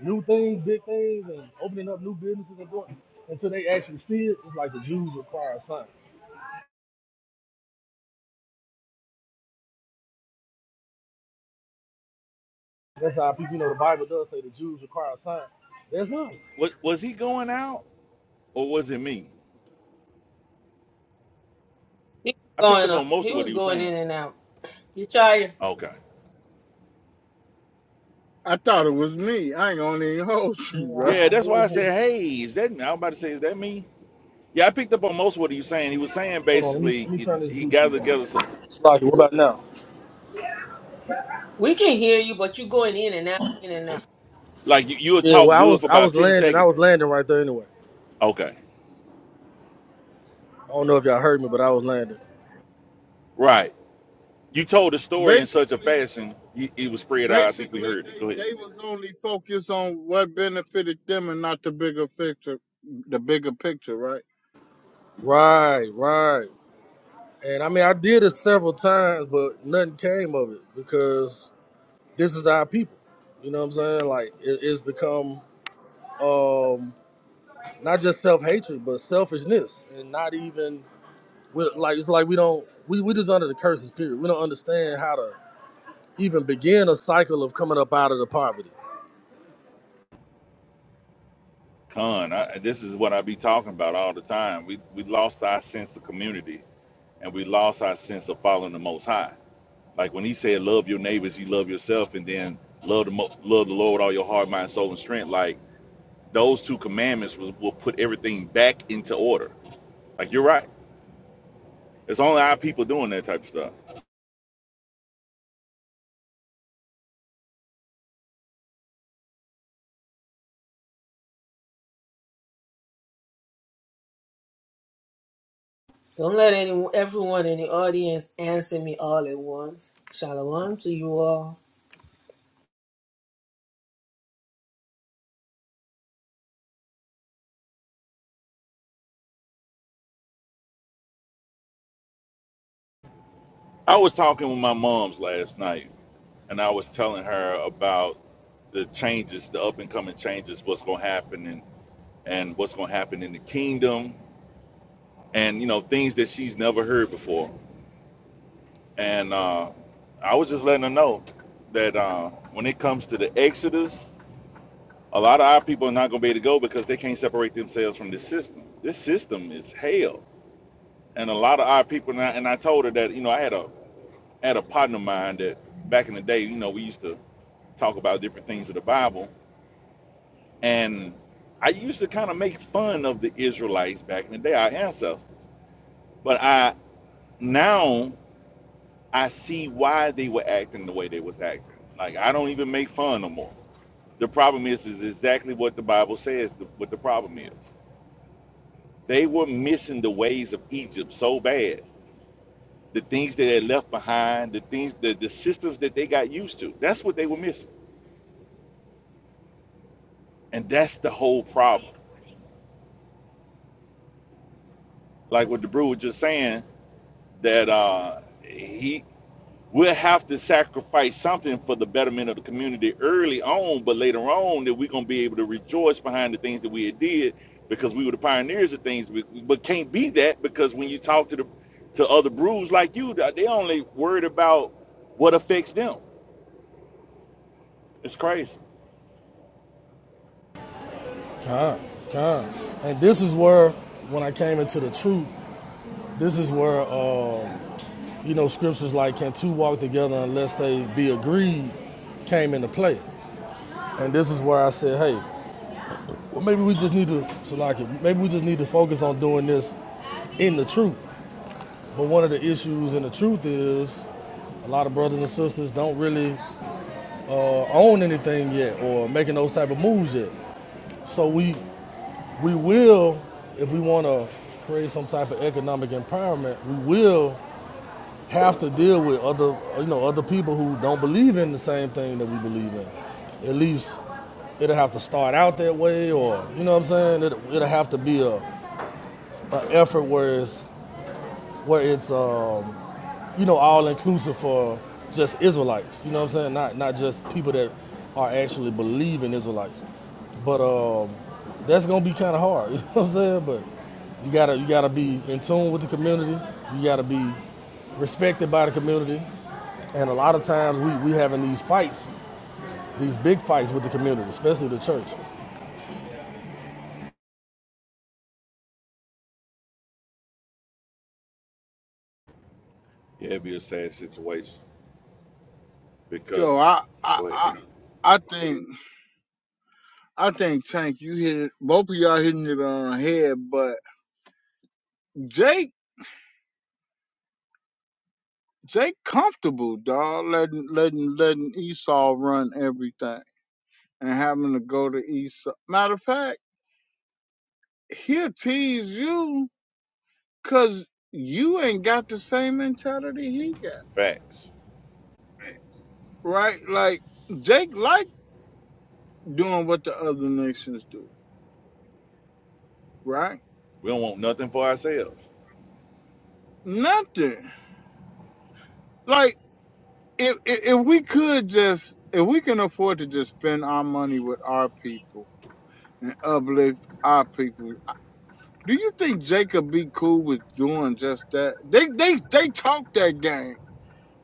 new things, big things, and opening up new businesses and doing. Until they actually see it, it's like the Jews require a sign. That's how people, you know, the Bible does say the Jews require a sign. That's us. Was, was he going out or was it me? He I was picked going up on up. most He of what was he was going saying. in and out. Yeshaya. Okay. I thought it was me. I ain't gonna even hold you, right? Yeah, Yeah, he that's why I was said, hey, is that me? I was about to say, is that me? Yeah, I picked up on most of what he was saying. He was saying Hold on, let me basically let me he, turn this he gathered Bluetooth off. together, so, Slocky, what about now? we can hear you, but you're going in and out, in and out. like you, you would Yeah, talk well, I good for was I about was 10 landing. I seconds. was landing right there anyway. Okay. I don't know if y'all heard me, but I was landing. Right. You told the story in such a Basically, fashion, you- it was spread out. I think we basically, heard it. Go they ahead. they was only focused on what benefited them and not the bigger picture. The bigger picture, right? Right, right. And I mean, I did it several times, but nothing came of it because this is our people. You know what I'm saying? Like it, it's become um, not just self hatred, but selfishness, and not even like it's like we don't we we just under the curses. Period. We don't understand how to even begin a cycle of coming up out of the poverty. Con, I, this is what I be talking about all the time. We we lost our sense of community and we lost our sense of following the Most High. Like when He said, "Love your neighbors, you love yourself," and then love the mo- love the Lord with all your heart, mind, soul, and strength. Like those two commandments was, will put everything back into order. Like you're right. It's only our people doing that type of stuff. Don't let anyone, everyone in the audience answer me all at once. Shalom to you all. I was talking with my mom's last night, and I was telling her about the changes, the up and coming changes, what's gonna happen, and and what's gonna happen in the kingdom and you know things that she's never heard before. And uh, I was just letting her know that uh, when it comes to the Exodus, a lot of our people are not going to be able to go because they can't separate themselves from this system. This system is hell, and a lot of our people. And I, and I told her that you know I had a had a partner of mine that back in the day, you know, we used to talk about different things of the Bible, and I used to kind of make fun of the Israelites back in the day, our ancestors. But I now I see why they were acting the way they was acting. Like I don't even make fun no more. The problem is is exactly what the Bible says the, what the problem is. They were missing the ways of Egypt so bad. The things that they left behind, the things the, the systems that they got used to. That's what they were missing. And that's the whole problem. Like what the brew was just saying, that uh he we'll have to sacrifice something for the betterment of the community early on, but later on that we're gonna be able to rejoice behind the things that we had did because we were the pioneers of things. We- But can't be that because when you talk to the to other brews like you, they only worried about what affects them. It's crazy. Con, con. And this is where, when I came into the truth, this is where, uh, you know, scriptures like, can two walk together unless they be agreed, came into play. And this is where I said, hey, well, maybe we just need to, Shalaki, maybe we just need to focus on doing this in the truth. But one of the issues in the truth is a lot of brothers and sisters don't really uh, own anything yet or making those type of moves yet. So we we will, if we want to create some type of economic empowerment, we will have to deal with other, you know, other people who don't believe in the same thing that we believe in. At least it'll have to start out that way or you know what i'm saying it'll, it'll have to be a effort where it's where it's uh, you know all inclusive for just Israelites. You know what I'm saying? Not not just people that are actually believing Israelites. But um, that's gonna be kind of hard. You know what I'm saying? But you gotta you gotta be in tune with the community. You gotta be respected by the community. And a lot of times we we having these fights, these big fights with the community, especially the church. Yeah, it'd be a sad situation because Yo, I I go ahead, I, Kim. I think. I think Tank, you hit it. Both of y'all hitting it on the head, but Jake, Jake, comfortable dog, letting letting letting Esau run everything and having to go to Esau. Matter of fact, he'll tease you cause you ain't got the same mentality he got, Facts. right? Like Jake like doing what the other nations do, right? We don't want nothing for ourselves. Nothing like. If, if if we could just if we can afford to just spend our money with our people and uplift our people. Do you think Jacob be cool with doing just that? They they they talk that game.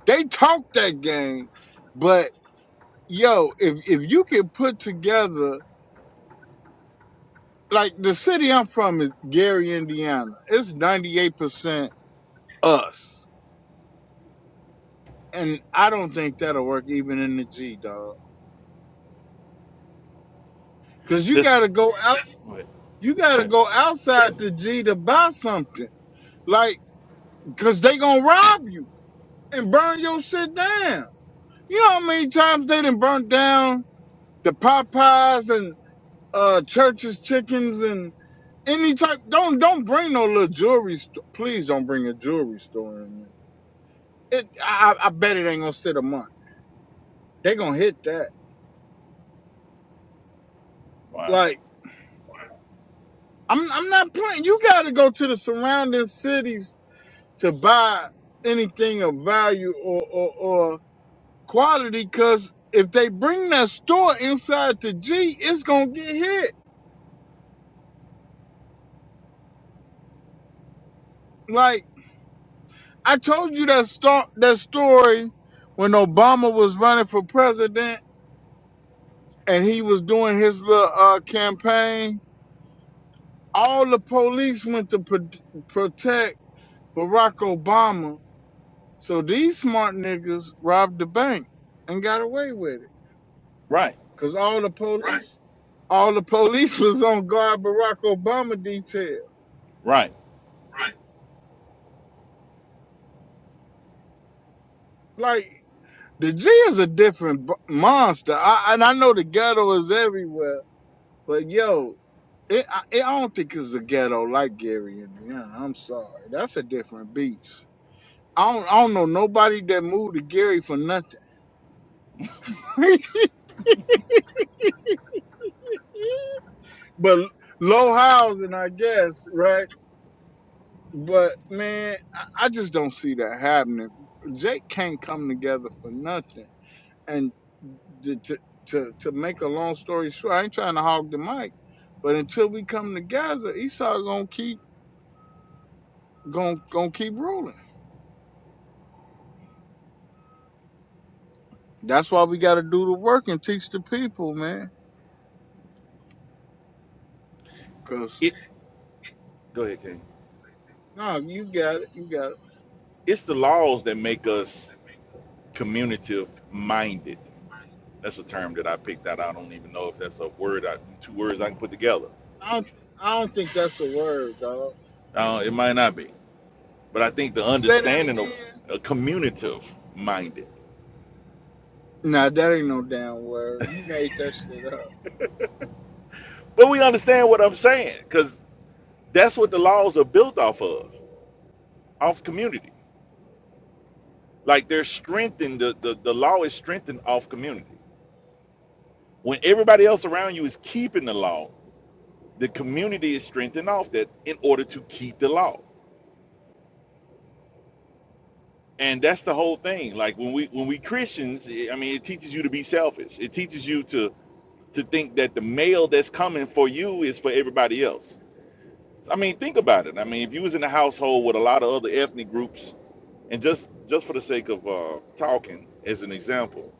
They talk that game. But yo, if if you can put together like the city I'm from is Gary, Indiana. It's 98% us. And I don't think that'll work even in the G, dog. Cause you This. gotta go out Wait, you gotta wait. go outside the G to buy something. Like, cause they gonna rob you and burn your shit down. You know how many times they done burnt down the Popeyes and uh churches, chickens, and any type. Don't don't bring no little jewelry. St- Please don't bring a jewelry store in there. It, I, I I bet it ain't gonna sit a month. They gonna hit that. Wow. Like I'm I'm not playing. You gotta go to the surrounding cities to buy anything of value or or, or quality. Cause if they bring that store inside to G, it's gonna get hit. Like I told you that sto- that story when Obama was running for president and he was doing his little uh, campaign. All the police went to pro- protect Barack Obama. So these smart niggas robbed the bank and got away with it Right. because all the police, Right. all the police was on guard Barack Obama detail. Right. Like the G is a different b- monster. I and I know the ghetto is everywhere, but yo. It, I, it, I don't think it's a ghetto like Gary, Indiana. I'm sorry, that's a different beast. I don't, I don't know nobody that moved to Gary for nothing, but low housing, I guess, right? But man, I, I just don't see that happening. Jake can't come together for nothing. And to, to to to make a long story short, I ain't trying to hog the mic, but until we come together, Esau gonna keep gonna gonna keep ruling. That's why we got to do the work and teach the people, man. Cause It. Go ahead, King. no, you got it, you got it. It's the laws that make us community minded. That's a term that I picked out. I don't even know if that's a word, I, two words I can put together. I don't, I don't think that's a word, dog. Uh, it might not be. But I think the Say that understanding of again. uh, communitive minded. Nah, that ain't no damn word. You made that shit up. But we understand what I'm saying because that's what the laws are built off of, off community. Like they're strengthened, the, the, the law is strengthened off community. When everybody else around you is keeping the law, the community is strengthened off that in order to keep the law. and that's the whole thing like when we when we christians eh, i mean it teaches you to be selfish it teaches you to to think that the mail that's coming for you is for everybody else i mean think about it i mean if you was in a household with a lot of other ethnic groups and just just for the sake of uh talking as an example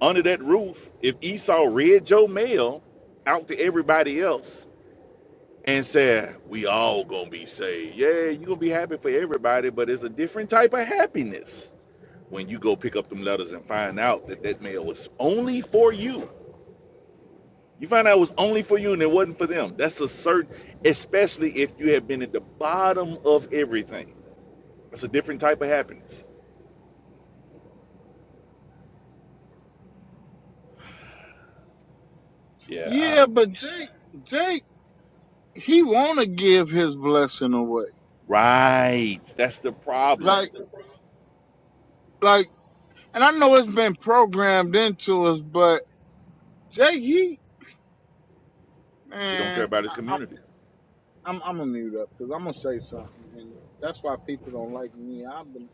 under that roof if esau read your mail out to everybody else and said we all gonna be saved yeah you gonna be happy for everybody but it's a different type of happiness when you go pick up them letters and find out that that mail was only for you. You find out it was only for you and it wasn't for them. That's a certain, especially if you have been at the bottom of everything. That's a different type of happiness. Yeah, I, Yeah, but Jake, Jake, he wanna give his blessing away. right. That's the problem. Like, like, and I know it's been programmed into us, but Jake, he, He don't care man, about his I, I, community. I'm, I'm gonna mute up because I'm gonna say something, and that's why people don't like me. I've been.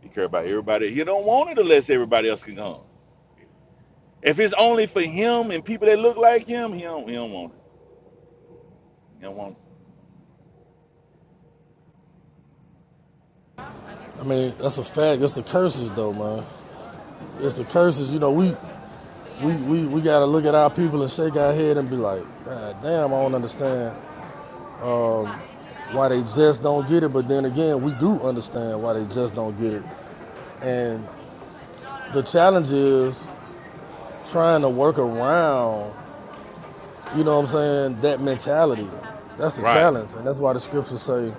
He care about everybody. He don't want it unless everybody else can come. If it's only for him and people that look like him, he don't, he don't want it. He don't want it. I mean, that's a fact. It's the curses though, man. It's the curses. You know, we We, we, we got to look at our people and shake our head and be like, God damn, I don't understand why they just don't get it. But then again, we do understand why they just don't get it. And the challenge is trying to work around, you know what I'm saying, that mentality. That's the Right, challenge. And that's why the scriptures say,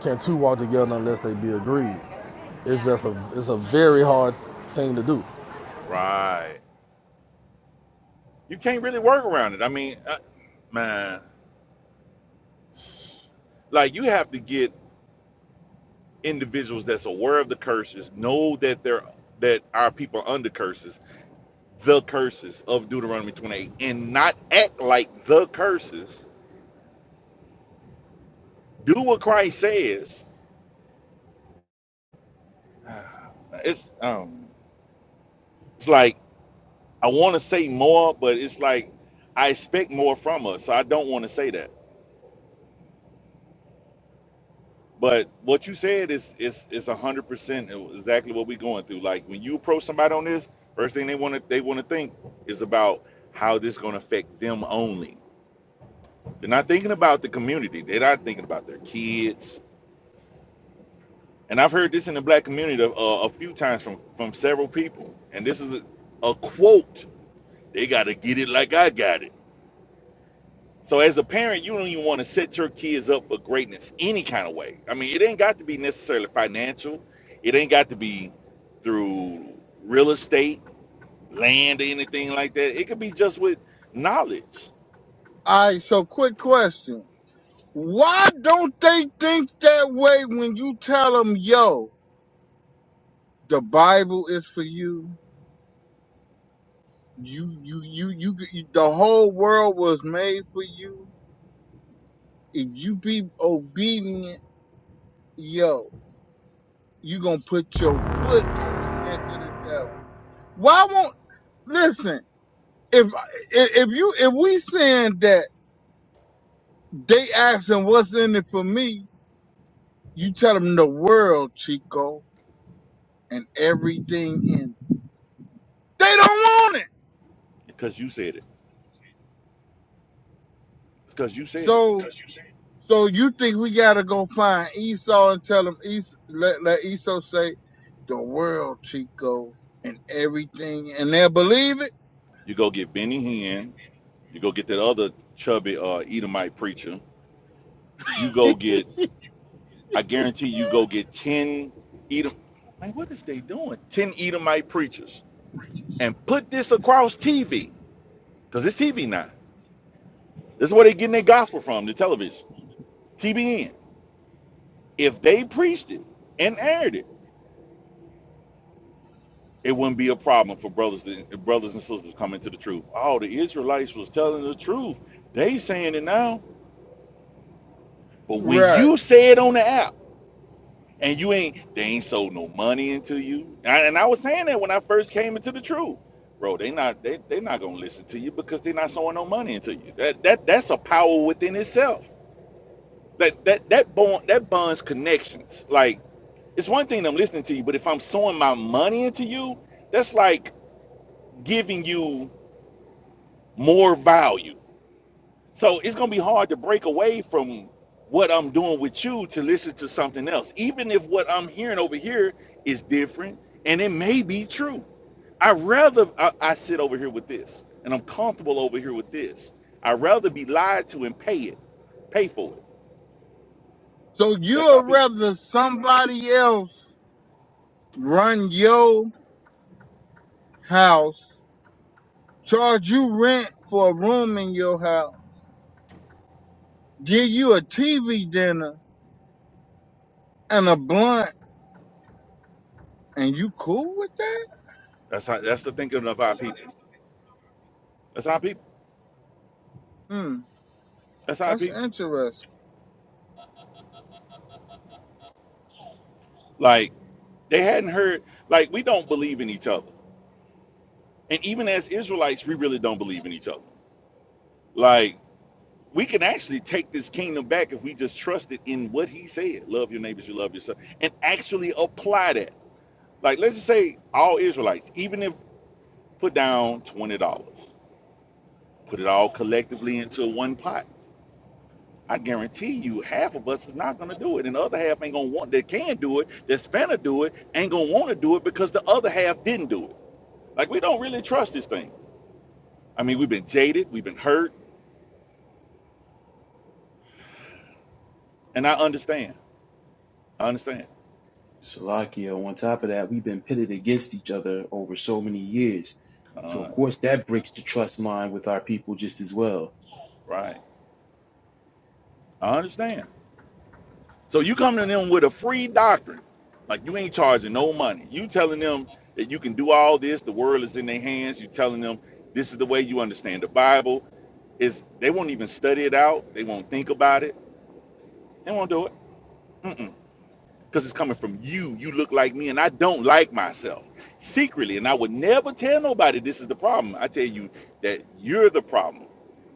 can two walk together unless they be agreed? It's just a, it's a very hard thing to do. right. You can't really work around it. I mean, I, man, like you have to get individuals that's aware of the curses, know that they're that our people are under curses, the curses of Deuteronomy 28, and not act like the curses. Do what Christ says. It's um it's like I want to say more, but it's like I expect more from us. So I don't want to say that. But what you said is is is a hundred percent exactly what we're going through. Like when you approach somebody on this, first thing they want to they want to think is about how this going to affect them only. They're not thinking about the community. They're not thinking about their kids. And I've heard this in the black community uh, a few times from from several people. And this is a, a quote. They got to get it like I got it. So as a parent, you don't even want to set your kids up for greatness any kind of way. I mean, it ain't got to be necessarily financial. It ain't got to be through real estate, land, or anything like that. It could be just with knowledge. All right, so quick question. Why don't they think that way when you tell them, "Yo, the Bible is for you. You, you, you, you. you the whole world was made for you. If you be obedient, yo, you gonna put your foot on the neck of the devil." Why won't listen? If if you if we saying that they asking what's in it for me, you tell them the world, Chico, and everything in. it. They don't want it. Because you said it. It's because you said it. So so you think we gotta go find Esau and tell him Esau, let, let Esau say the world, Chico, and everything, and they'll believe You go get Benny Hinn. You go get that other chubby uh, Edomite preacher. You go it? get. I guarantee you go get ten Edom. Man, what is they doing? Ten Edomite preachers and put this across TV Because it's TV now. This is where they're getting their gospel from, the television. TBN. If they preached it and aired it, it wouldn't be a problem for brothers and brothers and sisters coming to the truth. Oh, the Israelites was telling the truth. They saying it now. But when Right. you say it on the app and you ain't they ain't sold no money into you. And I, and I was saying that when I first came into the truth. Bro, they not they they not gonna listen to you because they're not sowing no money into you. That that that's a power within itself. That that that bond that bonds connections. Like it's one thing that I'm listening to you, but if I'm sowing my money into you, that's like giving you more value. So it's gonna be hard to break away from what I'm doing with you to listen to something else, even if what I'm hearing over here is different and it may be true. I rather I, I sit over here with this, and I'm comfortable over here with this. I'd rather be lied to and pay it, pay for it. So you That's our would people. rather somebody else run your house, charge you rent for a room in your house, give you a TV dinner and a blunt, and you cool with that? That's how. That's the thinking of our people. That's our people. Hmm, That's our that's people. interesting. Like they hadn't heard. Like we don't believe in each other, and even as Israelites, we really don't believe in each other. Like we can actually take this kingdom back if we just trust it in what He said: love your neighbors, you love yourself, and actually apply that. Like let's just say all Israelites, even if put down twenty dollars, put it all collectively into one pot. I guarantee you, half of us is not gonna do it, and the other half ain't gonna want. That can do it, that's finna do it, ain't gonna want to do it because the other half didn't do it. Like we don't really trust this thing. I mean, we've been jaded, we've been hurt, and I understand. I understand. Salakia. On top of that, we've been pitted against each other over so many years. So Uh, of course that breaks the trust line with our people just as well. right. I understand. So you coming to them with a free doctrine, like you ain't charging no money. You telling them that you can do all this. The world is in their hands. You telling them this is the way you understand the Bible. Is they won't even study it out. They won't think about it. They won't do it. Mm-mm. because it's coming from you. You look like me, and I don't like myself secretly. And I would never tell nobody this is the problem. I tell you that you're the problem.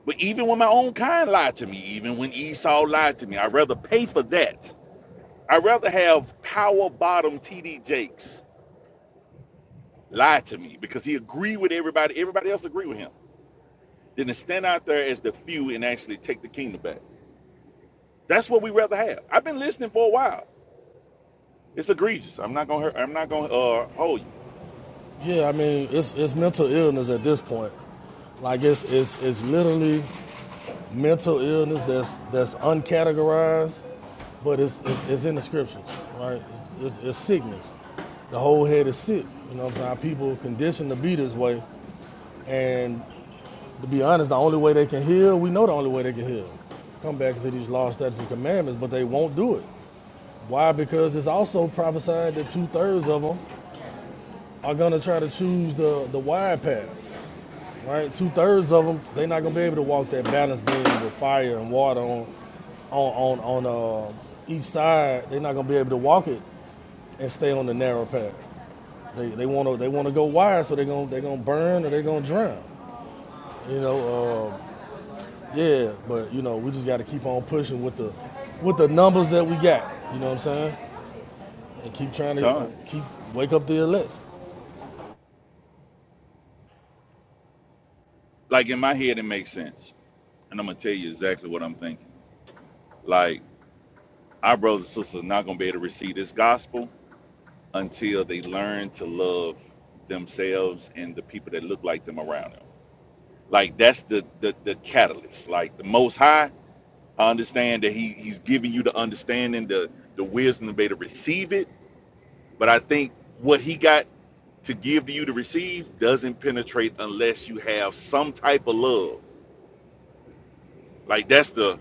But even when my own kind lied to me, even when Esau lied to me, I'd rather pay for that. I'd rather have power bottom TD Jakes lie to me because he agreed with everybody, everybody else agreed with him, than to stand out there as the few and actually take the kingdom back. That's what we rather have. I've been listening for a while. It's egregious. I'm not gonna hurt, I'm not gonna uh, hold you. Yeah, I mean, it's, it's mental illness at this point. Like it's, it's, it's literally mental illness that's that's uncategorized, but it's it's, it's in the scriptures, right? It's, it's sickness. The whole head is sick. You know what I'm saying? People conditioned to be this way, and to be honest, the only way they can heal, we know the only way they can heal, come back to these laws, statutes, and commandments, but they won't do it. Why? Because it's also prophesied that two thirds of them are gonna try to choose the the wide path. right? Two thirds of them, they're not gonna be able to walk that balance beam with fire and water on, on, on, on uh, each side. They're not gonna be able to walk it and stay on the narrow path. They, they wanna they wanna go wide, so they're gonna they gonna burn or they're gonna drown. You know, uh, yeah. But you know, we just got to keep on pushing with the with the numbers that we got. You know what I'm saying? And keep trying to Done. uh, keep wake up the elect. like in my head it makes sense and i'm gonna tell you exactly what i'm thinking like our brothers and sisters are not gonna be able to receive this gospel until they learn to love themselves and the people that look like them around them like that's the the, the catalyst like the most high i understand that he he's giving you the understanding the the wisdom to be able to receive it but i think what he got to give to you to receive doesn't penetrate unless you have some type of love like that's the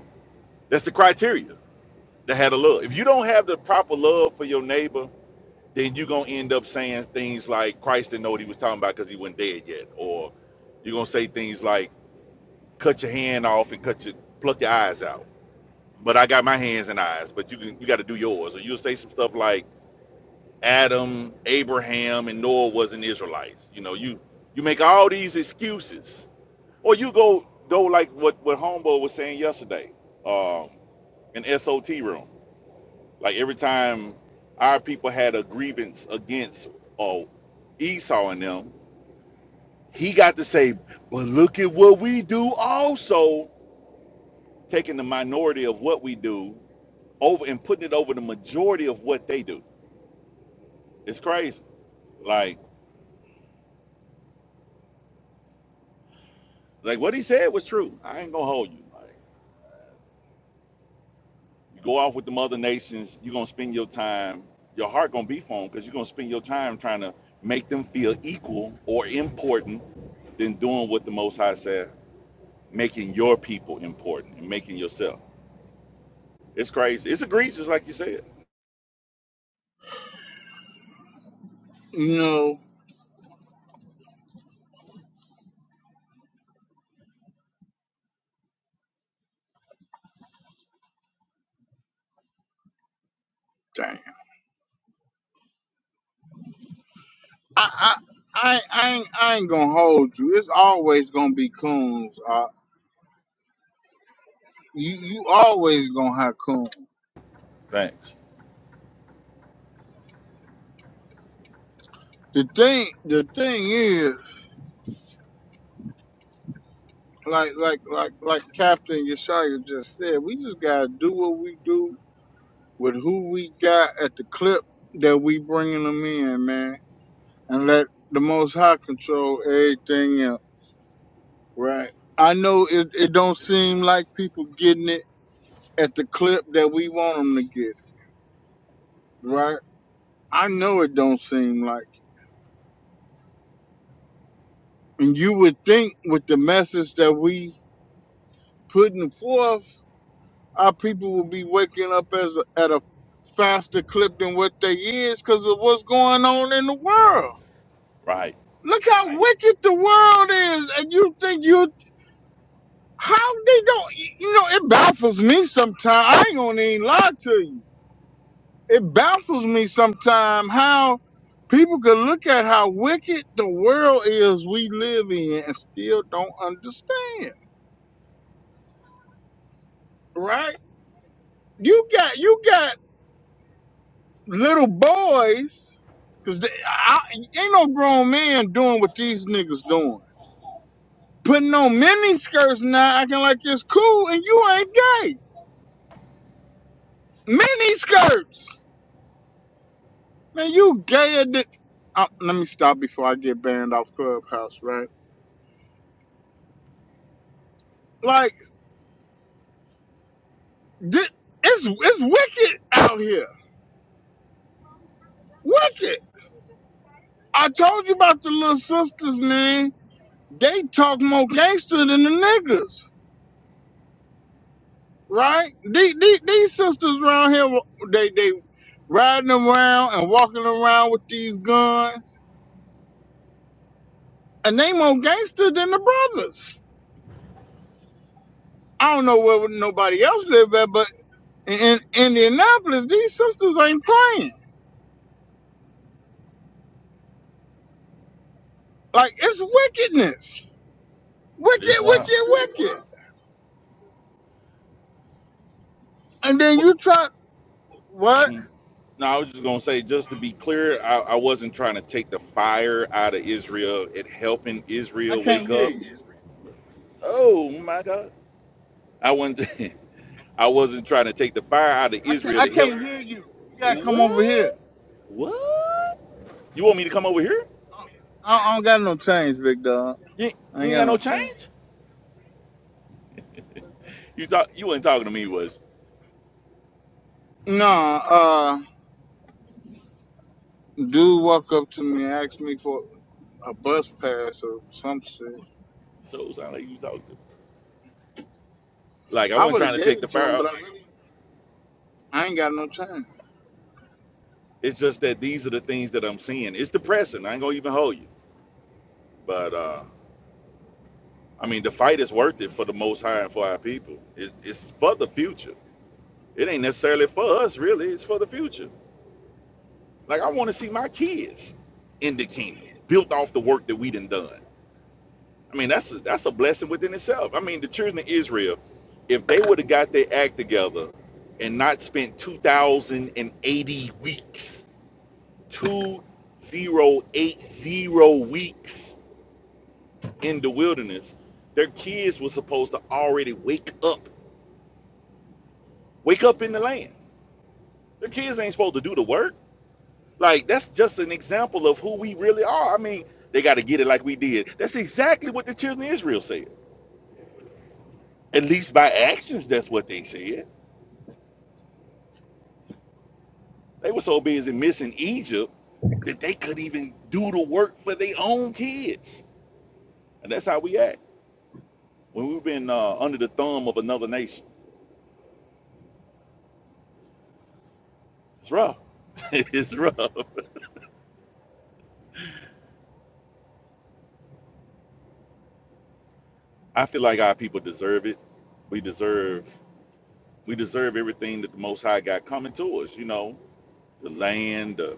that's the criteria that had a love. If you don't have the proper love for your neighbor, then you're gonna end up saying things like Christ didn't know what he was talking about because he wasn't dead yet, or you're gonna say things like cut your hand off and cut your pluck your eyes out. But I got my hands and eyes, but you can you got to do yours, or you'll say some stuff like Adam, Abraham, and Noah wasn't Israelites. You know, you you make all these excuses, or you go go like what what Homeboy was saying yesterday, um, in SOT room Like every time our people had a grievance against oh Esau and them, he got to say, but look at what we do also, taking the minority of what we do over and putting it over the majority of what they do. It's crazy. Like like what he said was true. I ain't gonna hold you. Like you go off with the other nations, you're gonna spend your time, your heart gonna be for because you're gonna spend your time trying to make them feel equal or important than doing what the most high said. making your people important and making yourself. It's crazy. It's egregious, like you said. You know, I, I, I, I, ain't, I ain't gonna hold you. It's always gonna be coons. Uh, you, you always gonna have coons. Thanks. The thing, the thing is, like, like, like, like Captain Yeshaya just said, we just gotta do what we do with who we got at the clip that we bringing them in, man, and let the Most High control everything else, right? I know it, it don't seem like people getting it at the clip that we want them to get, right? I know it don't seem like. And you would think with the message that we putting forth, our people will be waking up as a, at a faster clip than what they is because of what's going on in the world. Right. Look how Right. wicked the world is, and you think you how they don't. You know, it baffles me sometimes. I ain't gonna even lie to you. it baffles me sometimes how people could look at how wicked the world is we live in and still don't understand right you got you got little boys because ain't no grown man doing what these niggas doing putting on mini skirts now acting like it's cool and you ain't gay mini skirts man you gayer than uh, let me stop before i get banned off clubhouse right like Thi- it's it's wicked out here. Wicked. I told you about the little sisters, man. They talk more gangster than the niggas, right? These, these, these sisters around here, they they riding around and walking around with these guns, and they more gangster than the brothers. I don't know where nobody else live at, but in, in Indianapolis, these sisters ain't playing. Like it's wickedness, It wicked, is wild. wicked, wicked. And then What? you try what? hmm. No, I was just gonna say, just to be clear, I, I wasn't trying to take the fire out of Israel and helping I Israel can't wake hear up. you. Oh my God! I wasn't. I wasn't trying to take the fire out of I can't, Israel I to help. can't hear you. You gotta come over here. What? What? You want me to come over here? I, I don't got no change, big dog. You, I you ain't ain't got got no no change. change? You thought you wasn't talking to me, was No, uh, dude walked up to me and asked me for a bus pass or some shit. so sound like you talking Like I I wasn't would have trying to gave take the it to fire him, but I, out. really, I ain't got no change. It's just that these are the things that I'm seeing. It's depressing. I ain't gonna even hold you. But uh, I mean, the fight is worth it for the Most High and for our people. It, it's for the future. It ain't necessarily for us, really. It's for the future. Like I want to see my kids in the kingdom, built off the work that we done done. I mean, that's a, that's a blessing within itself. I mean, the children of Israel, if they would have got their act together and not spent 2,080 weeks 2080 weeks in the wilderness, their kids were supposed to already wake up, wake up in the land. Their kids ain't supposed to do the work. Like, that's just an example of who we really are. I mean, they got to get it like we did. That's exactly what the children of Israel said. At least by actions, that's what they said. They were so busy missing Egypt that they could not even do the work for their own kids. And that's how we act when we've been uh, under the thumb of another nation. It's rough. it's rough. I feel like our people deserve it. We deserve we deserve everything that the Most High got coming to us. You know, the land, the,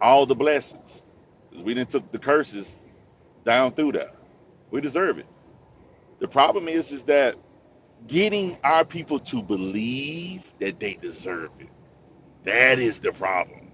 all the blessings. We didn't took the curses down through that. We deserve it. The problem is, is that getting our people to believe that they deserve it. That is the problem.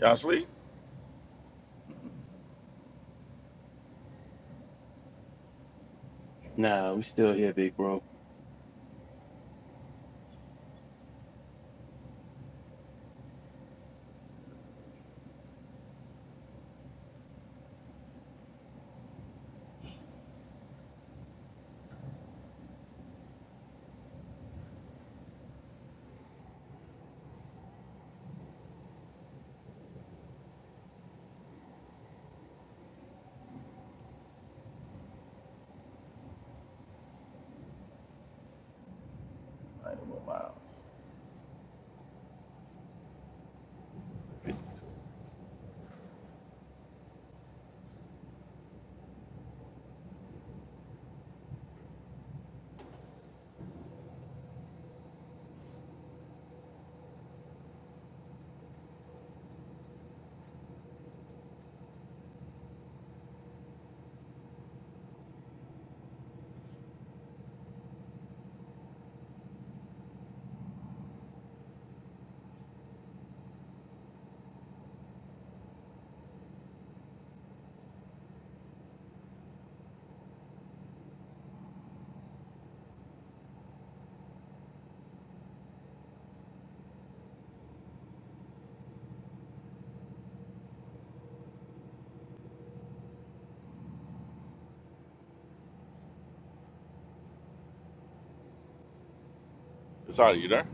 Y'all sleep? Nah, we still here, big bro. I ain't moving my house. Sorry, you there?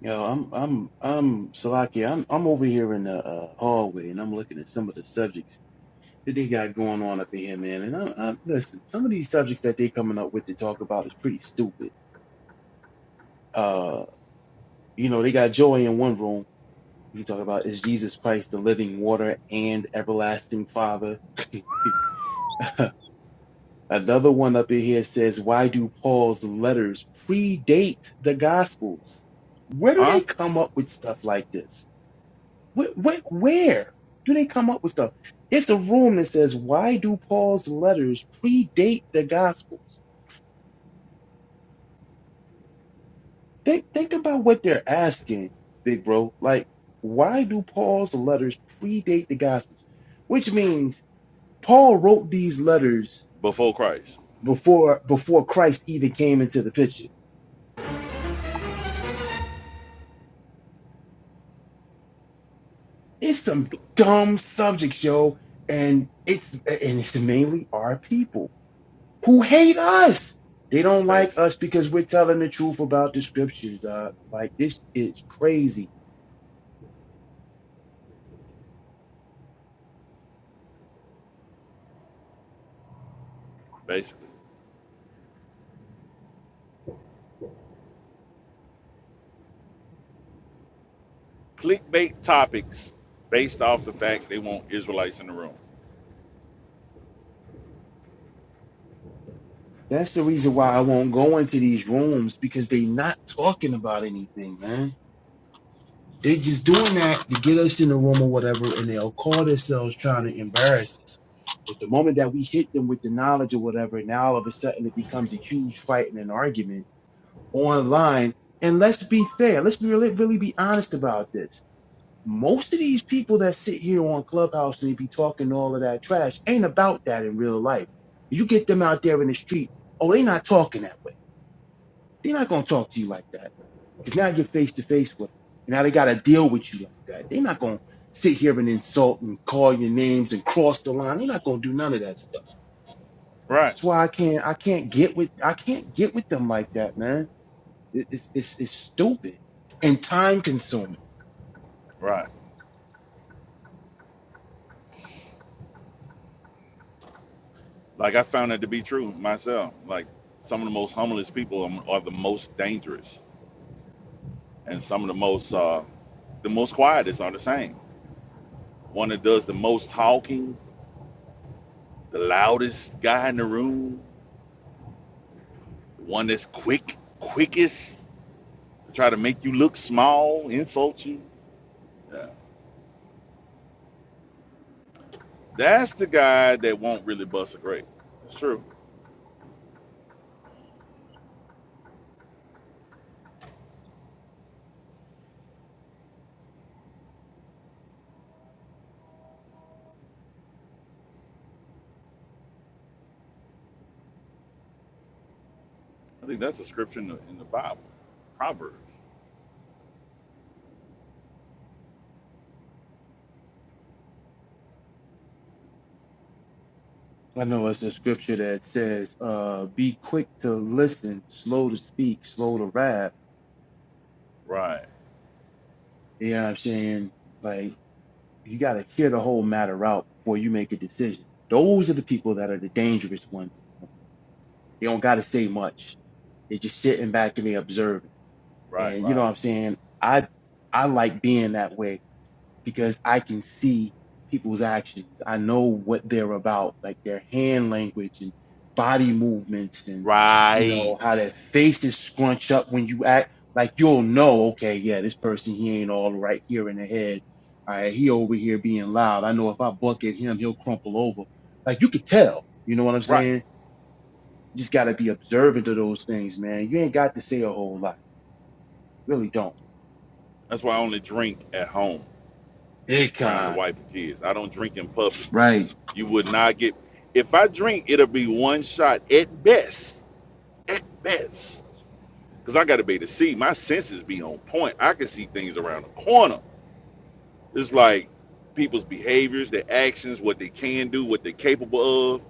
Yo, I'm I'm I'm Salakia. I'm I'm over here in the uh, hallway and I'm looking at some of the subjects that they got going on up in here, man. And I'm, I'm listen, some of these subjects that they coming up with to talk about is pretty stupid. Uh, you know, they got joy in one room. You talk about is Jesus Christ the living water and everlasting Father? Another one up in here says, Why do Paul's letters predate the Gospels? Where do Huh? they come up with stuff like this? Where, where, where do they come up with stuff? It's a room that says, Why do Paul's letters predate the Gospels? Think, think about what they're asking, big bro. Like, why do Paul's letters predate the Gospels? Which means Paul wrote these letters Before Christ, before before Christ even came into the picture It's some dumb subjects, yo, and it's and it's mainly our people who hate us. They don't like base, us because we're telling the truth about the scriptures. Uh, like this is crazy. basically. clickbait topics based off the fact they want Israelites in the room. That's the reason why I won't go into these rooms because they not talking about anything, man. They just doing that to get us in the room or whatever, and they'll call themselves trying to embarrass us. But the moment that we hit them with the knowledge or whatever, now all of a sudden it becomes a huge fight and an argument online. And let's be fair. Let's be really, really be honest about this. Most of these people that sit here on Clubhouse and they be talking all of that trash ain't about that in real life. You get them out there in the street. Oh, they not talking that way. They're not gonna talk to you like that because now you're face to face with them. Now they gotta deal with you like that. They're not gonna sit here and insult and call your names and cross the line. They're not gonna do none of that stuff. Right, That's why I can't I can't get with I can't get with them like that, man. It, it's stupid and time consuming. right. Like I found that to be true myself. Like some of the most humblest people are are the most dangerous, and some of the most uh, the most quietest are the same. One that does the most talking, the loudest guy in the room, one that's quick, quickest, to try to make you look small, insult you. Yeah. That's the guy that won't really bust a grape. It's true. I think that's a scripture in the, in the Bible. Proverbs. I know it's the scripture that says, uh, be quick to listen, slow to speak, slow to wrath. Right, You know what I'm saying? Like, you got to hear the whole matter out before you make a decision. Those are the people that are the dangerous ones. In the room. They don't got to say much. They're just sitting back and they observing. right, And you know right. what I'm saying? I, I like being that way because I can see people's actions. I know what they're about, like their hand language and body movements and, you know, how Right. their faces scrunch up when you act. Like you'll know, okay, yeah, this person, he ain't all right here in the head. All right, he over here being loud. I know if I buck at him, he'll crumple over. Like you could tell, you know what I'm Right. saying? You just got to be observant of those things, man. You ain't got to say a whole lot. Really don't. That's why I only drink at home Big around the wife and kids. I don't drink in public. Right. You would not get, if I drink, it'll be one shot at best. At best. Because I got to be able to see. My senses be on point. I can see things around the corner. It's like people's behaviors, their actions, what they can do, what they're capable of.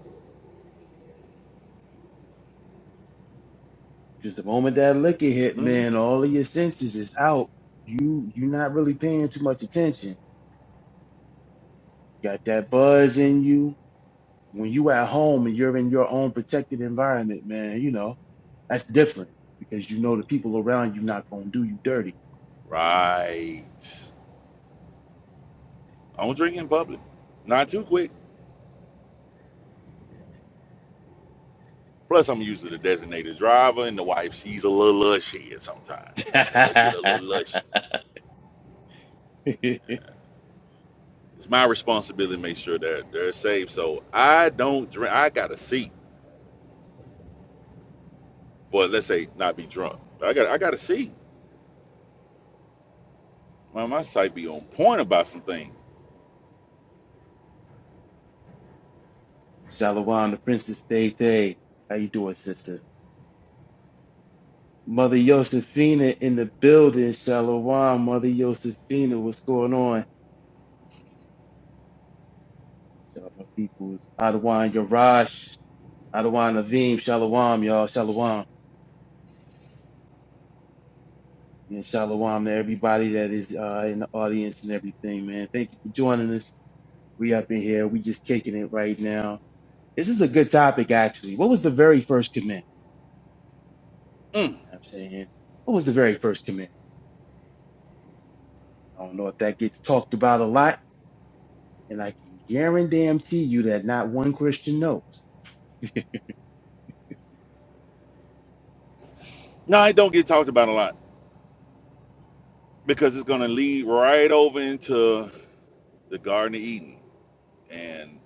Because the moment that liquor hit, hmm man, all of your senses is out. You you're not really paying too much attention. Got that buzz in you. When you at home and you're in your own protected environment, man, you know, that's different because you know the people around you not gonna do you dirty. Right. I don't drink in public. Not too quick. Plus, I'm used to the designated driver and the wife. She's a little lushy at sometimes. Let her get a little lush. It's my responsibility to make sure that they're safe. So I don't drink. I got to see. Well, let's say not be drunk. I got I got to see. My my site be on point about some things. Shalom, the princess Thay Thay. How you doing, sister? Mother Josephina in the building. Shalom, Mother Josephina. What's going on? Shout out my peoples. Adawan Yarash. Adawan Naveem. Shalawam, y'all. Shalawam. And shalom to everybody that is uh, in the audience and everything, man. Thank you for joining us. We up in here. We just kicking it right now. This is a good topic, actually. What was the very first command? You Mm. know what I'm saying? What was the very first command? I don't know if that gets talked about a lot, and I can guarantee you that not one quote. No, it don't get talked about a lot because it's gonna lead right over into the Garden of Eden and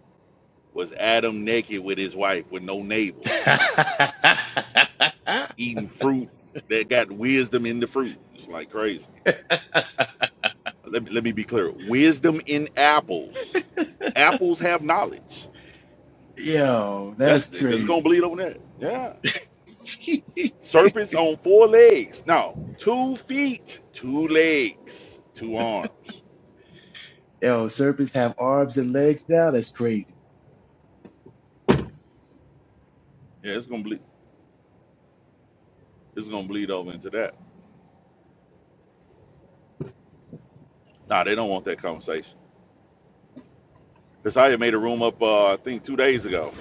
was Adam naked with his wife with no neighbors. eating fruit that got wisdom in the fruit. It's like crazy. Let me, let me be clear. Wisdom in apples. Apples have knowledge. Yo, That's that's because it's gonna crazy. bleed on that. Yeah. Serpents on four legs. No, two feet, two legs, two arms. Yo, serpents have arms and legs now. That's crazy. Yeah, it's gonna bleed. It's gonna bleed over into that. Nah, they don't want that conversation. Because I had made a room up, uh, I think, two days ago.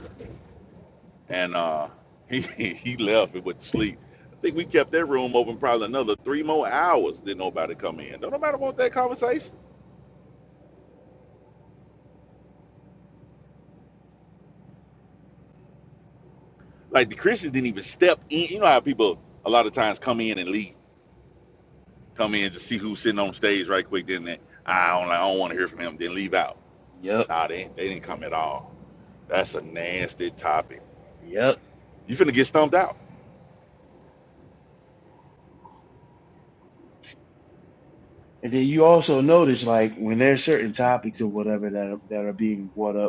and uh, he he left and went to sleep. I think we kept that room open probably another three more hours. Didn't nobody come in. Don't nobody want that conversation. Like the Christians didn't even step in. You know how people a lot of times come in and leave, come in to see who's sitting on stage right quick. Then they, I don't, like, I don't want to hear from him. Then leave out. Yep. Nah, they they didn't come at all. That's a nasty topic. Yep. You finna get stumped out. And then you also notice, like, when there's certain topics or whatever that are, that are being brought up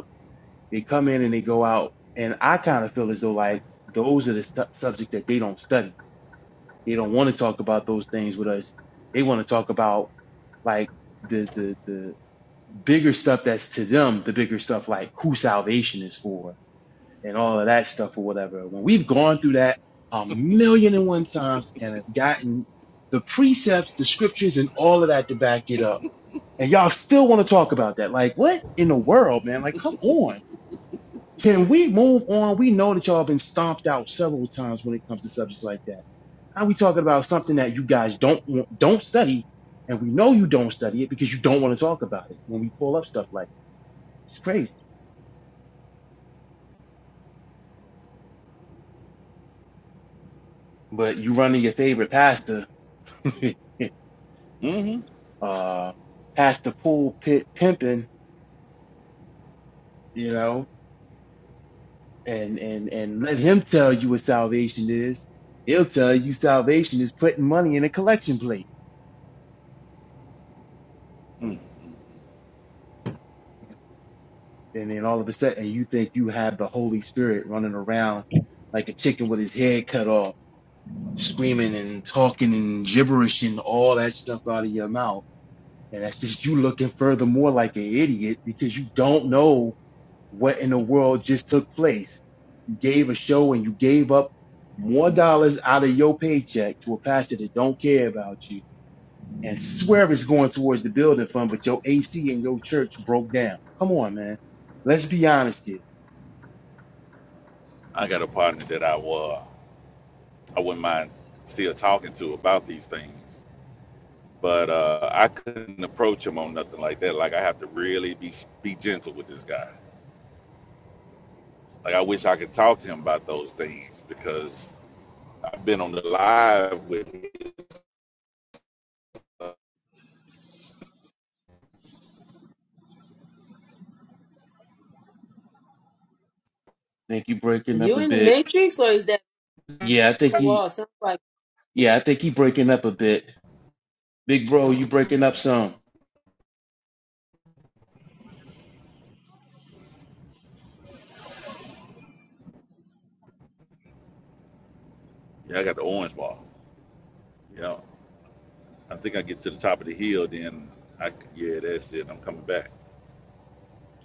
They come in and they go out, and I kind of feel as though like those are the stu subjects that they don't study. They don't want to talk about those things with us. They want to talk about like the the the bigger stuff that's to them, the bigger stuff like who salvation is for and all of that stuff or whatever. When we've gone through that a million and one times and have gotten the precepts, the scriptures, and all of that to back it up. And y'all still want to talk about that. Like, what in the world, man? Like, come on. Can we move on? We know that y'all have been stomped out several times when it comes to subjects like that. Now we talking about something that you guys don't want, don't study, and we know you don't study it because you don't want to talk about it when we pull up stuff like this. It's crazy. But you running your favorite pastor, Mm-hmm. uh, pastor pulpit pimping, you know, and and and let him tell you what salvation is. He'll tell you salvation is putting money in a collection plate Mm. And then all of a sudden you think you have the Holy Spirit running around like a chicken with his head cut off, screaming and talking and gibberish and all that stuff out of your mouth. And that's just you looking furthermore like an idiot because you don't know what in the world just took place. You gave a show and you gave up more dollars out of your paycheck to a pastor that don't care about you and swear it's going towards the building fund, but your AC in your church broke down. Come on, man. Let's be honest here I got a partner that I uh, I wouldn't mind still talking to about these things but uh, I couldn't approach him on nothing like that. Like I have to really be be gentle with this guy. Like I wish I could talk to him about those things because I've been on the live with. Uh, think you Are breaking up you a in the bit. Matrix or is that Yeah, I think he. Kowal? Sounds like Yeah, I think he breaking up a bit. Big bro, uh-oh. you breaking up some. yeah, I got the orange ball. You know, I think I get to the top of the hill, then I yeah, that's it. I'm coming back.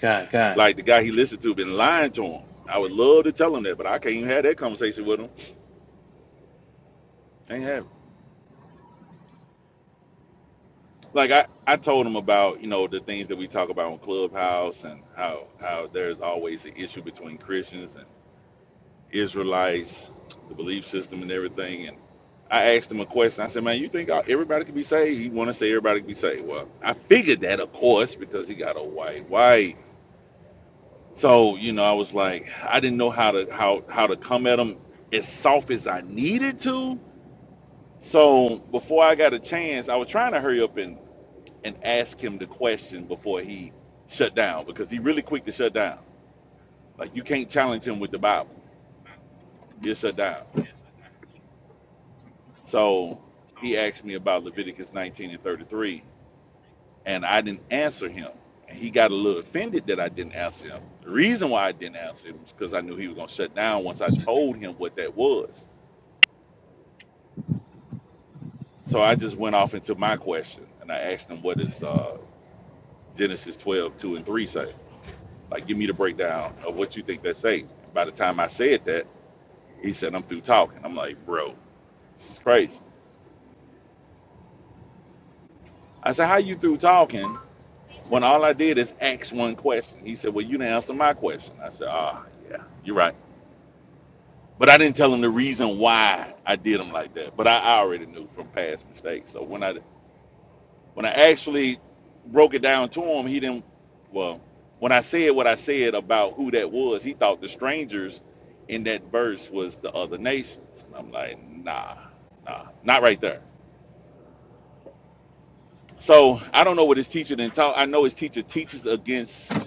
Kind, kind. Like the guy he listened to been lying to him. I would love to tell him that, but I can't even have that conversation with him. Ain't have. It. Like I, I told him about you know the things that we talk about on Clubhouse and how how there's always an issue between Christians and Israelites, the belief system, and everything. And I asked him a question. I said, "Man, you think everybody could be saved?" He want to say everybody could be saved. Well, I figured that, of course, because he got a white wife. So you know, I was like, I didn't know how to how how to come at him as soft as I needed to. So before I got a chance, I was trying to hurry up and and ask him the question before he shut down because he really quick to shut down. Like you can't challenge him with the Bible. He'll shut down. So he asked me about Leviticus 19 and 33, and I didn't answer him. And he got a little offended that I didn't answer him. The reason why I didn't answer him was because I knew he was going to shut down once I told him what that was. So I just went off into my question and I asked him, What does uh, Genesis 12, 2 and 3 say? Like, give me the breakdown of what you think that say. By the time I said that, he said, I'm through talking. I'm like, Bro, this is crazy. I said, How you through talking when all I did is ask one question? He said, Well, you didn't answer my question. I said, Ah, yeah, you're right. But I didn't tell him the reason why I did him like that. But I, I already knew from past mistakes. So when I when I actually broke it down to him, he didn't well, when I said what I said about who that was, he thought the strangers in that verse was the other nations. And I'm like, nah, nah, not right there. So I don't know what his teacher didn't taught. I know his teacher teaches against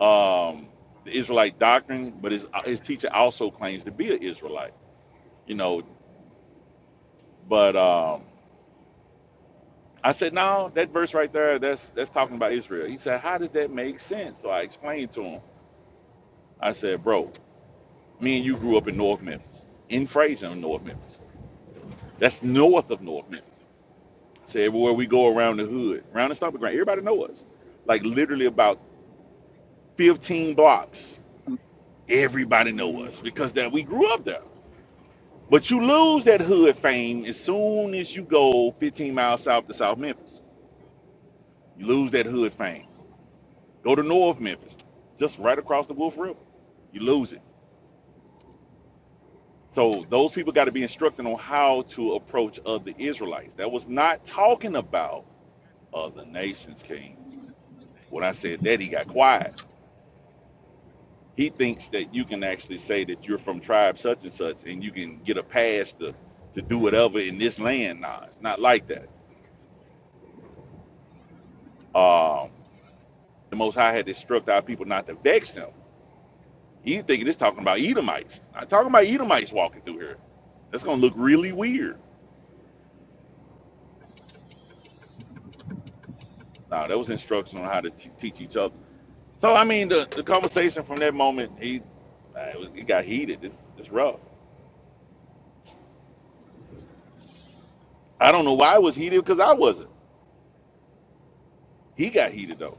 um, the Israelite doctrine, but his uh, his teacher also claims to be an Israelite. You know, but um, I said, no, that verse right there, that's that's talking about Israel. He said, how does that make sense? So I explained to him. I said, bro, me and you grew up in North Memphis, in Fraser, in North Memphis. That's north of North Memphis. So everywhere we go around the hood, around the stomping ground, everybody know us. Like literally about 15 blocks Everybody know Mm, us because that we grew up there. But you lose that hood fame as soon as you go 15 miles south to South Memphis. You lose that hood fame. Go to North Memphis, just right across the Wolf River. You lose it. So those people got to be instructed on how to approach other Israelites. That was not talking about other nations, King. When I said that, he got quiet He thinks that you can actually say that you're from tribe such and such, and you can get a pass to to do whatever in this land. Nah, it's not like that. Um, the Most High had instructed our people not to vex them. He thinking it's talking about Edomites. Not talking about Edomites walking through here. That's gonna look really weird. Nah, that was instruction on how to t- teach each other. So I mean, the, the conversation from that moment, he uh, it, was, it got heated. It's it's rough. I don't know why it was heated because I wasn't. He got heated though.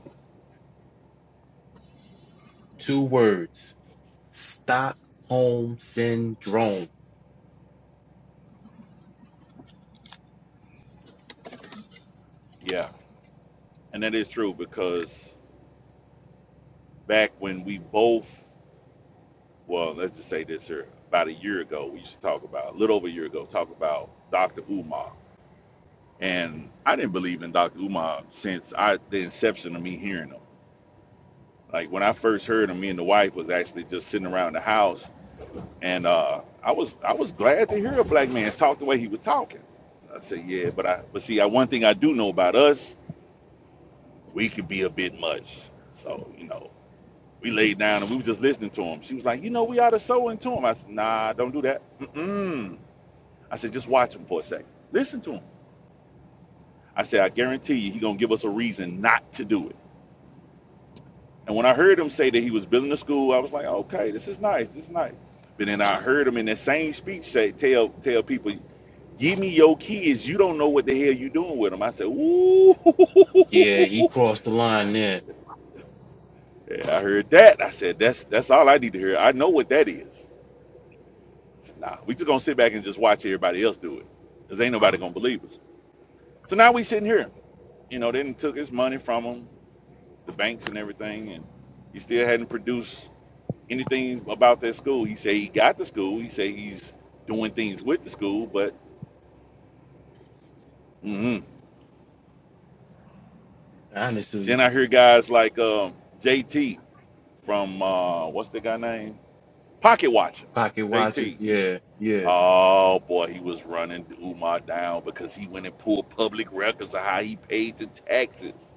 Two words. Stockholm syndrome. Yeah, and that is true because back when we both, well, let's just say this here, about a year ago, we used to talk about, a little over a year ago, talk about Dr. Umar. And I didn't believe in Dr. Umar since I the inception of me hearing him. Like when I first heard him, me and the wife was actually just sitting around the house, and uh, I was I was glad to hear a black man talk the way he was talking. So I said, yeah, but I but see, I, one thing I do know about us, we could be a bit much. So you know, We laid down and we was just listening to him. She was like, you know, we ought to sow into him. I said, nah, don't do that. Mm-mm. I said, just watch him for a second. Listen to him. I said, I guarantee you, he gonna give us a reason not to do it. And when I heard him say that he was building a school, I was like, okay, this is nice. This is nice. But then I heard him in that same speech say, tell tell people, give me your kids. You don't know what the hell you doing with them. I said, ooh. Yeah, Yeah, I heard that. I said, that's that's all I need to hear. I know what that is. Nah, we just gonna sit back and just watch everybody else do it. Cause ain't nobody gonna believe us. So now we sitting here. You know, they done took his money from him, the banks and everything, and he still hadn't produced anything about that school. He said he got the school. He said he's doing things with the school, but mhm. Honestly, then I hear guys like um, JT from uh, what's the guy name? Pocket Watcher. pocket watches. JT. He- Yeah, yeah. oh boy, he was running Umar down because he went and pulled public records of how he paid the taxes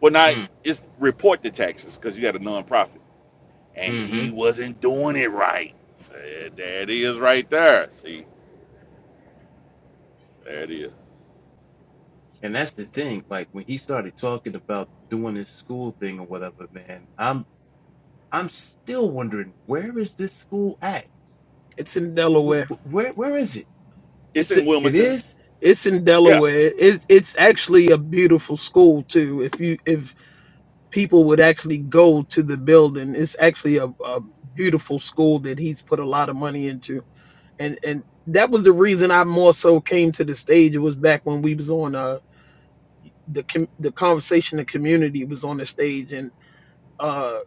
Well, not Mm, it's report the taxes because you got a nonprofit, and mm-hmm. he wasn't doing it right. So, there it is, right there. See, there it is. And that's the thing. Like when he started talking about doing his school thing or whatever, man, I'm I'm still wondering where is this school at? It's in Wh- Delaware. wh- Where where is it? It's It's in It Wilmington. is it's in Yeah. Delaware. It's it's actually a beautiful school too. If you if people would actually go to the building, it's actually a, a beautiful school that he's put a lot of money into. And and that was the reason I more so came to the stage. It was back when we was on uh the com- the conversation the community was on the stage and uh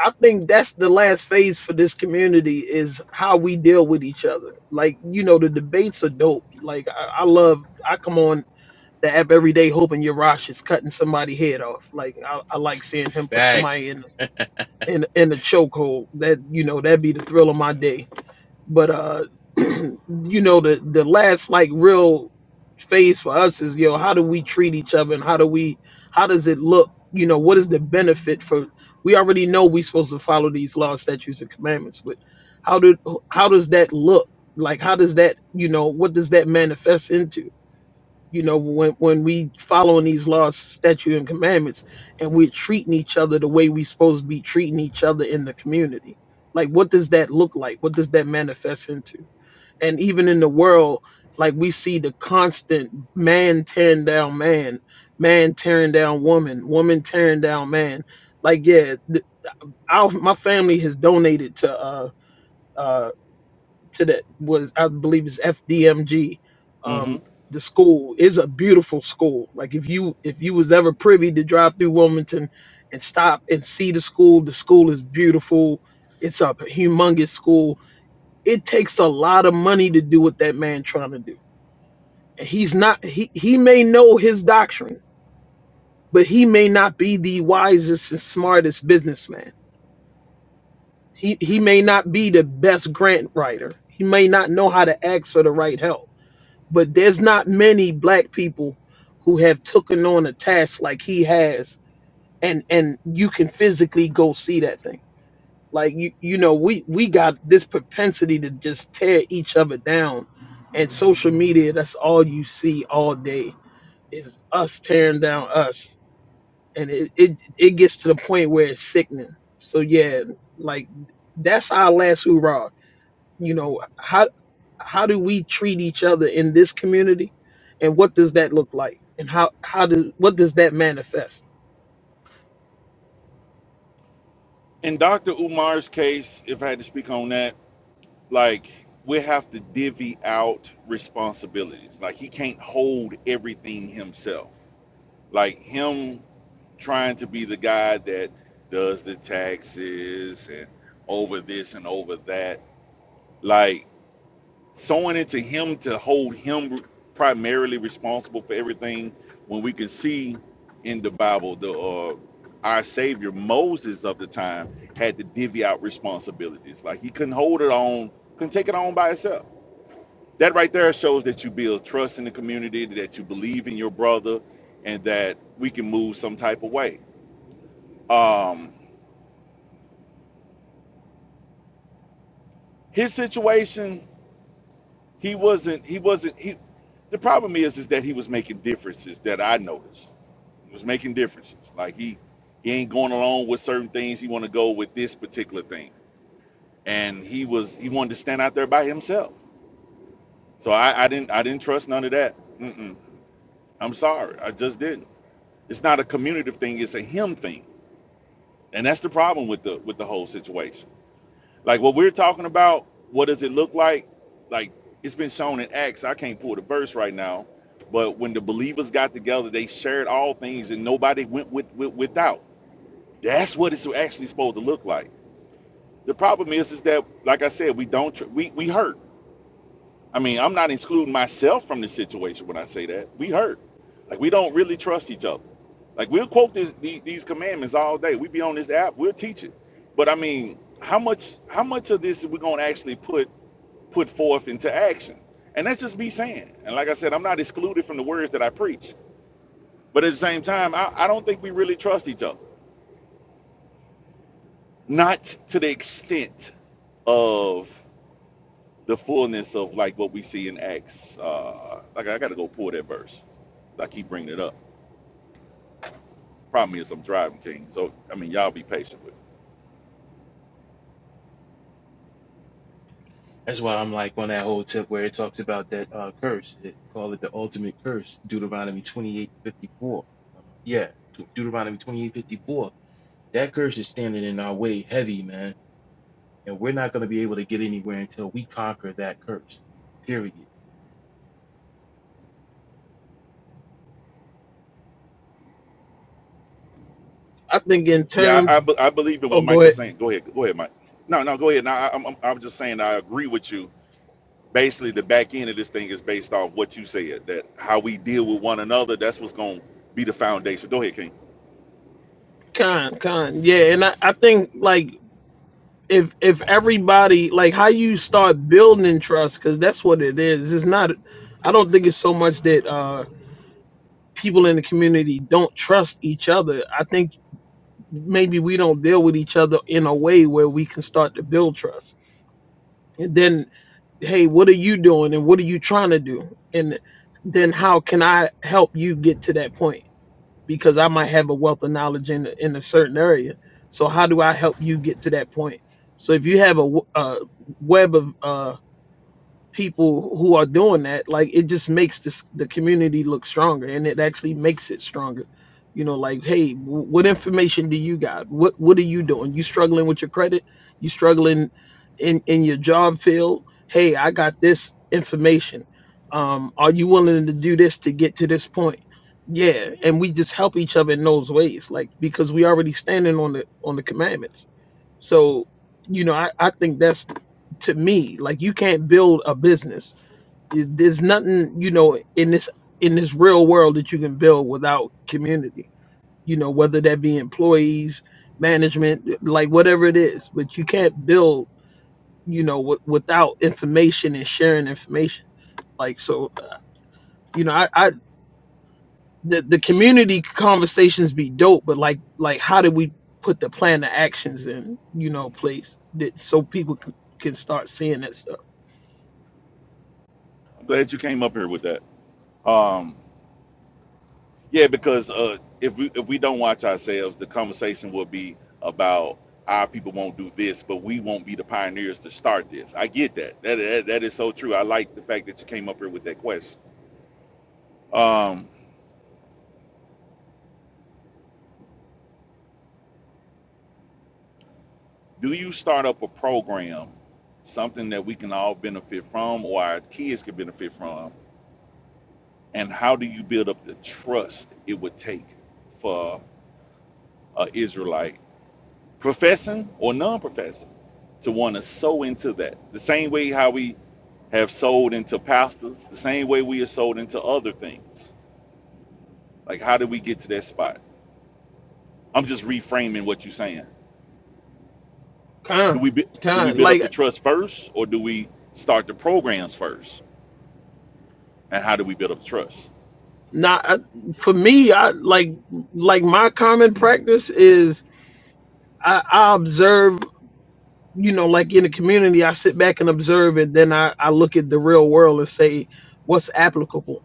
I think that's the last phase for this community is how we deal with each other. Like, you know, the debates are dope. Like, I, I love, I come on the app every day hoping Yarash is cutting somebody head off. Like, I, I like seeing him put somebody facts. in in in a chokehold. That you know, that'd be the thrill of my day. But uh, you know, the the last like real phase for us is you know how do we treat each other and how do we how does it look? You know, what is the benefit for? We already know we're supposed to follow these laws, statutes, and commandments, but how do how does that look? Like, how does that you know what does that manifest into? you know when when we following these laws statute and commandments and we're treating each other the way we supposed to be treating each other in the community like what does that look like what does that manifest into and even in the world like we see the constant man tearing down man man tearing down woman woman tearing down man like yeah th- our, my family has donated to uh uh, to that was I believe is FDMG. hmm Um, the school is a beautiful school. Like if you if you was ever privy to drive through Wilmington and stop and see the school, the school is beautiful. It's a humongous school. It takes a lot of money to do what that man trying to do. And he's not he he may know his doctrine, but he may not be the wisest and smartest businessman. He he may not be the best grant writer. He may not know how to ask for the right help but there's not many black people who have taken on a task like he has and and you can physically go see that thing like you you know we we got this propensity to just tear each other down and social media that's all you see all day is us tearing down us and it it, it gets to the point where it's sickening so yeah like that's our last hoorah you know how how do we treat each other in this community and what does that look like and how how does what does that manifest In Dr. Umar's case, if I had to speak on that, like we have to divvy out responsibilities. Like he can't hold everything himself. Like him trying to be the guy that does the taxes and over this and over that. Like sowing into him to hold him primarily responsible for everything when we can see in the bible the uh, our savior moses of the time had to divvy out responsibilities like he couldn't hold it on couldn't take it on by himself that right there shows that you build trust in the community that you believe in your brother and that we can move some type of way um his situation He wasn't. He wasn't. He. The problem is, is that he was making differences that I noticed. He was making differences. Like he, he ain't going along with certain things. He want to go with this particular thing, and he was. He wanted to stand out there by himself. So I, I didn't. I didn't trust none of that. Mm-mm. I'm sorry. I just didn't. It's not a community thing. It's a him thing, and that's the problem with the with the whole situation. Like what we're talking about, what does it look like? Like it's been shown in Acts. I can't pull the verse right now, but when the believers got together, they shared all things, and nobody went with, with without. That's what it's actually supposed to look like. The problem is, is that like I said, we don't tr- we we hurt. I mean, I'm not excluding myself from the situation when I say that. We hurt. Like we don't really trust each other. Like we'll quote this, the- these commandments all day. We be on this app. We'll teach it. But I mean, how much how much of this are we gonna actually put put forth into action? And that's just me saying. And like I said, I'm not excluded from the words that I preach. But at the same time, I, I don't think we really trust each other. Not to the extent of the fullness of like what we see in Acts. Uh, like I gotta go pull that verse. I keep bringing it up. Problem is, I'm driving, King. So I mean, y'all be patient with. Me. That's why I'm like on that whole tip where it talks about that uh, curse. It call it the ultimate curse, Deuteronomy 28:54. Uh, yeah, Deut- Deuteronomy 28:54. That curse is standing in our way heavy, man, and we're not going to be able to get anywhere until we conquer that curse. Period. i think in Yeah, I, terms I, be- I believe in oh what go Mike was ahead saying. Go ahead, go ahead, Mike. No, no, go ahead. No, I, I'm I'm I'm just saying I agree with you. Basically, the back end of this thing is based off what you said. That how we deal with one another. That's what's gonna be the foundation. Go ahead, King. con con yeah and i, I think like if if everybody like how you start building trust because that's what it is it's not i don't think it's so much that uh people in the community don't trust each other i think maybe we don't deal with each other in a way where we can start to build trust and then. hey what are you doing and what are you trying to do and then how can i help you get to that point because i might have a wealth of knowledge in, a- in a certain area so how do i help you get to that point so if you have a, w- a web of uh, people who are doing that like it just makes this the community look stronger and it actually makes it stronger you know like hey wh- what information do you got what what are you doing you struggling with your credit you struggling in in your job field hey i got this information um are you willing to do this to get to this point yeah and we just help each other in those ways like because we already standing on the on the commandments so you know i i think that's to me like you can't build a business there's nothing you know in this in this real world that you can build without community you know whether that be employees management like whatever it is but you can't build you know w- without information and sharing information like so you know I, I the the community conversations be dope, but like like how do we put the plan to actions in you know place that so people c- can start seeing that stuff. I'm glad you came up here with that. Um, Yeah, because uh, if we if we don't watch ourselves, the conversation will be about our people won't do this, but we won't be the pioneers to start this. I get that. That that, that is so true. I like the fact that you came up here with that question. Um, do you start up a program, something that we can all benefit from, or our kids can benefit from, and how do you build up the trust it would take for an Israelite, professing or non-professing, to want to sow into that? The same way how we have sold into pastors the same way we are sold into other things. Like, how did we get to that spot? I'm just reframing what you're saying. Do Kind, we bu- do we kind. build up Like the trust first, or do we start the programs first? And how do we build up the trust? not I, for me. I like like my common Hmm. practice is I, I observe, you know, like in the community, I sit back and observe it. Then I, I look at the real world and say, what's applicable?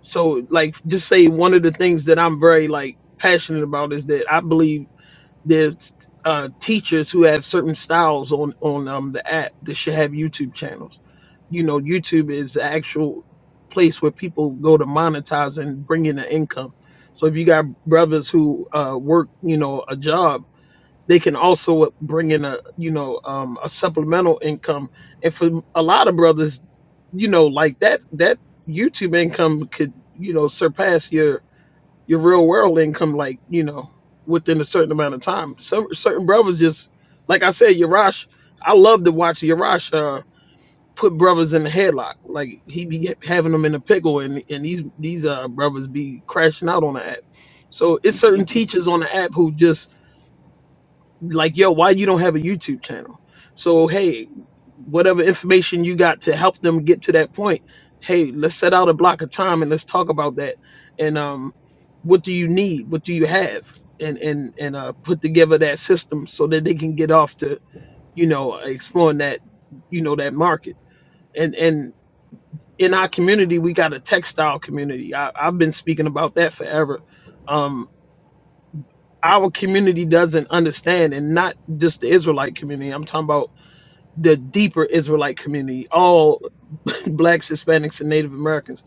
So, like, just say one of the things that I'm very, like, passionate about is that I believe there's uh, teachers who have certain styles on, on um, the app that should have YouTube channels. You know, YouTube is the actual place where people go to monetize and bring in an income. So if you got brothers who uh, work, you know, a job they can also uh, bring in a you know um, a supplemental income and for a lot of brothers you know like that that youtube income could you know surpass your your real world income like you know within a certain amount of time some certain brothers just like i said yarash i love to watch yarash uh, put brothers in the headlock like he be having them in a pickle and and these these uh brothers be crashing out on the app so it's certain teachers on the app who just like yo why you don't have a youtube channel so hey whatever information you got to help them get to that point hey let's set out a block of time and let's talk about that and um what do you need what do you have and and and uh put together that system so that they can get off to you know exploring that you know that market and and in our community we got a textile community I, i've been speaking about that forever Um our community doesn't understand, and not just the Israelite community. I'm talking about the deeper Israelite community. All blacks, Hispanics, and Native Americans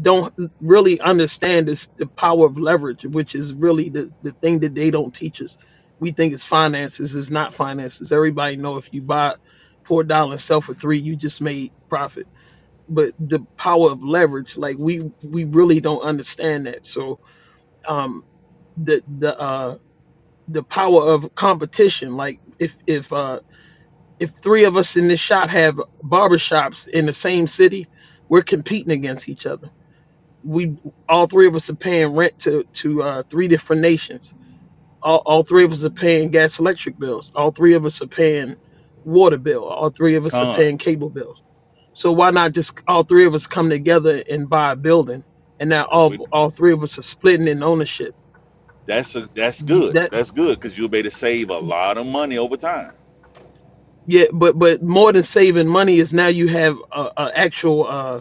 don't really understand this the power of leverage, which is really the, the thing that they don't teach us. We think it's finances, it's not finances. Everybody know if you buy four dollars and sell for three, you just made profit. But the power of leverage, like we we really don't understand that. So um the the uh the power of competition. Like if if uh if three of us in this shop have barbershops in the same city, we're competing against each other. We all three of us are paying rent to to uh, three different nations. All, all three of us are paying gas electric bills. All three of us are paying water bill. All three of us are Con, paying cable bills. So why not just all three of us come together and buy a building? And now because we all all three of us are splitting in ownership. that's a, that's You- good. That That's good because you'll be able to save a lot of money over time. Yeah, but but more than saving money is now you have a, a actual uh,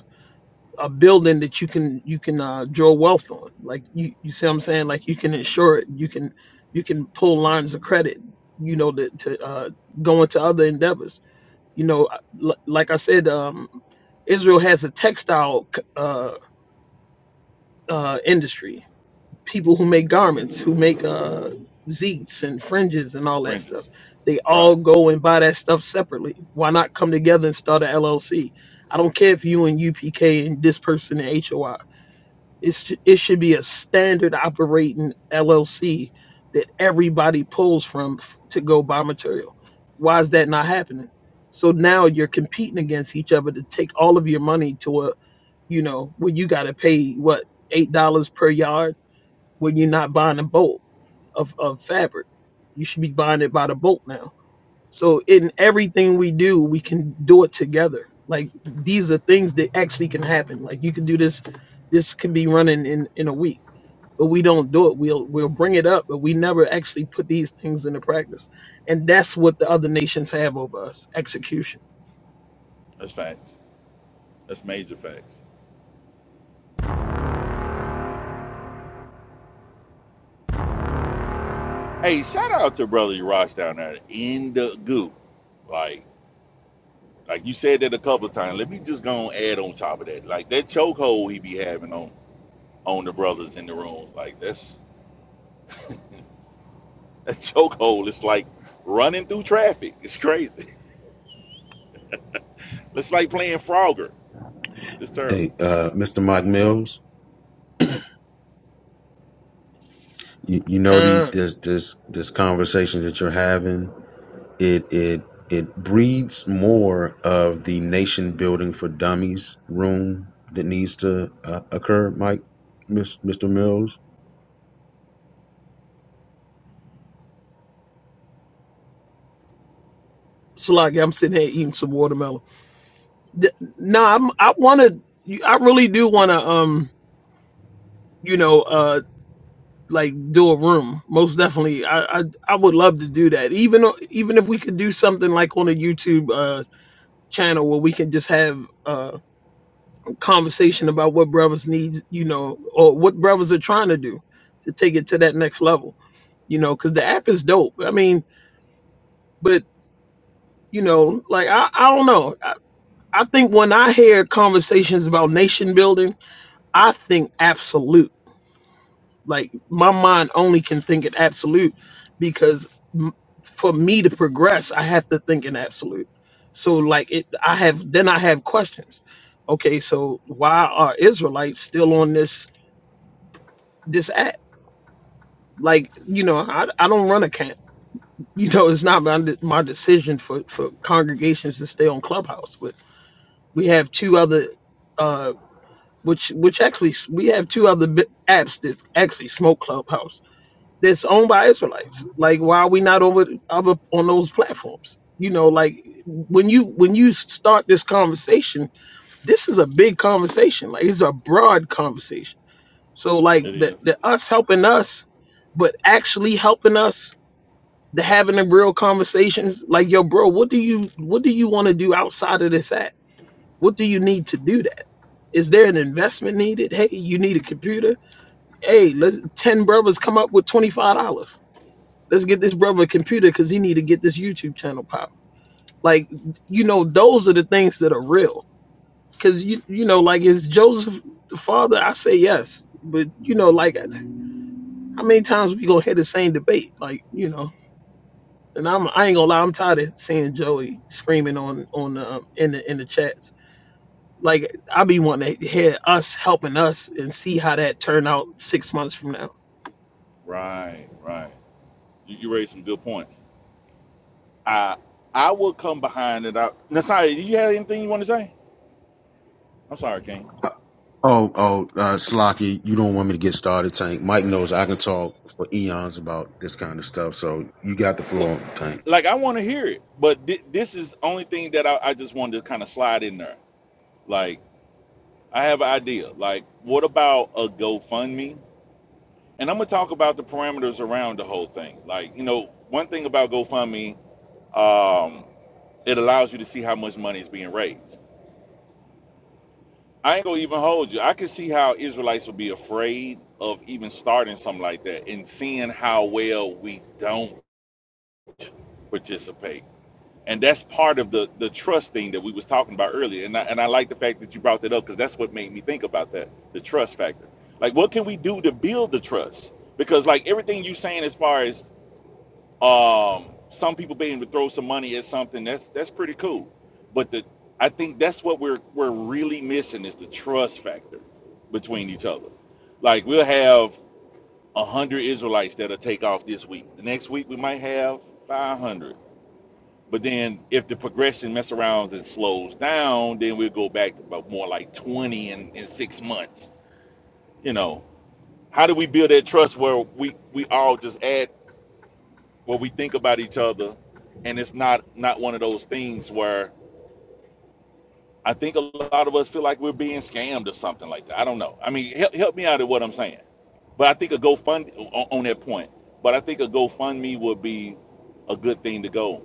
a building that you can you can uh, draw wealth on. Like you you see what I'm saying? Like you can insure it. You can you can pull lines of credit. You know to to uh, go into other endeavors. You know, I- like I said, um, Israel has a textile c- uh, uh, industry people who make garments, who make uh zeets and fringes and all that stuff. Fringes, They all right? go and buy that stuff separately. Why not come together and start an LLC? I don't care if you and UPK and this person and HOI. It's it should be a standard operating LLC that everybody pulls from f- to go buy material. Why is that not happening? So now you're competing against each other to take all of your money to a you know where you got to pay what eight dollars per yard when you're not buying a bolt of, of fabric. You should be buying it by the bolt now. So in everything we do, we can do it together. Like these are things that actually can happen. Like you can do this. This could be running in in a week, but we don't do it. We'll we'll bring it up, but we never actually put these things into practice. And that's what the other nations have over us: execution. That's facts. That's major facts. Hey, shout out to brother Ross down there in the goo. Like Like you said that a couple of times. Let me just go and add on top of that. Like that chokehold he be having on on the brothers in the room. Like that's that chokehold is like running through traffic. It's crazy. It's like playing Frogger. It's Hey, terrible. uh, Mr. Mike Mills, you, you know the Come, this this this conversation that you're having, it it it breeds more of the nation building for dummies room that needs to uh, occur, Mike, Miss, Mr. Mills. like I'm sitting here eating some watermelon. Th- No, nah, I'm, I want to. I really do want to. Um, you know, uh, like do a room most definitely I, I i would love to do that even o- even if we could do something like on a youtube uh channel where we can just have uh, a conversation about what brothers need you know or what brothers are trying to do to take it to that next level you know because the app is dope i mean but you know like i i don't know I, I think when i hear conversations about nation building i think absolute Like my mind only can think in absolute because m- for me to progress, I have to think in absolute. So like it, I have then I have questions. Okay, so why are Israelites still on this this app? Like you know, I, I don't run a camp. You know, it's not my, de- my decision for for congregations to stay on Clubhouse. But we have two other, uh, which which actually s- we have two other bi- apps that actually smoke Clubhouse that's owned by Israelites. Like, why are we not over other on those platforms? You know, like when you when you start this conversation, this is a big conversation. Like, it's a broad conversation. So, like It the is. the us helping us, but actually helping us to having the real conversations. Like, yo, bro, what do you what do you want to do outside of this app? What do you need to do that? Is there an investment needed? Hey, you need a computer. Hey, let's ten brothers come up with twenty five dollars Let's get this brother a computer because he need to get this YouTube channel pop. Like, you know, those are the things that are real. Cause you you know, like is Joseph the father? I say yes, but you know, like how many times we gonna hear the same debate? Like, you know, and I'm I ain't gonna lie, I'm tired of seeing Joey screaming on on the um, in the in the chats. Like I be wanting to hear us helping us and see how that turn out six months from now. Right, right. You, you raised some good points. I I will come behind it. I, Nasai, do you have anything you want to say? I'm sorry, King. Uh, Oh, oh, uh, Slocky, you don't want me to get started, Tank. Mike knows I can talk for eons about this kind of stuff, so you got the What? floor, Tank. Like I want to hear it, but thi- this is only thing that I, I just wanted to kind of slide in there. Like I have an idea. Like, what about a GoFundMe? And I'm gonna talk about the parameters around the whole thing. Like, you know, one thing about GoFundMe, um, it allows you to see how much money is being raised. I ain't gonna even hold you. I can see how Israelites will be afraid of even starting something like that and seeing how well we don't participate. and that's part of the the trust thing that we was talking about earlier and I, and I like the fact that you brought that up because that's what made me think about that the trust factor like what can we do to build the trust because like everything you are saying as far as um some people being able to throw some money at something that's that's pretty cool but the I think that's what we're we're really missing is the trust factor between each other like we'll have a hundred Israelites that'll take off this week the next week we might have 500 but then if the progression mess around and slows down, then we'll go back to about more like 20 in, in six months. You know, how do we build that trust where we, we all just add what we think about each other and it's not not one of those things where I think a lot of us feel like we're being scammed or something like that. I don't know. I mean, help, help me out at what I'm saying. But I think a GoFund on, on that point. But I think a GoFundMe would be a good thing to go.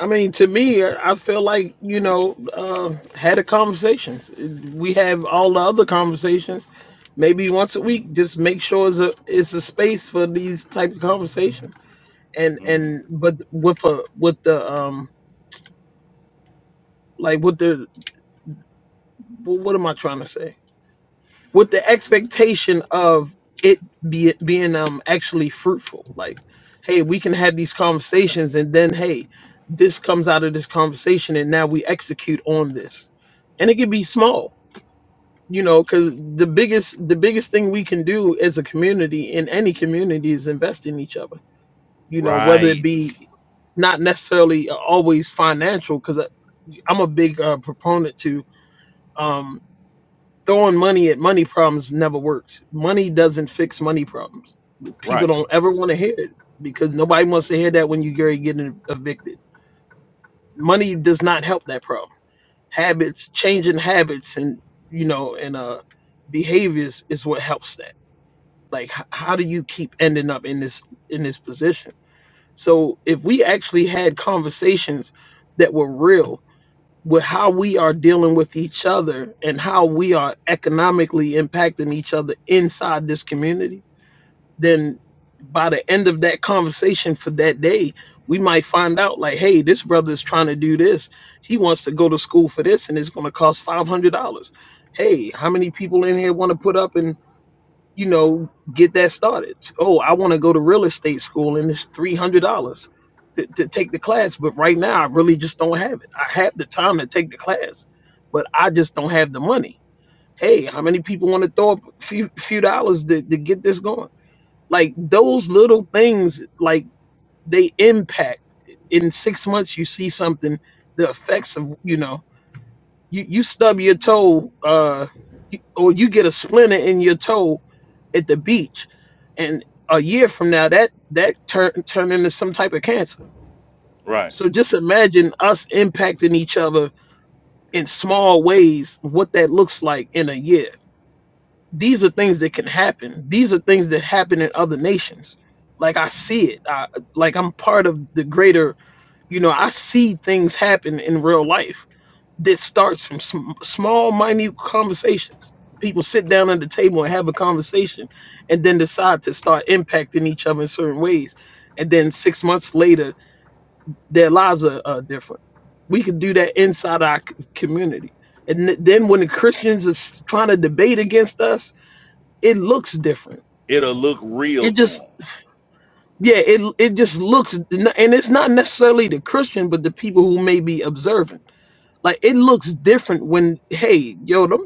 I mean, to me, I I feel like you know, uh, had a conversations. We have all the other conversations, maybe once a Mm, week. Just make sure it's a it's a space for these type of conversations. And mm. and but with a with the um like with the wh- what am I trying to say? with the expectation of it be being um actually fruitful. Like, hey, we can have these conversations, and then hey, this comes out of this conversation, and now we execute on this, and it can be small, you know, because the biggest the biggest thing we can do as a community in any community is invest in each other, you know, whether it Right. be not necessarily always financial because i'm a big uh, proponent to um throwing money at money problems never works. Money doesn't fix money problems. People Right. don't ever want to hear it because nobody wants to hear that when you are getting evicted. Money does not help that problem. Habits, changing habits, and you know, and uh, behaviors is what helps that. Like, h- how do you keep ending up in this in this position? So, if we actually had conversations that were real with how we are dealing with each other and how we are economically impacting each other inside this community, then by the end of that conversation for that day, we might find out like, hey, this brother is trying to do this. He wants to go to school for this and it's going to cost $500. Hey, how many people in here want to put up and you know, get that started. Oh, I want to go to real estate school and it's three hundred dollars to, to take the class, but right now I really just don't have it. I have the time to take the class, but I just don't have the money. Hey, how many people want to throw up a few, few dollars to, to get this going? Like those little things, like they impact. In six months, you see something, the effects of you know, you you stub your toe, uh, you- or you get a splinter in your toe at the beach and a year from now that that turn turn into some type of cancer Right. so just imagine us impacting each other in small ways what that looks like in a year these are things that can happen these are things that happen in other nations like i see it I, like i'm part of the greater you know i see things happen in real life this starts from sm- small, minute conversations. People sit down at the table and have a conversation and then decide to start impacting each other in certain ways. And then six months later, their lives are, are different. We could do that inside our c- community. And th- then when the Christians is trying to debate against us, it looks different. It'll look real It to just, them. yeah, it, it just looks, and it's not necessarily the Christian, but the people who may be observant like it looks different when hey yo them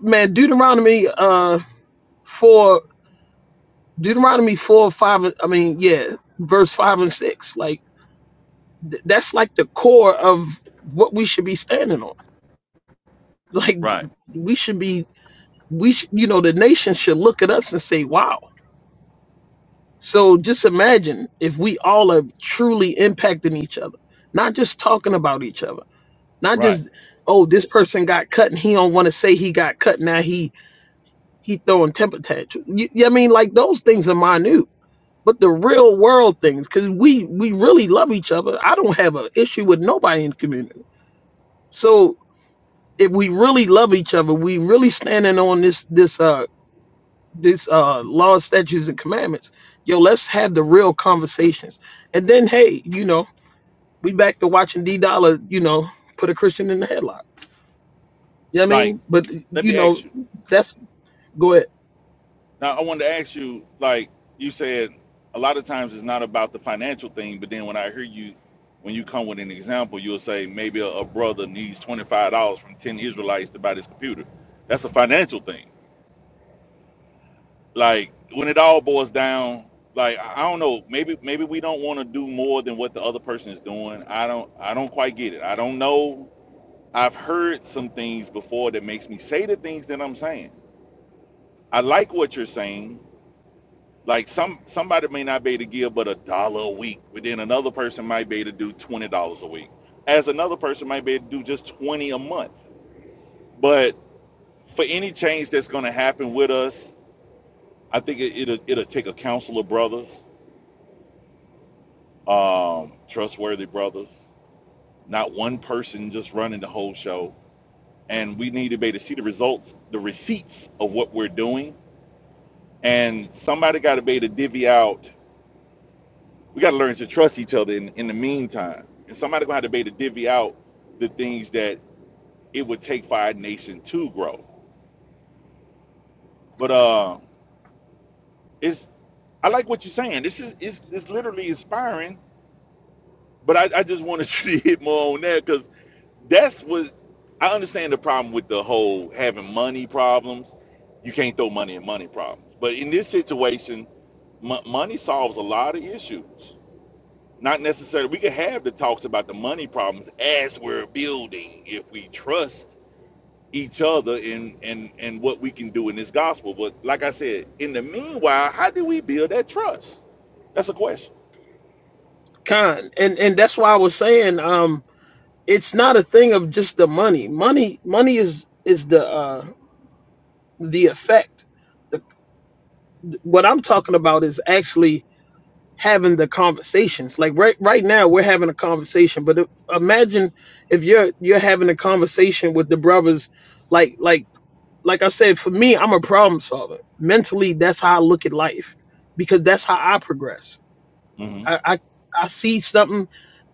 man, Deuteronomy uh four, Deuteronomy four, five. I mean, yeah, verse five and six. Like th- that's like the core of what we should be standing on. Like Right. we should be, we sh- you know, the nation should look at us and say, "Wow." So just imagine if we all are truly impacting each other, not just talking about each other, not Right. just, "Oh, this person got cut and he don't want to say he got cut now he." He throwing temper tantrums. You, you know what I mean, like those things are minute but the real world things because we we really love each other i don't have an issue with nobody in the community so if we really love each other we really standing on this this uh this uh law statutes and commandments yo let's have the real conversations and then hey you know we back to watching d dollar you know put a christian in the headlock you know what i Like, mean but let you me know ask you. that's go ahead Now, I wanted to ask you, like, you said a lot of times it's not about the financial thing, but then when I hear you, when you come with an example, you'll say maybe a, a brother needs $25 from 10 Israelites to buy this computer. That's a financial thing. Like, when it all boils down, like I I don't know, maybe maybe we don't want to do more than what the other person is doing. I don't I don't quite get it. I don't know I've heard some things before that makes me say the things that I'm saying. I like what you're saying. Like some somebody may not be able to give but a dollar a week, but then another person might be able to do twenty dollars a week. As another person might be able to do just twenty a month. But for any change that's going to happen with us, I think it, it'll it'll take a council of brothers, um, trustworthy brothers, not one person just running the whole show. And we need to be able to see the results, the receipts of what we're doing and somebody got to be able to divvy out. We got to learn to trust each other in, in the meantime, and somebody gonna have to be able to divvy out the things that it would take for our nation to grow. But uh, it's I like what you're saying. This is it's, it's literally inspiring. But I, I just wanted to hit more on that because that's what I understand the problem with the whole having money problems. You can't throw money in money problems. But in this situation, m- money solves a lot of issues Not necessarily. We could have the talks about the money problems as we're building if we trust each other in and and what we can do in this gospel. But like I said, in the meanwhile, how do we build that trust? That's a question. con and and that's why i was saying um it's not a thing of just the money money money is is the uh the effect. The- What I'm talking about is actually having the conversations. Like right right now, we're having a conversation. But if, imagine if you're you're having a conversation with the brothers, like like like I said, for me, I'm a problem solver. Mentally, that's how I look at life because that's how I progress. hmm I I, I see something.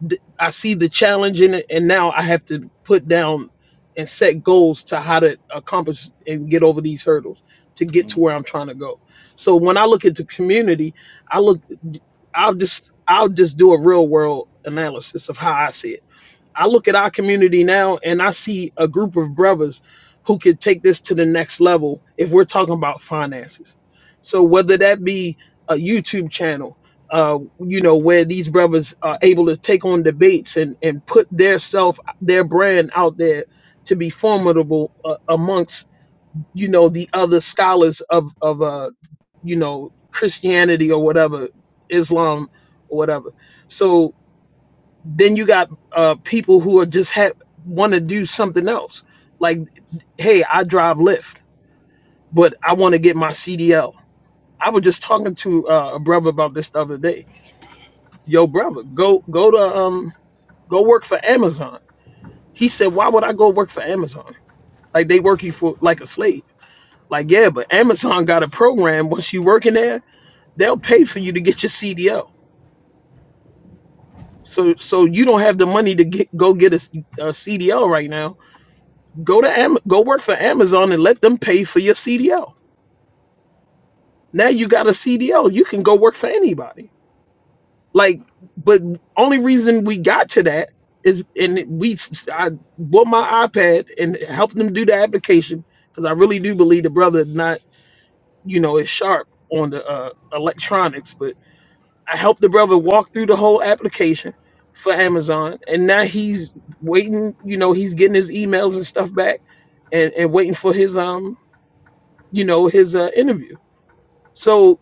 th- I see the challenge in it, and now I have to put down and set goals to how to accomplish and get over these hurdles to get hmm to where I'm trying to go. So when I look at the community, I look. I'll just I'll just do a real world analysis of how I see it I look at our community now and I see a group of brothers who could take this to the next level if we're talking about finances. So whether that be a YouTube channel, uh, you know, where these brothers are able to take on debates and and put their self, their brand out there to be formidable uh, amongst you know the other scholars of of uh, you know Christianity or whatever, Islam or whatever. So then you got uh, people who are just ha- want to do something else. Like, hey, I drive Lyft, but I want to get my CDL. I was just talking to uh, a brother about this the other day. Yo, brother, go go to um go work for Amazon. He said, why would I go work for Amazon? Like they work you for like a slave. Like yeah, but Amazon got a program. Once you work in there, they'll pay for you to get your CDL. So so you don't have the money to get go get a, a CDL right now Go to Am- go work for Amazon and let them pay for your CDL. Now you got a CDL. You can go work for anybody. Like, but only reason we got to that is, and we s- I bought my iPad and helped them do the application because I really do believe the brother not you know is sharp on the uh, electronics, but I helped the brother walk through the whole application for Amazon, and now he's waiting. You know, he's getting his emails and stuff back, and and waiting for his um you know his uh, interview so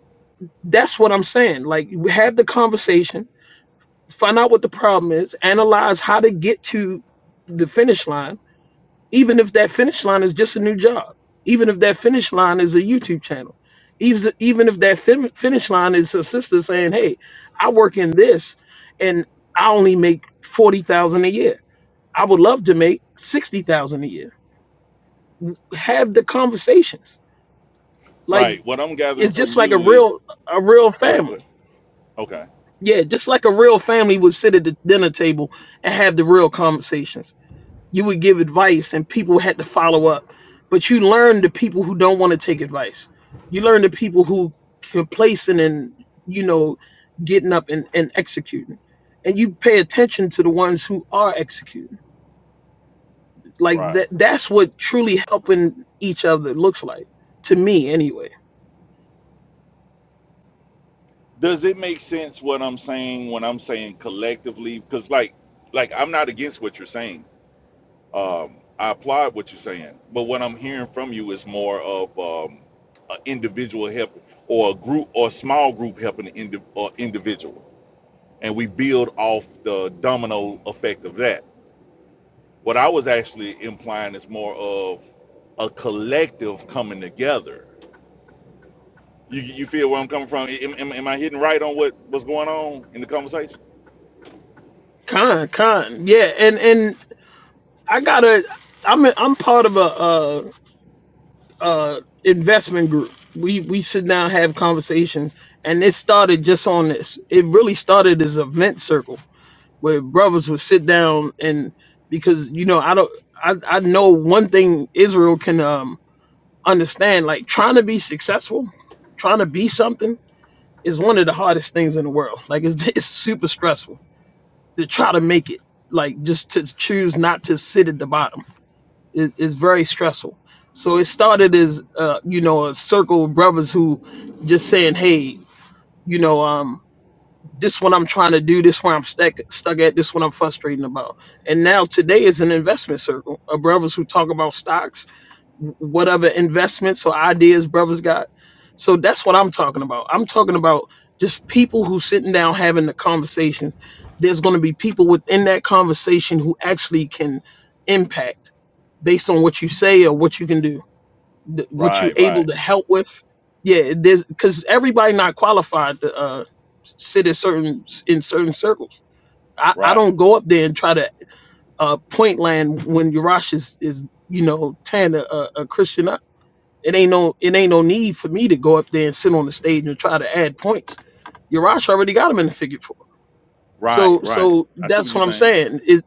that's what i'm saying like have the conversation find out what the problem is analyze how to get to the finish line even if that finish line is just a new job even if that finish line is a youtube channel even even if that fin- finish line is a sister saying hey i work in this and i only make 40000 a year i would love to make 60000 a year have the conversations like Right. What I'm gathering it's from just like a you is real a real go ahead. Go family ahead. Okay. Yeah, just like a real family would sit at the dinner table and have the real conversations. You would give advice and people had to follow up. But you learn the people who don't want to take advice. You learn the people who complacent and, you know, getting up and, and executing. And you pay attention to the ones who are executing. Like Right. that that's what truly helping each other looks like. To me anyway. Does it make sense what I'm saying when I'm saying collectively? Because like like I'm not against what you're saying. um, I applaud what you're saying, but what I'm hearing from you is more of um, an individual help or a group or a small group helping an indi- or individual, and we build off the domino effect of that. What I was actually implying is more of a collective coming together. You, you feel where I'm coming from? Am, am, am I hitting right on what what's going on in the conversation? Con, con. Yeah. And and I gotta I'm a, I'm part of a uh uh investment group. We we sit down have conversations, and it started just on this. It really started as a vent circle where brothers would sit down and because you know I don't I I know one thing Israel can um understand like trying to be successful, trying to be something is one of the hardest things in the world. Like it's it's super stressful to try to make it. Like just to choose not to sit at the bottom it, it's very stressful. So it started as uh, you know a circle of brothers who just saying, hey, you know, um, this one I'm trying to do, this one I'm stuck stuck at, this one I'm frustrating about. And now today is an investment circle of brothers who talk about stocks, wh- what other investments or ideas brothers got. So that's what I'm talking about. I'm talking about just people who sitting down having the conversations. There's going to be people within that conversation who actually can impact based on what you say or what you can do, th- what you're Right, able right, to help with. Yeah, there's because everybody not qualified to uh, sit in certain in certain circles. I, I right, don't go up there and try to uh, point land when Urash is, is you know tearing a, a a Christian up. It ain't no it ain't no need for me to go up there and sit on the stage and try to add points. Urash already got him in the figure four. So right, right. so I see what that's you're what I'm saying. saying is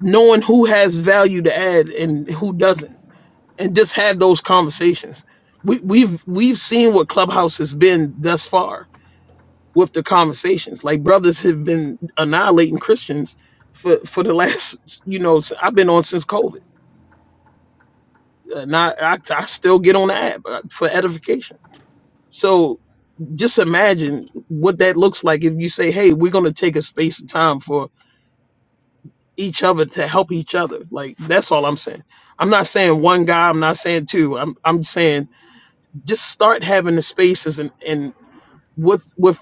knowing who has value to add and who doesn't and just had those conversations. We, we've we've seen what Clubhouse has been thus far with the conversations. Like brothers have been annihilating Christians for for the last you know s- I've been on since COVID. Uh, not I, I still get on the app uh, for edification. So just imagine what that looks like if you say, "Hey, we're going to take a space and time for each other to help each other." Like that's all I'm saying. I'm not saying one guy. I'm not saying two. I'm I'm saying just start having the spaces and and with with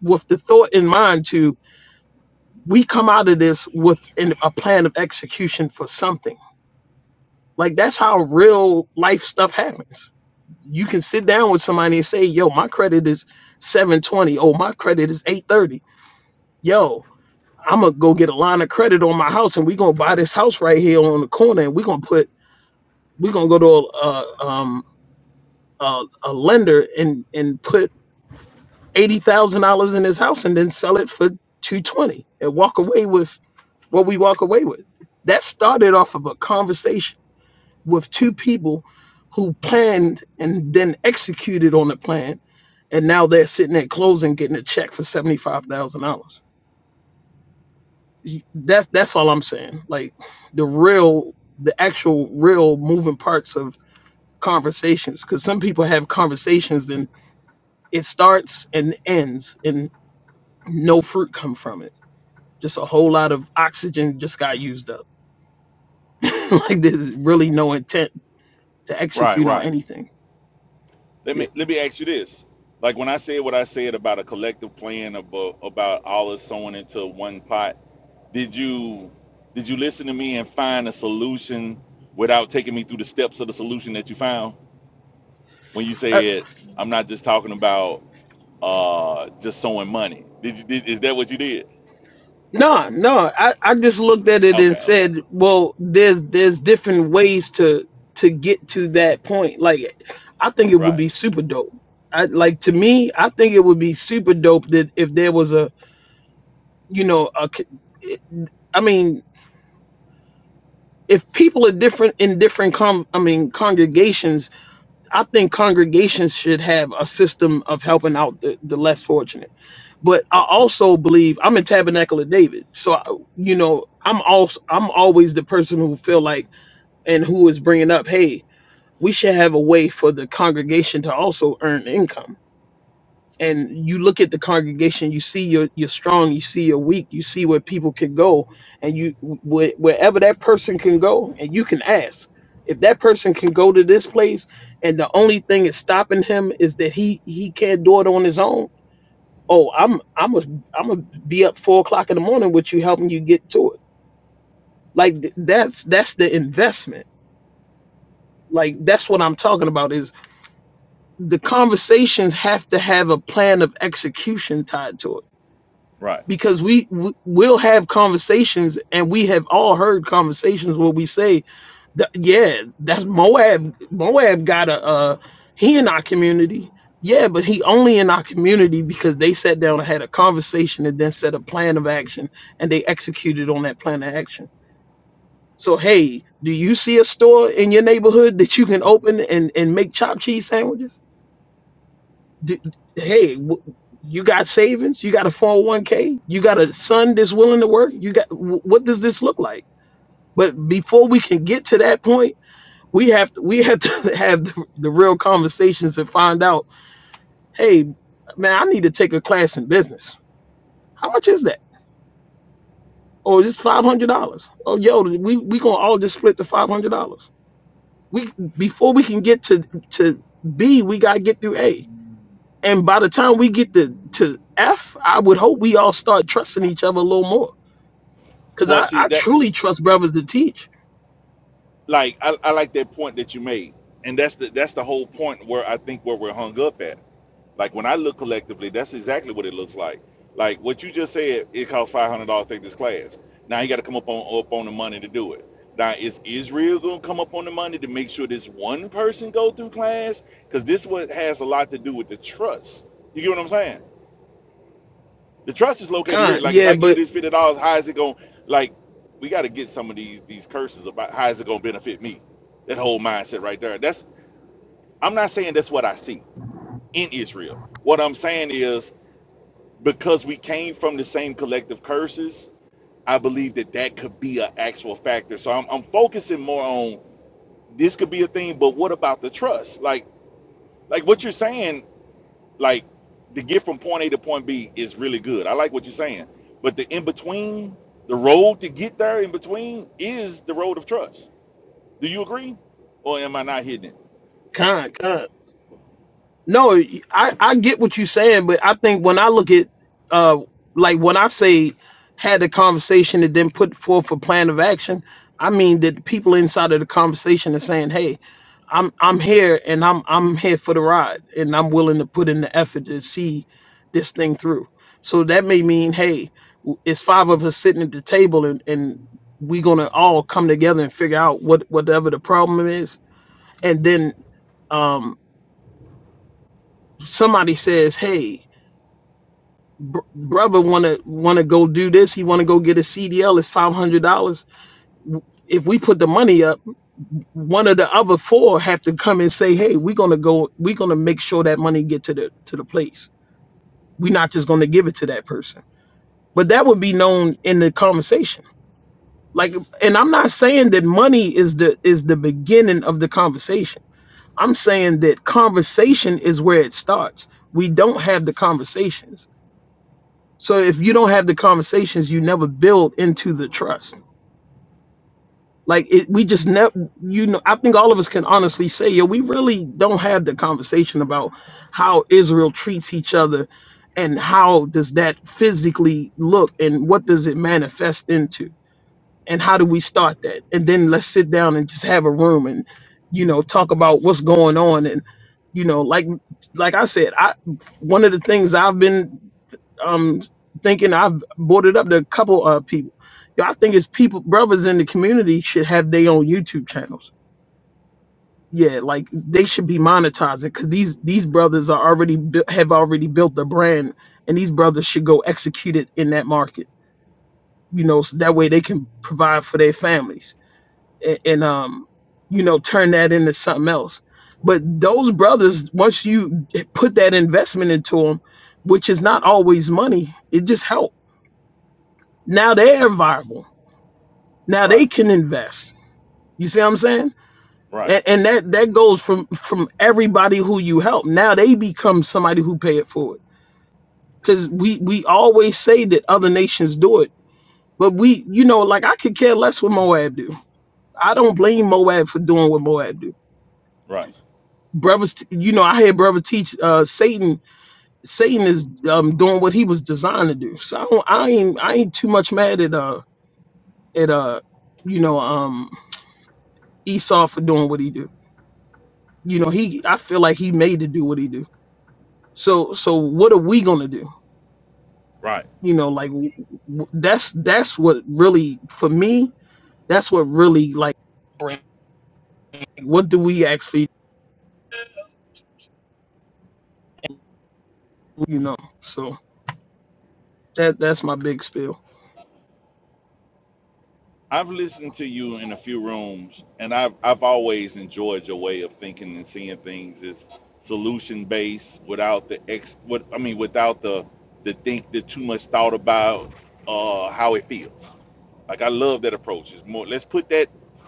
with the thought in mind to we come out of this with an, a plan of execution for something like that's how real life stuff happens you can sit down with somebody and say yo my credit is 720 oh my credit is 830 yo i'm gonna go get a line of credit on my house and we're gonna buy this house right here on the corner and we're gonna put we're gonna go to a, a um a, a lender and and put eighty thousand dollars in his house and then sell it for two twenty and walk away with what we walk away with. That started off of a conversation with two people who planned and then executed on the plan, and now they're sitting at closing getting a check for seventy five thousand dollars. That's that's all I'm saying. Like the real, the actual real moving parts of conversations because some people have conversations and it starts and ends and no fruit come from it Just a whole lot of oxygen just got used up. like there's really no intent to Right, execute on right. anything. Let Yeah. me let me ask you this. Like when I said what I said about a collective plan about about all us sewing into one pot, did you did you listen to me and find a solution without taking me through the steps of the solution that you found when you Uh, said I'm not just talking about uh just sewing money. Did you did, is that what you did? no, no. I, I just looked at it and Okay, okay. said, well, there's there's different ways to to get to that point. Like I think it would Right, be super dope. I, like to me, I think it would be super dope that if there was a, you know, a c- I mean, if people are different in different com, I mean, congregations I think congregations should have a system of helping out the, the less fortunate. But I also believe I'm a Tabernacle of David, so I, you know I'm also I'm always the person who feel like and who is bringing up, hey, we should have a way for the congregation to also earn income and you look at the congregation you see you're, you're strong you see you're weak you see where people can go and you wh- wherever that person can go and you can ask if that person can go to this place and the only thing is stopping him is that he he can't do it on his own oh i'm i'm a i'm gonna be up four o'clock in the morning with you helping you get to it like th- that's that's the investment like that's what i'm talking about is the conversations have to have a plan of execution tied to it right. because we w- will have conversations and we have all heard conversations where we say that yeah that's moab moab got a uh he in our community yeah but he only in our community because they sat down and had a conversation and then set a plan of action and they executed on that plan of action so hey do you see a store in your neighborhood that you can open and and make chopped cheese sandwiches D- hey, w- you got savings? You got a 401k? You got a son that's willing to work? You got wh- what does this look like? But before we can get to that point, we have we have to have the, the real conversations and find out, hey, man, I need to take a class in business. How much is that? Oh, it's five hundred dollars. Oh, yo, we we gonna all just split the five hundred dollars. We before we can get to to B, we gotta get through A And by the time we get to, to F, I would hope we all start trusting each other a little more. Cause Well, I, see I that truly trust brothers to teach. like I, I like that point that you made. And that's the that's the whole point where I think where we're hung up at Like when I look collectively, that's exactly what it looks like. Like what you just said, it costs five hundred dollars to take this class. Now you got to come up on up on the money to do it. Now is Israel gonna come up on the money to make sure this one person go through class? Because this what has a lot to do with the trust. You get what I'm saying? The trust is located here. Con, Like if yeah, I give but this fifty dollars, how is it going? Like we got to get some of these these curses about how is it gonna benefit me? That whole mindset right there. That's I'm not saying that's what I see in Israel. What I'm saying is because we came from the same collective curses, I believe that that could be an actual factor. So I'm, I'm focusing more on this could be a thing, but what about the trust? Like, like what you're saying, like the get from point A to point B is really good. I like what you're saying, but the in between, the road to get there in between is the road of trust. Do you agree, or am I not hitting it? con, con. No, I, I get what you're saying, but I think when I look at uh like when I say had a conversation and then put forth a plan of action, I mean that people inside of the conversation are saying, Hey, I'm I'm here and I'm I'm here for the ride and I'm willing to put in the effort to see this thing through. So that may mean, hey, w- it's five of us sitting at the table and, and we're gonna all come together and figure out what whatever the problem is. And then um somebody says, hey, br- brother wanna wanna go do this, he wanna go get a CDL, it's five hundred dollars. If we put the money up one of the other four have to come and say, "Hey, we're gonna go. We're gonna make sure that money get to the to the place. We're not just gonna give it to that person." But that would be known in the conversation. Like, and I'm not saying that money is the is the beginning of the conversation. I'm saying that conversation is where it starts. We don't have the conversations. So if you don't have the conversations, you never build into the trust Like it, we just never, you know, I think all of us can honestly say, yo, we really don't have the conversation about how Israel treats each other and how does that physically look and what does it manifest into and how do we start that? And then let's sit down and just have a room and, you know, talk about what's going on. And, you know, like, like I said, I, one of the things I've been um thinking I've brought it up to a couple of people. Yo, I think it's people brothers in the community should have their own YouTube channels. Yeah, like they should be monetizing because these these brothers are already bu- have already built the brand, and these brothers should go execute it in that market. You know, so that way they can provide for their families and, and um, you know, turn that into something else. But those brothers, once you put that investment into them, which is not always money, it just helps Now they're viable. Now they Right, can invest. You see what I'm saying? right, And, and that that goes from from everybody who you help. Now they become somebody who pay it forward. Because we we always say that other nations do it, but we you know like I could care less what Moab do. I don't blame Moab for doing what Moab do. right, Brothers, t- you know I hear brother teach uh, Satan. Satan is um, doing what he was designed to do. So I don't, I ain't I ain't too much mad at uh at uh you know um Esau for doing what he do you know he i feel like he made to do what he do so so what are we gonna do right. you know like w- w- that's that's what really for me that's what really like break what do we actually do, you know so that that's my big spill I've listened to you in a few rooms, and I've I've always enjoyed your way of thinking and seeing things. It's solution based without the ex. What I mean, without the the think the too much thought about uh, how it feels. Like I love that approach. It's more. Let's put that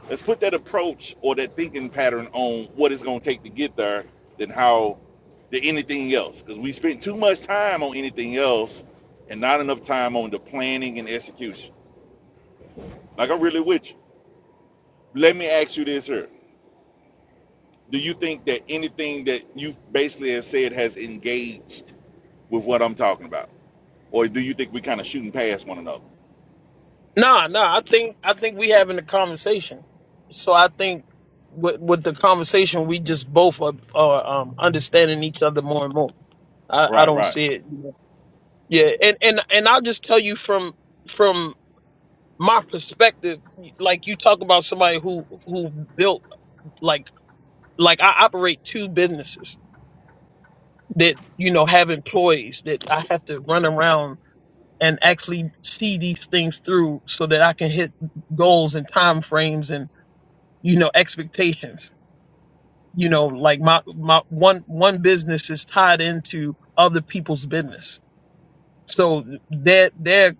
let's put that approach or that thinking pattern on what it's going to take to get there than how than anything else. Because we spent too much time on anything else, and not enough time on the planning and execution. Like I'm really with you. Let me ask you this here. Do you think that anything that you basically have said has engaged with what I'm talking about? Or do you think we kind of shooting past one another? Nah, nah. I think I think we having a conversation. So I think with with the conversation, we just both are, are um, understanding each other more and more. I, I Right, don't right, see it. Yeah, and and and I'll just tell you from from my perspective like you talk about somebody who who built like like i operate two businesses that you know have employees that i have to run around and actually see these things through so that i can hit goals and time frames and you know expectations you know like my my one one business is tied into other people's business so their their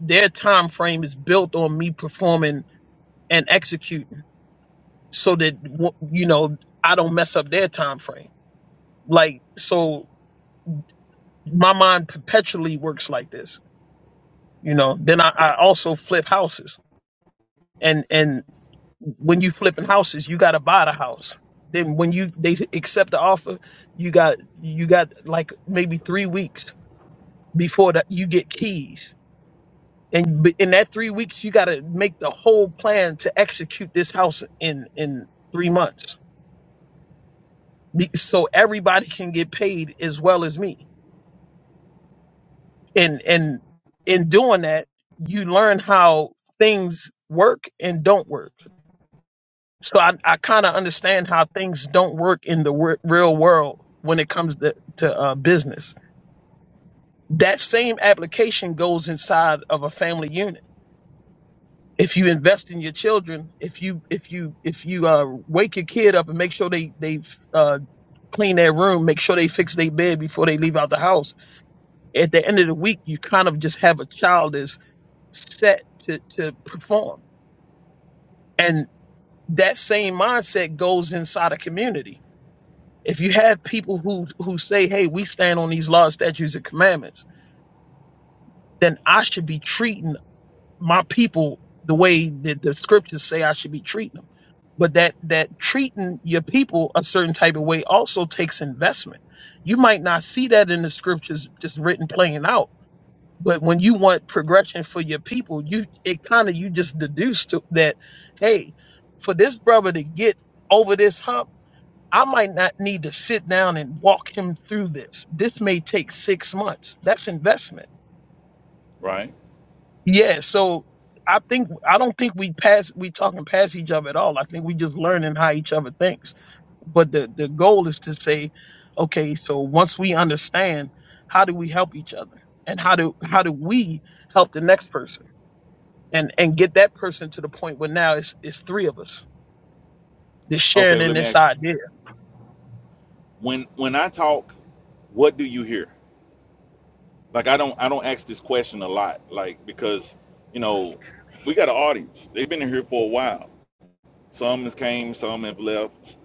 their time frame is built on me performing and executing so that w- you know I don't mess up their time frame. Like so, my mind perpetually works like this. You know, then I, I also flip houses, and and when you flipping houses, you got to buy the house. Then when you they accept the offer, you got you got like maybe three weeks before that you get keys, and b- in that three weeks you got to make the whole plan to execute this house in in three months, Be- so everybody can get paid as well as me and and in doing that you learn how things work and don't work so i, I kind of understand how things don't work in the w- real world when it comes to, to uh, business that same application goes inside of a family unit if you invest in your children if you if you if you uh, wake your kid up and make sure they they uh, clean their room make sure they fix their bed before they leave out the house at the end of the week you kind of just have a child as set to, to perform. And that same mindset goes inside a community. If you have people who who say, "Hey, we stand on these laws, statutes, and commandments," then I should be treating my people the way that the scriptures say I should be treating them. But that that treating your people a certain type of way also takes investment. You might not see that in the scriptures just written playing out, But when you want progression for your people, you it kind of you just deduce to that, hey, for this brother to get over this hump, I might not need to sit down and walk him through this. This may take six months. That's investment. right. Yeah. So I think I don't think we pass we talking past each other at all. I think we just learning how each other thinks. But the the goal is to say, okay, so once we understand, how do we help each other, and how do how do we help the next person? and and get that person to the point where now it's it's three of us just Okay, sharing well, in let me this ask you. idea. When when I talk, what do you hear? Like I don't I don't ask this question a lot, like because you know, we got an audience. They've been here for a while. Some has came, some have left,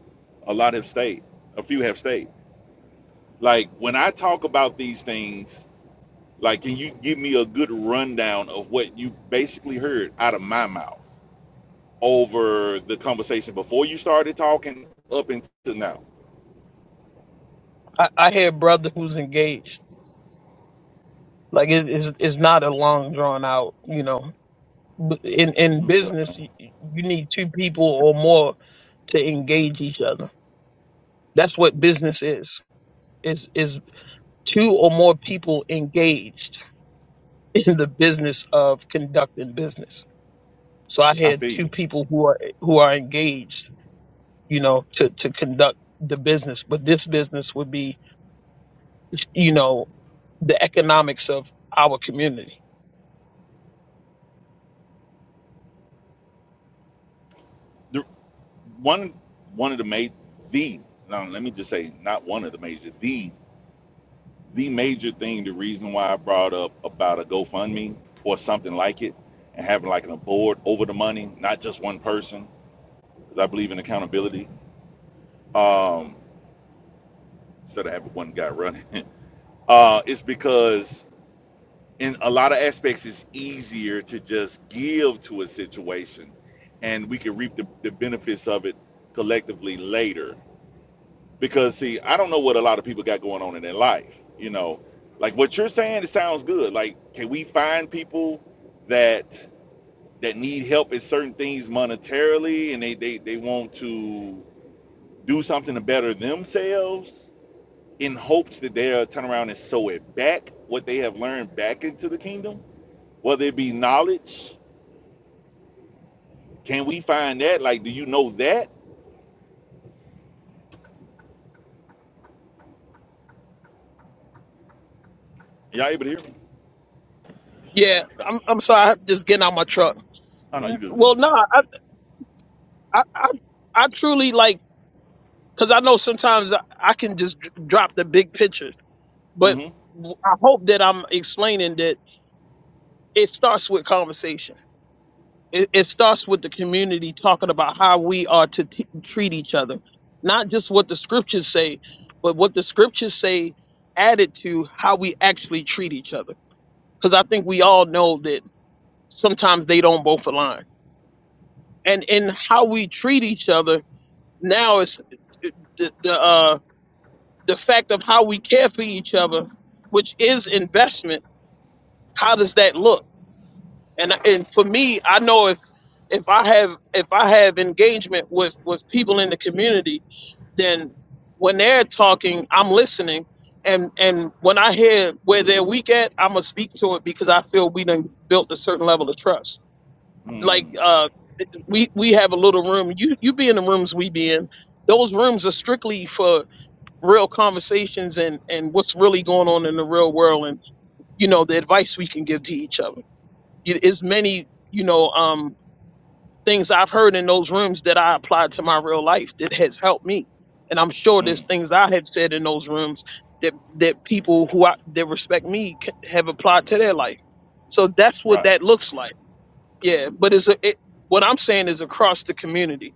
a lot have stayed, a few have stayed. Like when I talk about these things, Like, can you give me a good rundown of what you basically heard out of my mouth over the conversation before you started talking up until now? I, I hear a brother who's engaged. Like it is it's it's not a long drawn out. You know, B- in in Okay, business you, you need two people or more to engage each other. That's what business is. Is is two or more people engaged in the business of conducting business. So I I had feel two you. people who are who are engaged you know, to, to conduct the business. But this business would be, you know, the economics of our community. The, one one of the major the now let me just say not one of the major the the major thing the reason why I brought up about a GoFundMe or something like it and having like a board over the money, not just one person, because I believe in accountability. Um, instead of having one guy running. uh, is because in a lot of aspects it's easier to just give to a situation and we can reap the, the benefits of it collectively later because see i don't know what a lot of people got going on in their life you know like what you're saying it sounds good like can we find people that that need help in certain things monetarily and they they, they want to do something to better themselves in hopes that they'll turn around and sow it back, what they have learned back into the kingdom, whether it be knowledge. Can we find that? Like, do you know that? Y'all able to hear me? Yeah, I'm, I'm sorry. I'm just getting out my truck. Oh no, you N- good man. Well, no, I, I, I, I truly like, cause I know sometimes I, I can just dr- drop the big picture, but Mm-hmm. w- I hope that I'm explaining that it starts with conversation it, it starts with the community talking about how we are to t- treat each other not just what the scriptures say but what the scriptures say added to how we actually treat each other because i think we all know that sometimes they don't both align and in how we treat each other now is the, the uh the fact of how we care for each other which is investment how does that look and and for me i know if I have if I have engagement with with people in the community, then when they're talking, I'm listening, and and when I hear where they're weak at, I'm gonna speak to it because I feel we done built a certain level of trust. Like Mm, uh, we we have a little room. You you be in the rooms we be in. Those rooms are strictly for real conversations and and what's really going on in the real world, and you know the advice we can give to each other. It is many you know um things I've heard in those rooms that I applied to my real life that has helped me. And I'm sure there's mm, things I have said in those rooms that that people who I, that respect me c- have applied to their life. So that's what right. that looks like. Yeah, but it's a, it, what I'm saying is across the community.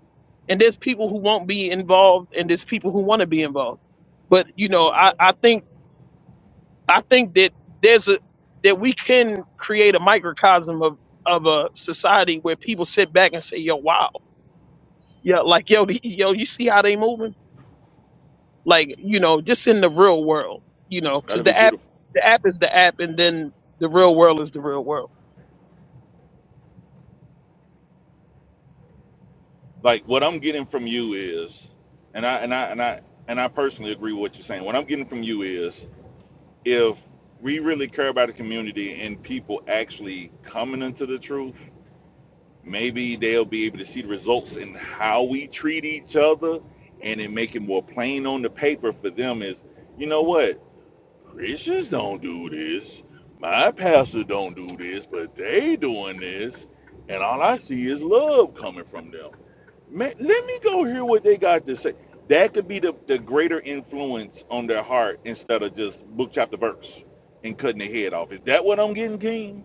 And there's people who won't be involved, and there's people who want to be involved. But you know, I, I think I think that there's a that we can create a microcosm of of a society where people sit back and say, "Yo, wow." Yeah, like yo, the- yo, you see how they moving? Like you know, just in the real world, you know, because That'll be the app, beautiful. the app is the app, and then the real world is the real world. Like what I'm getting from you is, and I and I and I and I personally agree with what you're saying. What I'm getting from you is if we really care about the community and people actually coming into the truth maybe they'll be able to see the results in how we treat each other and then make it more plain on the paper for them is you know what christians don't do this my pastor don't do this but they doing this and all i see is love coming from them Man, let me go hear what they got to say that could be the, the greater influence on their heart instead of just book chapter verse and cutting their head off is that what i'm getting king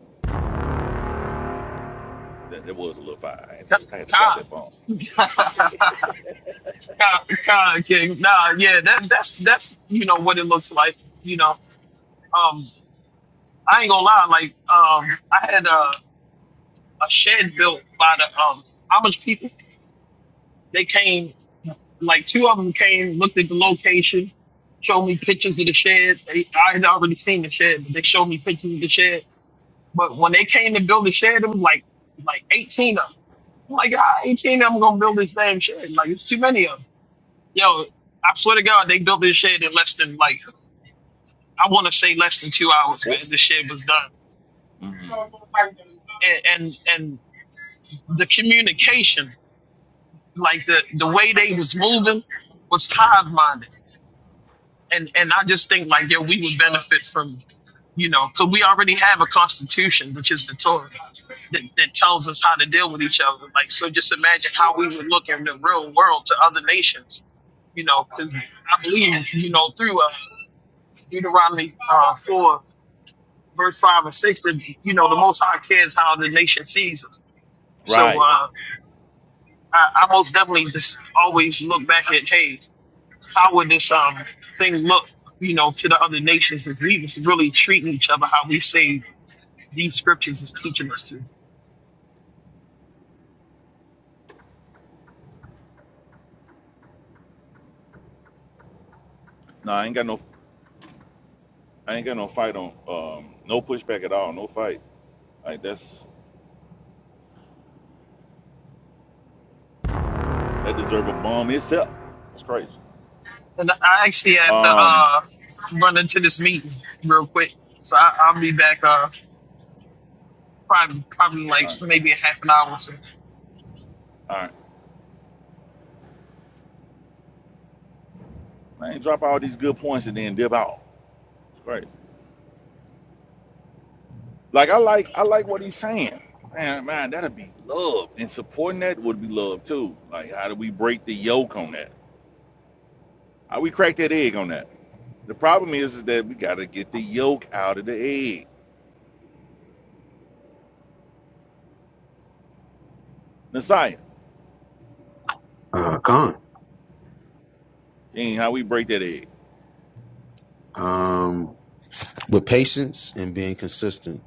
that, that was a little fire i had to, Kyle. I had to drop that bomb Kyle, Kyle Kyle, King. Nah, yeah, that, that's that's you know what it looks like. You know, um, I ain't gonna lie. Like, um, I had a, a shed built by the um, how much people? They came, like two of them came, looked at the location, showed me pictures of the shed. They, I had already seen the shed, but they showed me pictures of the shed. But when they came to build the shed, it was like like 18 of them. I'm like, ah, 18 of them gonna build this damn shed. Like, it's too many of them. Yo, I swear to God, they built this shed in less than like I want to say less than two hours, Boy, man. The shed was done. hmm And and, and the communication, like the the way they was moving, was hive minded. and and I just think like yeah, we would benefit from you know because we already have a constitution, which is the Torah, that, that tells us how to deal with each other. Like so, just imagine how we would look in the real world to other nations. You know because I believe you know through uh, Deuteronomy uh, four, verse five and six that you know the Most High cares how the nation sees us. So Right. uh, I, I most definitely just always look back at hey how would this um thing look, you know, to the other nations if we was really treating each other how we say these scriptures is teaching us to? No, I ain't got no. I ain't got no fight on. Um, no pushback at all. No fight. Like that's that deserve a bomb itself. That's crazy. And I actually have to Um. uh run into this meeting real quick, so I, I'll be back uh probably probably like All right. maybe in half an hour or so. All right. Man, drop all these good points and then dip out. It's crazy. Like I like I like what he's saying. Man, man, that'd be love. And supporting that would be love too. Like how do we break the yolk on that? How we crack that egg on that? The problem is, is that we gotta get the yolk out of the egg. Messiah. uh, con Ain't how we break that egg. um, with patience and being consistent.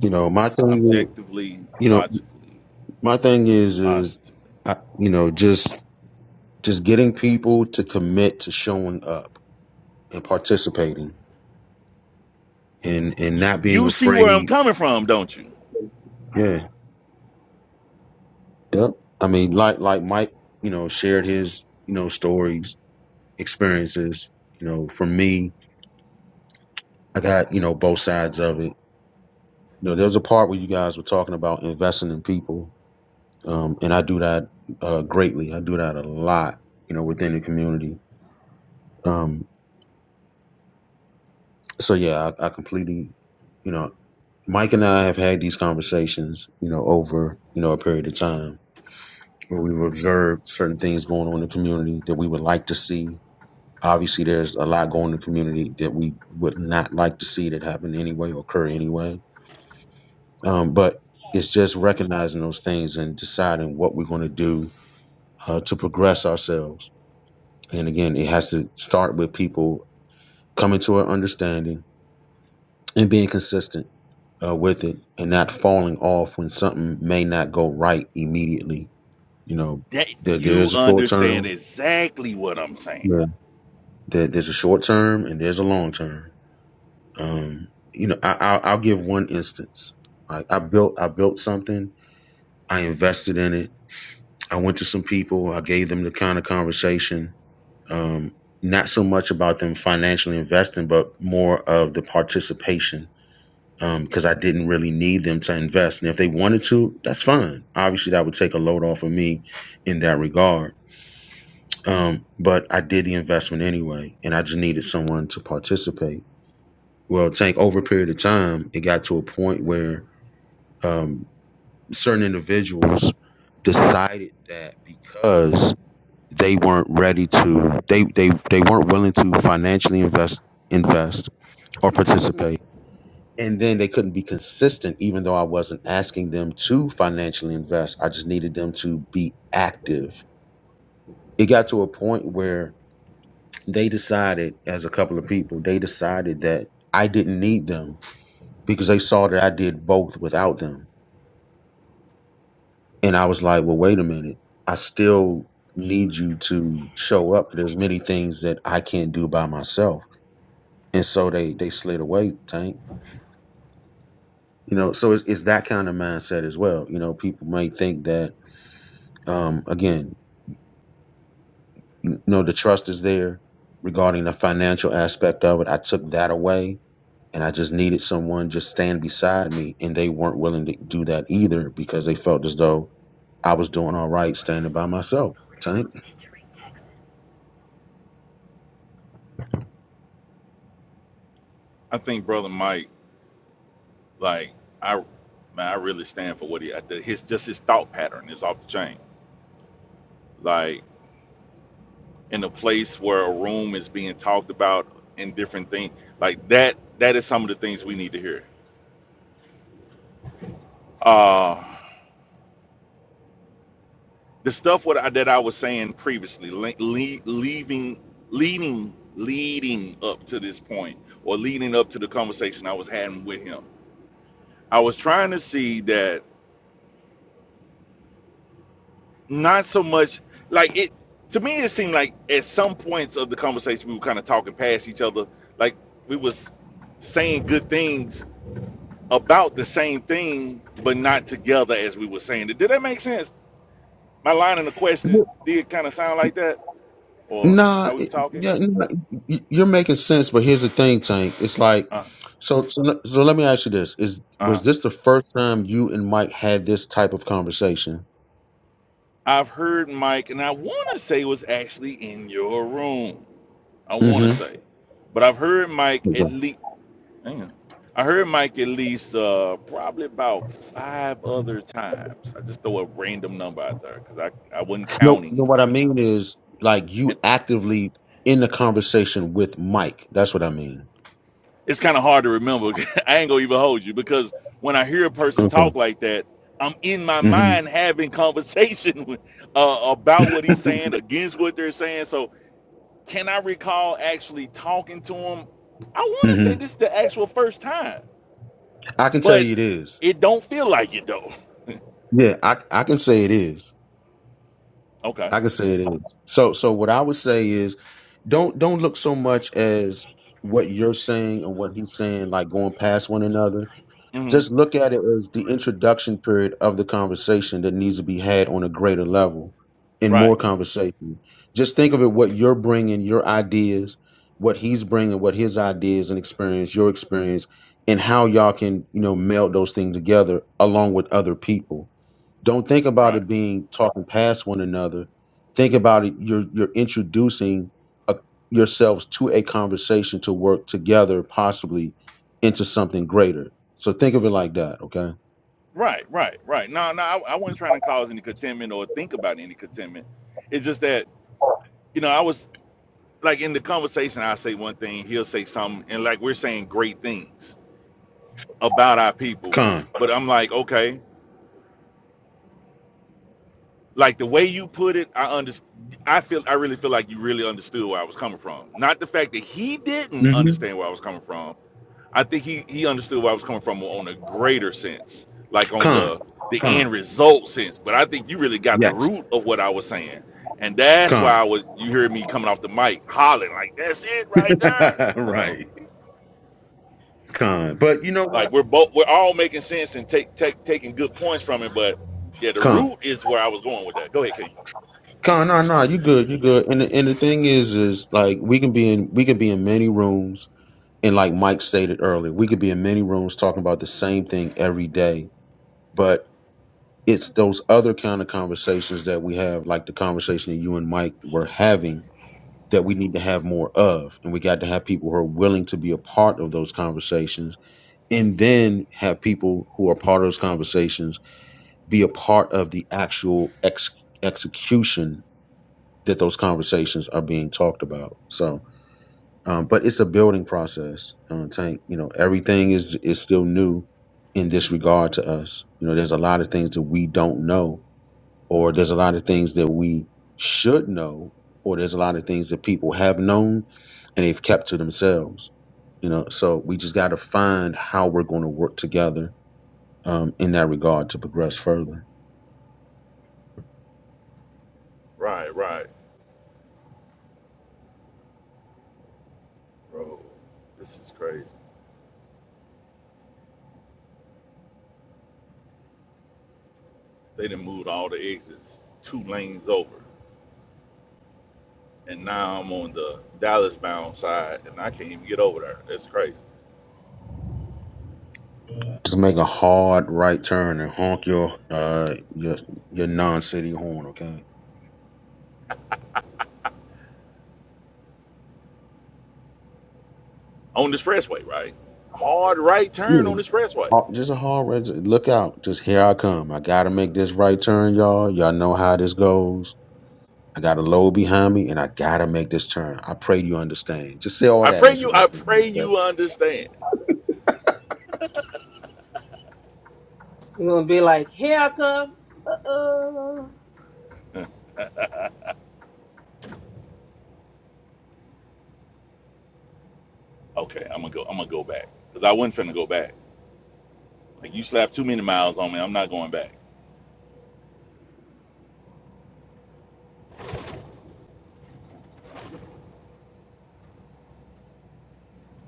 You know, my thing, objectively, you know, logically, my thing is, is positively. I, you know, just just getting people to commit to showing up and participating and and not being You see where I'm afraid. coming from, don't you? Yeah, yep. I mean, like like Mike, you know, shared his you know stories, experiences. You know, for me, I got you know both sides of it. You know, there was a part where you guys were talking about investing in people um, and I do that uh, greatly. I do that a lot, you know, within the community. Um, so yeah, I, I completely, you know, Mike and I have had these conversations, you know, over you know a period of time where we've observed certain things going on in the community that we would like to see. Obviously, there's a lot going in the community that we would not like to see that happen anyway or occur anyway. Um, but it's just recognizing those things and deciding what we're going to do uh, to progress ourselves And again, it has to start with people coming to an understanding and being consistent uh, with it and not falling off when something may not go right immediately. You know, That there, there you is a short understand term. exactly what I'm saying. Yeah. There, there's a short term and there's a long term. Um, you know, I, I'll, I'll give one instance. Like I built, I built something. I invested in it. I went to some people. I gave them the kind of conversation. Um, not so much about them financially investing, but more of the participation um because I didn't really need them to invest. And if they wanted to, that's fine. Obviously, that would take a load off of me in that regard. Um, but I did the investment anyway, and I just needed someone to participate. Well, Tank, over a period of time, it got to a point where um, certain individuals decided that because they weren't ready to, they they they weren't willing to financially invest invest or participate and then they couldn't be consistent even though i wasn't asking them to financially invest i just needed them to be active it got to a point where they decided as a couple of people they decided that i didn't need them because they saw that i did both without them and i was like well wait a minute i still need you to show up there's many things that i can't do by myself and so they they slid away tank you know so it's, it's that kind of mindset as well you know people may think that um, again, you know, the trust is there regarding the financial aspect of it. I took that away and I just needed someone just stand beside me. And they weren't willing to do that either because they felt as though I was doing all right standing by myself. Tank. I think brother Mike, like I, man, I really stand for what he. His just his thought pattern is off the chain. Like in a place where a room is being talked about in different things, like that. That is some of the things we need to hear. Uh the stuff what I, that I was saying previously, le- le- leaving, leading, leading up to this point, or leading up to the conversation I was having with him, I was trying to see that not so much like it. To me, it seemed like at some points of the conversation we were kind of talking past each other, like we was saying good things about the same thing, but not together as we were saying it. Did that make sense? My line in the questions did kind of sound like that, or Nah, how we were it- talking. yeah, nah, y- you're making sense, but here's the thing, Tank. It's like, Uh so, so, le- so let me ask you this: Is huh. was this the first time you and Mike had this type of conversation? I've heard Mike, and I want to say it was actually in your room. I want to Mm-hmm. say, but I've heard Mike at least. Hang on, I heard Mike at least uh, probably about five other times. I just throw a random number out there because I, I wasn't No, no. counting. What I mean is, like, And you actively in the conversation with Mike. That's what I mean. it's kind of hard to remember. I ain't gonna even hold you because when I hear a person talk Okay. like that, I'm in my hmm mind having conversation with, uh, about what he's saying, against what they're saying. So Can I recall actually talking to him? I want to hmm say this is the actual first time, I can tell you but it is. it don't feel like it though. Yeah, I I can say it is. Okay. I can say it is. So so what I would say is, don't don't look Two so much miles. as Take exit what you're saying 218 and on what he's hmm Right, saying, like going onto past one North another. Kings Highway. Mm-hmm. just look at Pleasant it as Grove the Road. introduction period of the conversation that needs to be had on a greater level in right, more conversation. Just think of it what you're bringing, your ideas, what he's bringing, what his ideas and experience, your experience, and how y'all can, you know, meld those things together along with other people. Don't think about right, it being talking past one another. Think about it. You're you're introducing a, yourselves to a conversation to work together, possibly into something greater. So think of it like that. Okay. right, right. right. No, no, I, I wasn't trying to cause any contentment or think about any contentment. It's just that, you know, I was like in the conversation, I say one thing, he'll say something, and like we're saying great things. about our people. Con. But I'm like, okay, like the way you put it, I understand. I feel, I really feel like you really understood where I was coming from. Not the fact that he didn't hmm understand where I was coming from. I think he he understood where I was coming from on a greater sense, like on Con. the the Con. end result sense. But I think you really got the Yes. root of what I was saying, and that's why Con. I was. You hear me coming off the mic hollering like, "That's it right there," you know. right. Con. But you know Like what? we're both we're all making sense and take take taking good points from it, but yeah, the Con. root is where I was going with that. Go ahead, King. Con. No. No. You good. You good. And the, and the thing is, is like we can be in we can be in many rooms and like Mike stated earlier, we could be in many rooms talking about the same thing every day but it's those other kind of conversations that we have like the conversation that you and mike were having that we need to have more of and we got to have people who are willing to be a part of those conversations and then have people who are part of those conversations be a part of the actual ex- execution that those conversations are being talked about so um, but it's a building process uh, tank you know everything is is still new in this regard to us you know there's a lot of things that we don't know or there's a lot of things that we should know, or there's a lot of things that people have known and they've kept to themselves. You know, so we just got to find how we're going to work together um, in that regard to progress further. Right, right, bro. This is crazy. They done moved all the exits two lanes over, and now I'm on the Dallas bound side, and I can't even get over there. That's crazy. Just make a hard right turn and honk your uh, your your non-city horn, okay? On the expressway, right? Hard right turn Yeah, on the expressway. Oh, just a hard right. Look out! Just here I come. I gotta make this right turn, y'all. Y'all know how this goes. I got a load behind me and I gotta make this turn. I pray you understand. Just say all I that pray as you you. I honk your horn. pray Steph. you understand. you're gonna be like, here I come. Uh oh. okay, I'm gonna go. I'm gonna go back because I wasn't finna go back. Like you slapped too many miles on me. I'm not going back.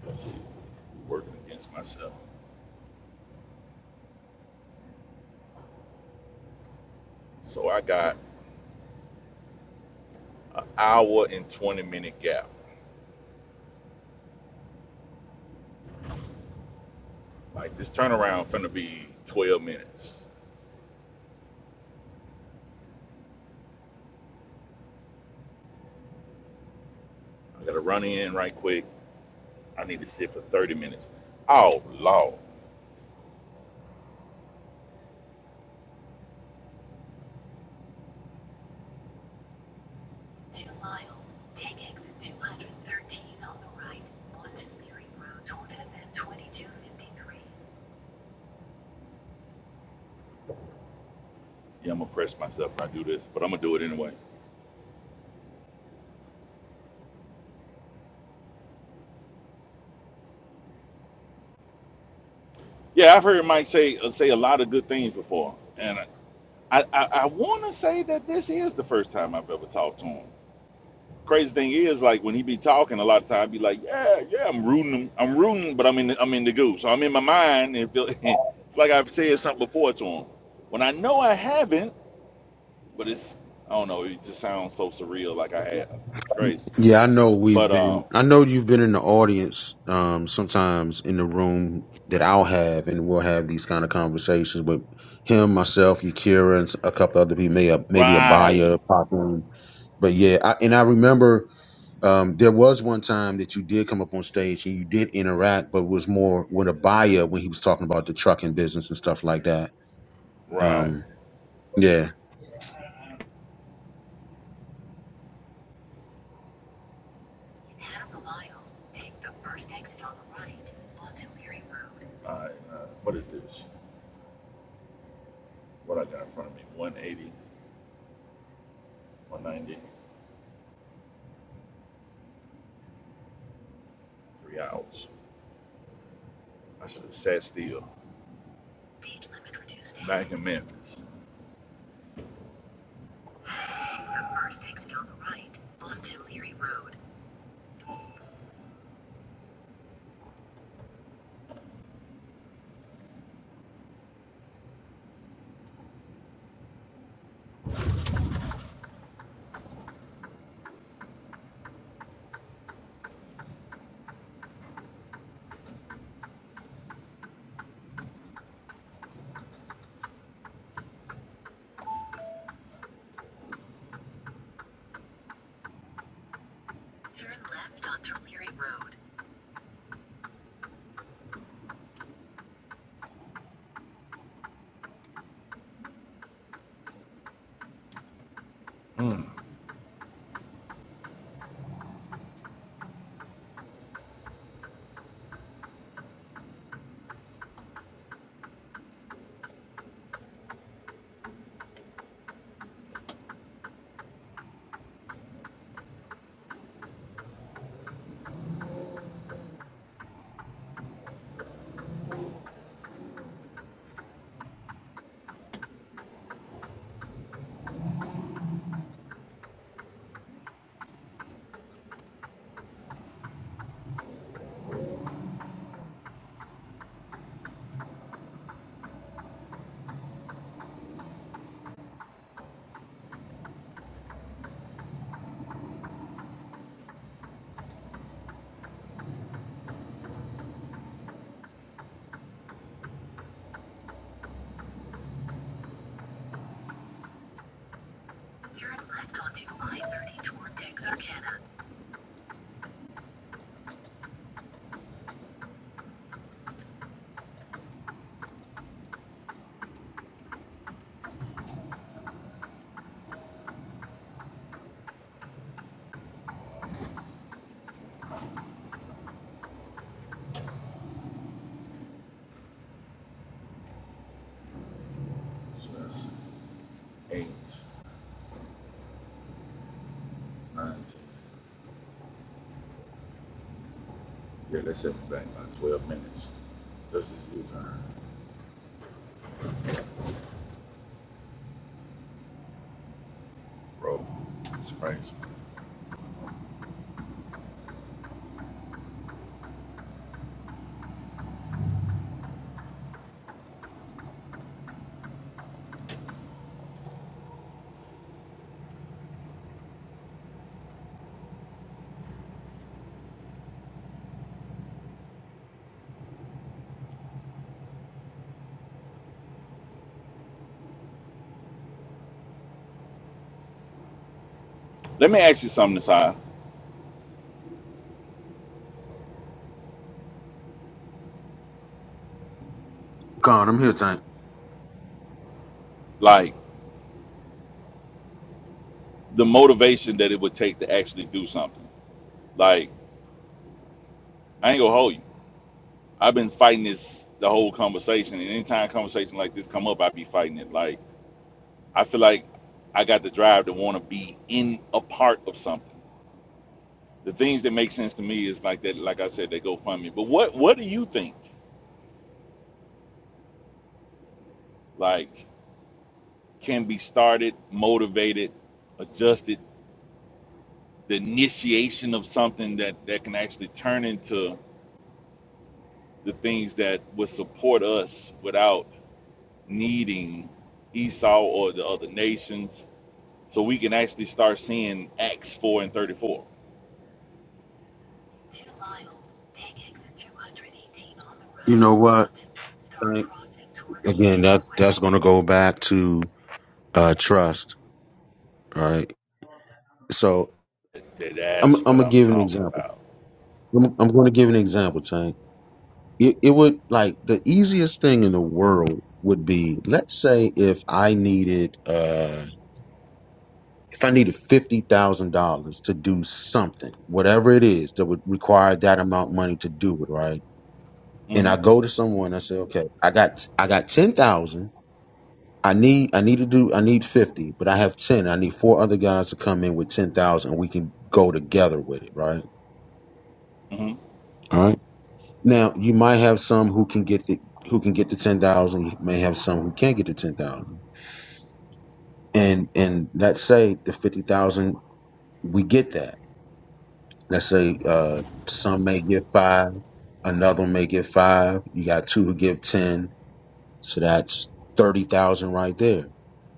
Let's see, working against myself. So I got an hour and 20 minute gap. Like this turnaround finna be 12 minutes. I gotta run in right quick. I need to sit for 30 minutes. Oh, Lord. Yeah, I'm gonna press myself when I do this, but I'm gonna do it anyway. Yeah, I've heard Mike say uh, say a lot of good things before, and I I, I want to say that this is the first time I've ever talked to him. crazy thing is like when he be talking a lot of time I be like yeah yeah i'm rooting him i'm rooting but i'm in the, i'm in the goo so i'm in my mind and feel it's like i've said something before to him when i know i haven't but it's i don't know it just sounds so surreal like i have it's crazy Yeah, I know we've but been um I know you've been in the audience, um, sometimes in the room that I'll have and we'll have these kind of conversations with him, myself, Yakira, and s- a couple other people, maybe a maybe a right buyer pop in. But yeah, I, and I remember um, there was one time that you did come up on stage and you did interact, but was more with a buyer when he was talking about the trucking business and stuff like that. right Um, yeah, all right uh, what is this what i got in front of me One eighty, one ninety, three hours i should have sat still back in memphis Hmm. so that's eight Nine, ten. Yeah, let's set it back by 12 minutes. Just as you turn. Bro, it's crazy. Let me ask you something, Nasai. Con, I'm here, Tank. Like the motivation that it would take to actually do something. Like I ain't gonna hold you. I've been fighting this the whole conversation, and anytime a conversation like this come up, I be fighting it. Like I feel like I got the drive to want to be in a part of something. The things that make sense to me is like that. Like I said, they go fund me. But what what do you think? Like can be started, motivated, adjusted, the initiation of something that, that can actually turn into the things that would support us without needing Esau or the other nations. So we can actually start seeing Acts 4 and 34. You know what, Tank? Again, that's that's gonna go back to uh trust, right? So Th- I'm That's I'm what gonna I'm give an talking example. about. I'm, I'm gonna give an example, Tank. It, it would like the easiest thing in the world would be, let's say, if I needed uh if I needed fifty thousand dollars to do something, whatever it is that would require that amount of money to do it, right? And hmm I go to someone, I say, okay, I got I got ten thousand. I need I need to do I need fifty, but I have ten. I need four other guys to come in with ten thousand. We can go together with it, right? hmm All right. Now you might have some who can get the who can get the ten thousand. You may have some who can't get the ten thousand. And and let's say the fifty thousand, we get that. Let's say uh some may get five, another may get five. You got two who give ten, so that's thirty thousand right there.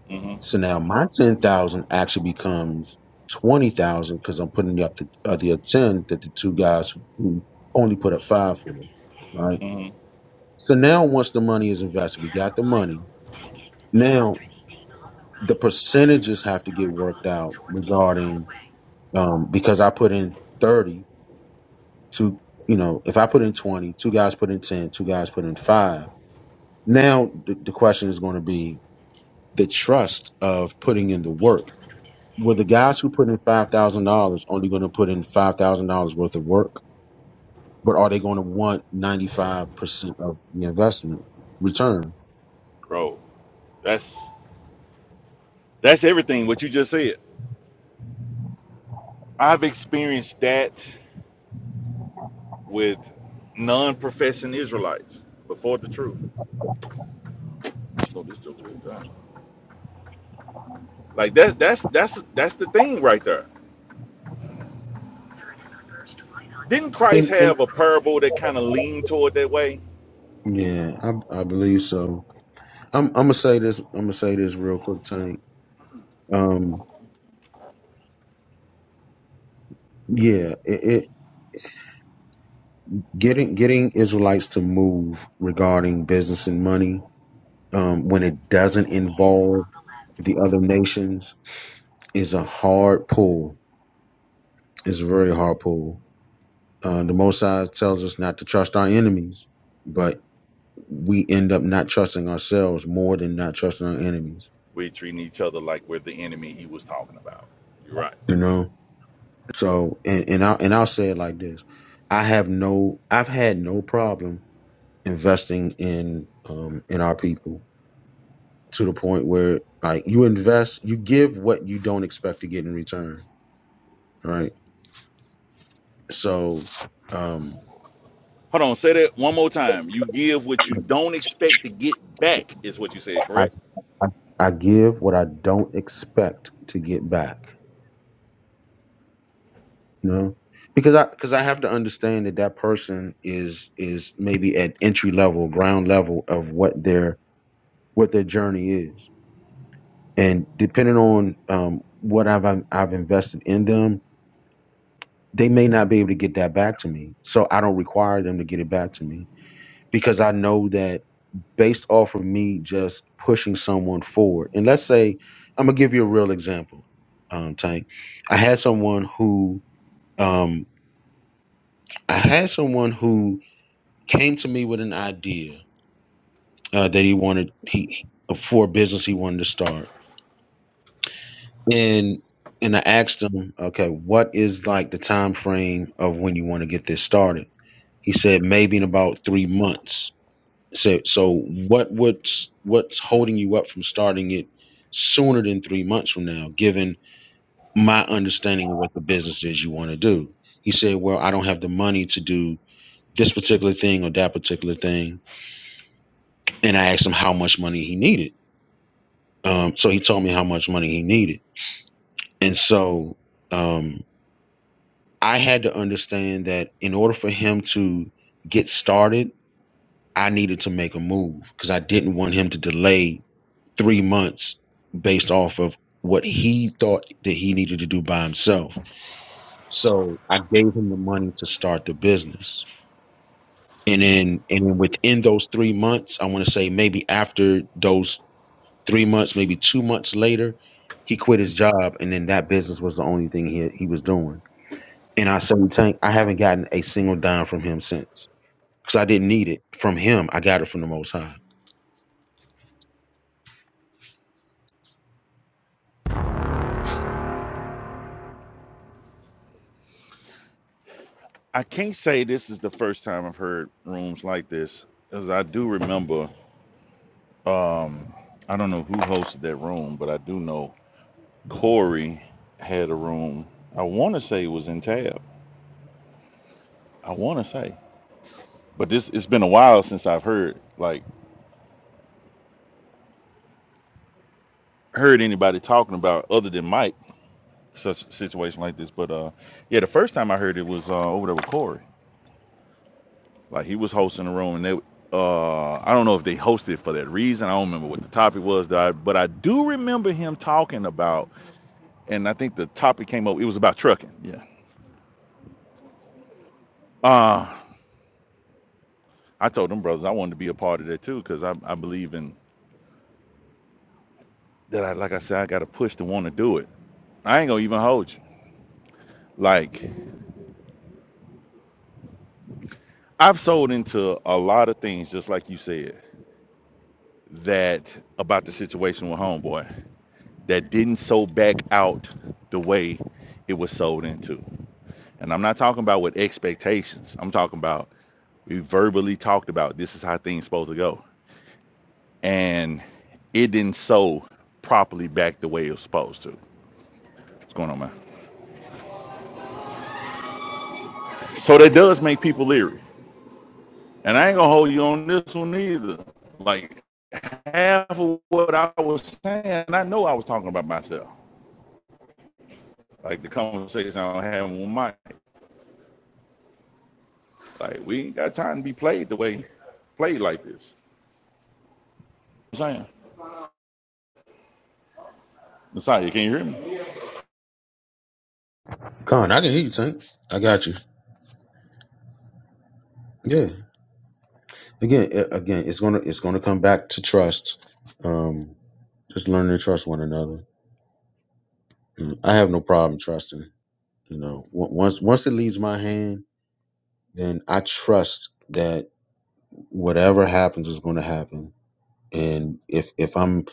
hmm So now my ten thousand actually becomes twenty thousand because I'm putting up the other ten that the two guys who only put up five for, right? hmm So now once the money is invested, we got the money. Now the percentages have to get worked out regarding um, because I put in thirty to you know if I put in twenty, two guys put in ten, two guys put in five. Now the, the question is going to be the trust of putting in the work were the guys who put in five thousand dollars only going to put in five thousand dollars worth of work, but are they going to want ninety five percent of the investment return? Bro, that's that's everything what you just said. I've experienced that with non-professing Israelites before the truth. You slow this joke down. Like that's that's that's that's the thing right there. Didn't And Christ and have a parable that kind of leaned toward that way? yeah, I, I believe so. I'm I'm gonna say this. I'm gonna say this real quick, Tank. Um, yeah, it, it getting getting Israelites to move regarding business and money um, when it doesn't involve the other nations is a hard pull. It's a very hard pull Uh, the Most High tells us not to trust our enemies, but we end up not trusting ourselves more than not trusting our enemies. We're treating each other like we're the enemy he was talking about. You're right. You know. So, and and I'll and I'll say it like this: I have no, I've had no problem investing in um in our people to the point where like you invest, you give what you don't expect to get in return, right? So, um, Hold on, say that one more time. You give what you don't expect to get back, is what you said, I correct? I, I give what I don't expect to get back you know because i because i have to understand that that person is is maybe at entry level ground level of what their what their journey is and depending on um what i've i've I've invested in them they may not be able to get that back to me so i don't require them to get it back to me because i know that based off of me just pushing someone forward and let's say i'm gonna give you a real example um tank i had someone who um i had someone who came to me with an idea uh, that he wanted he for a business he wanted to start, and and I asked him, okay, what is like the time frame of when you want to get this started? He said maybe in about three months. So so what what's what's holding you up from starting it sooner than three months from now? Given my understanding of what the business is you want to do, he said, well, I don't have the money to do this particular thing or that particular thing, and I asked him how much money he needed Um, so he told me how much money he needed. And so um, I had to understand that in order for him to get started, I needed to make a move because I didn't want him to delay three months based off of what he thought that he needed to do by himself. So I gave him the money to start the business. And then and then within those three months, I want to say maybe after those Three months, maybe two months later, he quit his job, and then that business was the only thing he he was doing. And I say, Tank, I haven't gotten a single dime from him since because I didn't need it from him. I got it from the Most High. I can't say this is the first time I've heard rooms like this, because I do remember. Um, I don't know who hosted that room, but I do know Corey had a room. I want to say it was in Tab. I want to say, but this it's been a while since I've heard like heard anybody talking about other than Mike such a situation like this. But uh, yeah, the first time I heard it was uh, over there with Corey. Like he was hosting a room, and they uh, I don't know if they hosted for that reason. I don't remember what the topic was, but I do remember him talking about, and I think the topic came up. It was about trucking. Yeah. Uh, I told them brothers I wanted to be a part of that too because I, I believe in that I like I said I got to push to want to do it. I ain't gonna even hold you. Like I've sold into a lot of things, just like you said, that about the situation with homeboy that didn't sow back out the way it was sold into. And I'm not talking about with expectations. I'm talking about we verbally talked about this is how things supposed to go, and it didn't sow properly back the way it was supposed to. What's going on, man? So that does make people leery. And I ain't gonna hold you on this one either. Like half of what I was saying, I know I was talking about myself. Like the conversation I was having with Mike. Like we ain't got time to be played the way played like this. You know what I'm saying, Messiah, can you hear me? Con, I can hear you, Tank. I got you. Yeah. Again, a- again, it's gonna it's gonna come back to trust. Um, just learning to trust one another. Mm, I have no problem trusting. You know, on- once once it leaves my hand, then I trust that whatever happens is going to happen. And if if I'm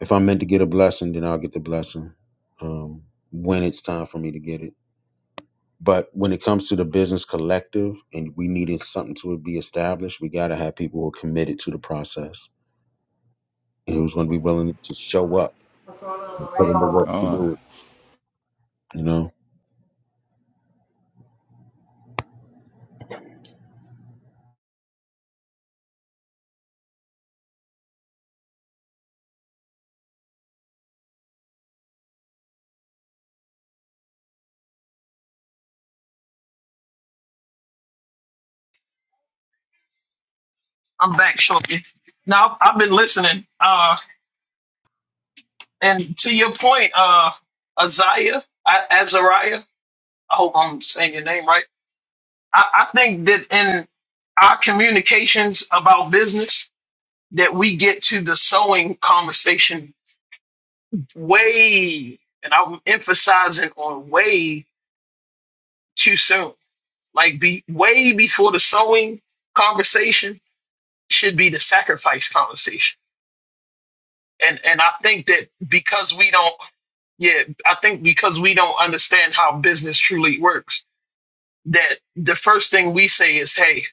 If I'm meant to get a blessing, then I'll get the blessing um, when it's time for me to get it. But when it comes to the business collective and we needed something to be established, we got to have people who are committed to the process and who's going to be willing to show up and put in the work to God, do it, you know? I'm back shortly. Now I've been listening, uh, and to your point, uh, Isaiah, I, Azariah. I hope I'm saying your name right. I, I think that in our communications about business that we get to the sewing conversation way, and I'm emphasizing on way too soon. Like be way before the sewing conversation should be the sacrifice conversation. And and I think that because we don't yeah, I think because we don't understand how business truly works, that the first thing we say is, Hey,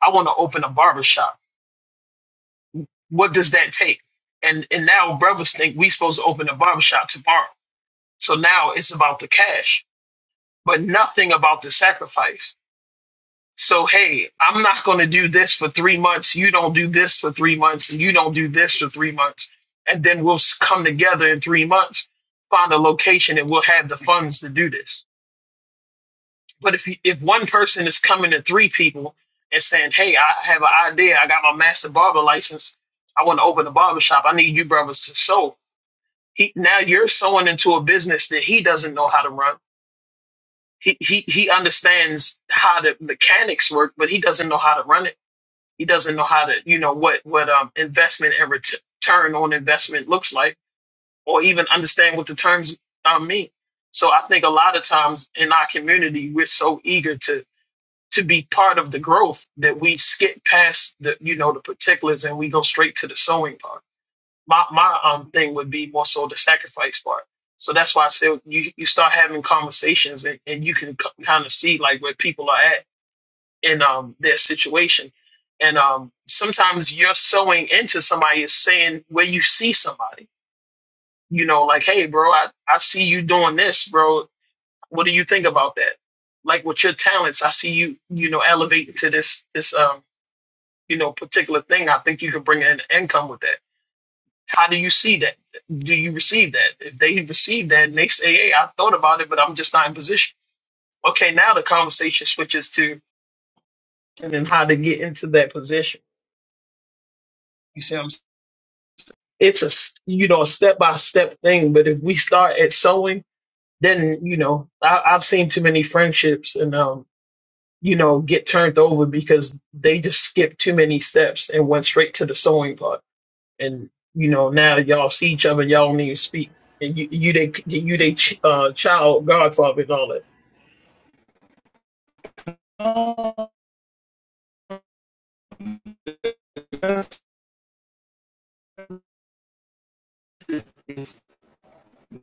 I want to open a barber shop. What does that take? And and now brothers think we supposed to open a barber shop tomorrow. So now it's about the cash, but nothing about the sacrifice. So, hey, I'm not going to do this for three months. You don't do this for three months, and you don't do this for three months. And then we'll s- come together in three months, find a location, and we'll have the funds to do this. But if, you, if one person is coming to three people and saying, hey, I have an idea, I got my master barber license, I want to open a barber shop, I need you brothers to sew. He, now you're sewing into a business that he doesn't know how to run he he he understands how the mechanics work, but he doesn't know how to run it. He doesn't know how to you know what what um investment and ret- return on investment looks like, or even understand what the terms um, mean. So I think a lot of times in our community, we're so eager to to be part of the growth that we skip past the you know the particulars and we go straight to the sewing part my my um thing would be more so the sacrifice part. So that's why I said you you start having conversations and, and you can kind of see like where people are at in um their situation, and um sometimes you're sewing into somebody is saying where you see somebody, you know, like hey bro, I I see you doing this, bro. What do you think about that? Like with your talents, I see you you know elevating to this this um you know particular thing. I think you can bring in income with that how do you see that? Do you receive that? If they receive that and they say, hey, I thought about it, but I'm just not in position. Okay, now the conversation switches to and then how to get into that position. You see what I'm saying? It's a s- you know a step by step thing, but if we start at sowing, then you know I, I've seen too many friendships and um you know get turned over because they just skip too many steps and went straight to the sewing part and you know now y'all see each other, y'all don't even speak, and you you they you they uh, child godfather and all that.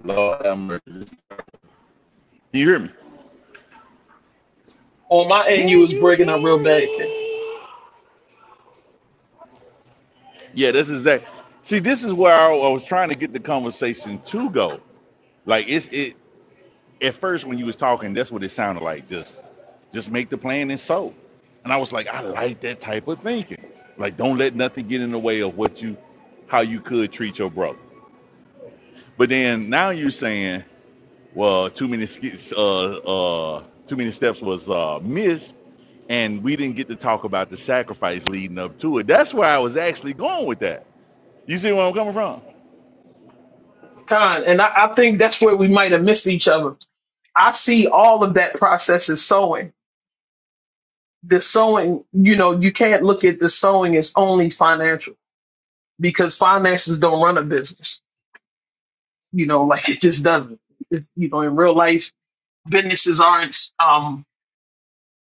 Lord have mercy. Can you hear me? On my end, you Can was you breaking up real hear bad, Ken. me? Yeah, this is that. See, this is where I, I was trying to get the conversation to go. Like it's it. at first when you was talking, that's what it sounded like. Just just make the plan and so. And I was like, I like that type of thinking. Like don't let nothing get in the way of what you how you could treat your brother. But then now you're saying, well, too many sk- uh uh too many steps was uh missed and we didn't get to talk about the sacrifice leading up to it. That's where I was actually going with that. You see where I'm coming from? Con, and I, I think that's where we might have missed each other. I see all of that process as sowing. The sowing, you know, you can't look at the sowing as only financial because finances don't run a business. You know, like it just doesn't. It- you know, in real life, businesses aren't. Um,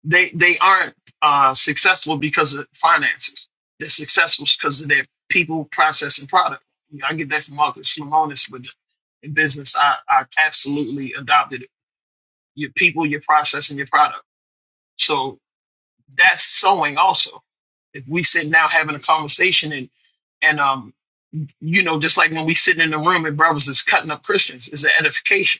they they aren't uh, successful because of finances. They're successful because of their people, process, and product. You know, I get that from Marcus Lemonis But in business. I, I absolutely adopted it. Your people, your process, and your product. So that's sewing also. If we sit now having a conversation and and um you know just like when we sit in the room and brothers is cutting up Christians is an edification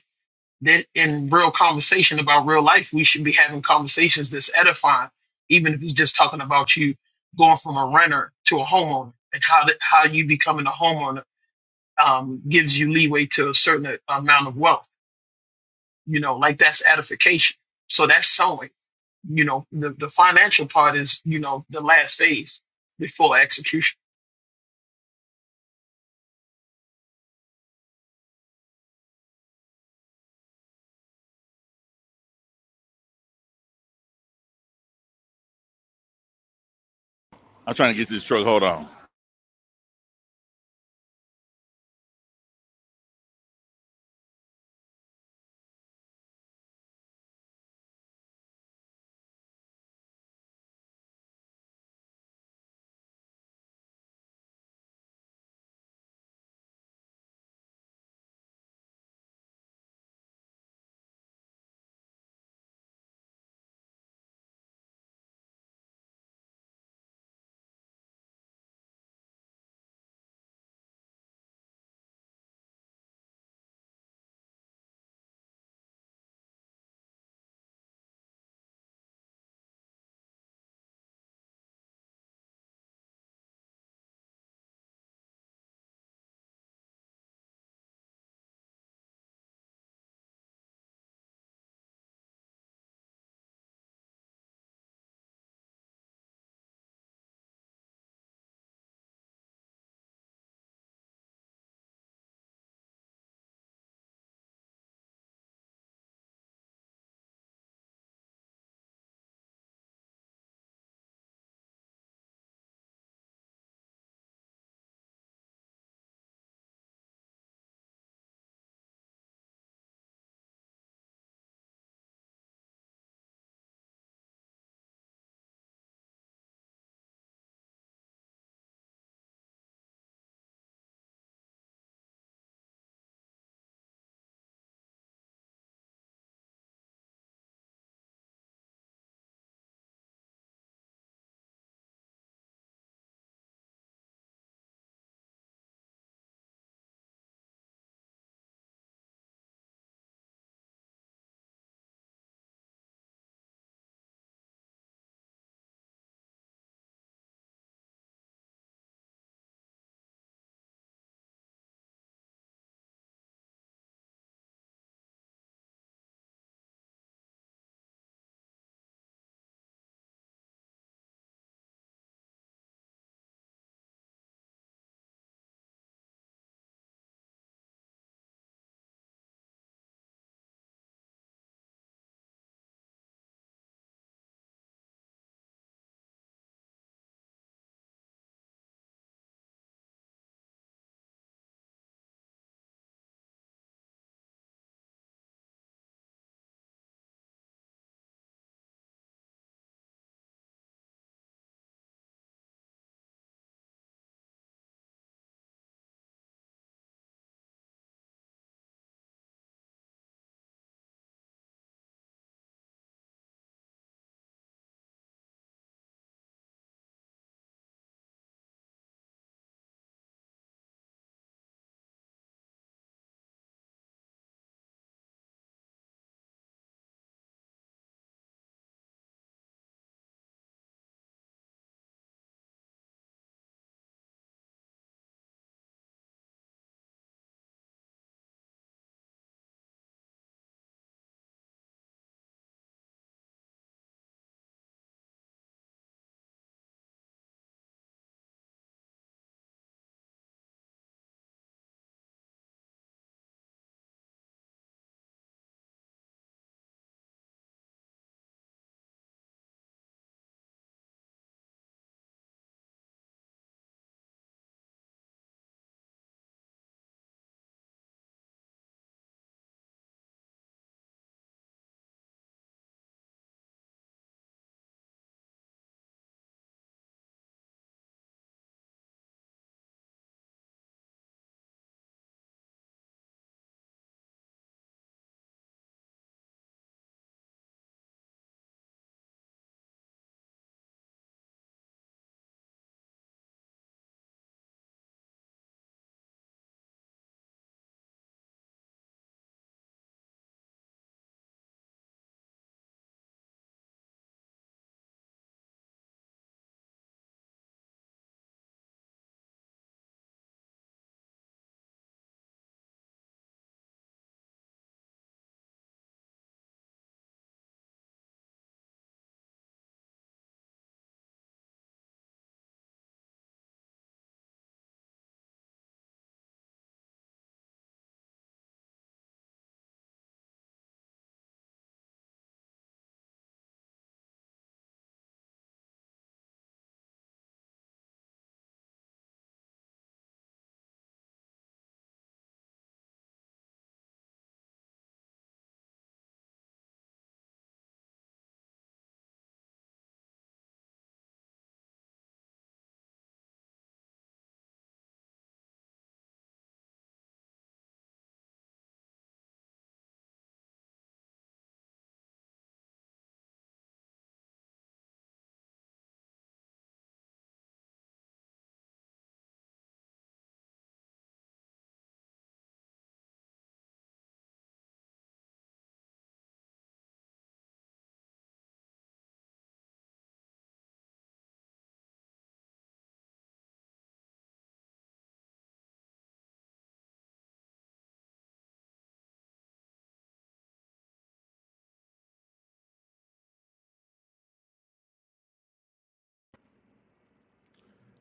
that in real conversation about real life, we should be having conversations that's edifying, even if it's just talking about you going from a renter to a homeowner and how that, how you becoming a homeowner um, gives you leeway to a certain amount of wealth. You know, like that's edification. So that's sowing. You know, the, the financial part is you know the last phase before execution. I'm trying to get to this truck. Hold on.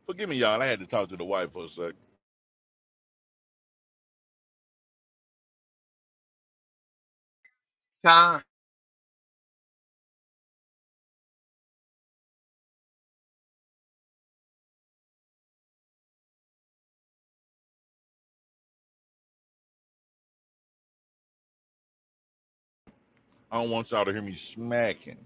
Forgive me, y'all. I had to talk to the wife for a sec. I don't want y'all to hear me smacking.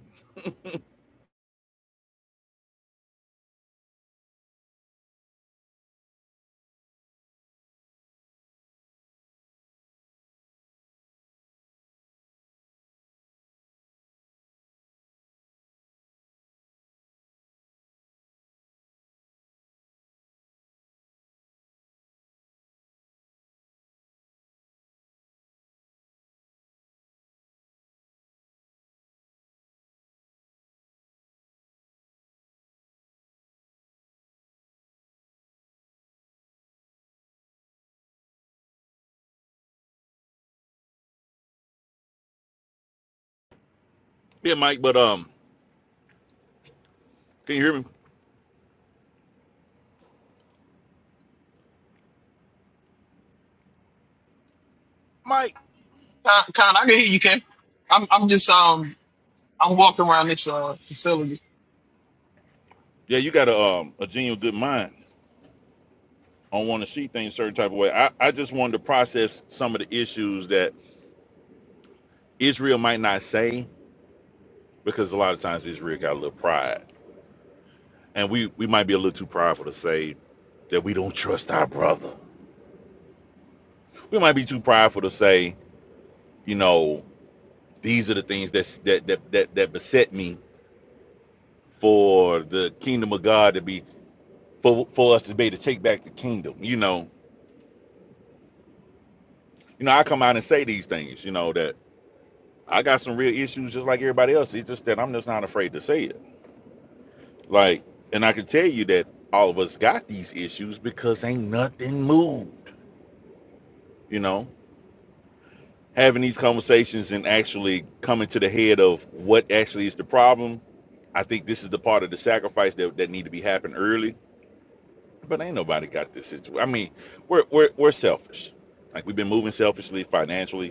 Yeah, Mike, but um, can you hear me, Mike? Con, Con I can hear you, Ken. I'm I'm just um I'm walking around this uh facility Yeah, you got a um a genuine good mind on wanting to see things a certain type of way. I I just wanted to process some of the issues that Israel might not say because a lot of times Israel got a little pride, and we we might be a little too prideful to say that we don't trust our brother. We might be too prideful to say, you know, these are the things that's, that that that that beset me for the kingdom of God to be for for us to be able to take back the kingdom. You know, you know, I come out and say these things, you know, that I got some real issues just like everybody else. It's just that I'm just not afraid to say it. Like, and I can tell you that all of us got these issues because ain't nothing moved, you know. Having these conversations and actually coming to the head of what actually is the problem, I think this is the part of the sacrifice that, that need to be happening early. But ain't nobody got this situation. I mean, we're we're we're selfish. Like we've been moving selfishly financially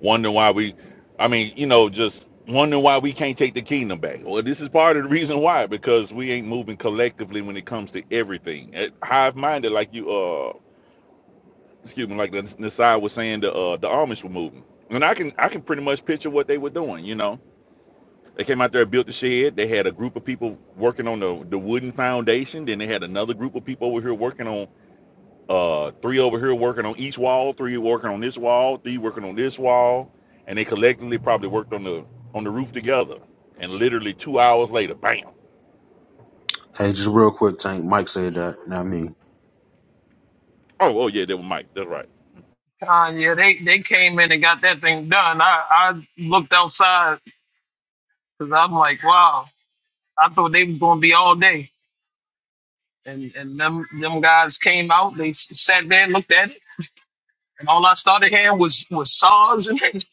wondering why we i mean you know just wondering why we can't take the kingdom back well this is part of the reason why because we ain't moving collectively when it comes to everything Eh, hive-minded like you uh excuse me like the nasai was saying the uh the amish were moving and i can i can pretty much picture what they were doing you know they came out there built the shed they had a group of people working on the, the wooden foundation then they had another group of people over here working on uh three over here working on each wall, three working on this wall, three working on this wall, and they collectively probably worked on the on the roof together. And literally two hours later, bam. Hey, just real quick, Tank. Mike said that, not me. Oh, oh yeah, that was Mike. That's right. Uh, yeah, they, they came in and got that thing done. I, I looked outside because I'm like, wow, I thought they was going to be all day. And and them them guys came out, they s- sat there and looked at it. And all I started hearing was, was saws and,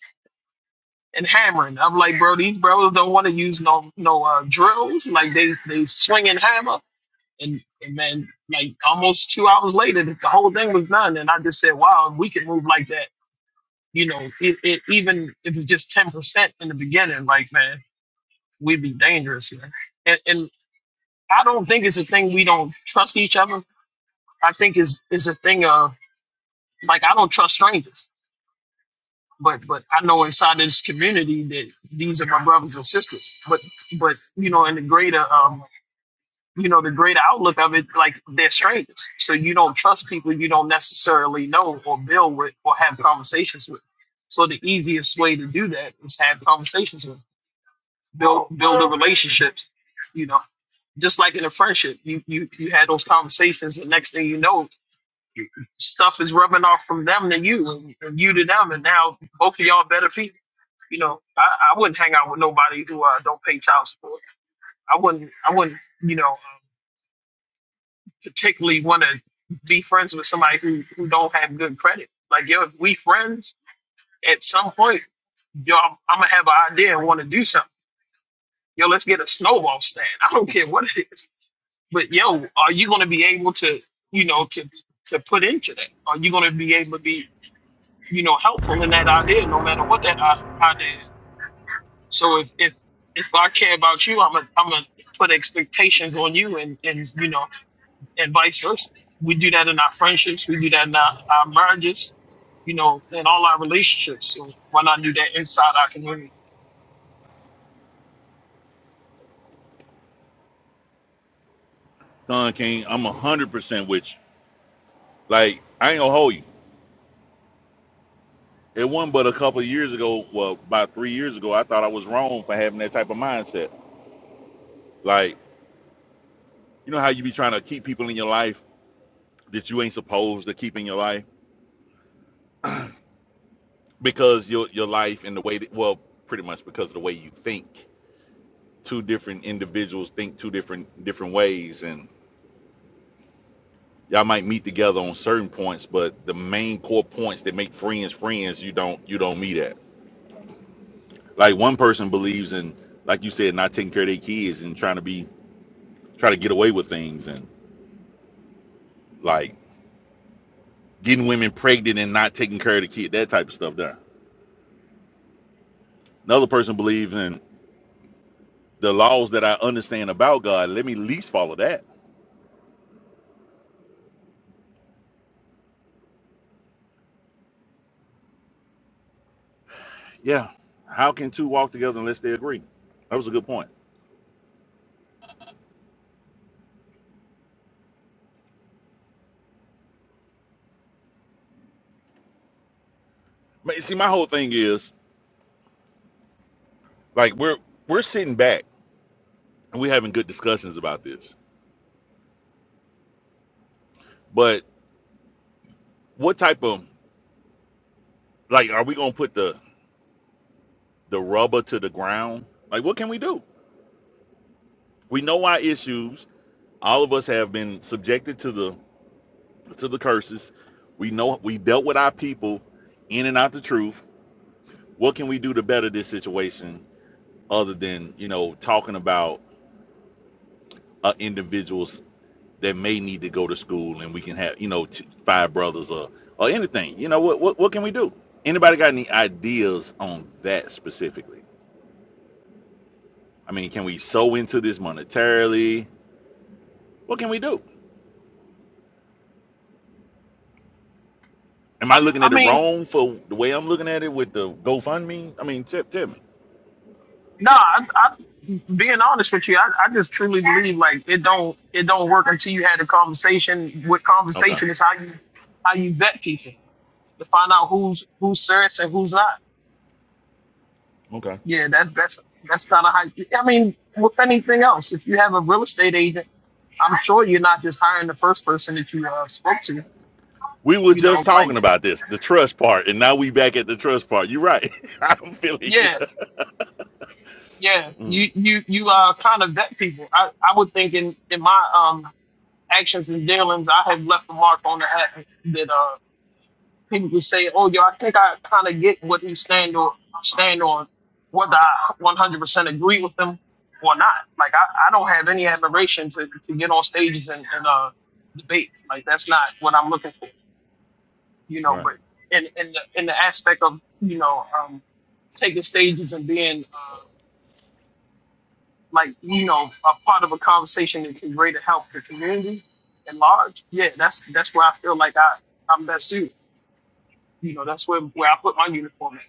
and hammering. I'm like, bro, these brothers don't want to use no no uh, drills. Like they they swing and hammer. And, and man, like almost two hours later, the whole thing was done. And I just said, wow, if we could move like that you know, it, it, even if it's just ten percent in the beginning, like man, we'd be dangerous here. And, and I don't think it's a thing we don't trust each other. I think it's it's a thing of like I don't trust strangers, but but I know inside this community that these are my brothers and sisters. But but you know, in the greater um, you know, the greater outlook of it, like they're strangers. So you don't trust people you don't necessarily know or build with or have conversations with. So the easiest way to do that is have conversations with. them. build build the relationships. You know, just like in a friendship, you you you had those conversations, and next thing you know, stuff is rubbing off from them to you, and, and you to them, and now both of y'all better people. You know, I, I wouldn't hang out with nobody who uh, don't pay child support. I wouldn't. I wouldn't. You know, particularly want to be friends with somebody who who don't have good credit. Like, yo, if we friends, at some point, yo, I'm, I'm gonna have an idea and want to do something. Yo, let's get a snowball stand. I don't care what it is But yo, are you going to be able to, you know, to to put into that? Are you going to be able to be, you know, helpful in that idea, no matter what that i- idea? is? So if if if I care about you, I'm gonna I'm gonna put expectations on you, and and you know, and vice versa. We do that in our friendships. We do that in our, our marriages. You know, in all our relationships. So why not do that inside our community? Don King, I'm one hundred percent with you. Like, I ain't gonna hold you. It wasn't but a couple of years ago, well, about three years ago, I thought I was wrong for having that type of mindset. Like, you know how you be trying to keep people in your life that you ain't supposed to keep in your life? Because your your life and the way that well, pretty much because of the way you think two different individuals think two different different ways and y'all might meet together on certain points but the main core points that make friends friends you don't you don't meet at like one person believes in like you said not taking care of their kids and trying to be try to get away with things and like getting women pregnant and not taking care of the kid that type of stuff there another person believes in the laws that i understand about god let me at least follow that yeah how can two walk together unless they agree that was a good point Ma- see my whole thing is Like we're we're sitting back and we're having good discussions about this. But what type of like are we gonna put the the rubber to the ground? Like what can we do? We know our issues. All of us have been subjected to the to the curses. We know we dealt with our people in and out the truth. What can we do to better this situation other than, you know, talking about an individual that may need to go to school and we can have you know t- five brothers or or anything you know what what, what can we do anybody got any ideas on that specifically i mean can we sew into this monetarily what can we do am i I, looking I at it mean, wrong for the way i'm looking at it with the gofundme i mean tip tell me nah, I, I being honest with you, I, I just truly believe like it don't it don't work until you had a conversation. With okay conversation is how you how you vet people to find out who's who's serious and who's not. okay Yeah, that's that's that's kind of how. I mean, with anything else, if you have a real estate agent, I'm sure you're not just hiring the first person that you uh, spoke to. we was You know, just like talking about this the trust part and now we back at the trust part you're right i'm feeling you yeah, yeah, Mm, you you you uh kind of vet people. I I would think in in my um actions and dealings, I have left a mark on the hat that uh people can say, "Oh, yo, I think I kind of get what he stand on, stand on, whether I 100% agree with him or not." Like, I, I don't have any admiration to, to get on stages and, and uh, debate. Like, that's not what I'm looking for, you know. right But in in the, in the aspect of you know um, taking stages and being uh, like you know a part of a conversation that can greatly help the community at large, yeah, that's that's where I feel like I I'm best suited. You know, that's where, where I put my uniform at.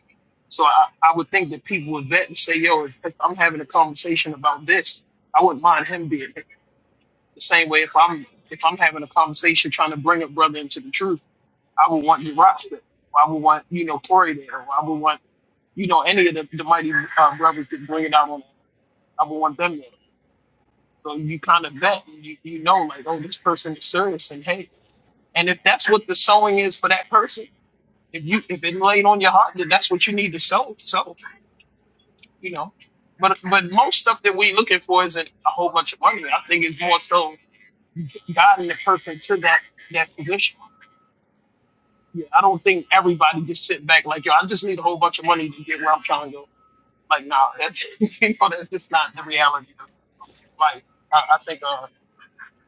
So I, I would think that people would vet and say, yo, if, if I'm having a conversation about this, I wouldn't mind him being here. The same way if I'm if I'm having a conversation trying to bring a brother into the truth, I would want Jirach there. Or I would want, you know, Corey there. Or I would want, you know, any of the, the mighty uh, brothers that bring it out on I would want them there. So you kind of vet and you, you know, like, oh, this person is serious and hey. And if that's what the sewing is for that person, If you if it laid on your heart that that's what you need to sow, so you know. But but most stuff that we looking for isn't a whole bunch of money. I think it's more so God and the person to that that position. Yeah, I don't think everybody just sit back like yo. I just need a whole bunch of money to get where I'm trying to go. Like nah, that's you know that's just not the reality of life. I, I think. uh,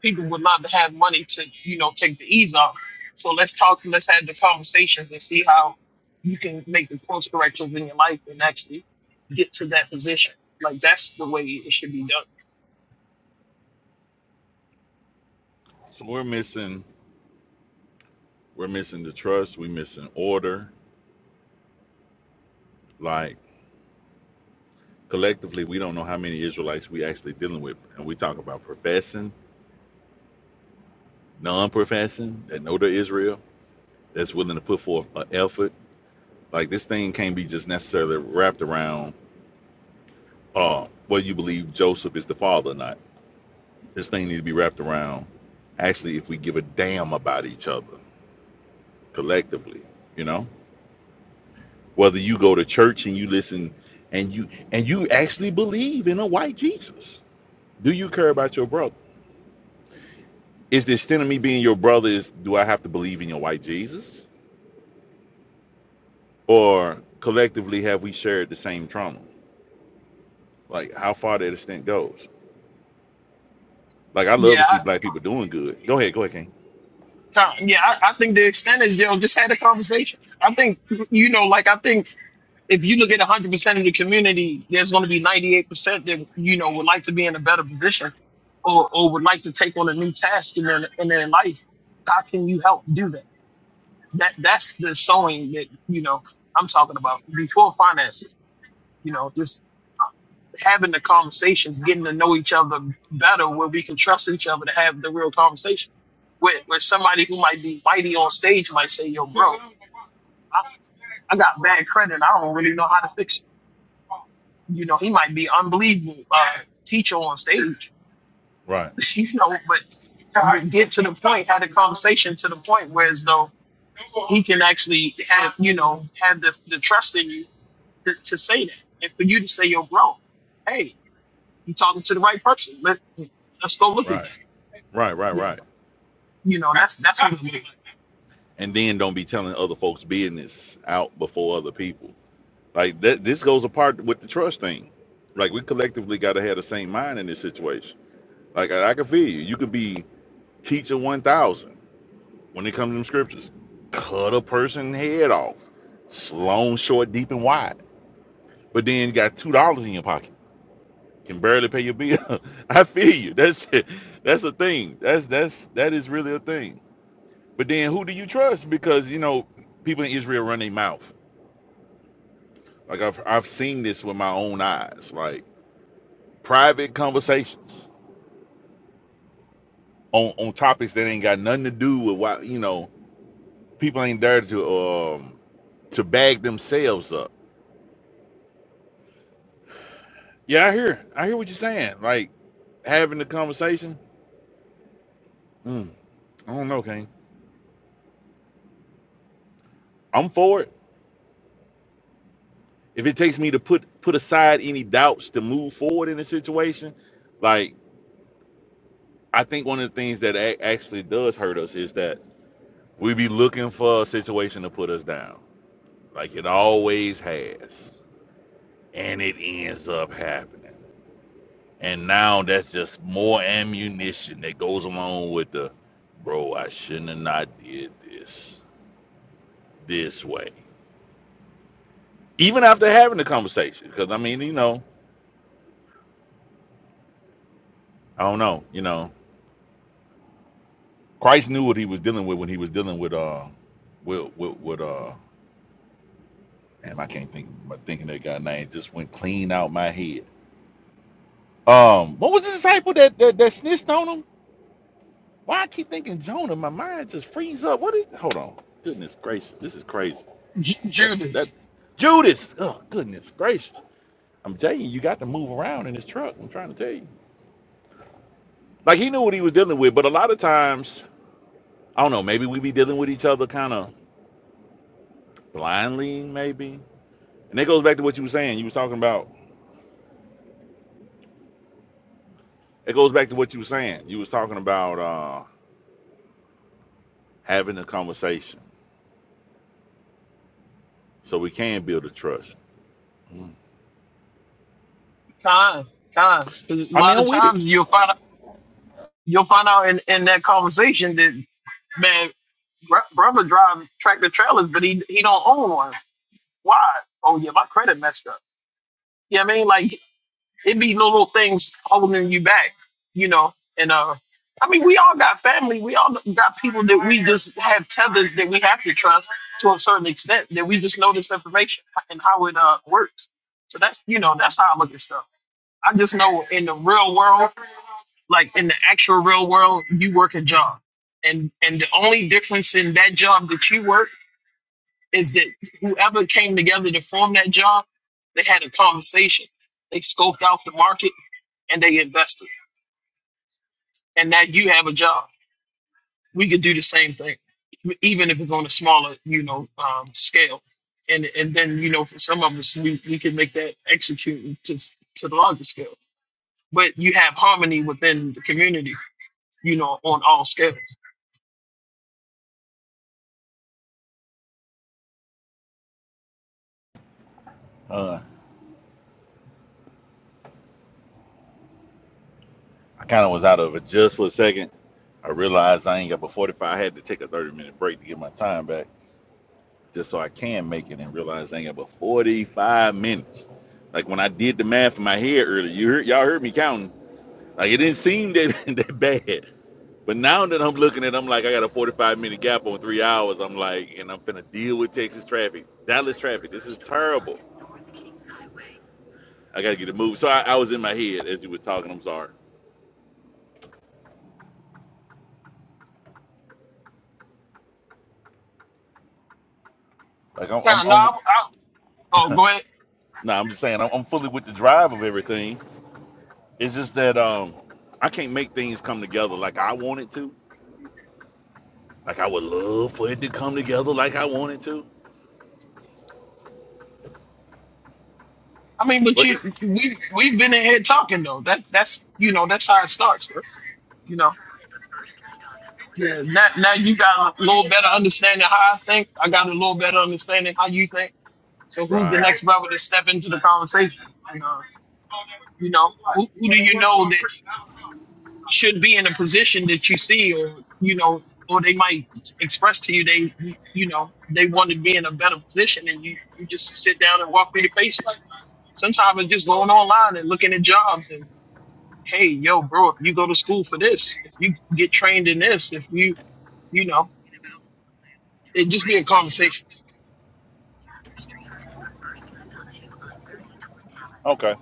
people would love to have money to, you know, take the ease off. So let's talk, let's have the conversations and see how you can make the course corrections in your life and actually get to that position. Like that's the way it should be done. so we're missing we're missing the trust we're missing order like collectively we don't know how many Israelites we actually dealing with. And we talk about professing, non-professing, that know the Israel, that's willing to put forth an effort. Like this thing can't be just necessarily wrapped around uh whether you believe Joseph is the father or not. This thing needs to be wrapped around actually if we give a damn about each other collectively, you know? Whether you go to church and you listen and you and you actually believe in a white Jesus. Do you care about your brother? is the extent of me being your brother is do I have to believe in your white Jesus? Or collectively have we shared the same trauma? Like how far that extent goes. Like I love to Yeah, I, see black people doing good. Go ahead, go ahead, King. Tom, yeah, I, I think the extent is, you know, just had a conversation. I think, you know, like I think if you look at 100% of the community, there's going to be 98% that, you know, would like to be in a better position or, or would like to take on a new task in their, in their life. How can you help do that? that that's the sewing that you know I'm talking about before finances. You know, just having the conversations, getting to know each other better, where we can trust each other to have the real conversation. Where where somebody who might be mighty on stage might say, "Yo, bro, I, I got bad credit. I don't really know how to fix it." You know, he might be unbelievable uh, teacher on stage. Right, you know, but you get to the point, have the conversation to the point where as though he can actually have you know have the, the trust in you to, to say that and for you to say, you're bro, hey, you talking to the right person. Let, let's go look at right, that. right, right, Yeah. right. You know, that's that's what it looks like. And then don't be telling other folks' business out before other people. Like that this goes apart with the trust thing. Like we collectively gotta have the same mind in this situation. Like I, I can feel you. You could be teacher one thousand. when it comes to them scriptures. Cut a person's head off, It's long, short, deep, and wide. But then you got two dollars in your pocket, can barely pay your bill. I feel you. That's that's a thing. That's that's that is really a thing. But then who do you trust? Because you know people in Israel run their mouth. Like I've I've seen this with my own eyes. Like private conversations on on topics that ain't got nothing to do with why you know people ain't there to um to bag themselves up Yeah, I hear. I hear what you're saying. Like having the conversation. Mm, I don't know, Kane. I'm for it. If it takes me to put put aside any doubts to move forward in the situation, like I think one of the things that a- actually does hurt us is that we be looking for a situation to put us down, like it always has, and it ends up happening. And now that's just more ammunition that goes along with the, bro. I shouldn't have not did this this way even after having the conversation. Because I mean, you know, I don't know. You know, Christ knew what he was dealing with when he was dealing with uh, with with, with uh, and I can't think. My thinking that guy name just went clean out my head. Um, what was the disciple that that, that snitched on him? Why I keep thinking Jonah? My mind just frees up. What is? Hold on. Goodness gracious, this is crazy. Ju- That that Judas, Judas. Oh goodness gracious. I'm telling you, you got to move around in this truck. I'm trying to tell you. Like he knew what he was dealing with, but a lot of times I don't know. Maybe we be dealing with each other kind of blindly, maybe. And it goes back to what you were saying. You was talking about. It goes back to what you were saying. You was talking about uh, having a conversation so we can build a trust. Mm. time, time. 'Cause A I mean, lot of I'm with it. times you'll find out, you'll find out in, in that conversation that, man, br- brother drive tractor trailers, but he he don't own one. Why? Oh yeah, my credit messed up. You know what I mean? Like, It'd be no little things holding you back, you know. And uh, I mean, we all got family. We all got people that we just have tethers that we have to trust to a certain extent that we just know this information and how it uh works. So that's you know that's how I look at stuff. I just know in the real world, like in the actual real world, you work a job, and and the only difference in that job that you work is that whoever came together to form that job, they had a conversation. They scoped out the market and they invested. And now you have a job. We could do the same thing, even if it's on a smaller, you know, um, scale. And and then you know, for some of us, we we can make that execute to to the larger scale. But you have harmony within the community, you know, on all scales. Uh, I kind of was out of it just for a second. I realized I ain't got but 45. I had to take a 30 minute break to get my time back just so I can make it and realize I ain't got but 45 minutes. Like when I did the math in my head earlier, you heard, y'all heard me counting. Like it didn't seem that, that bad. But now that I'm looking at, it, I'm like, I got a 45 minute gap on three hours. I'm like, and I'm finna deal with Texas traffic, Dallas traffic. This is terrible. I gotta get it moved. So I, I was in my head as you was talking. I'm sorry. Like I'm, I'm, Now, now, I'm I, I, oh, go ahead. nah, I'm just saying I'm, I'm fully with the drive of everything. It's just that um, I can't make things come together like I want it to. Like I would love for it to come together like I want it to. I mean, but But it, you, we we've been in here talking though. That that's you know that's how it starts. bro. you know. Yeah, now, now you got a little better understanding how I think. I got a little better understanding how you think. So who's the right, next brother to step into the conversation? And, uh, you know, who, who do you know that should be in a position that you see or, you know, or they might express to you they, you know, they want to be in a better position and you, you just sit down and walk through the paces. Sometimes it's just going online and looking at jobs and, hey, yo, bro, if you go to school for this, if you get trained in this, if you, you know, it just be a conversation. okay,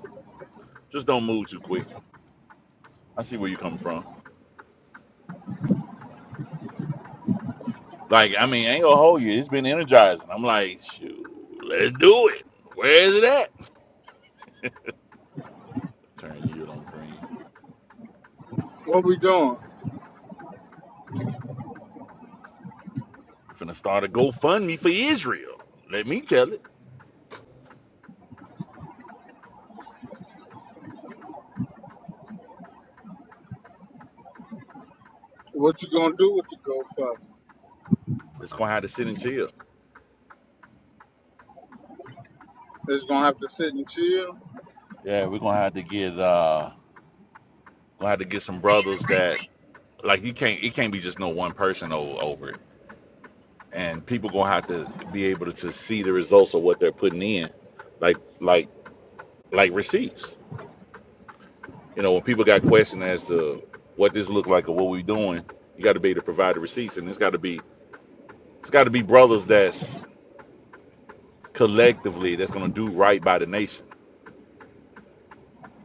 just don't move too quick. I see where you're coming from. Like, I mean, I ain't gonna hold you. It's been energizing. I'm like, shoot, let's do it. Where is it at? Turn you on green. What we doing? I'm Finna start a GoFundMe for Israel. Let me tell it. What you gonna do with the GoFundMe? It's gonna have to sit and chill. It's gonna have to sit and chill. Yeah, we're gonna have to get uh gonna have to get some brothers that like you can't it can't be just no one person o- over it. And people gonna have to be able to, to see the results of what they're putting in. Like like like receipts. You know, when people got questions as to what this looked like or what we doing, you got to be able to provide the receipts, and it's got to be it's got to be brothers that's collectively that's gonna do right by the nation.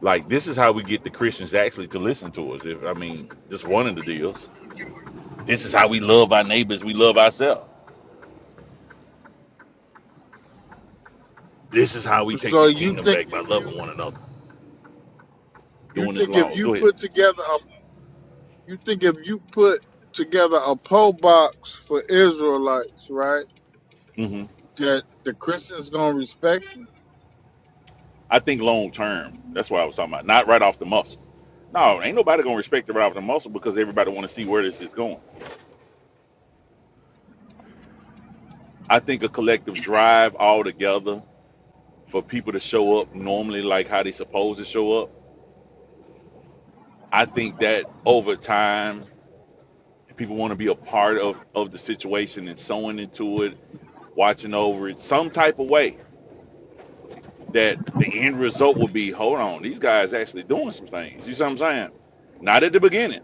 Like this is how we get the Christians actually to listen to us. If I mean, just one of the deals. This is how we love our neighbors. We love ourselves. This is how we take So the you kingdom think back by if you loving one another, you doing this think if laws. you Go ahead. put together You think if you put together a poll box for Israelites, right, hmm that the Christians gonna respect it? I think long term. That's what I was talking about. Not right off the muscle. No, ain't nobody gonna respect it right off the muscle because everybody want to see where this is going. I think a collective drive all together for people to show up normally like how they supposed to show up. I think that over time people want to be a part of of the situation and sewing into it, watching over it some type of way that the end result will be hold on, these guys actually doing some things. You see what I'm saying? Not at the beginning.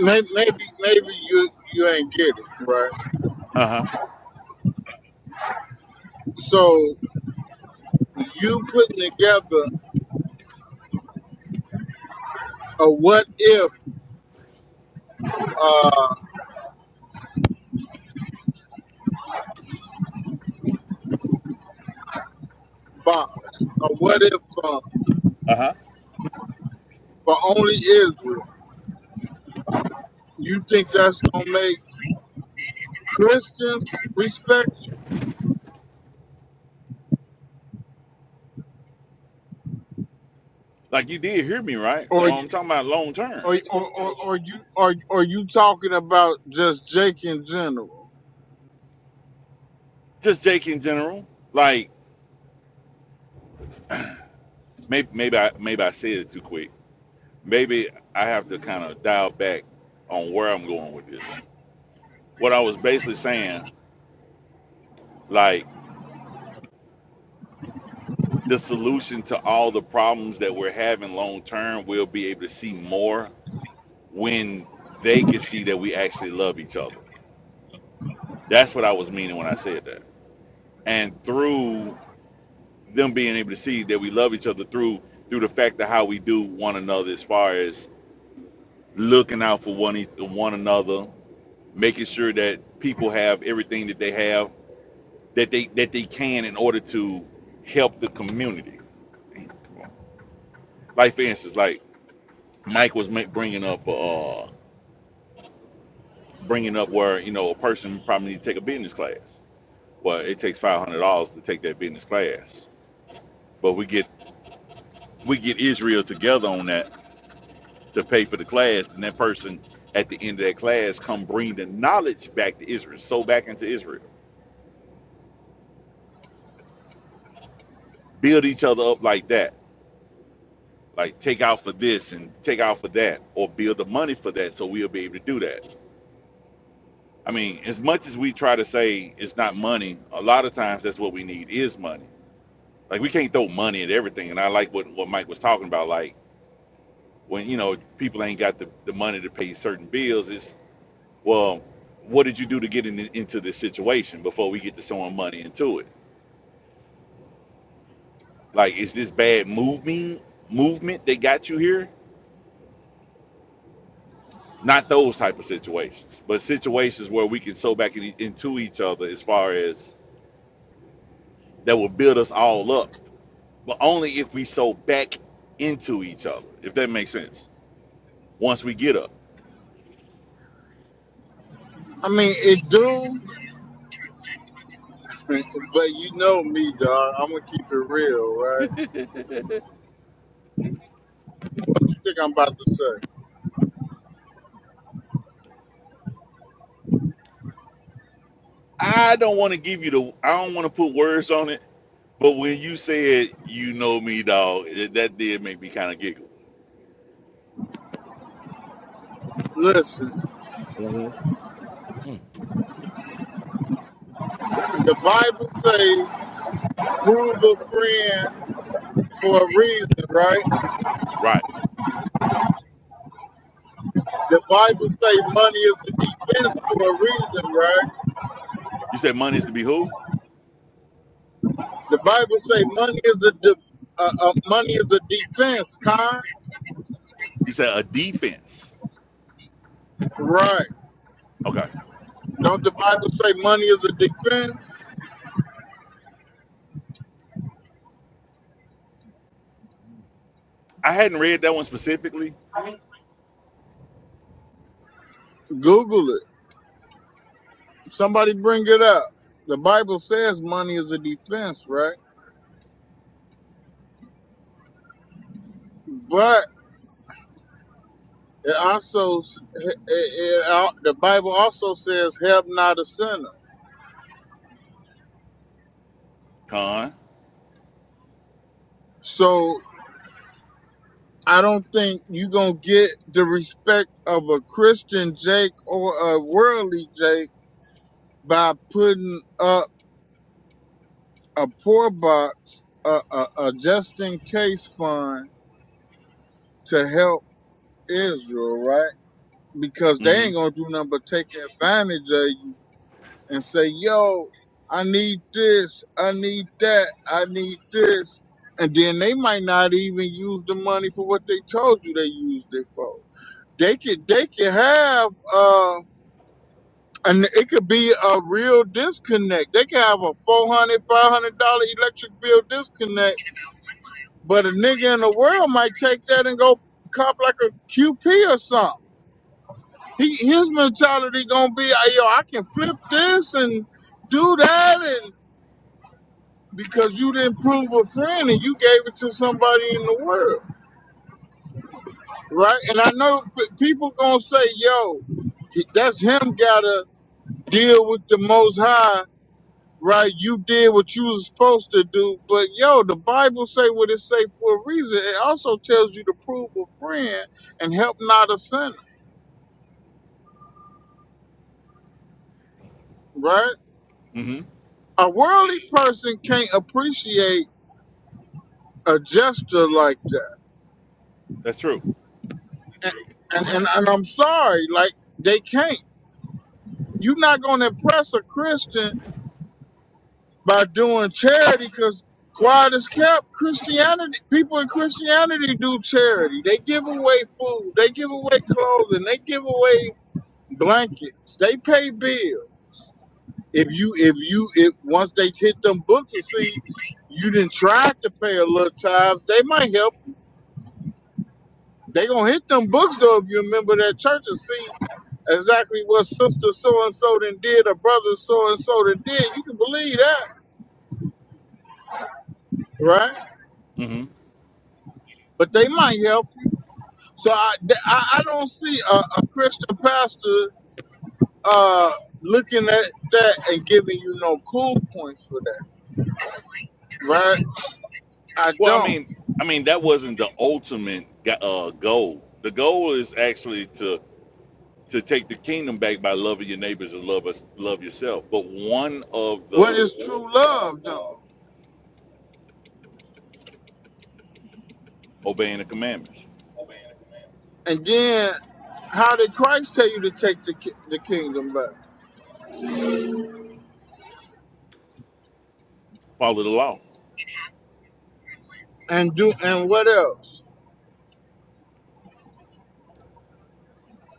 May- Maybe, maybe you you ain't get it, right? Uh-huh. So you putting together a what if uh, box, a what if uh, Uh-huh. for only Israel. You think that's gonna make Christians respect you? Like you did hear me, right? Or, Oh, you- I'm talking about long term. or, or, or, or you are are you talking about just Jake in general? Just Jake in general. Like maybe maybe I maybe I said it too quick maybe I have to kind of dial back on where I'm going with this. What I was basically saying, like the solution to all the problems that we're having long term, we'll be able to see more when they can see that we actually love each other. That's what I was meaning when I said that. And through them being able to see that we love each other through through the fact of how we do one another as far as looking out for one each- one another, making sure that people have everything that they have that they that they can in order to help the community. Like for instance, like Mike was ma- bringing up uh bringing up where you know a person probably need to take a business class. Well, it takes five hundred dollars to take that business class, but we get we get Israel together on that to pay for the class, and that person at the end of that class come bring the knowledge back to Israel, so back into Israel, build each other up like that. Like take out for this and take out for that, or build the money for that, so we'll be able to do that I mean, as much as we try to say it's not money, a lot of times that's what we need is money. Like we can't throw money at everything. And I like what, what Mike was talking about. Like when, you know, people ain't got the, the money to pay certain bills, it's well, what did you do to get in, into this situation before we get to throwing money into it? Like, is this bad moving movement that got you here? Not those type of situations, but situations where we can sew back in, into each other as far as that will build us all up but only if we so back into each other, if that makes sense. Once we get up. I mean, it do. But you know me, dog. I'm gonna keep it real, right? What you think I'm about to say? I don't want to give you the I don't want to put words on it, but when you said you know me, dog, that did make me kind of giggle. Listen, Mm. the Bible say prove a friend for a reason, right? Right. The Bible say money is a defense for a reason, right? You said money is to be who? The Bible say money is a de- uh, uh, money is a defense, kind, You said a defense. right? Okay. Don't the Bible say money is a defense? I hadn't read that one specifically. Google it. Somebody bring it up. The Bible says money is a defense, right? But It also, s- it, it, it, the Bible also says, "Help not a sinner." Con. So I don't think you're gonna get the respect of a Christian Jake or a worldly Jake by putting up a poor box, a, a, a just in case fund to help Israel, right? Because they ain't Mm-hmm. gonna do nothing but take advantage of you and say, yo, I need this, I need that, I need this. And then they might not even use the money for what they told you they used it for. They could they could have uh and it could be a real disconnect. They could have a four hundred, dollars electric bill disconnect, but a nigga in the world might take that and go cop like a QP or something. He, his mentality gonna be, "Ah, yo, I can flip this and do that because you didn't prove a friend and you gave it to somebody in the world, right? And I know p- people gonna say, "Yo, that's him gotta deal with the Most High." Right, you did what you was supposed to do, but yo, the Bible say what it say for a reason. It also tells you to prove a friend and help not a sinner, right? Mm-hmm. A worldly person can't appreciate a gesture like that, That's true. and and, and, and I'm sorry, like they can't. You're not going to impress a Christian by doing charity because quiet is kept. Christianity, people in Christianity do charity. They give away food, they give away clothing, they give away blankets, they pay bills. If you, if you, if once they hit them books and see you didn't try to pay a little tithes, they might help. They gonna hit them books though if you remember that church and see exactly what sister so and so then did or brother so and so then did. You can believe that, right? Mm-hmm. but they might help. So I, th- I, I don't see a, a Christian pastor uh, looking at that and giving you no cool points for that, right? I Well, I don't. mean, I mean that wasn't the ultimate uh, goal. The goal is actually to to take the kingdom back by loving your neighbors and love us, love yourself. But one of What the is true love, though? obeying the commandments, And then, how did Christ tell you to take the ki- the kingdom back follow the law, and do and what else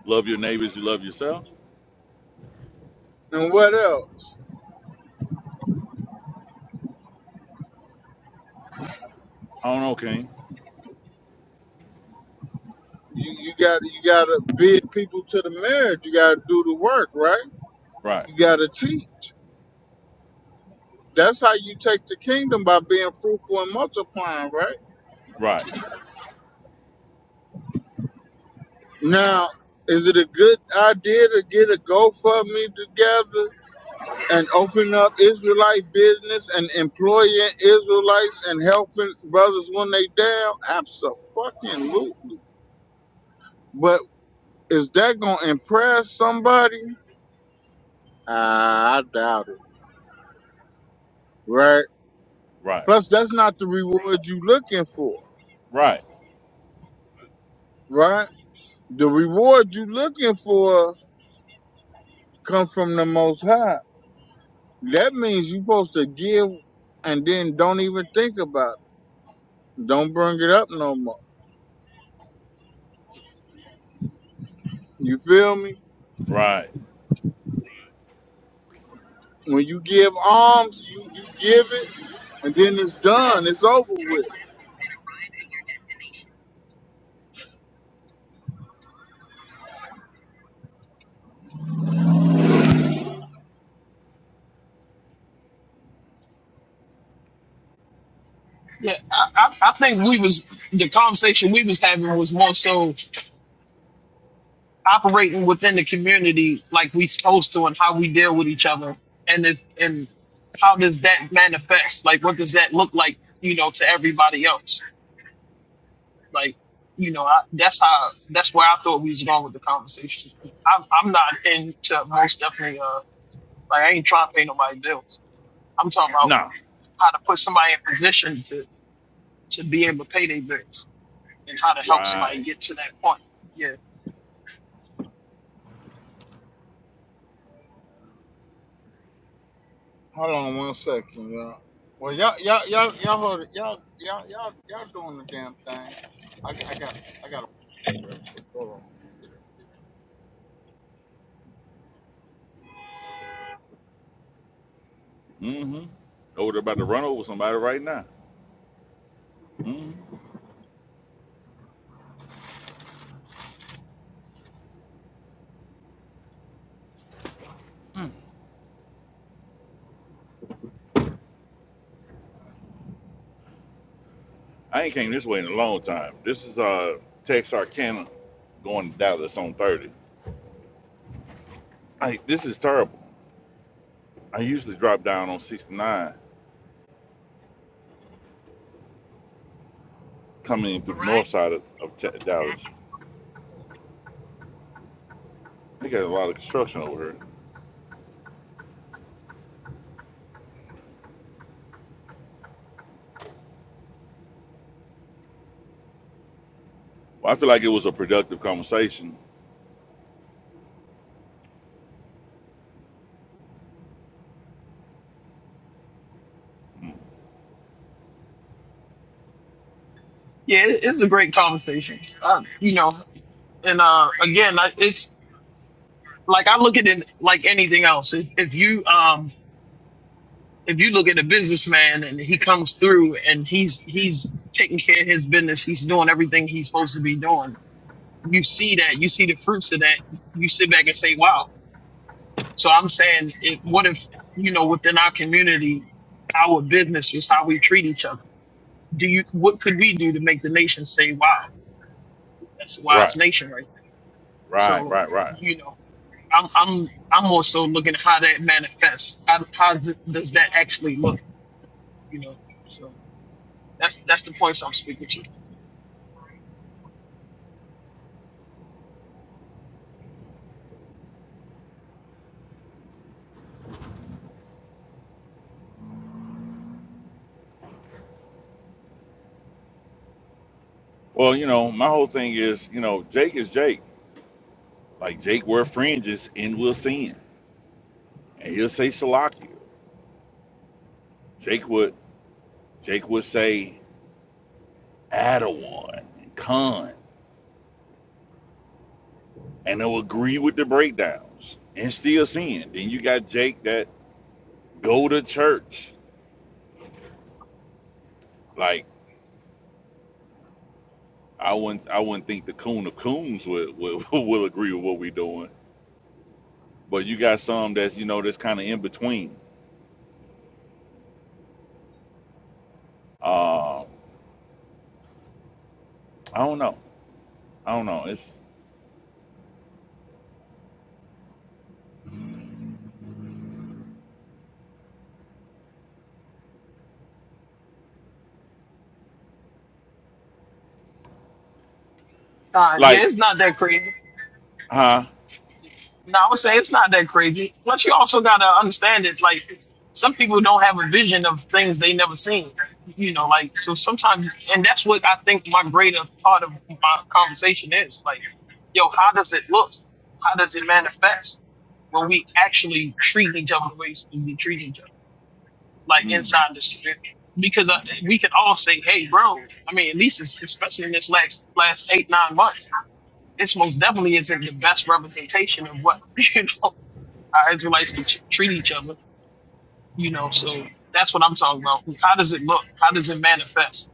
love your neighbors, you love yourself. and what else? I don't know, King. You you got you got to bid people to the marriage. You got to do the work, right? Right, You got to teach. That's how you take the kingdom by being fruitful and multiplying, right? right, Now, is it a good idea to get a GoFundMe together and open up Israelite business and employing Israelites and helping brothers when they down? Absolutely. But is that going to impress somebody? Ah, I doubt it, right? right, Plus, that's not the reward you looking for, right, right? The reward you looking for come from the Most High. That means you supposed to give and then don't even think about it. Don't bring it up no more. You feel me? right. When you give alms, you, you give it, and then it's done. It's over with. Yeah, I, I, I think we was the conversation we was having was more so operating within the community like we supposed to, and how we deal with each other, and if, and how does that manifest? Like, what does that look like? You know, to everybody else. Like, you know, I, that's how that's where I thought we was going with the conversation. I'm I'm not into most definitely uh like I ain't trying to pay nobody bills. I'm talking about Nah, how to put somebody in position to to be able to pay their bills. and how to help right. somebody get to that point. Yeah, Hold on one second, y'all. Well, y'all, y'all, y'all, y'all, hold it. y'all, y'all, y'all, y'all doing the damn thing. I, got- I got, I got. Mm-hmm. Oh, they're about to run over somebody right now. Mm-hmm. I ain't came this way in a long time. This is uh Texarkana going to Dallas on 30. I, this is terrible. I usually drop down on 69 coming in through All the right. north side of, of Te- Dallas They got a lot of construction over here. Well, I feel like it was a productive conversation. Hmm. yeah, it, it's a great conversation. Uh, you know, and uh, again, I, it's like I look at it like anything else. If, if you um, if you look at a businessman and he comes through and he's he's taking care of his business, he's doing everything he's supposed to be doing. You see that, you see the fruits of that. You sit back and say, "Wow." So I'm saying, it, what if you know within our community, our business is how we treat each other? Do you what could we do to make the nation say, "Wow"? That's a Right, wise nation right there. right, So, right, right. you know, I'm I'm I'm also looking at how that manifests. How how d- does that actually look? You know, so that's that's the points I'm speaking to. Well, you know, my whole thing is, you know, Jake is Jake. Like Jake wear fringes and will sin, and he'll say Salakia. Jake would, Jake would say Adawan and Khan, and they'll agree with the breakdowns and still sin. Then you got Jake that go to church. Like I wouldn't, I wouldn't think the coon of coons would will, will agree with what we're doing but you got some that's you know that's kind of in between. Uh, I don't know. I don't know. It's Uh, yeah, like, it's not that crazy. huh? No, I would say it's not that crazy. But you also gotta understand it. Like some people don't have a vision of things they never seen. You know, like so sometimes, and that's what I think my greater part of my conversation is. Like, yo, how does it look? How does it manifest when we actually treat each other the way we treat each other, like Hmm. inside this community? Because I, we can all say, hey, bro. I mean, at least it's, especially in this last last eight nine months, this most definitely isn't the best representation of what you know. Our Israelites can ch- treat each other, you know. So that's what I'm talking about. How does it look? How does it manifest?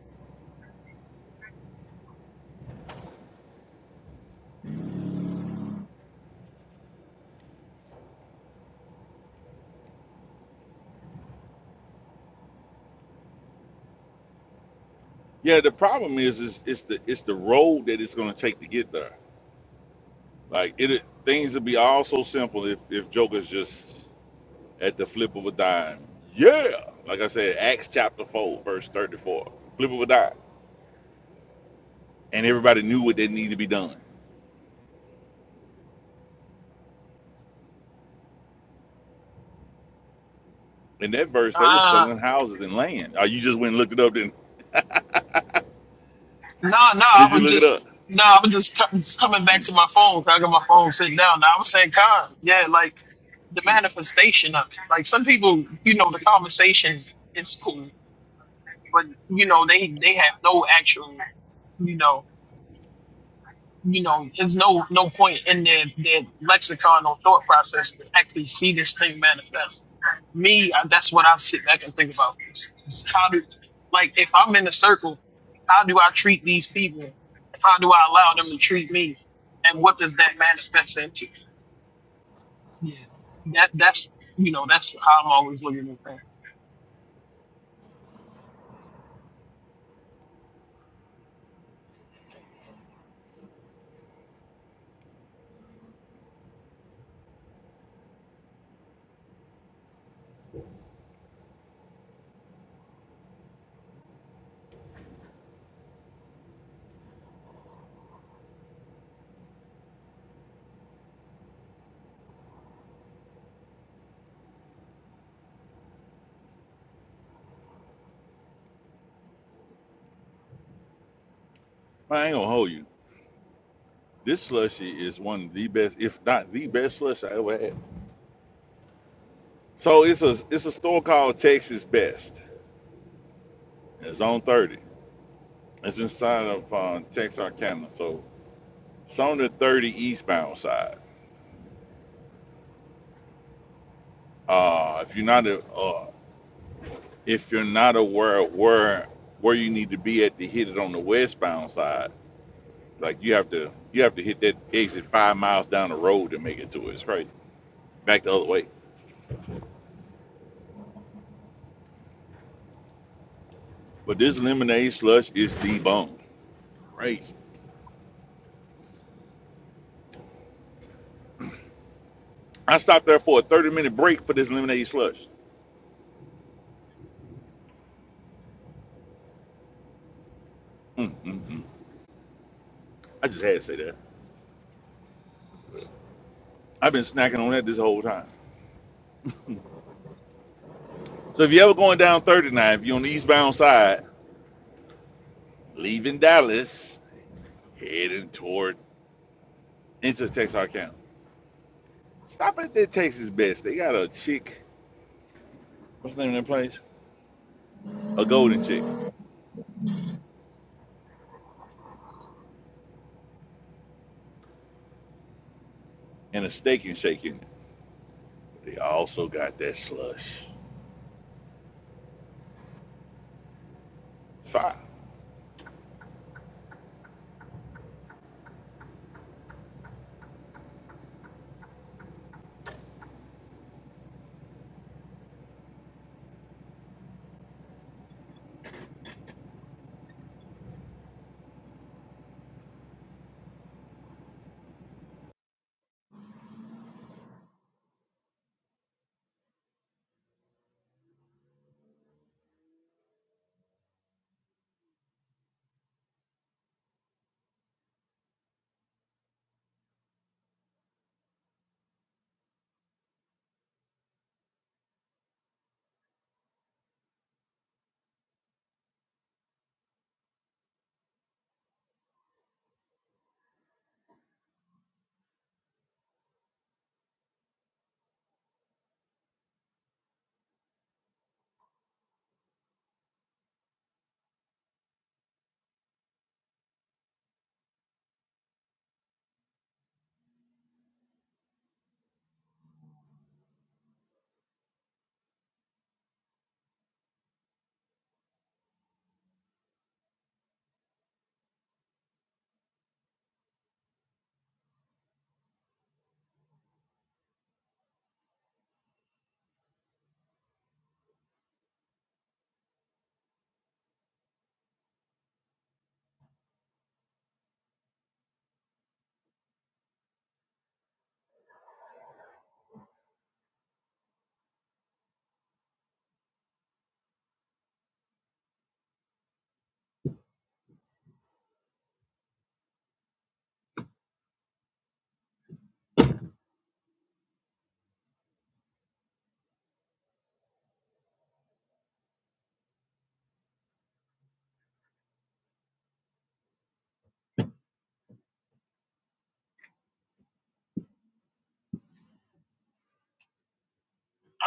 Yeah. The problem is, is it's the it's the road that it's going to take to get there. Like it, it- things would be all so simple if if Joker's just at the flip of a dime. Yeah. Like I said, Acts chapter four, verse thirty-four. Flip of a dime, and everybody knew what they needed to be done. In that verse, they were Ah, selling houses and land. Oh, you just went and looked it up. Then no, no. I did you was look it just up? no. I was just com- coming back Mm, to my phone. 'cause I got my phone sitting down. Now I was saying, God, yeah, like the mm. manifestation of it. Like some people, you know, the conversation is cool, but you know, they they have no actual, you know. you know, there's no no point in their, their lexicon or thought process to actually see this thing manifest. Me, I, that's what I sit back and think about. It's, it's how do, like, if I'm in a circle, how do I treat these people? How do I allow them to treat me? And what does that manifest into? Yeah, that that's you know that's how I'm always looking at things. I ain't gonna hold you. This slushy is one of the best, if not the best slush I ever had. So it's a it's a store called Texas Best. It's on 30. It's inside of uh, Texarkana. So it's on the 30 eastbound side. Uh, if you're not a, uh, if you're not aware of where where you need to be at to hit it on the westbound side, like you have to you have to hit that exit five miles down the road to make it to it. It's crazy. Back the other way. But this lemonade slush is the bomb. Crazy. I stopped there for a 30 minute break for this lemonade slush. mm mm mm. I just had to say that. I've been snacking on that this whole time. So if you're ever going down 39, if you're on the eastbound side, leaving Dallas, heading toward into Texarkana, stop at that Texas Best. They got a chick, what's the name of that place? A golden chick and a steak and shake in it. They also got that slush. Fire.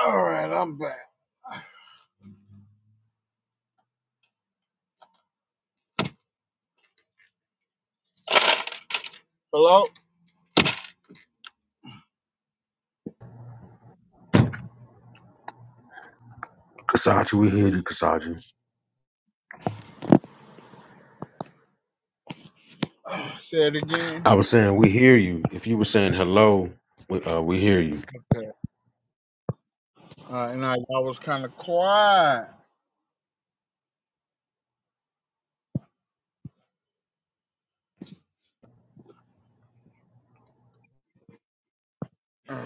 All right, I'm back. Hello. Kasaji, we hear you, Kasaji. Say it again. I was saying, we hear you. If you were saying hello, we, uh, we hear you. Okay. Uh, and I, y'all was kind of quiet.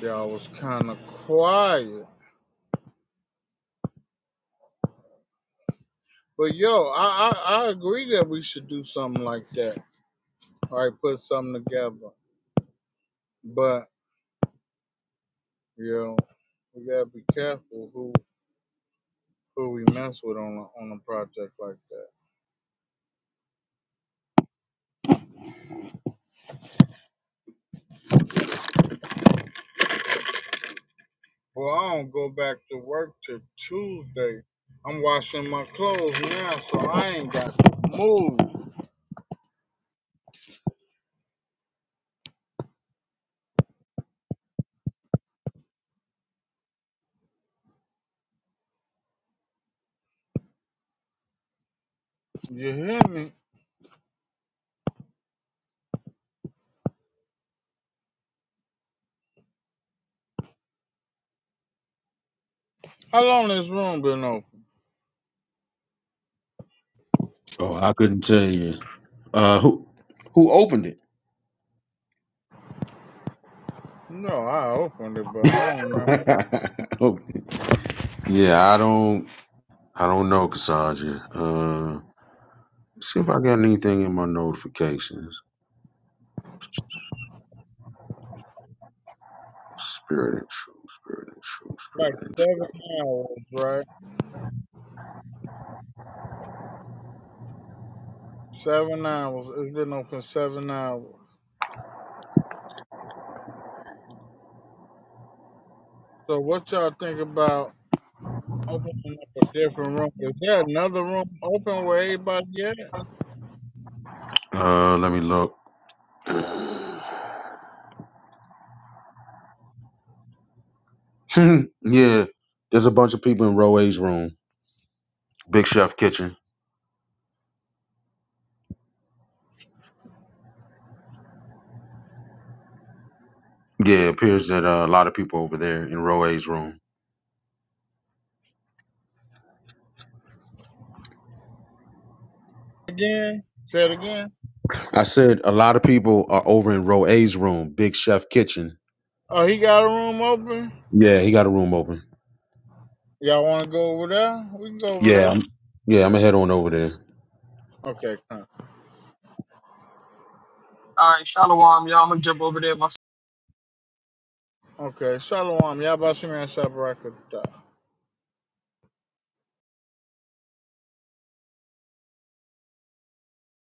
Y'all was kind of quiet. But yo, I, I, I agree that we should do something like that. All right, put something together. But you know, we gotta be careful who who we mess with on a, on a project like that. Well, I don't go back to work till Tuesday. I'm washing my clothes now, so I ain't got to move. You hear me? How long this room been open? Oh, I couldn't tell you. Uh, who who opened it? No, I opened it, but I don't remember. Who Yeah, I don't, I don't know, Cassandra. Uh, see if I got anything in my notifications. Spirit and truth, spirit and truth, Like spirit and seven hours, right? Seven hours. It's been open seven hours. So what y'all think about? Open up a different room. Is there another room open where everybody at? truth. Uh, let me look. Hmm, yeah, there's a bunch of people in Roe's room, Big Chef Kitchen. Yeah, it appears that uh, a lot of people over there in Roe's room. Again? Say it again. I said a lot of people are over in Roe's room, Big Chef Kitchen. Oh, he got a room open? Yeah, he got a room open. Y'all want to go over there? We can go over Yeah, there. I'm- yeah, I'm gonna head on over there. Okay, come. All right, shalom, y'all. I'm gonna jump over there. My Okay, shalom. Y'all about to see me